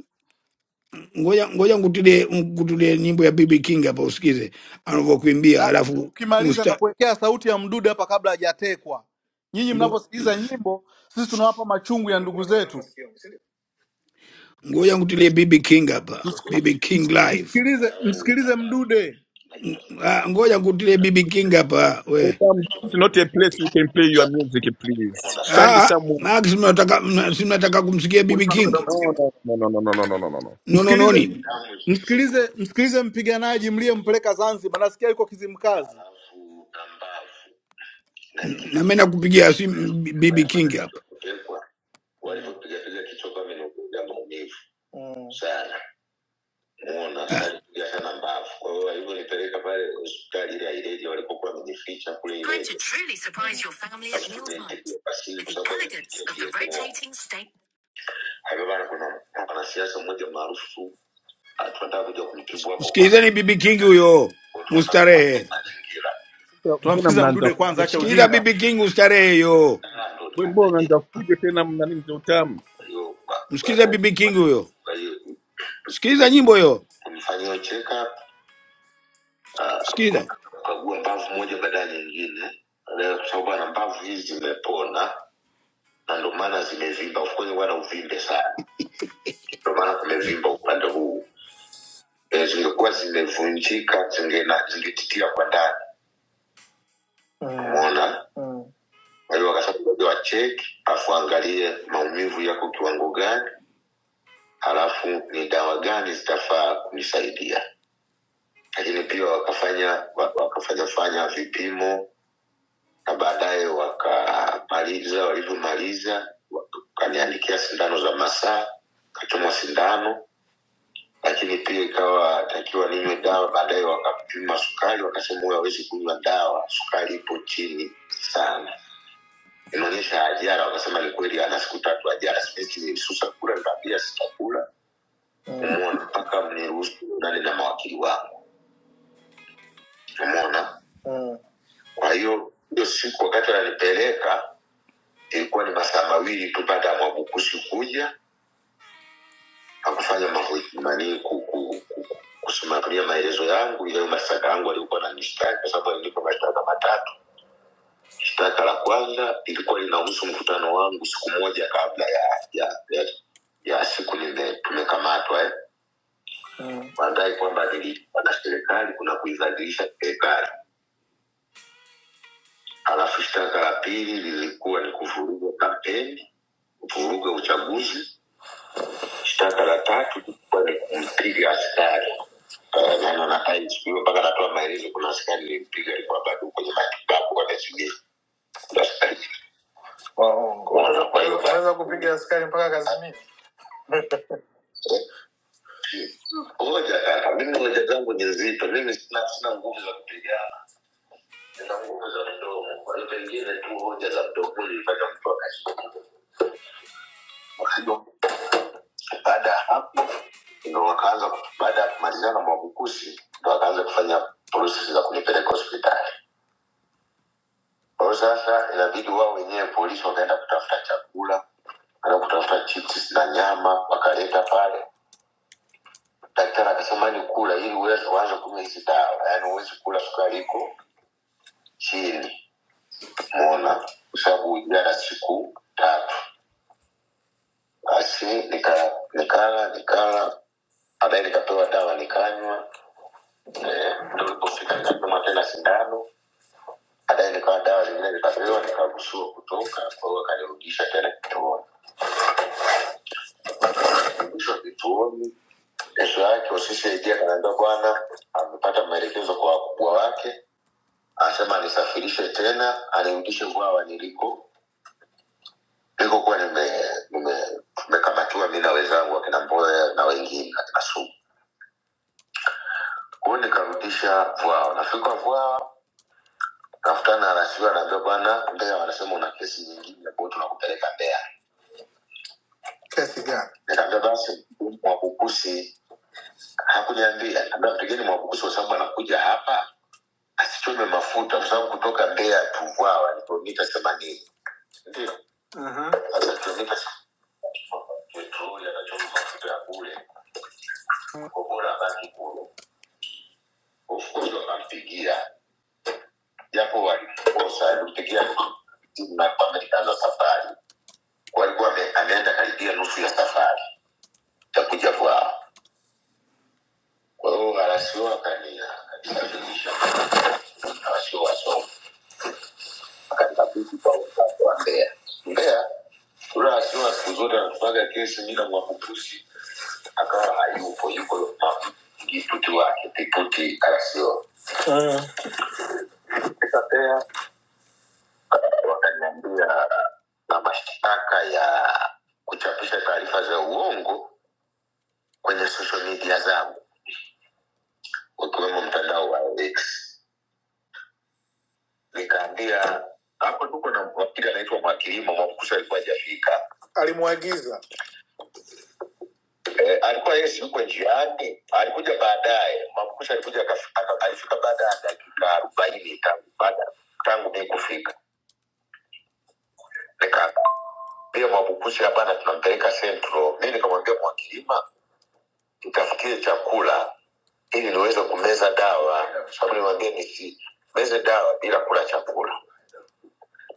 ngoja ngoja ngutilie ngutilie nyimbo ya BB King hapa usikize anavyokuimbia, na, na mimi alafu ukimaliza usta, nitakuwekea sauti ya mdude hapa kabla hajatekwa. Nyinyi ngo, mnavyosikiliza nyimbo, sisi tunawapa machungu ya ndugu zetu. ngoja ngutilie BB King hapa, BB King live. Msikilize, msikilize mdude, Ng- ah, Ngoja ngutilie BB King hapa we. Madam, this is not a place you can play your music please. Find Ah, someone. Max, mnataka mna- si mnataka kumsikia BB King? No, no, no, no, no, no, no, no, no. no. No no no msikilize nini? msikilize msikilize mpiganaji mliyempeleka Zanzibar, nasikia yuko Kizimkazi. Mm, Na mimi nakupigia simu BB King hapa. muona Ah, alipiga sana mbavu. Kwa hiyo alivyonipeleka pale hospitali ile ya Ileje walipokuwa wamejificha kule Ileje, akusubiri basili kwa sababu alipitia DNO. Alibana kuna mwanasiasa mmoja maarufu ah, tunataka kuja kumtibu hapo kwanza. sikilizeni BB King huyo Kwa hiyo tunataka kuanza mustarehe. mazingira Sasa mbona tunamsikiza mnaanza mdude kwanza fujo? acha Sikiza ujinga BB King ustarehe yo. Ah, ndo Wewe mbona nikapeleka. unaanza fujo tena mna nini za utamu? Kwa hiyo ba- Msikize ba- BB King huyo. kwa hiyo Sikiza nyimbo hiyo. kumfanyia check up Sikiza. kukagua mbavu moja baada ya nyingine, Baadaye kwa sababu ana mbavu hizi zimepona na ndio maana zimevimba. Of course wana uvimbe sana, ndio maana kumevimba upande huu. E, zingekuwa zimevunjika zingena- zingetitia kwa ndani, umeona. Kwa hiyo wakasema ngoja wacheki, afu angalie maumivu yako kiwango gani, halafu ni dawa gani zitafaa kunisaidia. Lakini pia wakafanya wa- wakafanya fanya vipimo na baadaye wakamaliza, walivyomaliza wakaniandikia sindano za masaa, kachomwa sindano lakini pia ikawa takiwa ninywe dawa. Baadaye wakampima sukari, wakasema huyu hawezi kunywa dawa, sukari ipo chini sana. Inaonyesha ajara, wakasema ni kweli, ana siku tatu ajara. Sipesi nilisusa kula, nikamwambia sitakula, umeona, mpaka mniruhusu nani na mawakili wangu, umeona. Kwa hiyo hiyo siku wakati ananipeleka ilikuwa ni masaa mawili tu baada ya Mwabukusi kuja hakufanya mambo nani ku- ku- ku- kusimamia maelezo yangu ile mashtaka yangu aliokuwa na nishtaki kwa sababu alinipa mashtaka matatu shtaka la kwanza ilikuwa linahusu mkutano wangu siku moja kabla ya ya, ya, ya siku nime- tumekamatwa eh. madai kwamba nilikuwa na serikali kuna kuibadilisha serikali halafu shtaka la pili lilikuwa ni kuvuruga kampeni kuvuruga uchaguzi Shtaka la tatu lilikuwa ni kumpiga askari Eh, na na- na IGP mpaka anatoa maelezo. Kuna askari nilimpiga, alikuwa bado kwenye matibabu kwa Kazimia. Kuna askari Waongo. Unaweza- kwa hiyo- Unaweza kupiga askari mpaka Kazimia. ngoja kaka, mimi hoja zangu ni nzito, mimi sina sina nguvu za kupigana, nina nguvu za mdomo. Kwa hiyo pengine tu hoja za mdomoni ilifanya mtu akashika Baada ya hapo ndo wakaanza, baada ya kumalizana Mwabukusi ndo wakaanza kufanya process za kunipeleka hospitali. Kwa hiyo sasa inabidi wao wenyewe polisi wakaenda kutafuta chakula, wakaenda kutafuta chips na nyama, wakaleta pale. Daktari akasema ni kula ili uweze uanze kunywa hizi dawa, yaani uwezi kula sukari iko chini, muona, kwa sababu jana siku tatu. Basi nika- nikala nikala, baadaye nikapewa dawa nikanywa Eh, ndo ilipofika nikapimwa tena sindano baadaye nikawa dawa zingine zikatolewa nikaruhusiwa kutoka kwa hiyo akanirudisha tena kituoni rudishwa kituoni kesho yake ofisi ya idia kanaambia bwana amepata maelekezo kwa wakubwa wake anasema anisafirishe tena anirudishe bwawa niliko nilikokuwa nime- nime- tumekamatiwa mi na wenzangu akina mboya na wengine katika sumu kwao nikarudisha vwao nafika vwao Kafutana anasiwa anaambia bwana, Mbeya wanasema una kesi nyingine, kwa hiyo tunakupeleka Mbeya. Kesi gani? Nikaambia basi Mwabukusi hakuniambia, kaambia mpigeni Mwabukusi kwa sababu anakuja hapa asichome mafuta, kwa sababu kutoka Mbeya Tuvwawa ni kilomita themanini, ndio Mhm. sasa kilomita petroli anachoma mafuta ya kule, kwa bora abaki kule. Of course wakampigia, japo walikosa, alimpigia timu na wamekaanza safari walikuwa ame- ameenda karibia nusu ya safari takuja kwao. Kwa hiyo arasio akanikaribisha arasio wasomi akanikabidhi kwa wenzangu wa Mbeya. Mbeya ule arasio siku zote anatupaga kesi mila mwakupusi akawa hayupo, yuko ma- kiputi wake kiputi arasio. Sasa Mbeya wakaniambia na mashtaka ya kuchapisha taarifa za uongo kwenye social media zangu ukiwemo mtandao wa X. Nikaambia hapo tuko na wakili anaitwa Mwakilima Mwabukusi, alikuwa hajafika alimwagiza eh, alikuwa yeye si yuko njiani, alikuja baadaye. Mwabukusi alikuja akaf- aka- alifika baada ya dakika arobaini tangu baada tangu mimi kufika. Nikamwambia Mwabukusi, hapana, tunampeleka Central. Mimi nikamwambia Mwakilima, nitafutie chakula ili niweze kumeza dawa, sababu nilimwambia nisi meze dawa bila kula chakula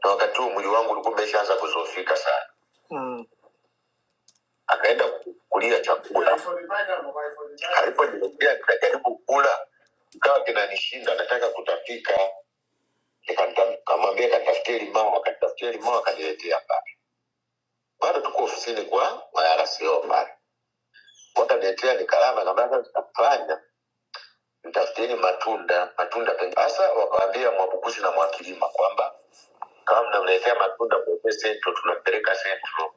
na wakati huo mwili wangu ulikuwa umeshaanza kuzofika sana Mm. akaenda kulia chakula alipojilegea nikajaribu kula ikawa kinanishinda nataka kutapika Nikata- nikamwambia katafutie limao akatafutia limao akaniletea pale bado tuko ofisini kwa marasio pale wakaniletea nikalama kabasa nikafanya nitafutieni matunda matunda pengine. sasa wakaambia mwabukusi na mwakilima kwamba kama mnamletea matunda kwa ofisi yetu tunapeleka sentro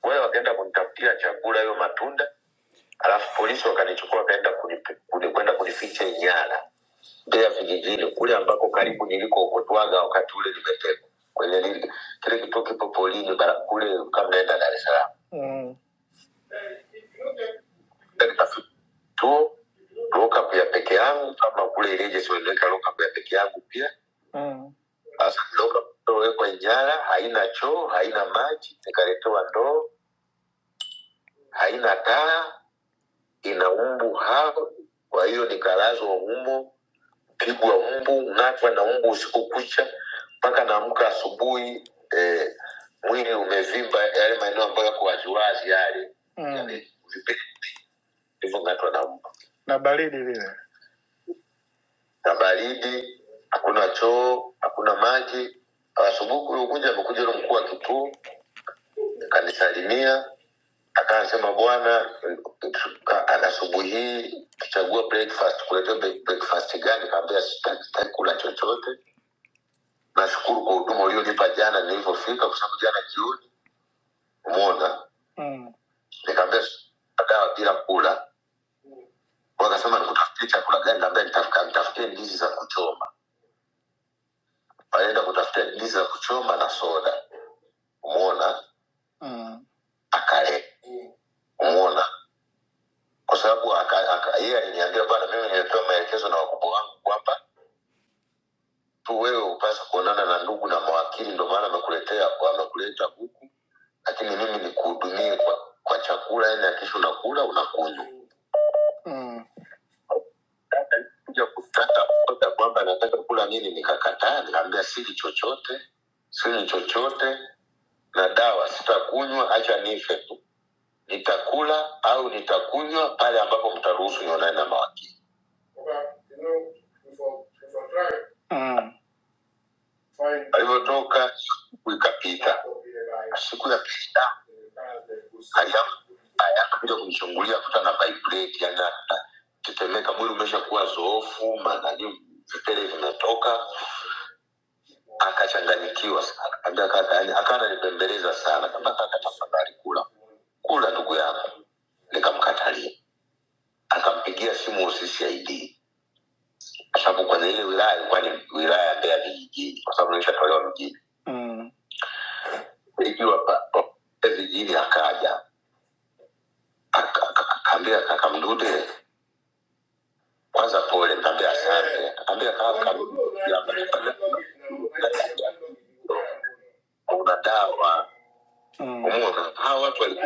Kwa hiyo wakaenda kunitafutia chakula, hiyo matunda, alafu polisi wakanichukua wakaenda kunipi- kuni- kwenda kunificha Inyala, Mbeya vijijini kule ambako karibu nilikokotwaga wakati ule nimetekwa kwenye lile- kile kituo kipo polini bara- kule kama naenda Dar es Salaam Mm. tuo lockup ya peke yangu kama kule ileje waliweka lockup ya peke yangu pia Mm. sasa lockup iliyowekwa Inyala haina choo haina maji nikaletewa ndoo haina taa ina umbu hao kwa hiyo nikalazwa humo pigwa umbu ng'atwa na umbu usiku kucha mpaka naamka asubuhi eh, mwili umevimba yale maeneo ambayo yako waziwazi yale mm. Yale vipele vilivyong'atwa na mbu na baridi vile na baridi hakuna choo hakuna maji asubuhi kuliokuja amekuja ule mkuu wa kituo akanisalimia Akasema bwana, tuka- asubuhi hii tuchague breakfast, kuleta breakfast gani? Kaambia sitaki sitaki kula chochote, nashukuru kwa huduma ulionipa jana nilivyofika, kwa sababu jana jioni umeona mm. Nikaambia dawa bila kula, wakasema nikutafutie chakula gani? Kaambia nitafuta nitafutie ndizi za kuchoma, walienda kutafutia ndizi za kuchoma na soda, umeona mm. Akale, umeona kwa sababu aka- aka- yeye aliniambia bana mimi nimepewa maelekezo na wakubwa wangu kwamba tu wewe upasa kuonana na ndugu na mawakili ndio maana amekuletea kwa amekuleta huku lakini mimi nikuhudumie kwa, kwa chakula yani akisha unakula unakunywa mm. Dada alikuja kutaka oda kwamba anataka kula nini nikakataa nikaambia sili chochote sili chochote na dawa sitakunywa acha nife tu nitakula au nitakunywa pale ambapo mtaruhusu nionane na mawakili Mm. alivyotoka siku ikapita siku ya pita akakuja kunichungulia kuta na vibrate yani tetemeka mwili umeshakuwa zoofu manani vipele vinatoka akachanganyikiwa sana kaambia kaka yani akawa ananipembeleza sana kama kaka tafadhali kula kula ndugu yangu nikamkatalia akampigia simu uccid kwa sababu kwenye ile wilaya ilikuwa ni wilaya ya mbeya vijijini kwa sababu nilishatolewa mjini Mm. nikiwa pa- pa- vijijini, akaja aka- aka- akaambia kaka Mdude, kwanza pole, kaambia asante, akaambia kaka kuna dawa Umeona, hawa watu wali-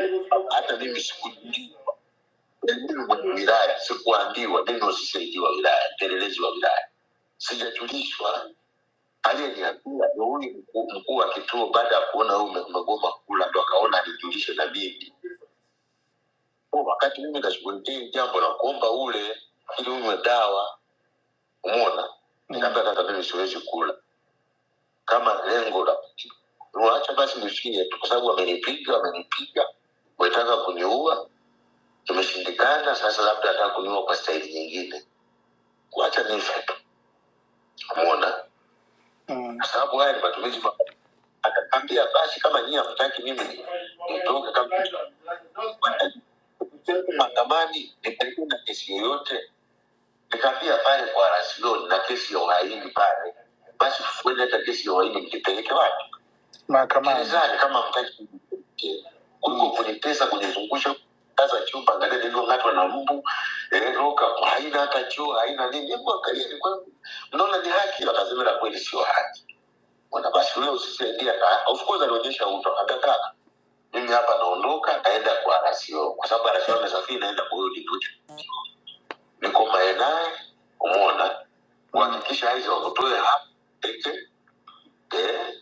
hata mimi sikujui Mimi mwenye wilaya sikuambiwa, mimi usisaidizi wa wilaya, mpelelezi wa wilaya, sijajulishwa. Aliyeniambia ni huyu mkuu mkuu wa kituo, baada ya kuona huyu ume- umegoma kula, ndo akaona nijulishe na mimi Kwa wakati mimi nashughulikia hili jambo la kuomba ule ili unywe dawa, umeona, nikaambia sasa mimi siwezi kula kama lengo la wacha basi nifie tu, kwa sababu amenipiga, amenipiga, wetaka kuniua, tumeshindikana. Sasa labda ataka kuniua kwa staili nyingine, wacha nife tu, umeona, kwa sababu haya ni matumizi mabaya. Akaambia basi kama nyie hamtaki mimi nitoke kama mahakamani, nipeleke na kesi yoyote Nikaambia pale kwa rasio na kesi ya uhaini pale, basi fueni hata kesi ya uhaini mkipeleke wapi? mahakamani. Gerezani kama mtaki mkipeleke. kuliko kunitesa kunizungusha kaza chumba, angalia nilivyong'atwa na mbu eh, roka haina hata choo haina nini. Hebu angalia ni kweli, mnaona ni haki? Wakasema la kweli, sio haki. Bwana basi wewe usisaidia na of course alionyesha uto akataka mimi hapa naondoka, naenda kwa rasio kwa sababu rasio amesafiri, naenda kwa huyo deputy nikombae naye umona uhakikisha hizo wakutoe hapa peke, eh,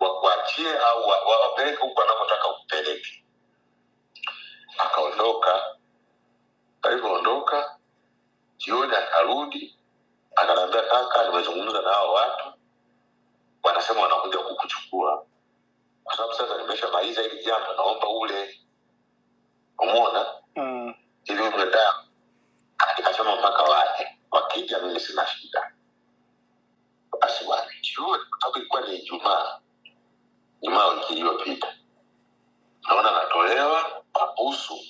wakuachie au wa- wawapeleke huku anakotaka kupeleke. Akaondoka, alivyoondoka jioni akarudi, akaniambia kaka, nimezungumza na hao watu, wanasema wanakuja kukuchukua kwa sababu sasa nimeshamaliza hili jambo, naomba ule, umona mm. ili umedaa nikasema mpaka waje, wakija mimi sina shida. Basi walijue, kwa sababu ilikuwa ni Ijumaa Jumaa wiki iliyopita, naona natolewa mabusu.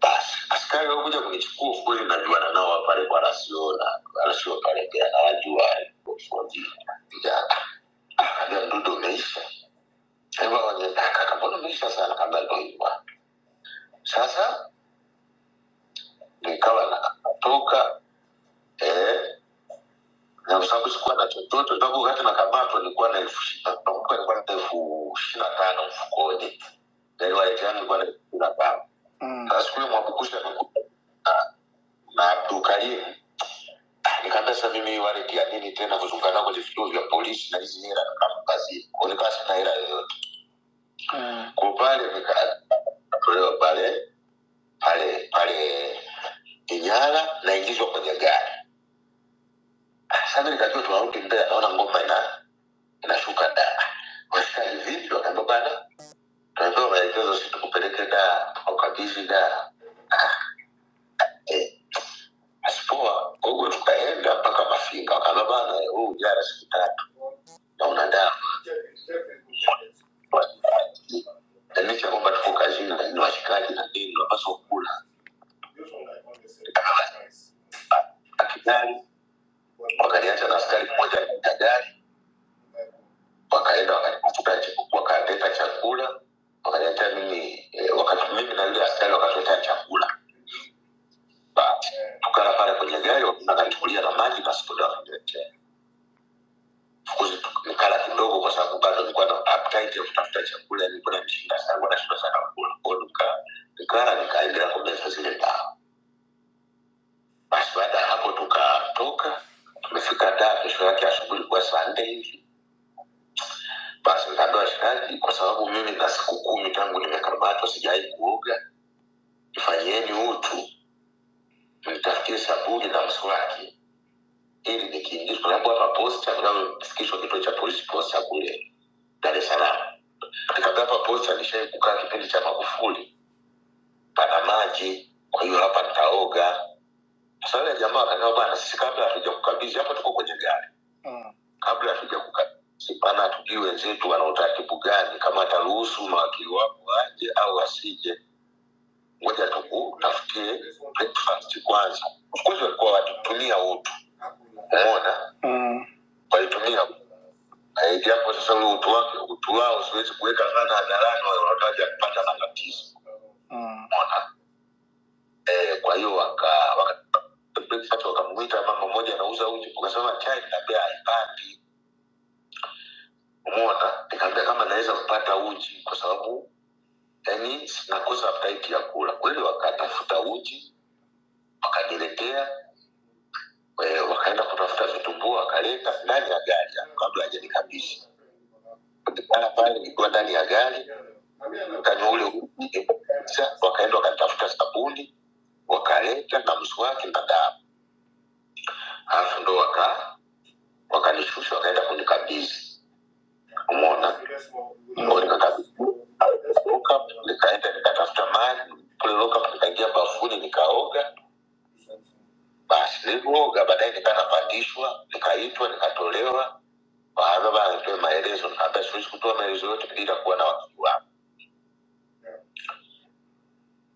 Basi askari walikuja kunichukua ukweli, najuana nao wa pale kwa rasio na rasio pale pia nawajua vijana. Kaambia mdudu umeisha, hebu wenye kaka, mbona umeisha sana? Kaambia ndo hivyo sasa, nikawa natoka eh Na kwa sababu sikuwa na chochote, kwa sababu wakati nakamatwa nilikuwa na elfu shi- nakumbuka nilikuwa na elfu ishirini na tano mfukoni, na ile wallet yangu ilikuwa na elfu ishirini na tano. Mm. Sasa siku hiyo Mwabukusi amekuja na Abdul Karim, Ah, nikaambia sasa mimi hii wallet ya nini tena kuzunguka nao kwenye vituo vya polisi na hizi hela kamkazi, kwa hiyo nikawa sina hela yoyote. Mm. Kwa pale nika- natolewa pale pale pale Inyala, naingizwa kwenye gari. Ah, Sasa mimi nikajua tunarudi Mbeya, naona ngoma ina inashuka da wasikai vipi wakaambia bana tunapewa maelekezo si tukupeleke da tukakabidhi da eh, asipoa kwa hivyo tukaenda mpaka mafinga wakaambia bana huu jara siku tatu na una damu na licha ya kwamba tuko kazini na ni washikaji na nini unapaswa kula akijali wakaniacha na askari mmoja katika gari wakaenda wakatafuta chiku- wakaleta chakula wakaniletea mimi eh, wakati mimi na yule askari wakatuletea chakula bahati tukala pale kwenye gari wakanichukulia na maji pasipoti wakaniletea fukuzi nikala kidogo kwa sababu bado nilikuwa na appetite ya kutafuta chakula nilikuwa na mshinda sana nilikuwa nashinda sana kula kwa hiyo nika nikala nikaendelea kumeza zile dawa basi baada ya hapo tukatoka tumefika daa kesho yake asubuhi ilikuwa saa nne hivi basi nikaambiwa shikaji kwa sababu mimi na siku kumi tangu nimekamatwa sijawai kuoga ifanyeni utu nitafutie sabuni na mswaki Hili ni kijiji, kuna bwana wa posta vinavyofikishwa kituo cha polisi posta kule Dar es Salaam. Nikamwambia hapa posta nishai kukaa kipindi cha Magufuli, pana maji, kwa hiyo hapa nitaoga. Sasa yule jamaa akaniambia bwana, sisi kabla hatuja kukabidhi hapa, tuko kwenye gari mm. kabla hatuja kukabidhi, maana hatujui wenzetu wana utaratibu gani, kama ataruhusu mawakili wako aje au asije, ngoja tukutafutie breakfast kwanza. Of course walikuwa wakitumia utu, umeona mm. walitumia utu Eh, japo sasa ule utu wake utu wao siwezi kuweka sana hadharani, wale wanataka kupata matatizo Mm. umeona. Eh, kwa hiyo waka waka- breakfast wakamwita mama mmoja anauza uji, ukasema chai na bei haipati, umeona. Nikamwambia kama naweza kupata uji kwa sababu yani sinakosa appetite ya kula. Kweli wakatafuta uji wakaniletea, eh, wakaenda kutafuta vitumbua wakaleta ndani ya gari kabla hajanikabidhi. Nikaa pale nikiwa ndani ya gari Mkanywa ule uji, wakaenda wakatafuta sabuni wakaleta na mswaki na dawa, alafu ndo waka wakanishusha wakaenda kunikabidhi. Umeona, Ndo nikakabidhi lockup, nikaenda nikatafuta maji kule lockup, nikaingia bafuni nikaoga. Basi nilipooga baadaye nikaa napandishwa, nikaitwa, nikatolewa, wakaambia bana, nitoe maelezo. Nikaambia siwezi kutoa maelezo yote bila kuwa na wakili wangu.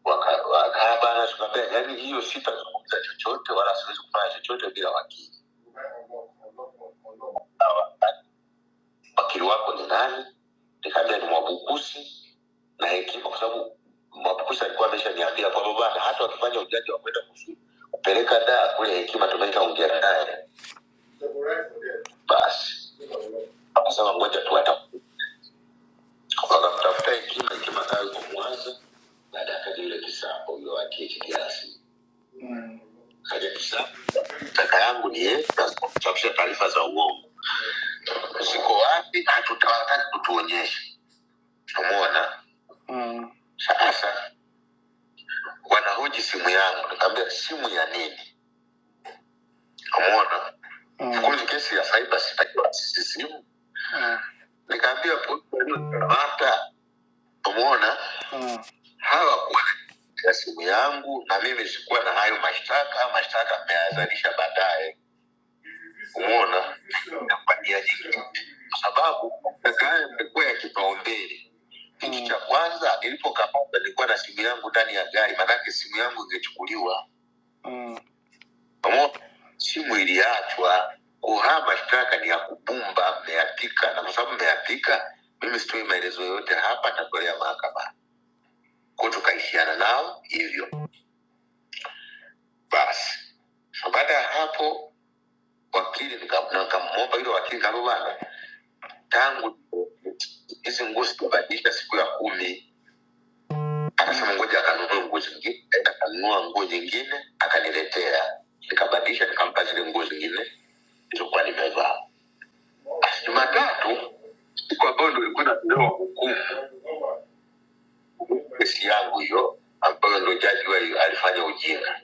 waka- wakakaa bana, tukaambia yani, hiyo sitazungumza chochote wala siwezi kufanya chochote bila wakili. Wakili wako ni nani? Nikaambia ni Mwabukusi na Hekima, kwa sababu Mwabukusi alikuwa ameshaniambia kwamba bana, hata wakifanya ujaji wa kwenda kufu- kupeleka daa kule Hekima, tumeshaongea naye. Basi akasema ngoja tu ata wakamtafuta Hekima, Hekima nayo yuko Mwanza, baada akaja yule kisapo yule wa THDRC Kabisa. Kaka yangu ni yeye kuchapisha taarifa za uongo. Ziko wapi? na Hatutawataka kutuonyesha. Umeona? Mm. Sasa wanahoji simu yangu, nikamwambia simu ya nini? Umeona? Mm. Kwenye kesi ya cyber sitakiwa sisi simu. Mm. Nikamwambia polisi waliokamata, umeona? Mm. Hawakuwa na ya simu yangu na mimi sikuwa na hayo mashtaka. Mashtaka mmeyazalisha baadaye. kumwona na kupatia jiki kwa sababu kaka haya yamekuwa ya kipaumbele kitu cha kwanza nilipokamata nilikuwa na simu yangu ndani ya gari manake simu yangu ingechukuliwa Mm. pamoja simu iliachwa kuhaa mashtaka ni ya kubumba mmeyapika na kwa sababu mmeyapika mimi sitoi maelezo yoyote hapa natolea mahakamani ko tukaishiana nao hivyo basi so baada ya hapo wakili nika- nikamwomba yule wakili kabana tangu hizi nguo zikubadilika siku ya kumi akasema ngoja akanunue nguo zingine Akaenda akanunua nguo nyingine akaniletea nikabadilisha nikampa zile nguo zingine nilizokuwa nimevaa Basi jumatatu siku ambayo ndo ilikuwa natolewa hukumu kesi yangu hiyo ambayo ndo jaji wa- alifanya ujinga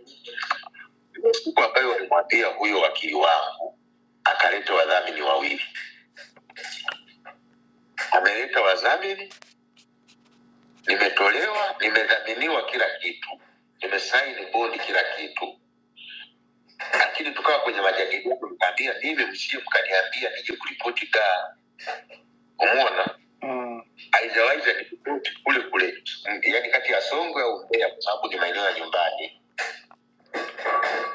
siku ambayo walimwambia huyo wakili wangu akaleta wadhamini wawili ameleta wadhamini Nimetolewa, nimedhaminiwa kila kitu, nimesaini bodi kila kitu, lakini tukawa kwenye majadiliano, nikaambia mimi, msije mkaniambia nije kuripoti gaa. Umeona, Mm. haijawahi za kuripoti kule kule, yani kati ya Songwe au Mbeya, kwa sababu ni maeneo ya nyumbani.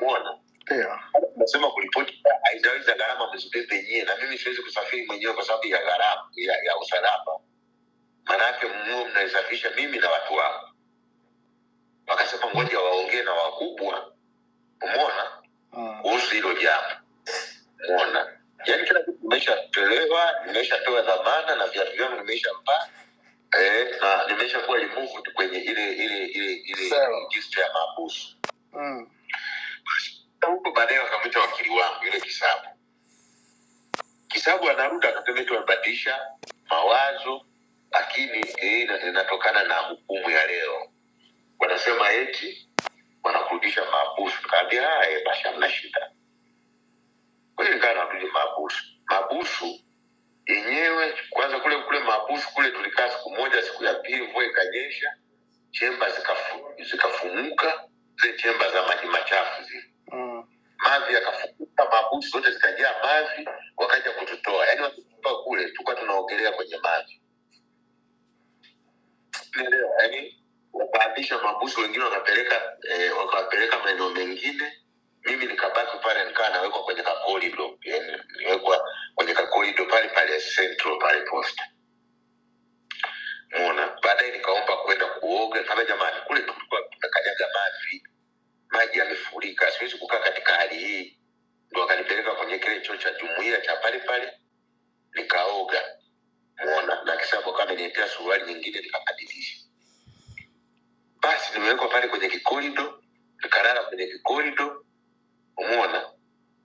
Umeona, Yeah. nasema kuripoti gaa, haijawahi za gharama mzibebe nyie, na mimi siwezi kusafiri mwenyewe kwa sababu ya gharama ya, ya usalama, maanake mmuo mnaisafisha mimi na watu wangu. Wakasema ngoja waongee na wakubwa umona Ah, kuhusu hilo jambo umona yaani kila kitu nimeshatolewa nimeshapewa dhamana na viatu vyangu nimeshampa eh, na nimeshakuwa removed kwenye ile ile ile ile register ya maabusu mm, Na huko baadaye wakamwita wakili wangu yule kisabu kisabu anarudi akasema eti wamebadilisha mawazo lakini eh, ina- inatokana na hukumu ya leo wanasema eti wanakurudisha maabusu kaambia haya basi hamna shida tulikaa na Abduli Mabusu. Mabusu yenyewe kwanza kule kule Mabusu kule tulikaa siku moja, siku ya pili mvua ikanyesha, chemba zikafu, zikafumuka zile chemba za maji machafu zile mm. mavi yakafumuka, Mabusu zote zikajaa mavi, wakaja kututoa, yaani watutoa kule, tulikuwa tunaogelea kwenye mavi yani wakaabisha mabusu wengine wakapeleka eh, wakawapeleka maeneo mengine mimi nikabaki pale nikaa nawekwa kwenye kakorido yani niwekwa kwenye kakorido pale pale central pale posta mona baadaye nikaomba kwenda kuoga kama jamani kule tulikuwa tunakanyaga maji maji yamefurika siwezi kukaa katika hali hii ndo akanipeleka kwenye kile choo cha jumuia cha pale pale nikaoga mona na kisabu akaniletea suruali nyingine nikabadilisha basi nimewekwa pale kwenye kikorido nikalala kwenye kikorido umona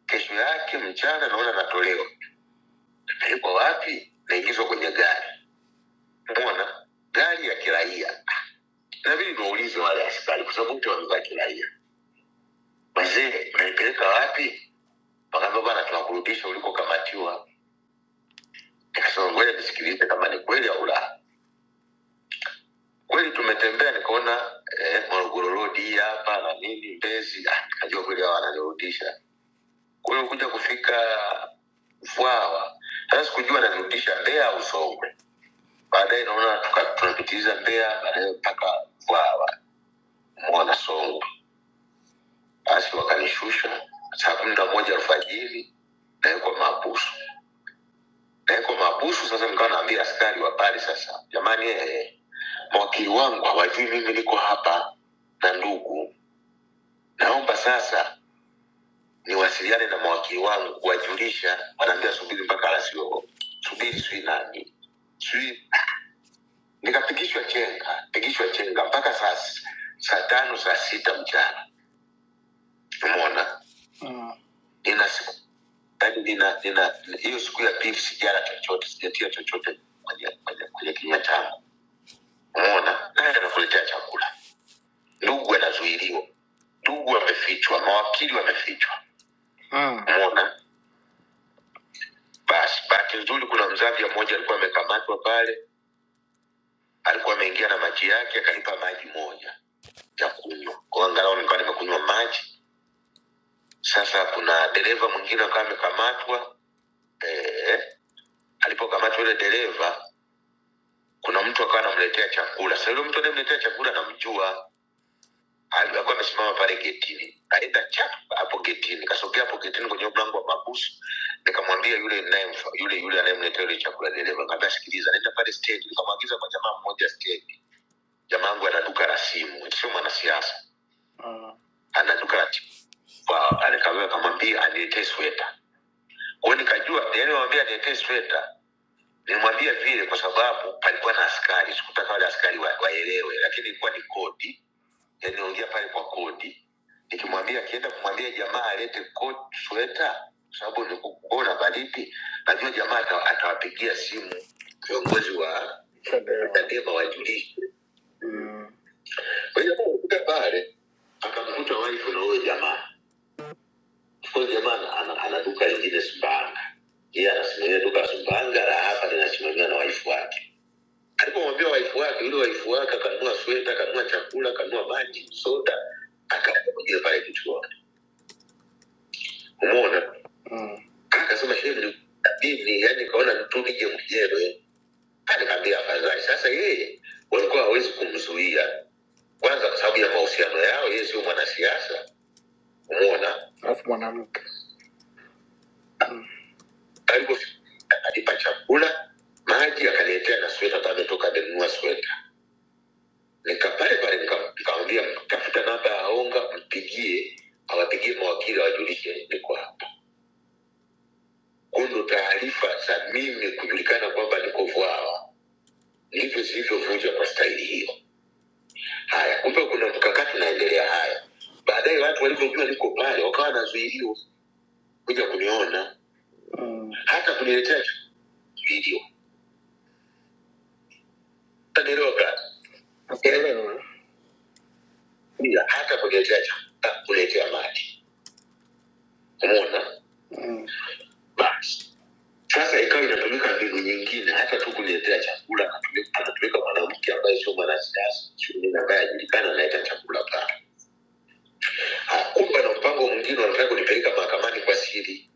kesho yake mchana naona natolewa napelekwa wapi naingizwa kwenye gari umona gari ya kiraia nabidi niwaulize wale askari kwa sababu wote wamevaa kiraia wazee mnanipeleka wapi wakaambia bana tunakurudisha ulikokamatiwa nikasema ngoja nisikilize kama ni kweli au la kweli tumetembea nikaona eh, morogoro road hii hapa na nini mbezi ah, nikajua kweli hawa wananirudisha Kwa hiyo kuja kufika Vwawa, sasa sikujua nanirudisha Mbeya au Songwe. Baadaye naona tuka- tunapitiliza Mbeya, baadaye mpaka Vwawa, Mwana Songwe. Basi wakanishusha saa kumi na moja alfajiri, nawekwa mahabusu. Nawekwa mahabusu sasa, nikawa naambia askari wa pale sasa, jamani, eh, eh, mawakili wangu hawajui mimi niko hapa na ndugu, naomba sasa niwasiliane na mawakili wangu kuwajulisha, wanaambia subiri mpaka RCO, subiri sijui nani sijui. Nikapigishwa chenga, pigishwa chenga mpaka saa s- saa tano saa sita mchana, umeona mm. nina siku yani nina nina hiyo siku ya pili sijala chochote, sijatia chochote kwenye kwenye kwenye kinywa changu, umeona. Naye anakuletea chakula, ndugu anazuiliwa, ndugu wamefichwa, mawakili wamefichwa, Mm. umeona Basi bahati nzuri, kuna Mzambia mmoja alikuwa amekamatwa pale, alikuwa ameingia na maji yake, akanipa maji moja ya kunywa, kwa angalau nikawa nimekunywa maji. Sasa kuna dereva mwingine akawa amekamatwa eh, alipokamatwa yule dereva, kuna mtu akawa anamletea chakula. Sasa yule mtu anayemletea chakula namjua, alikuwa amesimama pale getini aenda chap hapo getini kasogea hapo getini kwenye mlango wa mabusu nikamwambia yule ninayemfa- yule yule anayemleta ile chakula dereva nikamwambia sikiliza nenda pale stendi nikamwagiza kwa jamaa mmoja stendi jamaa yangu ana duka la simu sio mwanasiasa Mm. ana duka la chapa alikawea akamwambia aniletee sweta kwao nikajua nilimwambia niletee sweta nilimwambia vile kwa sababu palikuwa na askari sikutaka wale askari wa- waelewe lakini ilikuwa ni kodi yani naongea pale kwa kodi nikimwambia akienda kumwambia jamaa alete koti sweta sababu ni kuona baridi najua jamaa ata- atawapigia simu viongozi wa chadema wajulishe Mm. kwa hiyo alikuja pale akamkuta wife na huyo jamaa Of course jamaa ana, ana, ana duka lingine sumbanga yeye anasimamia duka la sumbanga la hapa linasimamiwa na wife wake alipomwambia waifu wake yule waifu wake akanunua sweta akanunua chakula akanunua maji soda akakuja pale kichua umeona mm. akasema hivi ni dini yani kaona mtu nije mwenyewe alikambia afadhali sasa yeye walikuwa hawezi kumzuia kwanza kwa sababu ya mahusiano yao yeye sio mwanasiasa umeona alafu mwanamke mm. alipofika, alipa chakula maji akaniletea na sweta ametoka amenunua sweta nika pale pale nika- nikamwambia tafuta namba ya onga mpigie awapigie mawakili awajulishe niko hapa Kwa ndo taarifa za mimi kujulikana kwamba niko vwawa ndivyo zilivyovunjwa kwa staili hiyo haya kumbe kuna mkakati unaendelea haya baadaye watu walivyojua niko pale wakawa wanazuiliwa kuja kuniona mm. hata kuniletea video taniroga Nakuelewa. hata kuniletea chakula, kuniletea maji umeona Mm. basi sasa ikawa inatumika mbinu nyingine hata tu kuniletea chakula anatumi- anatupeleka mwanamke ambaye sio mwanasiasa shughuli ambaye ajulikana analeta chakula pale Ah, kumbe na mpango mwingine wanataka kunipeleka mahakamani kwa siri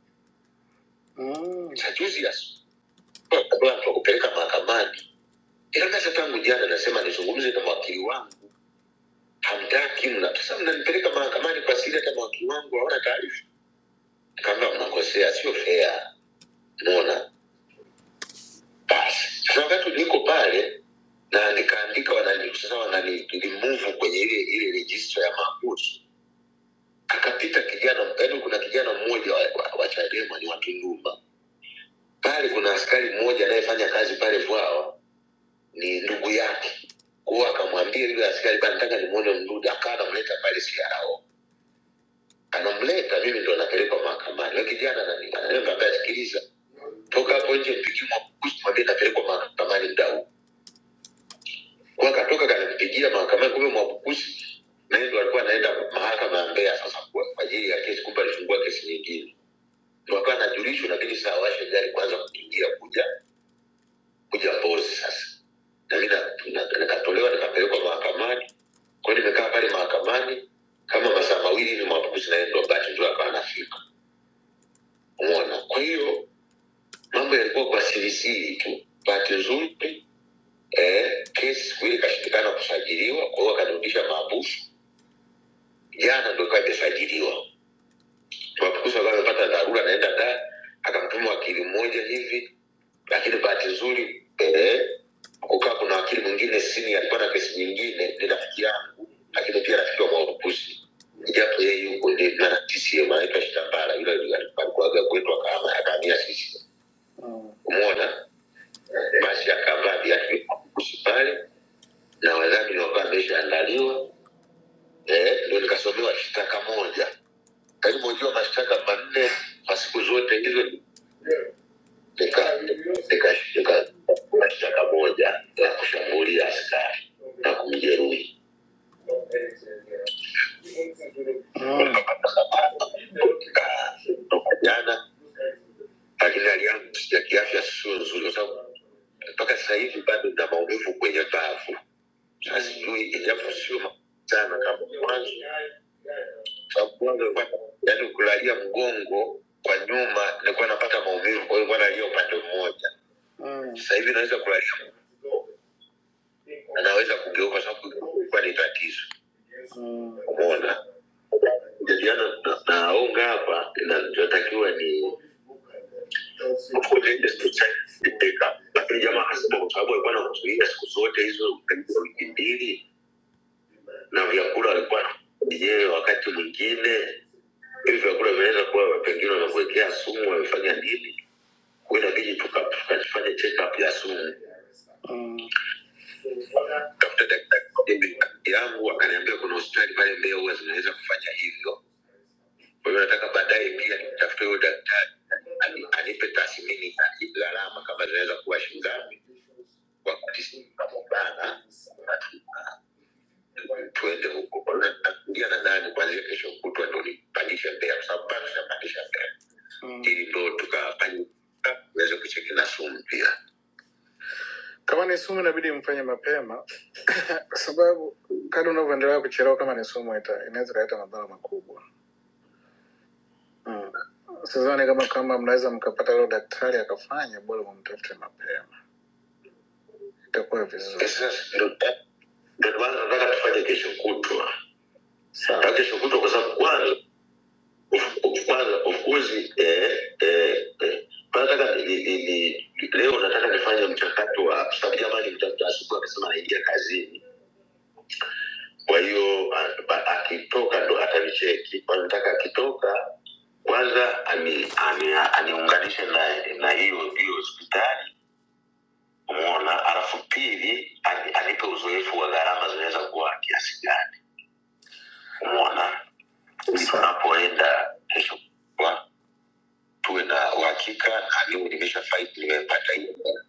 Mm. Sasa juzi ya asubuhi, kabla mtu akupeleka mahakamani ilakasa tangu jana nasema nizungumze na mwakili wangu hamtaki mna sasa mnanipeleka mahakamani kwa siri hata mwakili wangu hawana taarifa kama mnakosea sio fea mona Basi sasa wakati niko pale na nikaandika wanani, sasa wanani remove kwenye ile ile register ya makuzi, akapita kijana, yaani kuna kijana mmoja wa, wa, wa Chadema ni Watundumba pale, kuna askari mmoja anayefanya kazi pale Vwawa ni ndugu yake kwao, akamwambia yule askari bana, nataka nimuone Mdude, akawa anamleta pale CRO, anamleta mimi ndo napelekwa mahakamani. Yule kijana ananiambia, sikiliza, toka hapo nje, mpikie makuzi, mwambie napelekwa mahakamani mdau Kwa hiyo akatoka kanipigia mahakamani, kumbe Mwabukusi naye ndo alikuwa anaenda mahakama ya Mbeya sasa kwa kwa ajili ya kesi, kumbe alifungua kesi nyingine, ndo akawa anajulishwa, inabidi sasa awashe gari kwanza kuingia kuja kuja Mbozi sasa, na mimi na- na- nikatolewa nikapelekwa mahakamani. Kwa hiyo nimekaa pale mahakamani kama masaa mawili hivi, Mwabukusi naye ndo bahati nzuri akawa anafika, umeona. Kwa hiyo mambo yalikuwa kwa sirisiri tu. Bahati nzuri eh, kesi siku ile ikashindikana kusajiliwa, kwa hiyo wakanirudisha maabusu jana ndo ikawa imesajiliwa. Tuwakukusa wakawa amepata dharura, anaenda da akamtuma wakili mmoja hivi, lakini bahati nzuri eh, kukaa kuna wakili mwingine sini alikuwa na kesi nyingine, ni rafiki yangu, lakini pia rafiki wa Mwabukusi, japo yeye yuko ni na CCM anaitwa Shitambala, yule alikuwaga kwetu akaama akahamia sisi umeona, basi akavaa viatu vya Mwabukusi pale na wadhamini wakawa ameshaandaliwa. Eh, ndo nikasomewa shtaka moja karibu jua mashtaka manne kwa siku zote hizo nika- nika- nika- kuna shtaka moja la kushambulia askari na kumjeruhi jana, lakini hali yangu ya kiafya sio nzuri, kwa sababu mpaka sasa hivi bado na maumivu kwenye bavu. Sasa sijui, ijapo sio makali sana kama mwanzo, mgongo yaani ukilalia mgongo kwa nyuma nilikuwa napata maumivu kwa hiyo nilikuwa nalia upande mmoja Mm, sasa hivi naweza kulalia na naweza kugeuka kwa sababu ilikuwa ni tatizo mm, umeona jadiliana na- naonga hapa inatakiwa ni of course, ile siku chache ilipita. lakini jamaa akasema kwa sababu alikuwa anamzuia siku zote hizo karibu wiki mbili na vyakula alikuwa yeye wakati mwingine hivi vyakula vinaweza kuwa pengine wamekuwekea sumu, wamefanya nini, kwa hiyo inabidi tuka- tukafanye check up ya sumu. Mm. Tafuta daktari wa mimi yangu akaniambia kuna hospitali pale Mbeya huwa zinaweza kufanya hivyo. Kwa hiyo nataka baadaye pia nimtafute huyo daktari ani- anipe tathmini ya hii gharama kama zinaweza kuwa shilingi ngapi, wakati sinabana tuende huko. Kwa hiyo nafikiria nadhani kuanzia kesho kutwa ndo nipandishe Mbeya, kwa sababu bado sijapandisha Mbeya. Mm. ili ndo tukafanya uweze kucheki na sumu pia kama ni sumu inabidi mfanye mapema kwa sababu kadi unavyoendelea kuchelewa kama ni sumu ita- inaweza ikaleta madhara makubwa mm. sizani kama kama mnaweza mkapata leo daktari akafanya bora mumtafute mapema itakuwa vizuri Sasa ndo ndo maana nataka tufanye kesho kutwa sawa Nataka kesho kutwa kwa sababu kwanza kwanza of course eh, eh, eh, kwanza nataka ni, ni, ni, leo nataka nifanye mchakato wa kwa sababu jamani mtafuta asubuhi akasema anaingia kazini kwa hiyo a- ba- akitoka ndo atanicheki kwanza nataka akitoka kwanza ani- ani- aniunganishe na na hiyo hiyo hospitali umona alafu pili ani- anipe uzoefu wa gharama zinaweza kuwa kiasi gani umona tunapoenda kesho kwa tuwe na uhakika na niwe nimeshafaidi nimepata hiyo hela.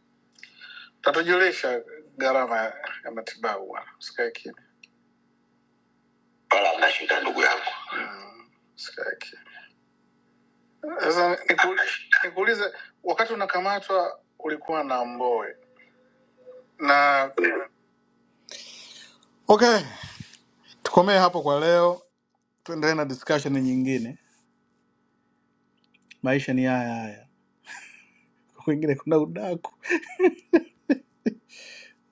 tatajulisha gharama ya ya matibabu bwana, usikae kimya, wala mnashinda ndugu yangu usikae kimya. Sasa niku, nikuulize, wakati unakamatwa ulikuwa na Mbowe na okay, tukomee hapo kwa leo, tuendelee na discussion nyingine. Maisha ni haya haya, kwingine kuna udaku,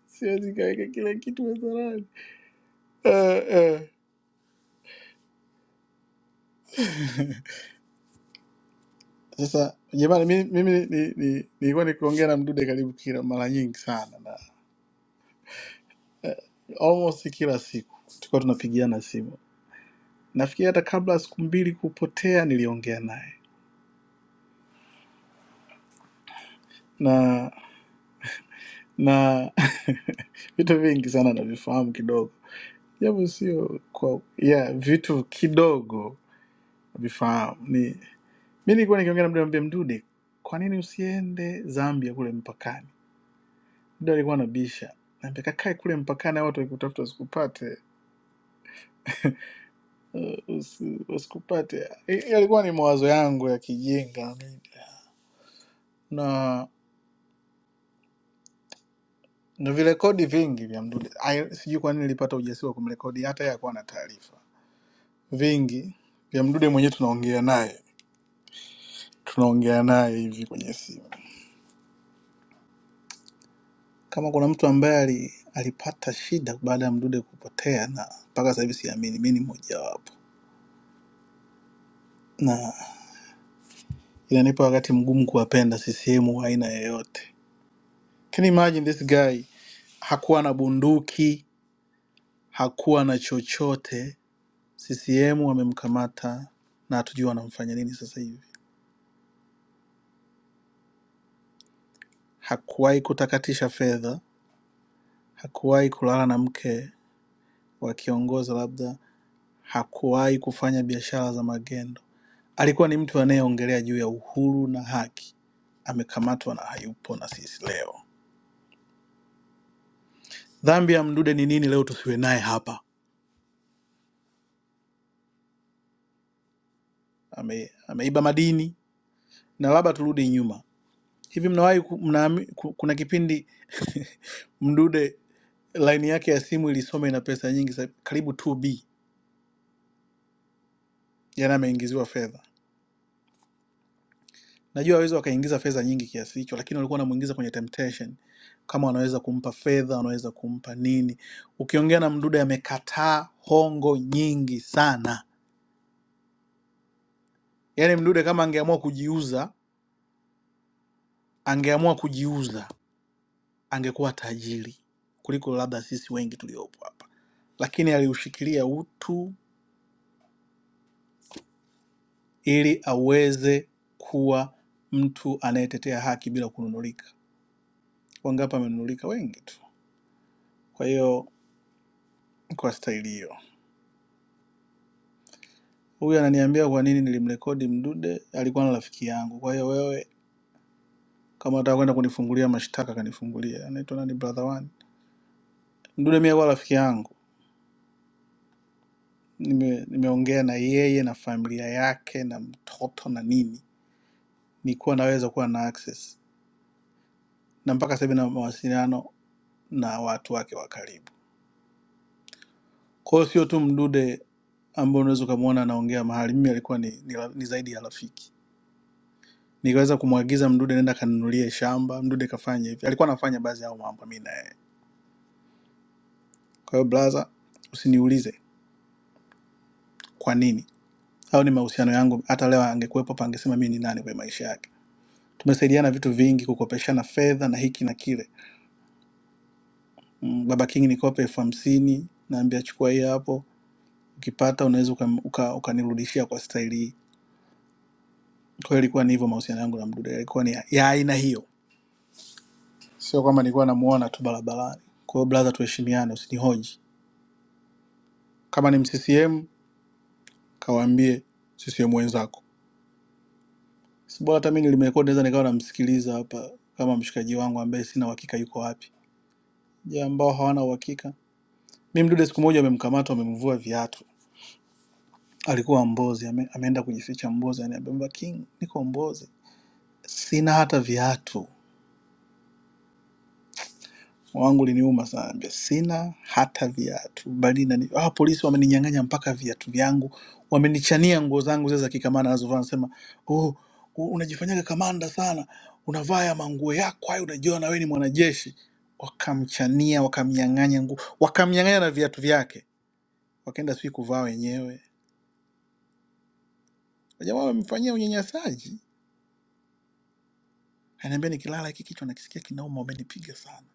siwezi kaweka kila kitu mezarani. Eh, uh, eh. uh. Sasa jamani, mi- mimi ni- ni- nilikuwa nikiongea na Mdude karibu kila mara nyingi sana na almost si kila siku tulikuwa tunapigiana simu. Nafikiri hata kabla ya siku mbili kupotea niliongea naye na na vitu vingi sana navifahamu kidogo, japo sio kwa yeah, vitu kidogo navifahamu. Ni mi nilikuwa nikiongea na Mdude, namwambia Mdude, kwa nini usiende Zambia kule mpakani? Mdude alikuwa anabisha, naambia kakae kule mpakani, watu wakikutafuta usikupate usi, usikupate. I- Yalikuwa ni mawazo yangu ya kijinga na na virekodi vingi vya Mdude. Ai, Sijui kwa nini nilipata ujasiri wa kumrekodi, hata yeye hakuwa na taarifa. Vingi vya Mdude mwenyewe tunaongea naye, tunaongea naye hivi kwenye simu. Kama kuna mtu ambaye ali- alipata shida baada ya Mdude kupotea, na mpaka sasa hivi siamini, mi ni mmojawapo, na inanipa wakati mgumu kuwapenda CCM wa aina yoyote. Can you imagine this guy hakuwa na bunduki hakuwa na chochote. CCM wamemkamata na hatujui wanamfanya nini sasa hivi. Hakuwahi kutakatisha fedha, hakuwahi kulala na mke wa kiongozi labda, hakuwahi kufanya biashara za magendo. Alikuwa ni mtu anayeongelea juu ya uhuru na haki, amekamatwa na hayupo na sisi leo. Dhambi ya Mdude ni nini leo tusiwe naye hapa? Ame, ameiba madini na labda turudi nyuma Hivi mnawahi ku- mnaami- ku- kuna kipindi Mdude laini yake ya simu ilisoma ina pesa nyingi sa- karibu 2B, jana ameingiziwa fedha. Najua hawezi wakaingiza fedha nyingi kiasi hicho, lakini walikuwa wanamuingiza kwenye temptation, kama wanaweza kumpa fedha, wanaweza kumpa nini. Ukiongea na Mdude amekataa hongo nyingi sana. Yaani Mdude kama angeamua kujiuza, angeamua kujiuza, angekuwa tajiri kuliko labda sisi wengi tuliopo hapa, lakini aliushikilia utu ili aweze kuwa mtu anayetetea haki bila kununulika. Wangapi amenunulika? Wengi tu. Kwa hiyo kwa staili hiyo, huyu ananiambia kwa nini nilimrekodi Mdude, alikuwa na rafiki yangu. Kwa hiyo wewe kama unataka kwenda kunifungulia mashtaka, kanifungulia. Anaitwa nani? Brother One Mdude, mie kwa rafiki yangu nime, nimeongea na yeye na familia yake na mtoto na nini, nikuwa naweza kuwa na access na mpaka sasa hivi na mawasiliano na watu wake wa karibu. Kwa hiyo sio tu mdude ambao unaweza ukamwona anaongea mahali. Mimi alikuwa ni, ni, ra- ni zaidi ya rafiki. Nikaweza kumwagiza mdude nenda kanunulie shamba, mdude kafanya hivi. Alikuwa anafanya baadhi ya hayo mambo mimi na yeye. Kwa hiyo brother, usiniulize kwa nini au ni mahusiano yangu. Hata leo angekuwepo hapa, angesema mimi ni nani kwenye maisha yake. Tumesaidiana vitu vingi, kukopeshana fedha na hiki na kile. Mm, Baba King, nikope elfu hamsini, naambia chukua hii hapo, ukipata unaweza ukam- uka- uka ukanirudishia kwa staili hii. Kwa hiyo ilikuwa ni hivyo, mahusiano yangu na mdude yalikuwa ni ya ya aina hiyo sio kwamba nilikuwa namuona tu barabarani. Kwa hiyo brother, tuheshimiane, usinihoji. Kama ni CCM kawaambie CCM wenzako, si bora hata mimi nilimerekodi, naweza nikawa namsikiliza hapa kama mshikaji wangu ambaye sina uhakika yuko wapi. Je, ambao hawana uhakika. Mimi mdude siku moja amemkamata, amemvua viatu, alikuwa Mbozi, ame, ameenda kujificha Mbozi, ananiambia "Baba King, niko Mbozi, sina hata viatu wangu liniuma sana, ambia sina hata viatu, bali nani ah, polisi wameninyang'anya mpaka viatu vyangu, wamenichania nguo zangu zile za kikamanda nazovaa, nasema oh, u- unajifanyaga kamanda sana, unavaa ya manguo yako hayo, unajua na wewe ni mwanajeshi. Wakamchania, wakamnyang'anya nguo, wakamnyang'anya na viatu vyake, wakaenda sijui kuvaa wenyewe. Jamaa wamemfanyia unyanyasaji, ananiambia nikilala hiki kichwa nakisikia kinauma, umenipiga sana.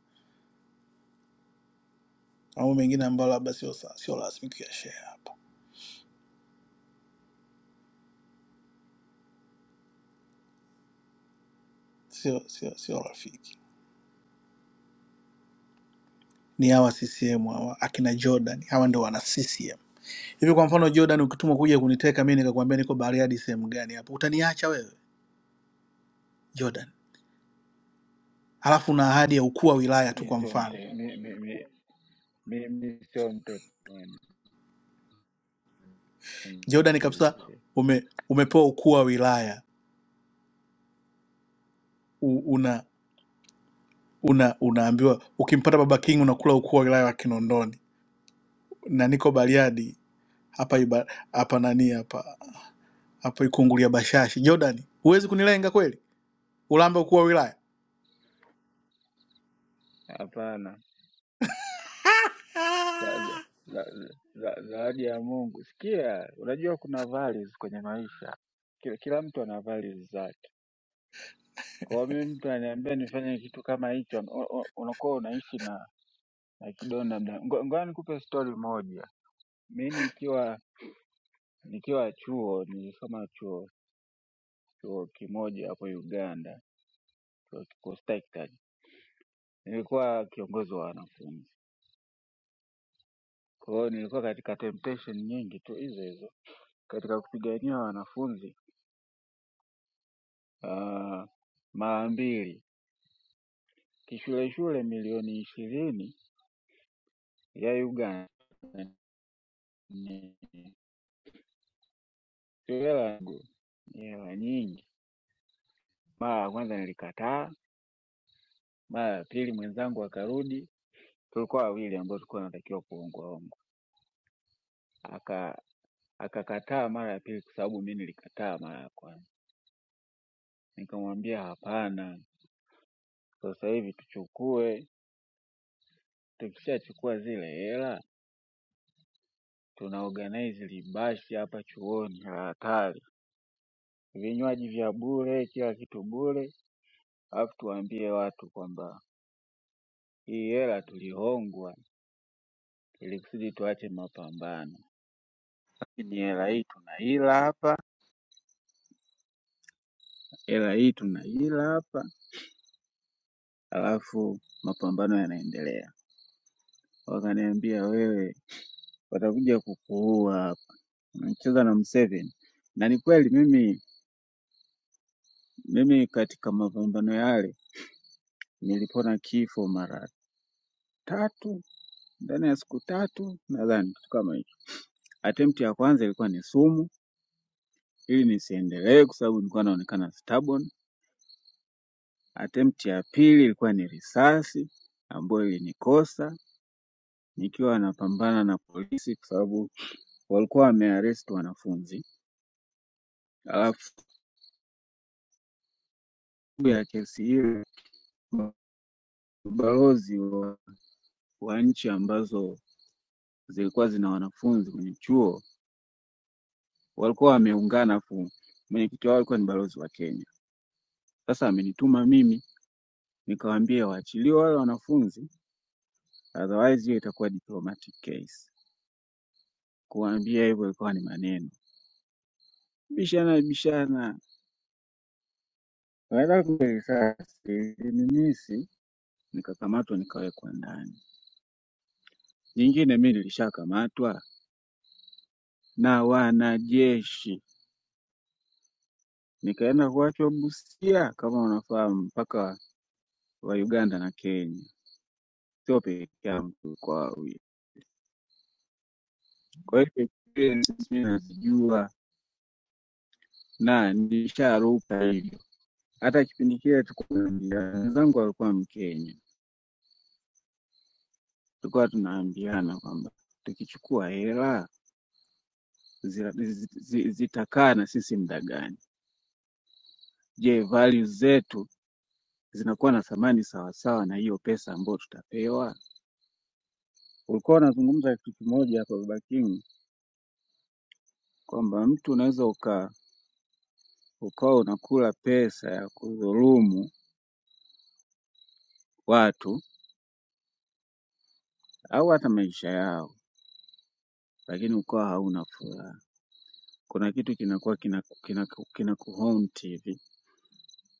Mambo mengine ambayo labda sio sa- sio rasmi kuyashare hapa, sio sio sio rafiki ni hawa CCM hawa akina Jordan, hawa ndio wana CCM. Hivi kwa mfano Jordan, ukitumwa kuja kuniteka mimi nikakwambia niko Bariadi sehemu gani hapo, utaniacha wewe Jordan? Halafu na ahadi ya ukuu wa wilaya tu, mi kwa sio mfano mte- mi, mi, mi, Mimi sio mpepeoni, Jordan kabisa, msingizia. ume, umepewa ukuu wa wilaya u, una una unaambiwa ukimpata Baba King unakula ukuu wa wilaya wa Kinondoni, na niko Bariadi hapa iba- hapa nani hapa hapa Ikungulia Bashashi. Jordan, huwezi kunilenga kweli, ulamba ukuu wa wilaya Hapana, za- za- za- za- zawadi ya Mungu. Sikia, unajua kuna values kwenye maisha, kila, kila mtu ana values zake. Kwa hiyo mimi mtu ananiambia nifanye kitu kama hicho, u- u- unakuwa unaishi na, na kidonda mda. Ngo- Ngoja nikupe story moja. Mi nikiwa nikiwa chuo, nilisoma chuo chuo kimoja hapo Uganda, chuo kikuu Stakestan. Nilikuwa kiongozi wa wanafunzi Kwa hiyo nilikuwa katika temptation nyingi tu hizo hizo katika kupigania wanafunzi ah, mara mbili kishule shule milioni ishirini ya Uganda ni hela yangu, ni hela nyingi. Mara ya kwanza nilikataa, mara ya pili mwenzangu akarudi, tulikuwa wawili ambao tulikuwa tunatakiwa kuongwa ongwa, aka akakataa mara ya pili kwa sababu mi nilikataa mara ya kwanza. Nikamwambia hapana, sasa hivi tuchukue Tukishachukua zile hela tuna organize libashi hapa chuoni la hatari, vinywaji vya bure, kila kitu bure, alafu tuwaambie watu kwamba hii hela tulihongwa ili kusudi tuache mapambano, lakini hela hii tunaila hapa, hela hii tunaila hapa, alafu mapambano yanaendelea. Wakaniambia wewe, watakuja kukuua hapa, unacheza na Mseveni. Na ni kweli mimi, mimi katika mapambano yale Nilipona kifo mara tatu ndani ya siku tatu nadhani, kitu kama hicho. Attempt ya kwanza ilikuwa ni sumu ili nisiendelee, kwa sababu nilikuwa naonekana stubborn. Attempt ya pili ilikuwa ni risasi ambayo ilinikosa nikiwa napambana na polisi, kwa sababu walikuwa wamearrest wanafunzi. Alafu ya kesi hiyo balozi wa, wa nchi ambazo zilikuwa zina wanafunzi kwenye chuo walikuwa wameungana, afu mwenyekiti wao alikuwa ni balozi wa Kenya. Sasa amenituma mimi nikawaambie waachiliwe wale wanafunzi otherwise hiyo itakuwa diplomatic case. Kuwaambia hivyo ilikuwa ni maneno. Bishana bishana. Baada risasi ilinimisi nikakamatwa nikawekwa ndani. Jingine mimi nilishakamatwa na wanajeshi. Nikaenda kuachwa Busia kama unafahamu mpaka wa Uganda na Kenya. Sio peke yangu tulikuwa wawili. Kwa hiyo experience mimi nazijua na nilisharuka hivi. Hata kipindi kile tukuambiana, wenzangu walikuwa Mkenya, tulikuwa tunaambiana kwamba tukichukua hela zira- zi- zi- zitakaa na sisi muda gani? Je, values zetu zinakuwa na thamani sawasawa na hiyo pesa ambayo tutapewa? Ulikuwa unazungumza kitu kimoja hapa Baba King, kwamba mtu unaweza uka ukawa unakula pesa ya kudhulumu watu au hata maisha yao, lakini ukawa hauna furaha. Kuna kitu kinakuwa kina kina, kina kuhaunt hivi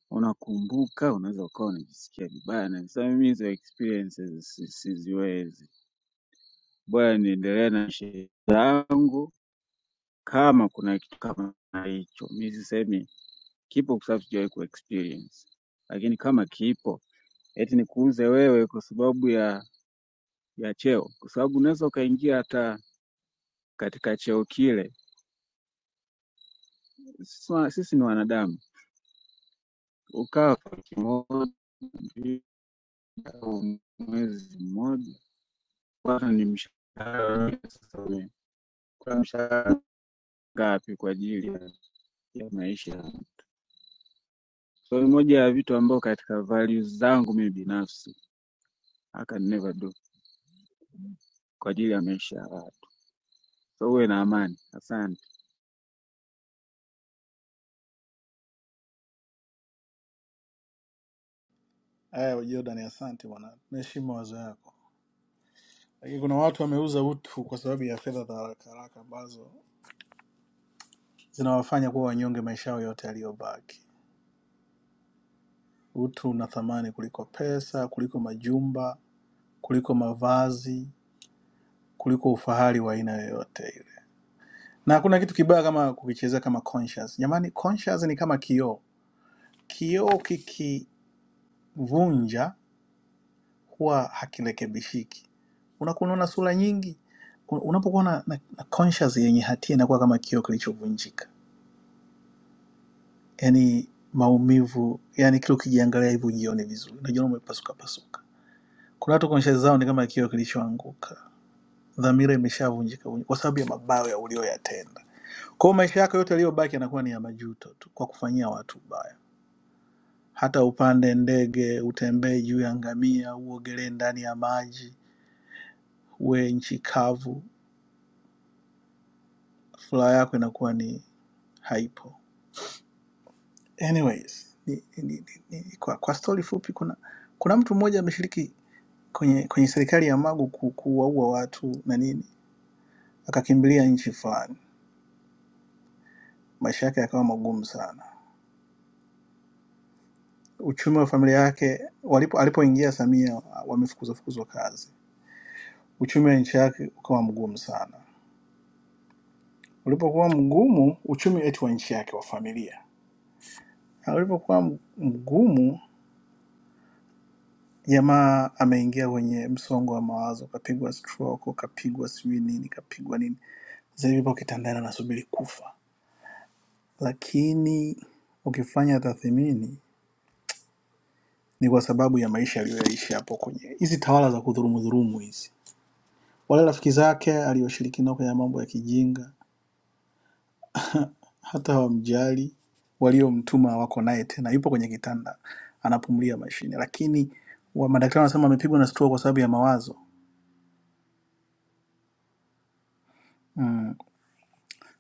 unakumbuka, unaweza ukawa unajisikia vibaya na sasa mimi hizo experiences si- siziwezi. Bwana niendelee na sherehe zangu kama kuna kitu kama hicho. Mimi sisemi kipo kwa sababu sijawahi kuexperience. Lakini kama kipo eti nikuuze wewe kwa sababu ya ya cheo, kwa sababu unaweza ukaingia hata katika cheo kile. Sisi wa- sisi ni wanadamu, ukawa kwa wiki moja au mwezi mmoja, bado ni mshahara kwa mshahara ngapi kwa ajili ya ya maisha. So ni moja ya vitu ambao katika values zangu mimi binafsi I can never do kwa ajili ya maisha ya watu. So uwe na amani. Asante. Aya, Jordan, asante bwana, naheshimu mawazo yako, lakini kuna watu wameuza utu kwa sababu ya fedha za haraka haraka ambazo zinawafanya kuwa wanyonge maisha yao yote yaliyobaki. Utu una thamani kuliko pesa, kuliko majumba, kuliko mavazi, kuliko ufahari wa aina yoyote ile. Na hakuna kitu kibaya kama kukichezea kama conscience. Jamani, conscience ni kama kioo. Kioo kikivunja huwa hakirekebishiki. Unakuwa unaona sura nyingi. Un- Unapokuwa na, na, na conscious yenye hatia inakuwa kama kioo kilichovunjika, yaani maumivu, yaani kile ukijiangalia hivi ujione vizuri, unajiona umepasuka pasuka. Kuna watu conscious zao ni kama kioo kilichoanguka, dhamira imeshavunjika vunjika kwa sababu ya mabaya ya uliyoyatenda. Kwa hiyo maisha yako yote yaliyobaki yanakuwa ni ya majuto tu kwa kufanyia watu ubaya. Hata upande ndege, utembee juu ya ngamia, uogelee ndani ya maji, uwe nchi kavu, furaha yako inakuwa ni haipo. Anyways, ni, ni, ni, ni, kwa, kwa stori fupi, kuna kuna mtu mmoja ameshiriki kwenye kwenye serikali ya Magu ku, kuwaua watu na nini, akakimbilia nchi fulani, maisha yake yakawa magumu sana. Uchumi wa familia yake walipo alipoingia Samia wamefukuzwa fukuzwa kazi, uchumi wa nchi yake ukawa mgumu sana. Ulipokuwa mgumu uchumi eti wa nchi yake wa familia, Na ulipokuwa mgumu Jamaa ameingia kwenye msongo wa mawazo, kapigwa stroke, kapigwa sijui nini, kapigwa nini, sasa hivi yupo kitandani anasubiri kufa. Lakini ukifanya tathmini, ni kwa sababu ya maisha aliyoyaishi hapo kwenye hizi tawala za kudhurumu dhurumu hizi. Wale rafiki zake alioshiriki nao kwenye mambo ya kijinga, hata hawamjali, waliomtuma wako naye tena, yupo kwenye kitanda anapumulia mashine, lakini wa madaktari wanasema amepigwa na stroke kwa sababu ya mawazo. Mm.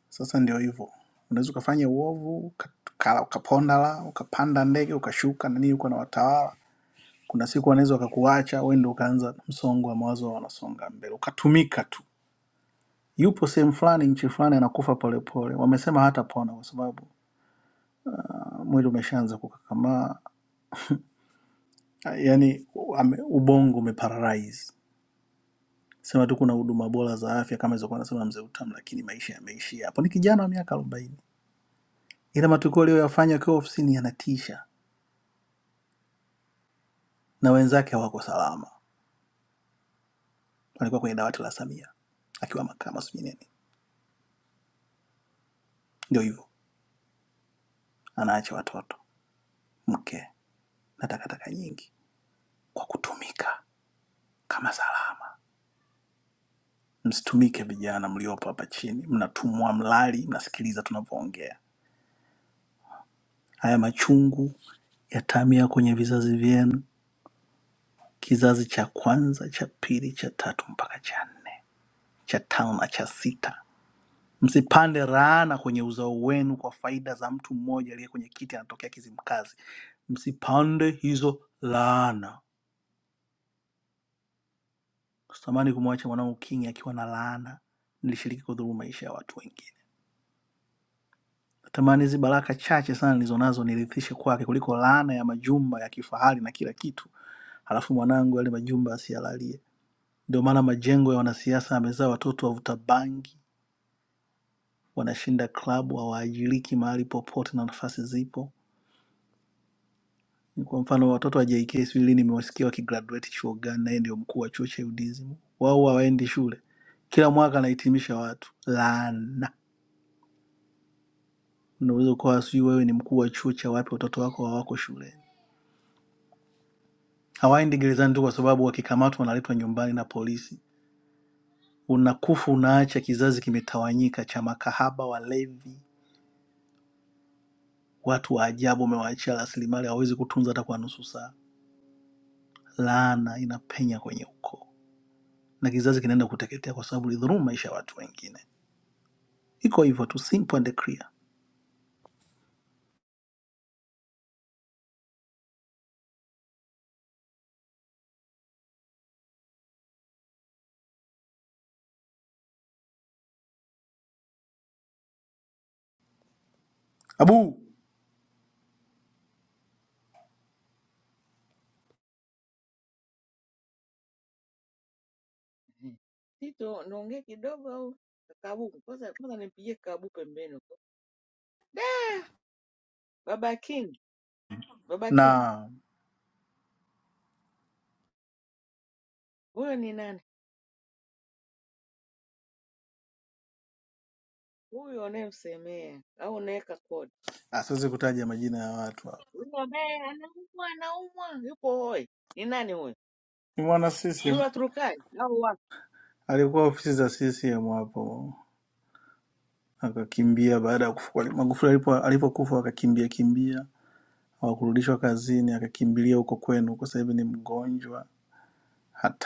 Sasa ndio hivyo, unaweza ukafanya uovu ukakala, ukaponda la ukapanda ndege ukashuka na nini, uko na watawala. Kuna siku wanaweza wakakuacha wewe, ndio ukaanza msongo wa mawazo, wanasonga mbele, ukatumika tu. Yupo sehemu fulani, nchi fulani, anakufa polepole, wamesema hatapona kwa sababu mwili umeshaanza kukakamaa, yani ubongo umeparalyze. Sema tu kuna huduma bora za afya kama ilivyokuwa anasema mzee Utamu, lakini maisha yameishia hapo. Ni kijana wa miaka arobaini, ila matukio aliyoyafanya akiwa ofisini yanatisha na wenzake hawako salama, walikuwa kwenye dawati la Samia akiwa makamu sijui nini. Ndio hivyo, anaacha watoto, mke na takataka nyingi kwa kutumika kama salama. Msitumike vijana mliopo hapa chini, mnatumwa mlali, mnasikiliza tunavyoongea. Haya machungu yatamia kwenye vizazi vyenu, kizazi cha kwanza, cha pili, cha tatu mpaka cha nne, cha tano na cha sita Msipande laana kwenye uzao wenu kwa faida za mtu mmoja aliye kwenye kiti anatokea Kizimkazi. Msipande hizo laana. Sitamani kumwacha mwanangu Kingi akiwa na laana. Nilishiriki kudhuru maisha ya watu wengine. Natamani hizi baraka chache sana nilizonazo nirithishe kwake kuliko laana ya majumba ya kifahari na kila kitu, halafu mwanangu yale majumba asiyalalie. Ndio maana majengo ya wanasiasa yamezaa watoto wavuta bangi, wanashinda klabu, hawaajiriki mahali popote na nafasi zipo Kwa mfano watoto wa JK sijui lini nimewasikia wakigraduate chuo gani, naye ndio mkuu wa chuo cha UDSM. Wao hawaendi shule, kila mwaka anahitimisha watu. Laana, unaweza ukawa sijui wewe ni mkuu wa chuo cha wapi, watoto wako hawako shuleni. Hawaendi gerezani tu kwa sababu wakikamatwa wanaletwa nyumbani na polisi. Unakufa, unaacha kizazi kimetawanyika cha makahaba, walevi, watu wa ajabu. Umewaachia rasilimali hawawezi kutunza hata kwa nusu saa. Laana inapenya kwenye ukoo na kizazi kinaenda kuteketea kwa sababu ilidhulumu maisha ya watu wengine. Iko hivyo tu, simple and clear. Abu Tito, niongee kidogo au Kabu? Kwanza kwanza nimpigie Kabu pembeni huko. Da! Baba King, Baba King, na huyo ni nani? Huyo unayemsemea au unaweka kodi? asiwezi kutaja majina ya watu hapo. Huyo ambaye anaumwa anaumwa, yupo hoi. Ni nani huyo? Ni mwana CCM Yule aturukai au wapi? alikuwa ofisi za CCM hapo, akakimbia baada ya kufa. Magufuli alipo alipokufa akakimbia kimbia, hawakurudishwa kazini, akakimbilia huko kwenu, kwa sasa hivi ni mgonjwa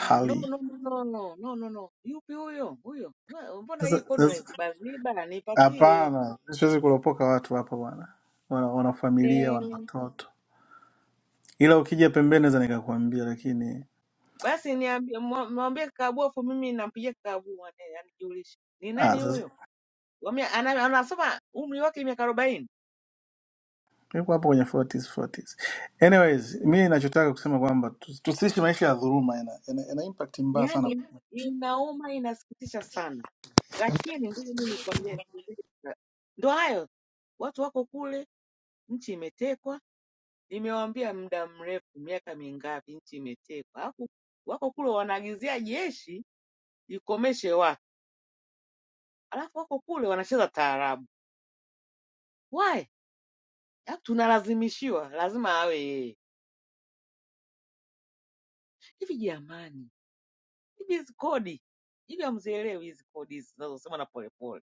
Ah, no, no, no, no, no, no, no, no. Yupi huyo? Huyo. Wa- Mbona hii Sasa kodi sasa- unaibaziba? Nipatie. hapana, siwezi kulopoka watu hapa bwana, wana, wana familia, wana Eh, watoto, ila ukija pembeni naweza nikakwambia, lakini basi niambie, mwa- mwambie Kabu afu mimi nampigia Kabu ane- anijulishe. Ni ah, nani huyo? sasa Wa mia- ana- Anasema umri wake miaka arobaini. yuko hapo kwenye 40s 40s. Anyways, mi ninachotaka kusema kwamba tu- tusiishi maisha ya dhuluma, yana, yana, yana impact mbaya sana. Yaani inauma, inasikitisha sana, lakini ngoja mimi nikwambie, nikwambie kitu. ndo hayo watu wako kule, nchi imetekwa. Nimewaambia muda mrefu, miaka mingapi nchi imetekwa, alafu wako kule wanaagizia jeshi ikomeshe watu, alafu wako kule wanacheza taarabu. Why? Alafu tunalazimishiwa, lazima awe yeye. Hivi jamani, hivi hizi kodi hivi, hamzielewi hizi kodi hizi zinazosema na polepole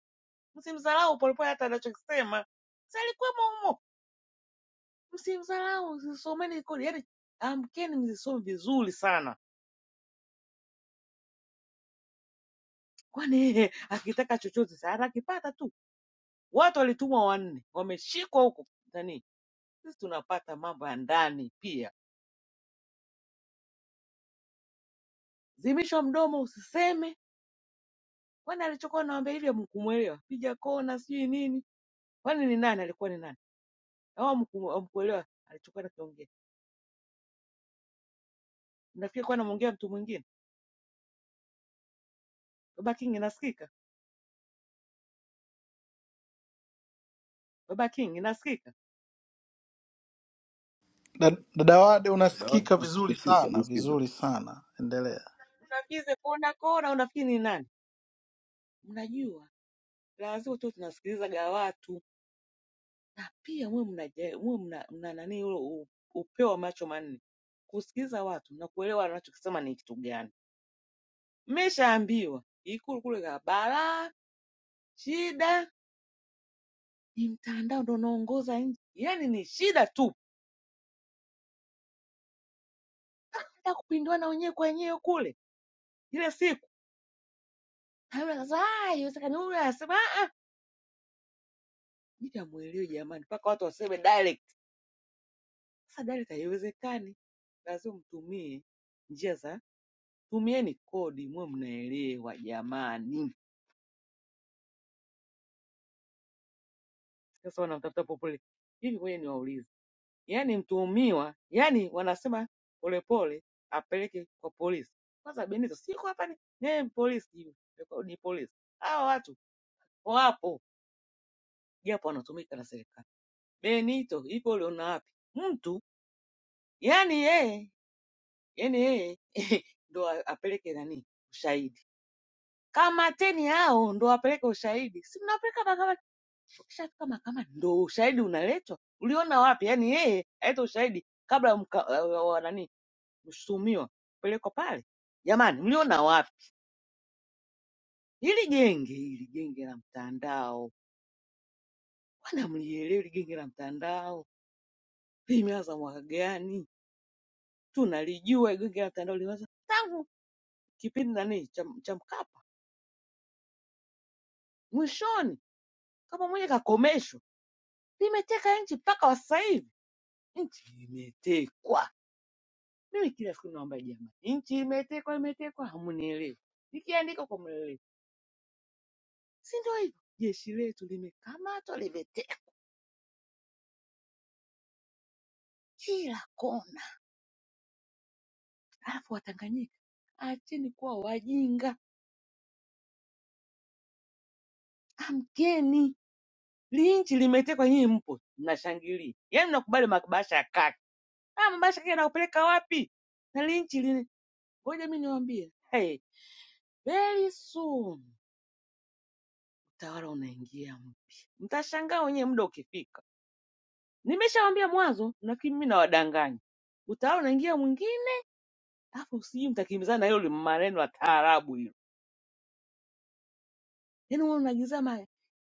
msimdharau Polepole hata anachokisema si alikuwemo humo, msimdharau, zisomeni kodi, yani amkeni mzisome vizuri sana, kwani akitaka chochote sana anakipata tu. Watu walitumwa wanne wameshikwa huko nani, sisi tunapata mambo ya ndani pia. Zimisha mdomo usiseme, kwani alichokuwa nawaambia hivyo mkumuelewa, piga kona sijui nini, kwani ni nani alikuwa ni nani au mkuelewa alichokuwa nakiongea, nafikiri kuwa namwongea mtu mwingine. Baba King inasikika, Baba King inasikika Da- Dada Wade, Dawati, unasikika vizuri Mi sana nakusikia vizuri sana, endelea. Mnafikiri sekonda kona, unafikiri ni nani? Mnajua lazima tu tunasikilizaga watu, na pia mwe mna mwe mna, mna nani ule u- upeo wa macho manne kusikiliza watu na kuelewa wanachokisema ni kitu gani. Mmeshaambiwa ikulu kule ka balaa, shida ni mtandao ndo unaongoza nchi, yaani ni shida tu, hata kupindwana wenyewe kwa wenyewe kule ile siku. Hayo Sasa haiwezekani, huyu anasema "Ah, mimi hamuelewi jamani, mpaka watu waseme direct Kadhalika haiwezekani lazima mtumie njia za tumieni kodi mwe mnaelewa jamani. Sasa wanamtafuta Polepole hivi, ngoja niwaulize, yaani mtuhumiwa, yaani wanasema Polepole apeleke kwa polisi. Kwanza Benito siko hapa, ni yeye ni polisi, sijui, ni polisi. Hawa watu wapo japo wanatumika na serikali. Benito ipo uliona wapi? Mtu yaani yeye yaani yeye ndo apeleke nani ushahidi kamateni hao ndo wapeleke ushahidi si mnapeleka mahakamani ukishafika mahakamani ndo ushahidi unaletwa uliona wapi yaani yeye aleta ushahidi kabla ya mka- wa- wa- nani mshutumiwa kupelekwa pale jamani mliona wapi hili genge hili genge la mtandao wana mlielewi hili genge la mtandao limeanza mwaka gani tunalijua hili genge la mtandao limeanza tangu kipindi nani cha, cha mkapa mwishoni kama mwenye kakomeshwa limeteka nchi mpaka wa sasa hivi Nchi imetekwa. Mimi kila siku naomba jamani, nchi imetekwa, imetekwa, hamunielewi. Nikiandika kwa mlele, si ndio hivyo? Jeshi letu limekamatwa, limetekwa kila kona. Alafu Watanganyika, acheni kuwa wajinga, amkeni. Li nchi limetekwa, nyinyi mpo mnashangilia, yaani mnakubali mabasha ya kaki. Ah, mabasha ya kaki yanakupeleka wapi? Na li nchi lina- ngoja mimi niwaambie, hey, very soon utawala unaingia mpya, mtashangaa wenyewe muda ukifika. Nimeshawaambia mwanzo, lakini mimi nawadanganya. Utawala unaingia mwingine, alafu sijui mtakimbizana na hilo li- maneno ya taarabu hilo. Yaani wewe unaagiza ma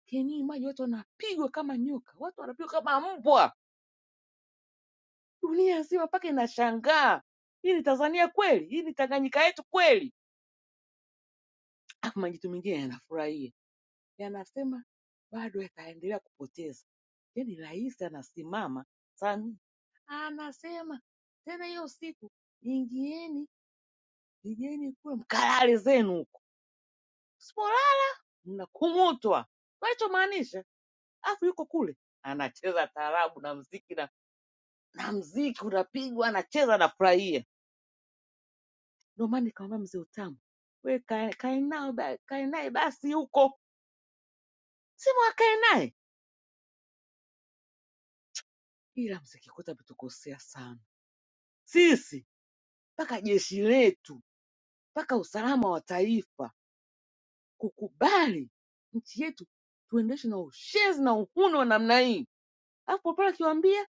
keni maji, watu wanapigwa kama nyoka, watu wanapigwa kama mbwa, dunia nzima mpaka inashangaa. Hii ni Tanzania kweli? Hii ni Tanganyika yetu kweli? Alafu majitu mengine yanafurahia, yanasema bado yataendelea kupoteza. Yaani rais anasimama Samia anasema tena hiyo siku, ingieni Pigeni kule mkalale zenu huko, sipolala mnakumutwa. Unachomaanisha afu yuko kule anacheza taarabu na mziki na, na mziki unapigwa anacheza anafurahia. Ndio maana nikamwambia mzee Utamu, we kae kae nao ba- kae naye basi huko, simu akae naye, ila msikikuta ametukosea sana sisi, mpaka jeshi letu, mpaka usalama wa taifa kukubali nchi yetu tuendeshe na ushezi na uhuni wa namna hii, afu Papara akiwaambia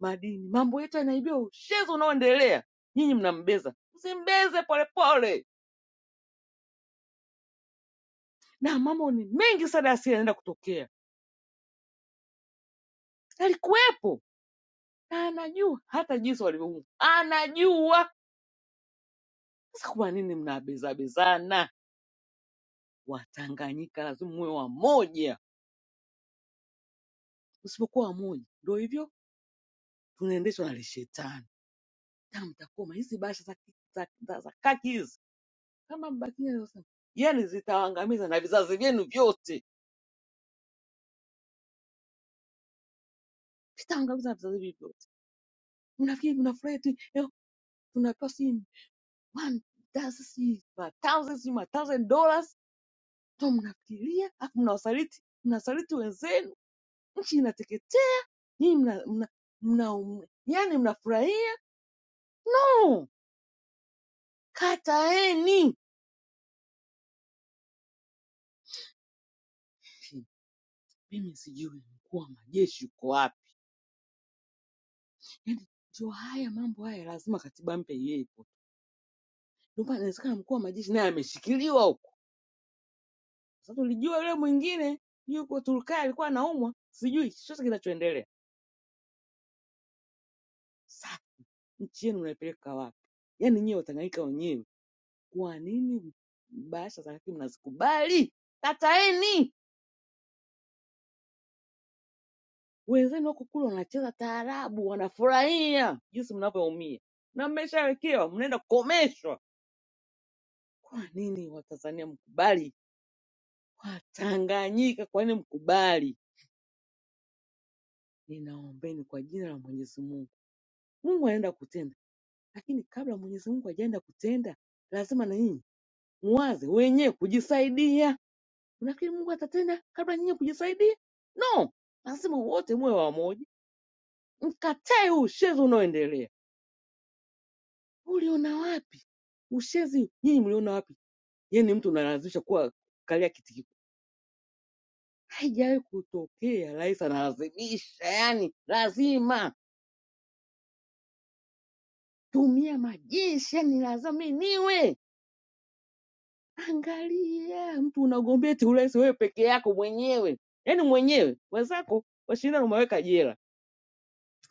madini. Mambo yetu yanaibiwa, ushezi unaoendelea. Nyinyi mnambeza, msimbeze polepole, na mambo ni mengi sana yasiyo yanaenda kutokea. Alikuwepo na anajua hata jinsi walivyoumbwa, anajua. Sasa kwa nini mnabezabezana? Watanganyika lazima muwe wamoja, usipokuwa wamoja ndio hivyo tunaendeshwa na lishetani. Kama mtakuwa hizi bahasha za, za, za, za kaki hizi kama mbakia, leo sana, yani zitawaangamiza na vizazi vyenu vyote, vitaangamiza na vizazi vyenu vyote. Unafikiri unafurahi tu leo tunapewa sijui one thousand si ma thousand sijui ma thousand dollars tu mnafikiria, afu mnawasaliti mnawasaliti wenzenu, nchi inateketea, nyinyi mna, mna, mna, mna yani mnafurahia Mm, kataeni. Pi, Mimi sijui mkuu wa majeshi uko wapi? Yani ndio haya mambo haya, lazima katiba mpya iwepo. Ndio maana inawezekana mkuu wa majeshi naye ameshikiliwa huko. Sasa tulijua yule mwingine yuko Turkana alikuwa anaumwa, sijui chochote kinachoendelea. Sa nchi yenu mnaipeleka wapi? Yaani nyie Watanganyika wenyewe, kwa nini bahasha za hakimu mnazikubali? Kataeni! Wenzenu wako kule wanacheza taarabu, wanafurahia jinsi mnavyoumia na mmeshawekewa, mnaenda kukomeshwa. Kwa nini Watanzania mkubali? Watanganyika, kwa nini mkubali? Ninaombeni kwa jina la Mwenyezi Mungu, Mungu anaenda kutenda, lakini kabla Mwenyezi Mungu hajaenda kutenda, lazima na nyinyi mwaze wenyewe kujisaidia. Unafikiri Mungu atatenda kabla nyinyi kujisaidia? No, anasema wote muwe wamoja, mkatae huu ushezi unaoendelea. Uliona wapi ushezi? Nyinyi mliona wapi? Yaani mtu unalazimisha kuwa kalia kiti kikubwa, haijawahi kutokea. Rais analazimisha, yani lazima tumia majeshi, yani laziminiwe. Angalia, mtu unagombea eti urais wewe peke yako mwenyewe, yani mwenyewe, wenzako washindana, umeweka jela,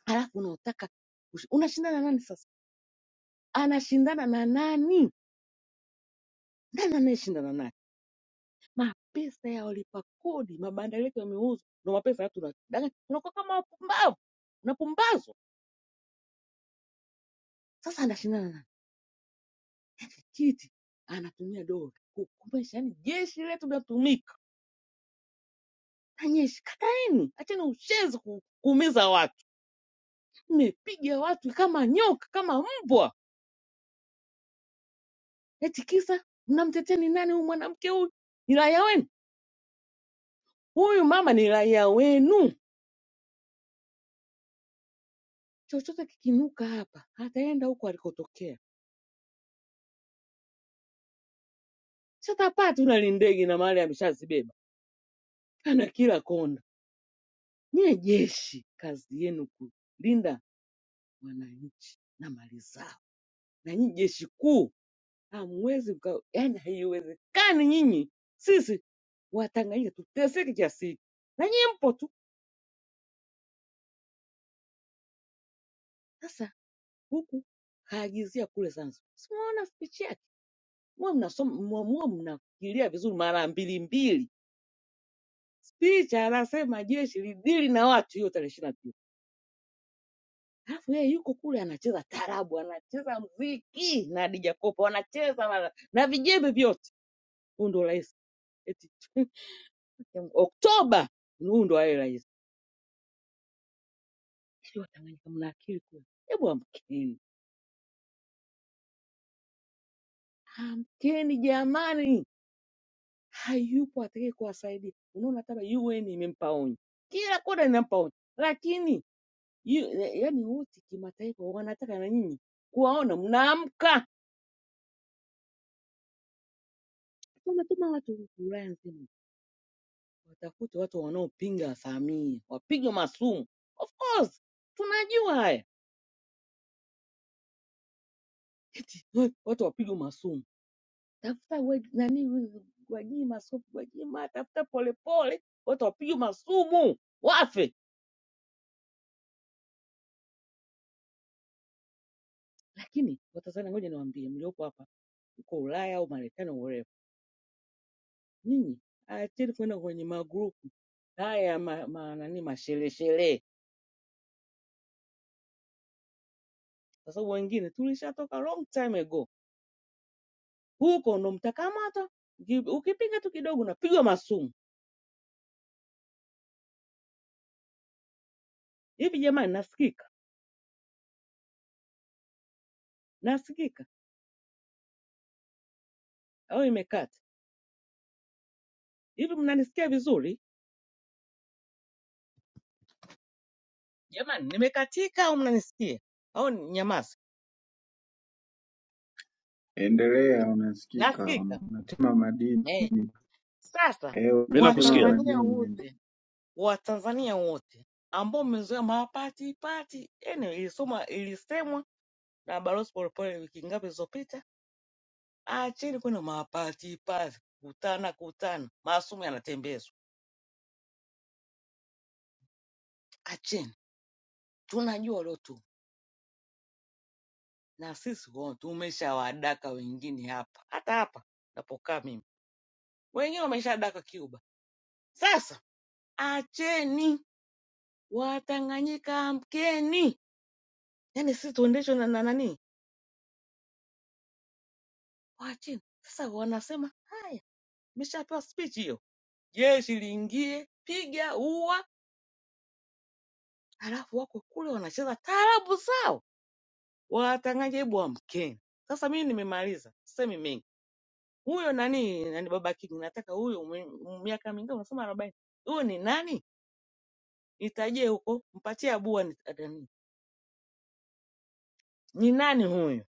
alafu unaotaka ush- unashindana na nani sasa? anashindana na nani? Nani anayeshindana naye? Mapesa ya walipa kodi, mabanda yetu yameuzwa, ndo mapesa haya tunadanganya, tunakuwa kama wapumbavu, unapumbazwa. Sasa anashindana na tikiti, anatumia dola kukomesha, yani jeshi letu linatumika na jeshi. Kataeni, acheni ushenzi ku, kuumiza watu. Mmepiga watu kama nyoka, kama mbwa, eti kisa mnamteteni nani? Huyu mwanamke huyu ni raia wenu, huyu mama ni raia wenu chochote kikinuka hapa ataenda huko alikotokea. Sasa hapati una lindegi na mahali ameshazibeba, ana kila kona. Nyie jeshi, kazi yenu kulinda wananchi na mali zao, na nyinyi jeshi kuu hamwezi mka, yani haiwezekani nyinyi sisi Watanganyika tuteseke kiasi hiki, na nyinyi mpo tu. Sasa huku kaagizia kule Zanzibar, simuona spichi yake, muwe mnasoma, muwe muwe mnafikiria vizuri mara mbili mbili Spicha anasema jeshi lidili na watu hiyo tarehe ishirini na tisa alafu yeye yuko kule anacheza tarabu, anacheza mziki na Hadija Kopa wanacheza wana- na vijembe vyote. Huyu ndo rais eti Oktoba, huyu ndo awe rais. Yaani Watanganyika mna akili kweli? Hebu amkeni, amkeni jamani, hayupo atakaye kuwasaidia. Unaona hata UN imempa onyo, kila kona inampa onyo, lakini yu- yaani wote kimataifa wanataka na nyinyi kuwaona mnaamka wanatuma watu Ulaya nzima watafute watu wanaopinga Samia, wapigwe masumu. Of course tunajua haya, eti "Wai, watu wapigwe masumu. Tafuta we- nani Gwajima, so Gwajima, tafuta Polepole, watu wapigwe masumu wafe. Lakini Watanzania, ngoja niwaambie mliopo hapa, uko Ulaya au Marekani, au wherever, nyinyi acheni kwenda kwenye magrupu haya ma, ma, nani mashereshere, kwa sababu wengine tulishatoka long time ago huko ndo mtakamata. Uki- Ukipiga tu kidogo unapigwa masumu. Hivi jamani, nasikika? Nasikika au imekata? Hivi mnanisikia vizuri jamani? Nimekatika au mnanisikia? Au ni- nyamaza, Endelea, unasikika, nasikika unatema madini. eh. Sasa Eh, Mimi unatema nakusikia. Watanzania madini. wote, Watanzania wote ambao mmezoea mapatipati, yani ilisoma ilisemwa na Balozi Polepole wiki ngapi zilizopita, acheni kwenda mapatipati, kutana kutana, maasumu yanatembezwa, acheni tunajua hilo tu, na sisi huo tumeshawadaka wengine hapa, hata hapa napokaa mimi, wengine wameshadaka Cuba. Sasa acheni Watanganyika, amkeni! Yani sisi tuendeshwe na na nani? Waacheni sasa. Wanasema haya, meshapewa speech hiyo, jeshi liingie, piga, ua, halafu wako kule wanacheza taarabu zao. Watanganyika, hebu amkeni! Sasa mimi nimemaliza, sisemi mengi. huyo nani nani Yaani baba Kidu, nataka huyo mwe- m- miaka mingapi? Unasema arobaini, huyo ni nani? Nitajie huko, mpatie abua ni nani, ni nani huyo?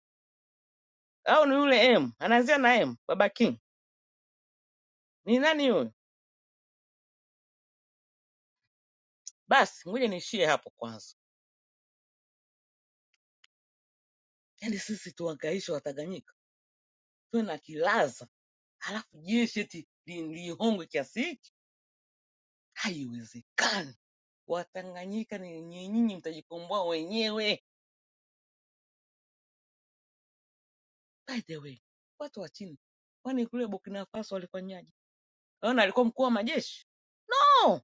Au ni yule M anaanzia na M, baba King ni nani huyo? Basi ngoja niishie hapo kwanza. Yaani sisi tuangaishwe Watanganyika, tuwe na kilaza, halafu jeshi eti li- lihongwe kiasi hiki? Haiwezekani. Watanganyika ni nyinyi, nyinyi mtajikomboa wenyewe. By the way, watu wa chini, kwani kule Burkina Faso walifanyaje? Ona alikuwa mkuu wa majeshi. Oh,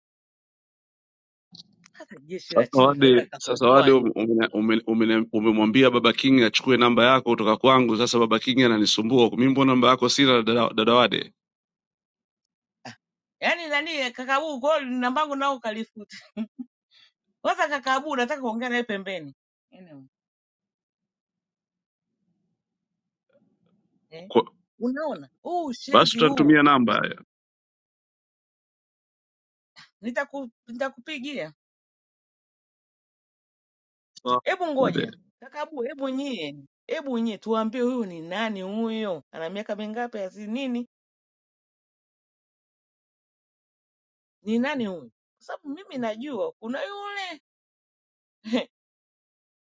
hata jeshi la sasa. chini linaweza Wade sasa, Wade likakomboa nchi. umeni- umeni- umeni- umemwambia Baba King achukue namba yako kutoka kwangu. Sasa Baba King ananisumbua, mimi mbona namba yako sina, dada dada Wade? Yaani nani Kakabu kwa hiyo nambangu nao kalifuta. Sasa Kakabu nataka kuongea naye pembeni. Anyway, eh. Kwa- Unaona? Huu Basi ushenzi huu utanitumia namba haya. nitaku, nitakupigia. Sawa, Hebu ngoja. Wade. Kakabu, hebu nyie. Hebu nyie tuambie huyu ni nani huyo? Ana miaka mingapi asi nini? Ni nani huyo? Kwa sababu mimi najua kuna yule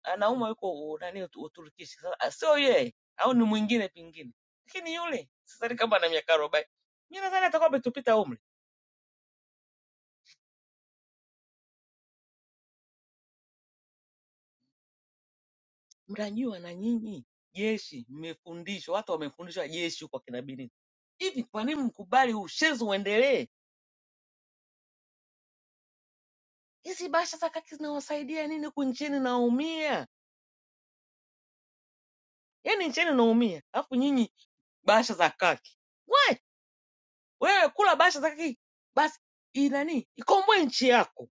anaumwa yuko u- nani Utu- Uturukishi. Sasa ah, sio yeye au ni mwingine pengine, lakini yule sidhani kama ana miaka arobaini. Mi nadhani atakuwa ametupita umri. Mnajua na nyinyi jeshi, mmefundishwa, watu wamefundishwa jeshi huko akina Binini. Hivi kwa nini mkubali ushenzi uendelee? Hizi bahasha za kaki zinawasaidia nini huku nchini? Naumia yaani, nchini naumia, alafu nyinyi bahasha za kaki. We wewe kula bahasha za kaki basi, inani ikomboe nchi yako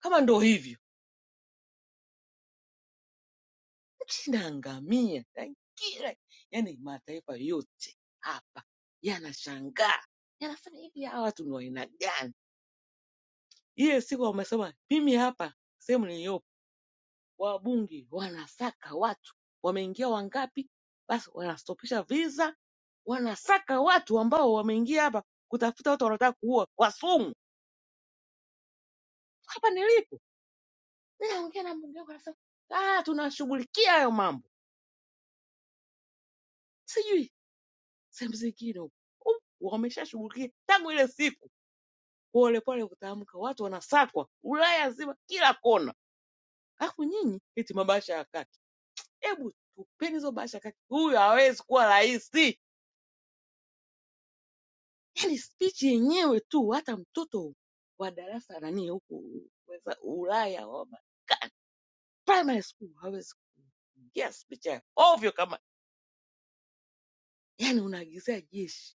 kama ndo hivyo Sina ngamia na kila yani, mataifa yote hapa yanashangaa, yanasema hivi, hawa watu ni wa aina gani? Ile siku wamesema, mimi hapa sehemu niliyopo, wabunge wanasaka watu wameingia wangapi, basi wanastopisha visa, wanasaka watu ambao wameingia hapa kutafuta watu wanaotaka kuua wasumu. Hapa nilipo ninaongea na mbunge wangu, anasema ah, tunashughulikia hayo mambo, sijui sehemu zingine huko wameshashughulikia tangu ile siku polepole kutamka, watu wanasakwa Ulaya zima, kila kona. Alafu nyinyi eti mabasha ya kaki, hebu tupeni hizo basha ya kaki, huyu hawezi kuwa rais. Yani spichi yenyewe tu, hata mtoto wa darasa nani huku weza- Ulaya wa Marekani, primary school hawezi kuingia spichi ya ovyo kama yani, unaagizia jeshi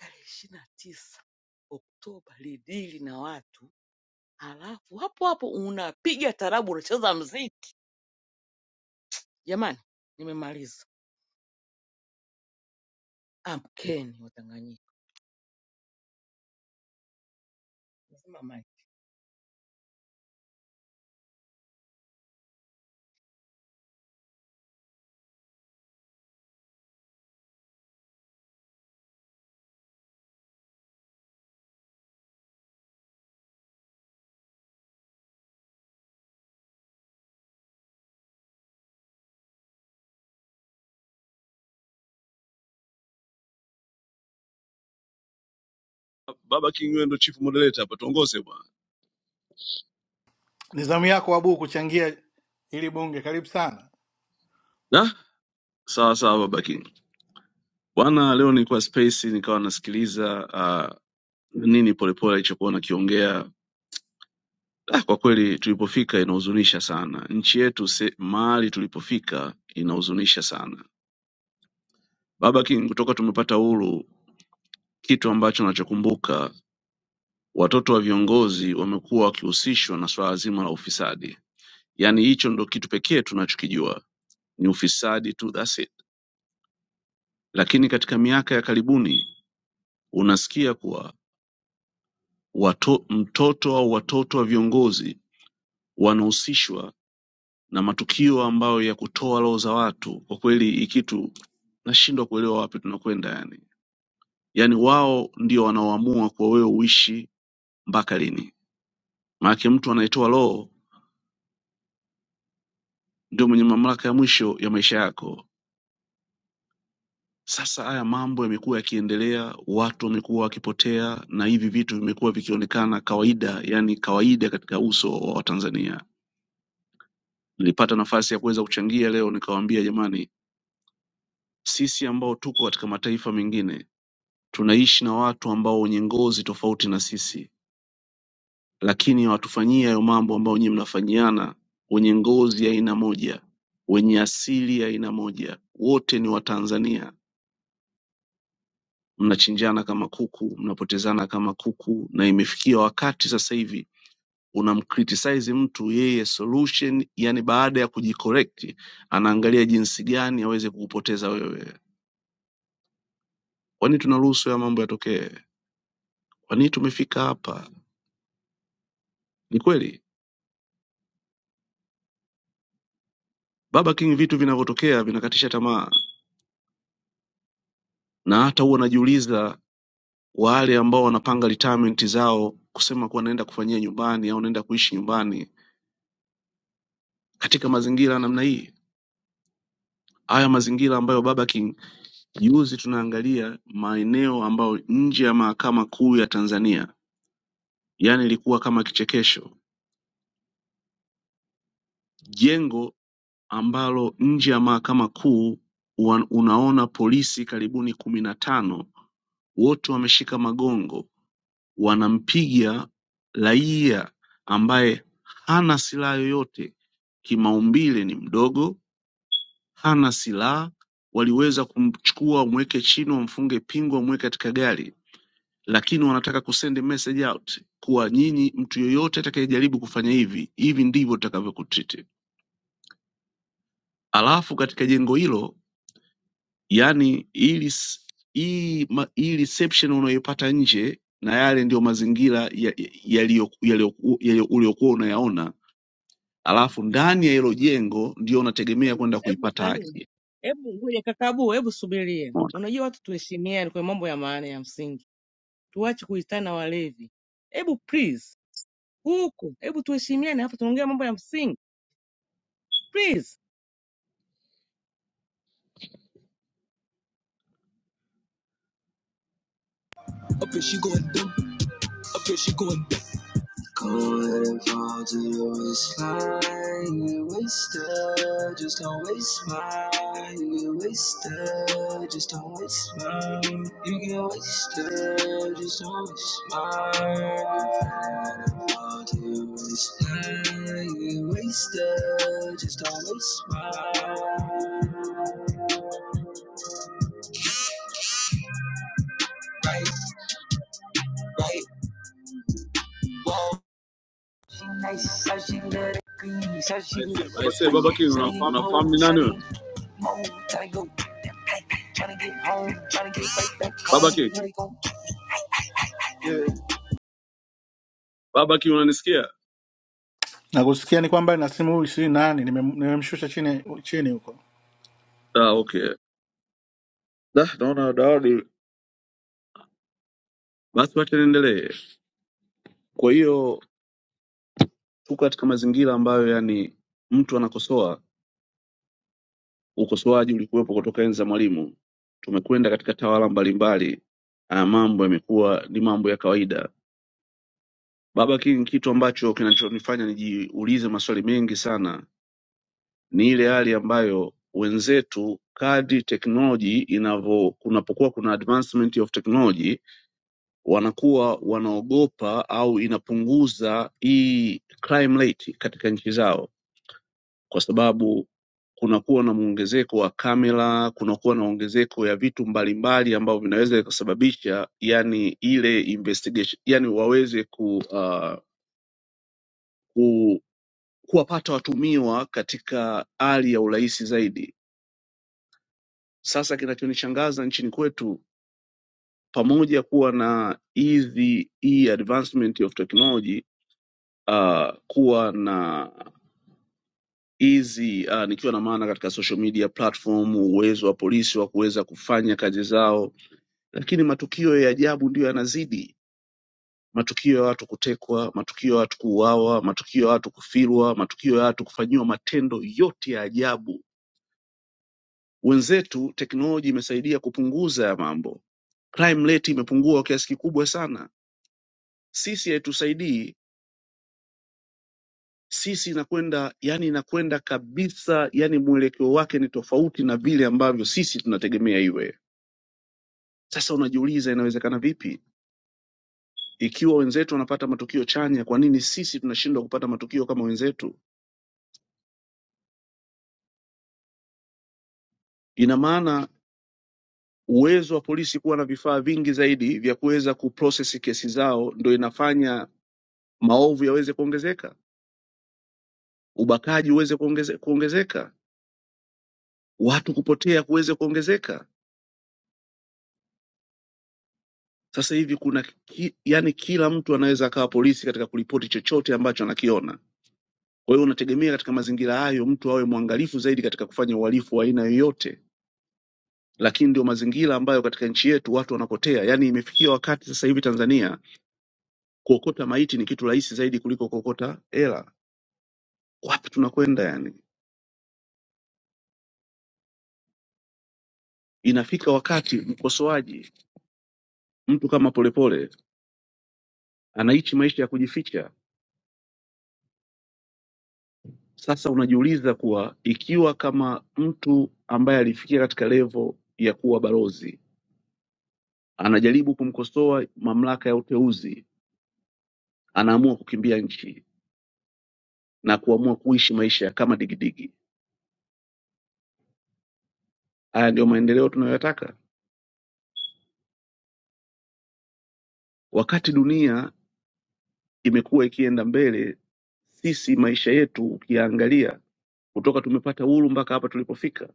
tarehe ishirini na tisa Oktoba lidili na watu, halafu hapo hapo unapiga tarabu, unacheza mziki. Jamani, nimemaliza. Amkeni Watanganyika. Nasema Mike. Baba King, wewe ndio chief moderator hapa, tuongoze bwana. Ni zamu yako Abu kuchangia ili bunge, karibu sana. Da? Sawa sawa, Baba King. Bwana, leo nilikuwa space nikawa nasikiliza ah, nini polepole alichokuwa nakiongea Ah, Kwa kweli tulipofika inahuzunisha sana, nchi yetu se, mahali tulipofika inahuzunisha sana. Baba King, kutoka tumepata uhuru, kitu ambacho nachokumbuka, watoto wa viongozi wamekuwa wakihusishwa na swala zima la ufisadi. Yaani hicho ndo kitu pekee tunachokijua ni ufisadi tu, that's it. Lakini katika miaka ya karibuni unasikia kuwa wato, mtoto au watoto wa viongozi wanahusishwa na matukio ambayo ya kutoa roho za watu. Kwa kweli hii kitu nashindwa kuelewa wapi tunakwenda yani yaani wao ndio wanaoamua kwa wewe uishi mpaka lini maanake mtu anayetoa roho ndio mwenye mamlaka ya mwisho ya maisha yako sasa haya mambo yamekuwa yakiendelea watu wamekuwa wakipotea na hivi vitu vimekuwa vikionekana kawaida yani kawaida katika uso wa watanzania nilipata nafasi ya kuweza kuchangia leo nikawaambia jamani sisi ambao tuko katika mataifa mengine tunaishi na watu ambao wenye ngozi tofauti na sisi lakini hawatufanyii hayo mambo ambayo nyinyi mnafanyiana wenye ngozi ya aina moja wenye asili ya aina moja wote ni watanzania mnachinjana kama kuku mnapotezana kama kuku na imefikia wakati sasa hivi unamcriticize mtu yeye solution yani baada ya kujicorrect anaangalia jinsi gani aweze kukupoteza wewe kwani tunaruhusu ya mambo yatokee kwani tumefika hapa ni kweli baba king vitu vinavyotokea vinakatisha tamaa na hata huwa najiuliza wale ambao wanapanga retirement zao kusema kuwa naenda kufanyia nyumbani au naenda kuishi nyumbani katika mazingira ya namna hii haya mazingira ambayo baba king juzi tunaangalia maeneo ambayo nje ya mahakama kuu ya tanzania yani ilikuwa kama kichekesho jengo ambalo nje ya mahakama kuu wan- unaona polisi karibuni kumi na tano wote wameshika magongo wanampiga raia ambaye hana silaha yoyote kimaumbile ni mdogo hana silaha waliweza kumchukua wamweke chini wamfunge pingu wamweke katika gari lakini wanataka kusend message out kuwa nyinyi mtu yoyote atakayejaribu kufanya hivi hivi ndivyo tutakavyokutriti alafu katika jengo hilo yani ili s- hii ma- hii reception unayoipata nje na yale ndiyo mazingira yaliyokuwa ya- ya- yaliyo- yaliyo- yaliyo- uliokuwa unayaona alafu ndani ya hilo jengo ndio unategemea Hebu kwenda hebu kuipata nani, haki. hebu ngoja kakabu, hebu subiria. Umeona? Unajua watu tuheshimiane kwa mambo ya maana ya msingi, tuache kuitana walevi. Hebu please, huku hebu tuheshimiane, hapa tunaongea mambo ya msingi please. Up here she going dumb. Up here she going dumb. Go ahead and fall to your waistline. You get wasted, just don't waste mine. You get wasted, just don't waste mine. You get wasted, just don't waste mine. Go ahead and fall to your waistline. You get wasted, just don't waste mine. Right, right, whoa. She nice, so she good. Green, so she good. aise baba king una, unafahamu ni nani look. wewe Trying to go, trying to get home, Trying to get right back baba home. king You ain't gon' get yeah. baba king unanisikia Nakusikia ni kwamba na simu huyu sijui nani, nimem- nimemshusha chini chini huko. Ah, okay. Da, naona dawadi basi, wacha niendelee. Kwa hiyo tuko katika mazingira ambayo yani mtu anakosoa, ukosoaji ulikuwepo kutoka enzi za Mwalimu, tumekwenda katika tawala mbalimbali, ah, mambo yamekuwa ni mambo ya kawaida. Baba King, kitu ambacho kinachonifanya nijiulize maswali mengi sana ni ile hali ambayo wenzetu kadri teknoloji inavyo kunapokuwa kuna advancement of technology wanakuwa wanaogopa au inapunguza hii crime rate katika nchi zao kwa sababu kunakuwa na mwongezeko wa kamera kunakuwa na ongezeko ya vitu mbalimbali ambavyo vinaweza vikasababisha yani ile investigation yani waweze ku, uh, ku kuwapata watumiwa katika hali ya urahisi zaidi Sasa kinachonishangaza nchini kwetu pamoja kuwa na hizi hii advancement of technology uh, kuwa na hizi uh, nikiwa na maana katika social media platform, uwezo wa polisi wa kuweza kufanya kazi zao, lakini matukio ya ajabu ndiyo yanazidi. Matukio ya watu kutekwa, matukio ya watu kuuawa, matukio ya watu kufirwa, matukio ya watu kufanyiwa matendo yote ya ajabu. Wenzetu teknoloji imesaidia kupunguza ya mambo, crime rate imepungua kwa kiasi kikubwa sana sisi haitusaidii sisi inakwenda yani inakwenda kabisa yani mwelekeo wake ni tofauti na vile ambavyo sisi tunategemea iwe sasa unajiuliza inawezekana vipi ikiwa wenzetu wanapata matukio chanya kwa nini sisi tunashindwa kupata matukio kama wenzetu ina maana uwezo wa polisi kuwa na vifaa vingi zaidi vya kuweza kuprocess kesi zao ndo inafanya maovu yaweze kuongezeka ubakaji uweze kuongeze, kuongezeka watu kupotea kuweze kuongezeka Sasa hivi kuna ki, yani kila mtu anaweza akawa polisi katika kuripoti chochote ambacho anakiona. Kwa hiyo unategemea katika mazingira hayo mtu awe mwangalifu zaidi katika kufanya uhalifu wa aina yoyote, lakini ndio mazingira ambayo katika nchi yetu watu wanapotea. Yani imefikia wakati sasa hivi Tanzania kuokota maiti ni kitu rahisi zaidi kuliko kuokota hela. Wapi tunakwenda? Yani inafika wakati mkosoaji, mtu kama Polepole anaishi maisha ya kujificha Sasa unajiuliza kuwa ikiwa kama mtu ambaye alifikia katika levo ya kuwa balozi anajaribu kumkosoa mamlaka ya uteuzi, anaamua kukimbia nchi na kuamua kuishi maisha kama digidigi. Haya ndiyo maendeleo tunayoyataka, wakati dunia imekuwa ikienda mbele. Sisi maisha yetu ukiyaangalia, kutoka tumepata uhuru mpaka hapa tulipofika,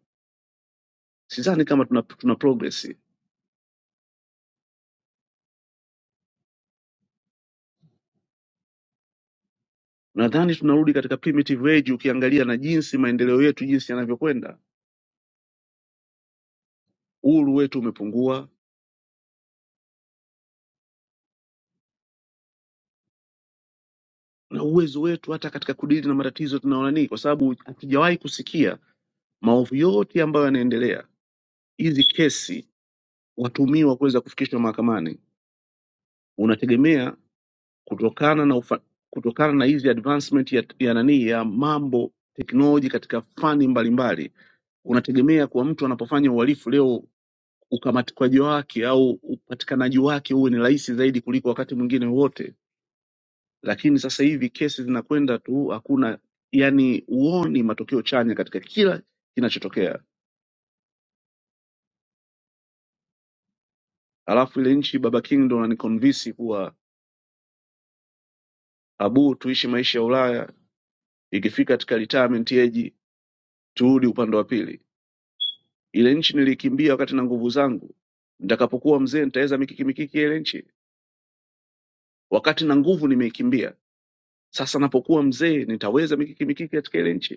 sidhani kama tuna, tuna progress. Nadhani tunarudi katika primitive age, ukiangalia na jinsi maendeleo yetu jinsi yanavyokwenda uhuru wetu umepungua na uwezo wetu hata katika kudili na matatizo tunaona nini, kwa sababu hatujawahi kusikia maovu yote ambayo yanaendelea. Hizi kesi watumiwa kuweza kufikishwa mahakamani, unategemea kutokana na ufa, kutokana na hizi advancement ya, ya nani ya mambo teknoloji katika fani mbalimbali unategemea kwa mtu anapofanya uhalifu leo ukamatikaji wake au upatikanaji wake uwe ni rahisi zaidi kuliko wakati mwingine wote lakini sasa hivi kesi zinakwenda tu, hakuna yani, huoni matokeo chanya katika kila kinachotokea. Alafu ile nchi Baba King ndo ananiconvince kuwa abu, tuishi maisha ya Ulaya, ikifika katika retirement age turudi upande wa pili. Ile nchi nilikimbia wakati na nguvu zangu, nitakapokuwa mzee nitaweza mikiki mikiki ya ile nchi? Wakati na nguvu nimeikimbia, sasa napokuwa mzee nitaweza mikiki mikiki katika ile nchi?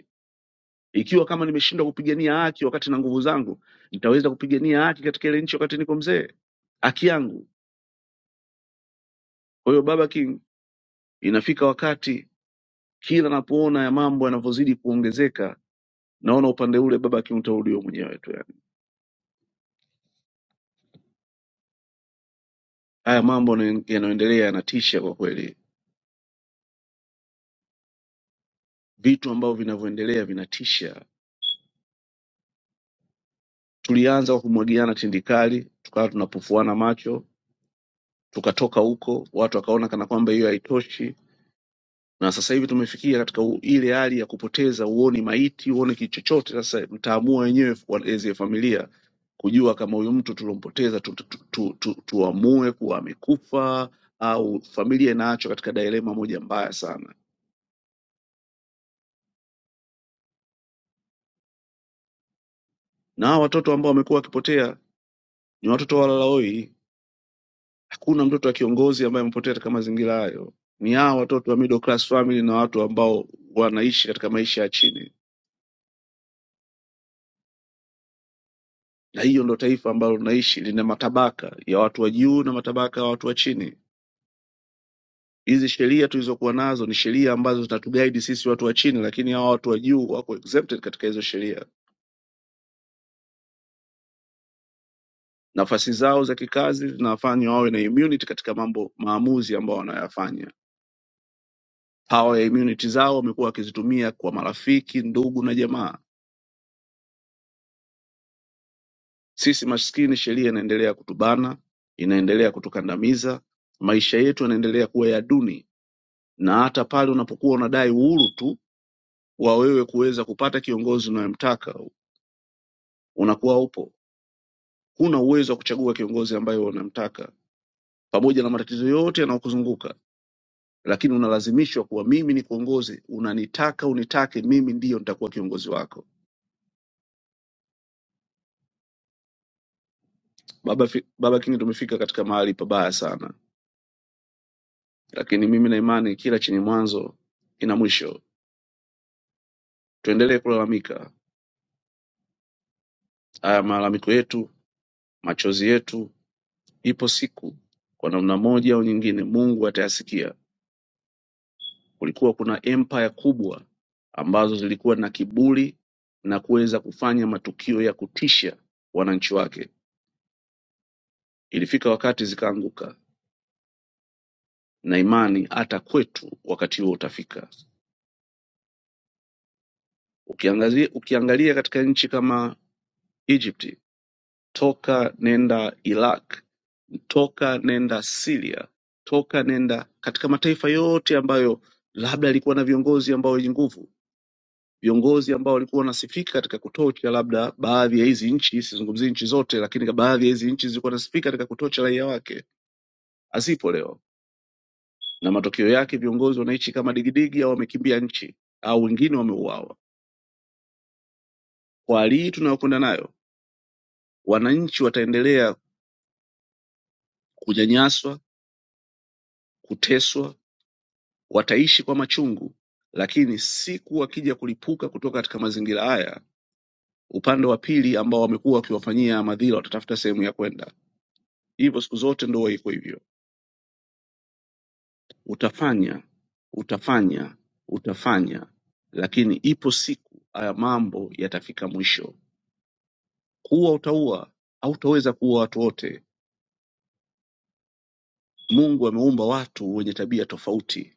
Ikiwa kama nimeshindwa kupigania haki wakati na nguvu zangu, nitaweza kupigania haki katika ile nchi wakati niko mzee, haki yangu? Kwa hiyo Baba King, inafika wakati kila napoona ya mambo yanavyozidi kuongezeka, naona upande ule Baba King utauliwa mwenyewe tu. Yani haya mambo yanayo- yanayoendelea yanatisha kwa kweli, vitu ambavyo vinavyoendelea vinatisha. Tulianza kwa kumwagiana tindikali, tukawa tunapofuana macho, tukatoka huko, watu wakaona kana kwamba hiyo haitoshi na sasa hivi tumefikia katika u- ile hali ya kupoteza uone maiti uone kitu chochote sasa mtaamua wenyewe as a familia kujua kama huyu mtu tulompoteza tu, tu, tu, tu, tu, tuamue kuwa amekufa au familia inaachwa katika dilema moja mbaya sana na hawa watoto ambao wamekuwa wakipotea ni watoto walalahoi hakuna mtoto wa kiongozi ambaye amepotea katika mazingira hayo ni hawa watoto wa middle class family na watu ambao wanaishi katika maisha ya chini na hiyo ndo taifa ambalo tunaishi lina matabaka ya watu wa juu na matabaka ya watu wa chini hizi sheria tulizokuwa nazo ni sheria ambazo zitatugaidi sisi watu wa chini lakini hawa watu wa juu wako exempted katika hizo sheria nafasi zao za kikazi zinawafanya wawe na immunity katika mambo maamuzi ambao wanayafanya hawa ya immunity zao wamekuwa wakizitumia kwa marafiki ndugu na jamaa sisi maskini sheria inaendelea kutubana inaendelea kutukandamiza maisha yetu yanaendelea kuwa ya duni na hata pale unapokuwa unadai uhuru tu wa wewe kuweza kupata kiongozi unayemtaka unakuwa upo. Huna uwezo wa kuchagua kiongozi ambaye unamtaka, pamoja na matatizo yote yanayokuzunguka, lakini unalazimishwa kuwa mimi ni kiongozi, unanitaka unitake, mimi ndiyo nitakuwa kiongozi wako. Baba, fi, Baba King, tumefika katika mahali pabaya sana, lakini mimi na imani kila chenye mwanzo ina mwisho. Tuendelee kulalamika haya malalamiko yetu, machozi yetu, ipo siku kwa namna moja au nyingine Mungu atayasikia Kulikuwa kuna empire kubwa ambazo zilikuwa na kiburi na kuweza kufanya matukio ya kutisha wananchi wake. Ilifika wakati zikaanguka, na imani hata kwetu wakati huo utafika. Ukiangazia, ukiangalia katika nchi kama Egypt, toka nenda Iraq, toka nenda Syria, toka nenda katika mataifa yote ambayo labda yalikuwa na viongozi ambao wenye nguvu viongozi ambao walikuwa wanasifika katika kutocha labda baadhi ya hizi nchi, sizungumzii nchi zote, lakini baadhi ya hizi nchi zilikuwa nasifika katika kutocha raia wake, asipo leo, na matokeo yake viongozi wanaishi kama digidigi au wamekimbia nchi au wengine wameuawa. Kwa hali hii tunayokwenda nayo, wananchi wataendelea kunyanyaswa, kuteswa, wataishi kwa machungu, lakini siku wakija kulipuka kutoka katika mazingira haya, upande wa pili ambao wamekuwa wakiwafanyia madhila watatafuta sehemu ya kwenda. Hivyo siku zote ndo iko hivyo. utafanya utafanya utafanya lakini ipo siku haya mambo yatafika mwisho kuua utaua hautaweza kuua watu wote mungu ameumba watu wenye tabia tofauti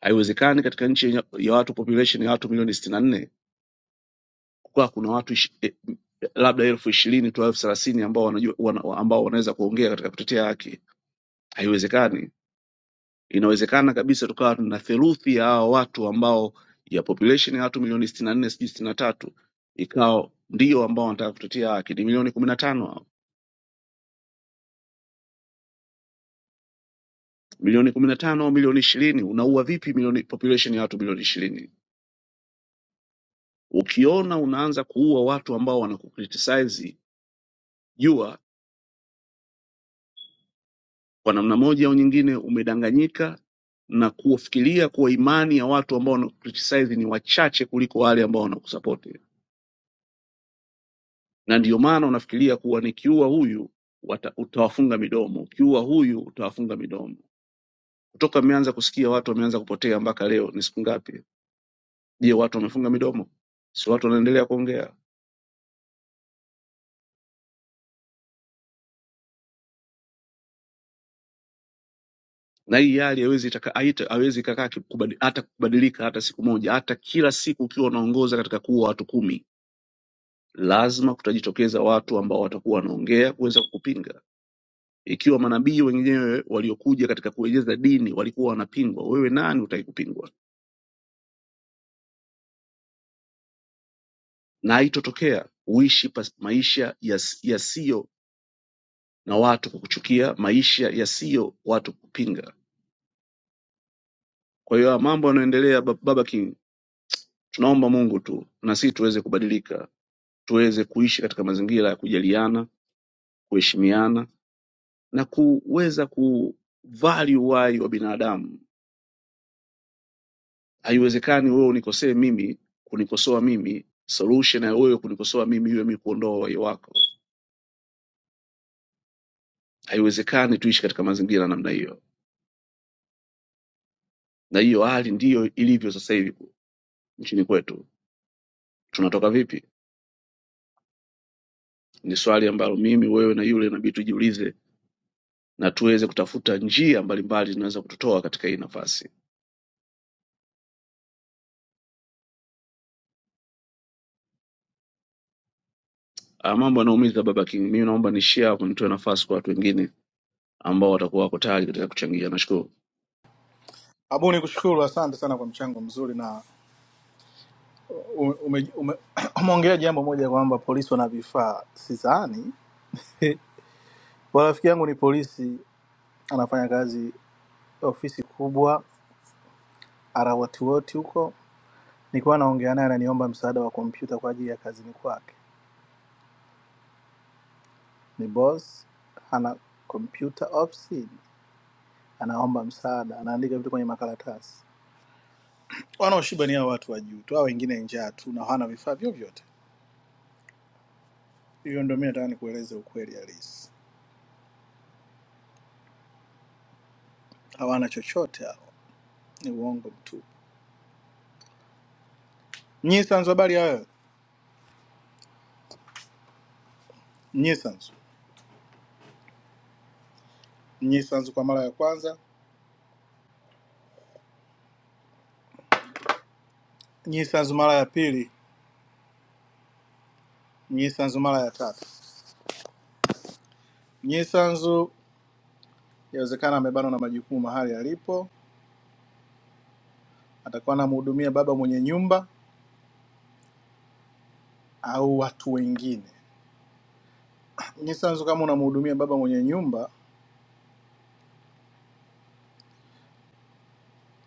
haiwezekani katika nchi yenye- ya watu population ya watu milioni sitini na nne kukawa kuna watu ishi, eh, labda elfu ishirini tu elfu thelathini ambao wanajua wana, ambao wanaweza kuongea katika kutetea haki haiwezekani inawezekana kabisa tukawa tuna theluthi ya hawa watu ambao ya population ya watu milioni sitini na nne sijui sitini na tatu ikawa ndio ambao wanataka kutetea haki ni milioni kumi na tano hao. milioni kumi na tano au milioni ishirini unaua vipi milioni population ya watu milioni ishirini ukiona unaanza kuua watu ambao wanakukritisize jua kwa namna moja au nyingine umedanganyika na kufikiria kuwa imani ya watu ambao wanakukritisize ni wachache kuliko wale ambao wanakusupport na ndio maana unafikiria kuwa nikiua huyu wata, utawafunga midomo, ukiua huyu utawafunga midomo. Kutoka mmeanza kusikia watu wameanza kupotea mpaka leo ni siku ngapi? Je, watu wamefunga midomo? Si watu wanaendelea kuongea? Na hii hali haiwezi itaka- haita- haiwezi ikakaa ki- kubadi- hata kubadilika hata siku moja, hata kila siku ukiwa unaongoza katika kuua watu kumi, lazima kutajitokeza watu ambao watakuwa wanaongea kuweza kukupinga. Ikiwa manabii wenyewe waliokuja katika kueneza dini walikuwa wanapingwa, wewe nani utaikupingwa? na haitotokea uishi pas- maisha yas- yasiyo na watu kukuchukia, maisha yasiyo watu kupinga. Kwa hiyo haya mambo yanaendelea, Ba- Baba King, tunaomba Mungu tu na sisi tuweze kubadilika, tuweze kuishi katika mazingira ya kujaliana, kuheshimiana na kuweza kuvalue uhai wa binadamu. Haiwezekani wewe unikosee mimi, kunikosoa mimi, solution ya wewe kunikosoa mimi iwe mimi kuondoa uhai wako. Haiwezekani tuishi katika mazingira ya namna hiyo. na hiyo hali ndiyo ilivyo sasa hivi nchini kwetu. Tunatoka vipi? Ni swali ambalo mimi, wewe na yule inabidi tujiulize na tuweze kutafuta njia mbalimbali zinaweza kututoa katika hii nafasi. Ah, Mambo yanaumiza Baba King, mimi naomba nishia hapo, nitoe nafasi kwa watu wengine ambao watakuwa wako tayari katika kuchangia. Nashukuru. Abu, nikushukuru, asante sana kwa mchango mzuri na umeongea ume, ume, umeongea jambo moja kwamba polisi wana vifaa, sidhani Kwa rafiki yangu ni polisi, anafanya kazi ofisi kubwa Arawatuwote huko, nikiwa naongea naye ananiomba msaada wa kompyuta kwa ajili ya kazini kwake. Ni boss hana computer ops, anaomba msaada, anaandika vitu kwenye makaratasi. Wanaoshiba ni hao watu wa juu tu, hao wengine njaa tu na hawana vifaa vyovyote. Hivyo ndio mimi nataka nikueleze ukweli halisi, hawana chochote hao, ni uongo mtupu. Nyisanzu, habari ya wewe? Nyisanzu, Nyisanzu kwa mara ya kwanza, Nyisanzu mara ya pili, Nyisanzu mara ya tatu, Nyisanzu Yawezekana amebanwa na majukumu mahali alipo, atakuwa anamhudumia baba mwenye nyumba au watu wengine. Nisanzu, kama unamhudumia baba mwenye nyumba,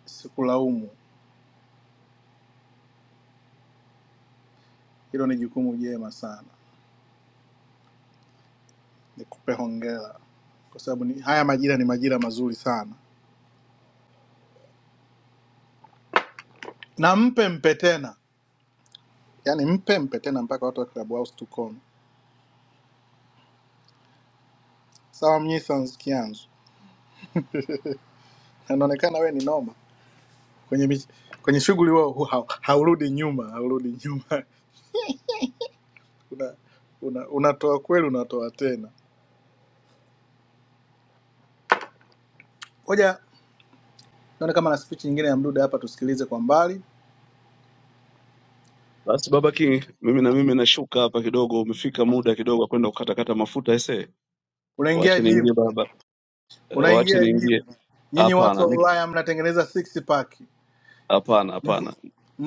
sikulaumu, hilo ni jukumu jema sana, nikupe hongera kwa sababu ni, haya majira ni majira mazuri sana, na mpe mpe tena, yaani mpe mpe tena mpaka watu wa Club House tukome. Sawa Mnyisanzu Kianzu, inaonekana we ni noma kwenye mich- kwenye shughuli huwa hu- hau- haurudi nyuma, haurudi nyuma, una, una, unatoa una kweli, unatoa tena. Ngoja Nione kama na speech nyingine ya Mdude hapa tusikilize kwa mbali. Basi Baba King, mimi na mimi nashuka hapa kidogo, umefika muda kidogo wa kwenda kukatakata mafuta ese. Unaingia Wache gym, niingie baba, Eh, wache unaingia gym. niingie. Nyinyi watu Hapana, wa Ulaya mnatengeneza six pack, Hapana, hapana.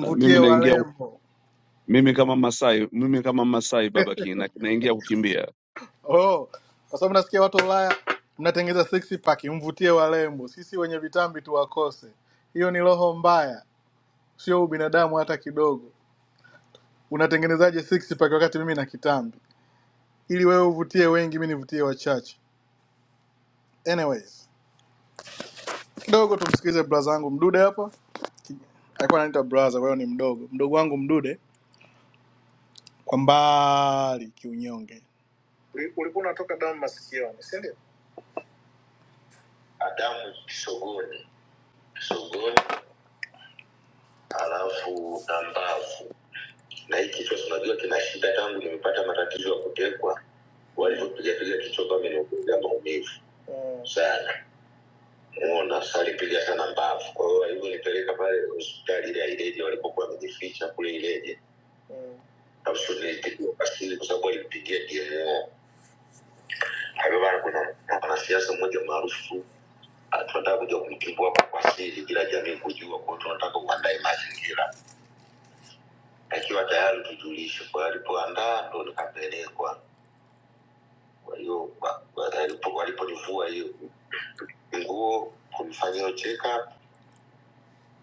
Na Mimi naingia warembo. mimi kama Masai, mimi kama Masai baba kina naingia kukimbia. Oh, kwa sababu nasikia watu wa Ulaya mnatengeneza six pack, mvutie warembo. Sisi wenye vitambi tu wakose. Hiyo ni roho mbaya, sio ubinadamu hata kidogo. Unatengenezaje six pack wakati mimi na kitambi? Ili wewe uvutie wengi, mimi nivutie wachache. Anyways, kidogo tumsikize braza wangu mdude hapa Ki- alikuwa anaita braza kwa hiyo ni mdogo mdogo wangu mdude kwa mbali kiunyonge Uli- ulikuwa unatoka damu masikioni si ndio Ah, damu kisogoni kisogoni alafu na mbavu na hii kichwa tunajua kina shida tangu nimepata matatizo ya kutekwa walivyopigapiga kichwa kama nimekuja maumivu sana muona salipiga sana mbavu kwa hiyo walivyonipeleka pale hospitali ile ya ileje walipokuwa wamejificha kule ileje absolutely kwa asili kwa sababu alimpigia DMO. Hapo bana, kuna mwanasiasa mmoja maarufu ah, tunataka kuja kumtimbu hapa kwa asili bila jamii kujua, kwa hiyo tunataka uandae mazingira akiwa tayari tujulishe. Kwa hiyo alipoandaa ndo nikapelekwa. Kwa hiyo wa- wa- alipo- waliponivua hiyo nguo kunifanyia check up,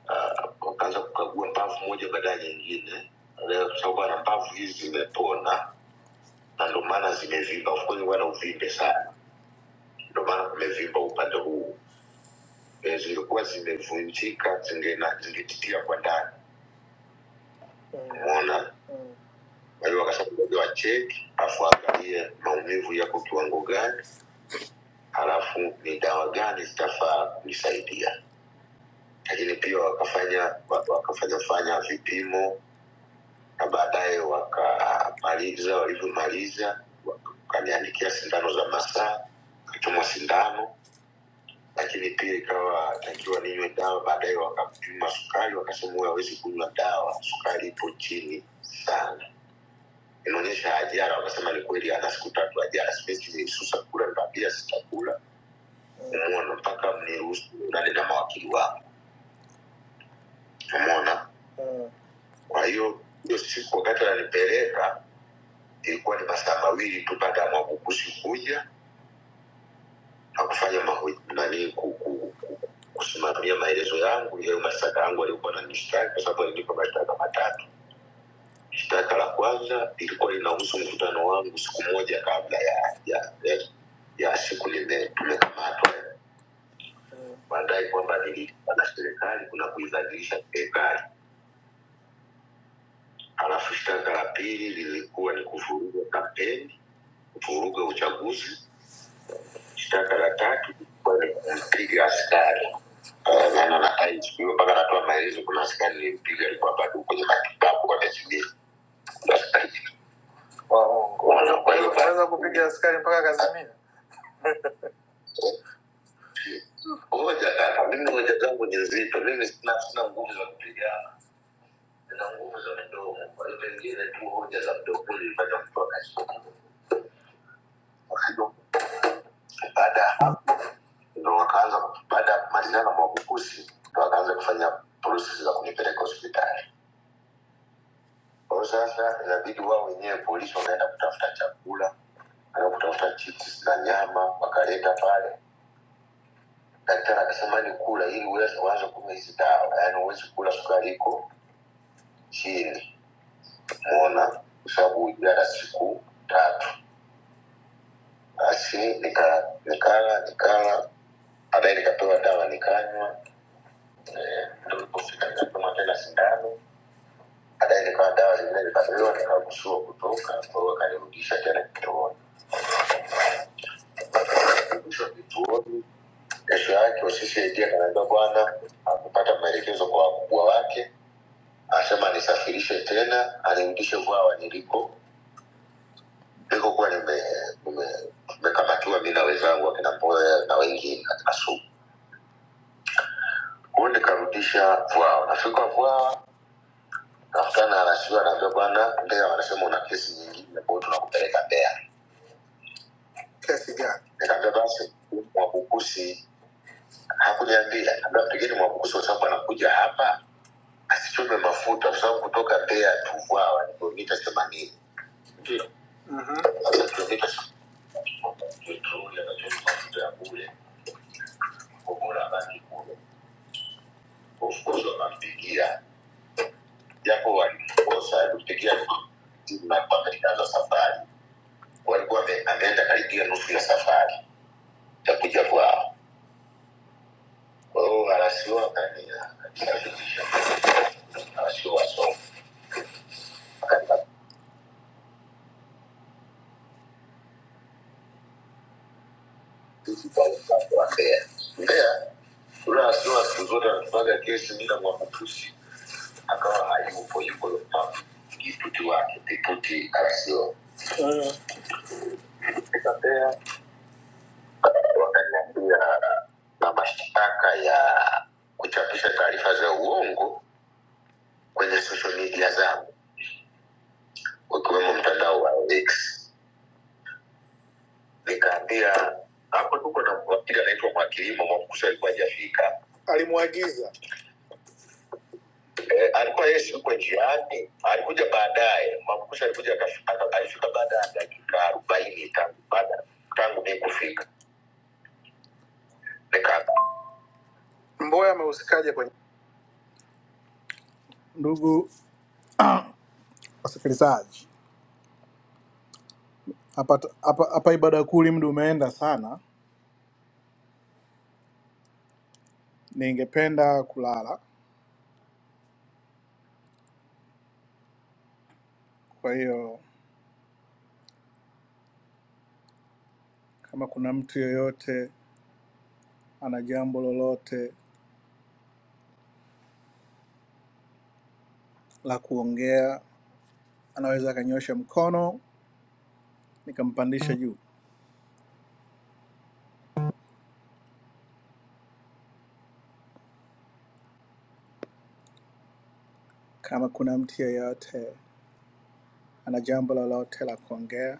ah, wakaanza kukagua mbavu moja baada ya nyingine, Leo kwa sababu ana mbavu hizi zimepona na ndo maana zimevimba, of course wana uvimbe sana ndio maana tumevimba upande huu. E, zilikuwa zimevunjika, zingena- zingetitia kwa ndani, umeona. Kwa hiyo wakasema ngoja wacheki, afu angalie maumivu yako kiwango gani, halafu ni dawa gani zitafaa kunisaidia. Lakini pia wakafanya wa- wakafanya fanya vipimo na baadaye wakamaliza, walivyomaliza wakaniandikia sindano za masaa, kachomwa sindano lakini pia ikawa takiwa ninywe dawa baadaye wakapima sukari wakasema huyu hawezi kunywa dawa sukari ipo chini sana inaonyesha ajara wakasema ni kweli ana siku tatu ajara siwezi nisusa kula nikamwambia sitakula umona mpaka mniruhusu nani na mawakili wangu umona kwa hiyo hiyo siku wakati ananipeleka ilikuwa ni masaa mawili tu baada ya mwabukusi kuja hakufanya mahoji- nani ku- ku- ku- kusimamia maelezo yangu yayo mashtaka yangu aliyokuwa nanishtaki kwa sababu alinipa mashtaka matatu shtaka la kwanza lilikuwa linahusu mkutano wangu siku moja kabla ya ya, ya, ya siku nime- tumekamatwa baadaye kwamba nililipa na serikali kuna kuibadilisha serikali halafu shtaka la pili lilikuwa ni kuvuruga kampeni kuvuruga uchaguzi shtaka la tatu ilikuwa ni kumpiga askari Eh, na na- na IGP mpaka anatoa maelezo kuna askari nilimpiga alikuwa bado kwenye matibabu kwa miezi mbili Waongo. Wana- kwa hiyo- Unaweza kupiga askari mpaka Kazimini. hoja kaka mimi hoja zangu ni nzito mimi sina sina nguvu za kupigana nina nguvu za mdomo kwa hiyo pengine tu hoja za mdomo ilifanya mtu akashtuka Wakati- baada ya hapo ndo wakaanza baada ya kumalizana mwabukusi ndo wakaanza kufanya process za kunipeleka hospitali Kwa hiyo sasa inabidi wao wenyewe polisi wakaenda kutafuta chakula, wakaenda kutafuta chips na nyama, wakaleta pale. Daktari akasema ni kula ili uweze kuanza kunywa hizi dawa, yaani huwezi kula sukari iko chini, umeona, kwa sababu ujala siku tatu. Basi nika- nikala nikala, baadaye nikapewa dawa nikanywa, eh, ndio nilipofika nikapimwa tena sindano, baadaye nikawa dawa zingine nikapewa, nikaruhusiwa kutoka, kwa hiyo wakanirudisha tena kituoni. Nilirudishwa kituoni Kesho yake CCD akaniambia, bwana akupata maelekezo kwa wakubwa wake, anasema anisafirishe tena anirudishe Vwawa niliko nilikokuwa nime- nime- nimekamatiwa mi na wenzangu akina Mboya na wengine katika sumu. Kwa hiyo nikarudisha Vwawa, nafika Vwawa nakutana anashiwa na rasiwa, anaambia bwana Mbeya, wanasema una kesi nyingine, kwa hiyo tunakupeleka Mbeya. Kesi gani? Nikaambia basi Mwabukusi. Hakuniambia, akaambia mpigeni Mwabukusi kwa sababu anakuja hapa asichome mafuta kwa sababu kutoka Mbeya tu Vwawa ni kilomita themanini. Ndio. Sasa kilomita petroli anachoma mafuta ya bure, kwa bora abaki kule. Of course wanampigia, japo walimkosa, alimpigia timu na mpaka ikaanza safari, walikuwa wame- ameenda karibia nusu ya safari ya kuja kwao. Kwa hiyo arasiwa akaniarasiwa wasomi Mbeya. Mbeya Lula Lula siku zote anatupaga kesi mimi na Mwakutusi akawa hayupo yuko Lupavu kiputi wake kiputi asio Mbeya wakaniambia na mashtaka ya kuchapisha taarifa za uongo kwenye social media zangu ukiwemo mtandao wa X nikaambia hapo tuko na mwakili anaitwa mwakilimo Mwakutusi alikuwa hajafika eh, alikuwa yeye siko njiani, alikuja baadaye. Makumbusho alikuja akafi- aka- alifika baada ya dakika arobaini tangu baada tangu mimi kufika Lekana. Mboya amehusikaje kwenye ndugu wasikilizaji hapa hapa hapa ibada kuu mdu umeenda sana ningependa kulala kwa hiyo kama kuna mtu yoyote ana jambo lolote la kuongea anaweza akanyosha mkono nikampandisha juu kama kuna mtu yoyote ana jambo lolote la kuongea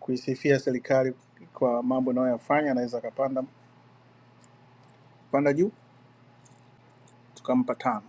kuisifia serikali kwa mambo inayoyafanya, anaweza akapanda panda juu, tukampa tano.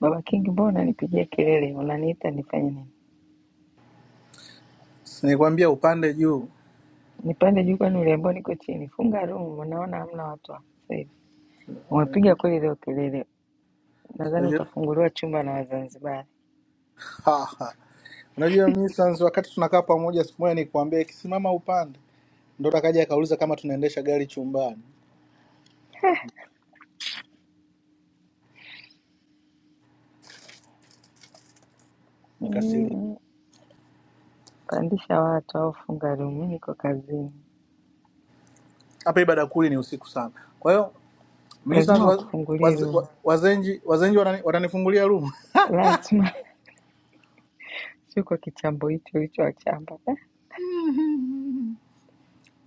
Baba King, mbona unanipigia kelele? Unaniita nifanye nini? Si Nikwambia upande juu, Nipande juu, kwani uliambiwa niko chini? Funga room, unaona hamna watu hapa sasa hivi. Umepiga kweli leo kelele, Nadhani unajua utafunguliwa chumba na Wazanzibari. Ha, ha. Unajua mimi sans wakati tunakaa pamoja siku moja nikuambia ikisimama upande, ndo takaja akauliza kama tunaendesha gari chumbani, nikasirika. Mm, Pandisha watu au funga room. Mimi niko kazini, Hapa ibada kuli ni usiku sana, kwa hiyo mimi sans lazima waz, wakufungulie waz, room, wa- wazenji wazenji wanani, watanifungulia room lazima sio kwa kichambo hicho hicho wachamba.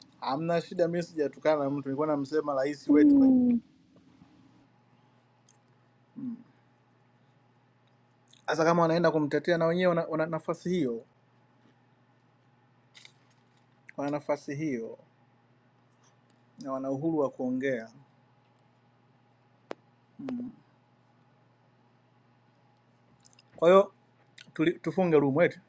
hamna shida. Mimi sijatukana na mtu, nilikuwa namsema rais wetu. Mm. Sasa kama wanaenda kumtetea na wenyewe wana, wana nafasi hiyo, wana nafasi hiyo. na wana uhuru wa kuongea. Kwa hiyo tuli- tufunge room wetu.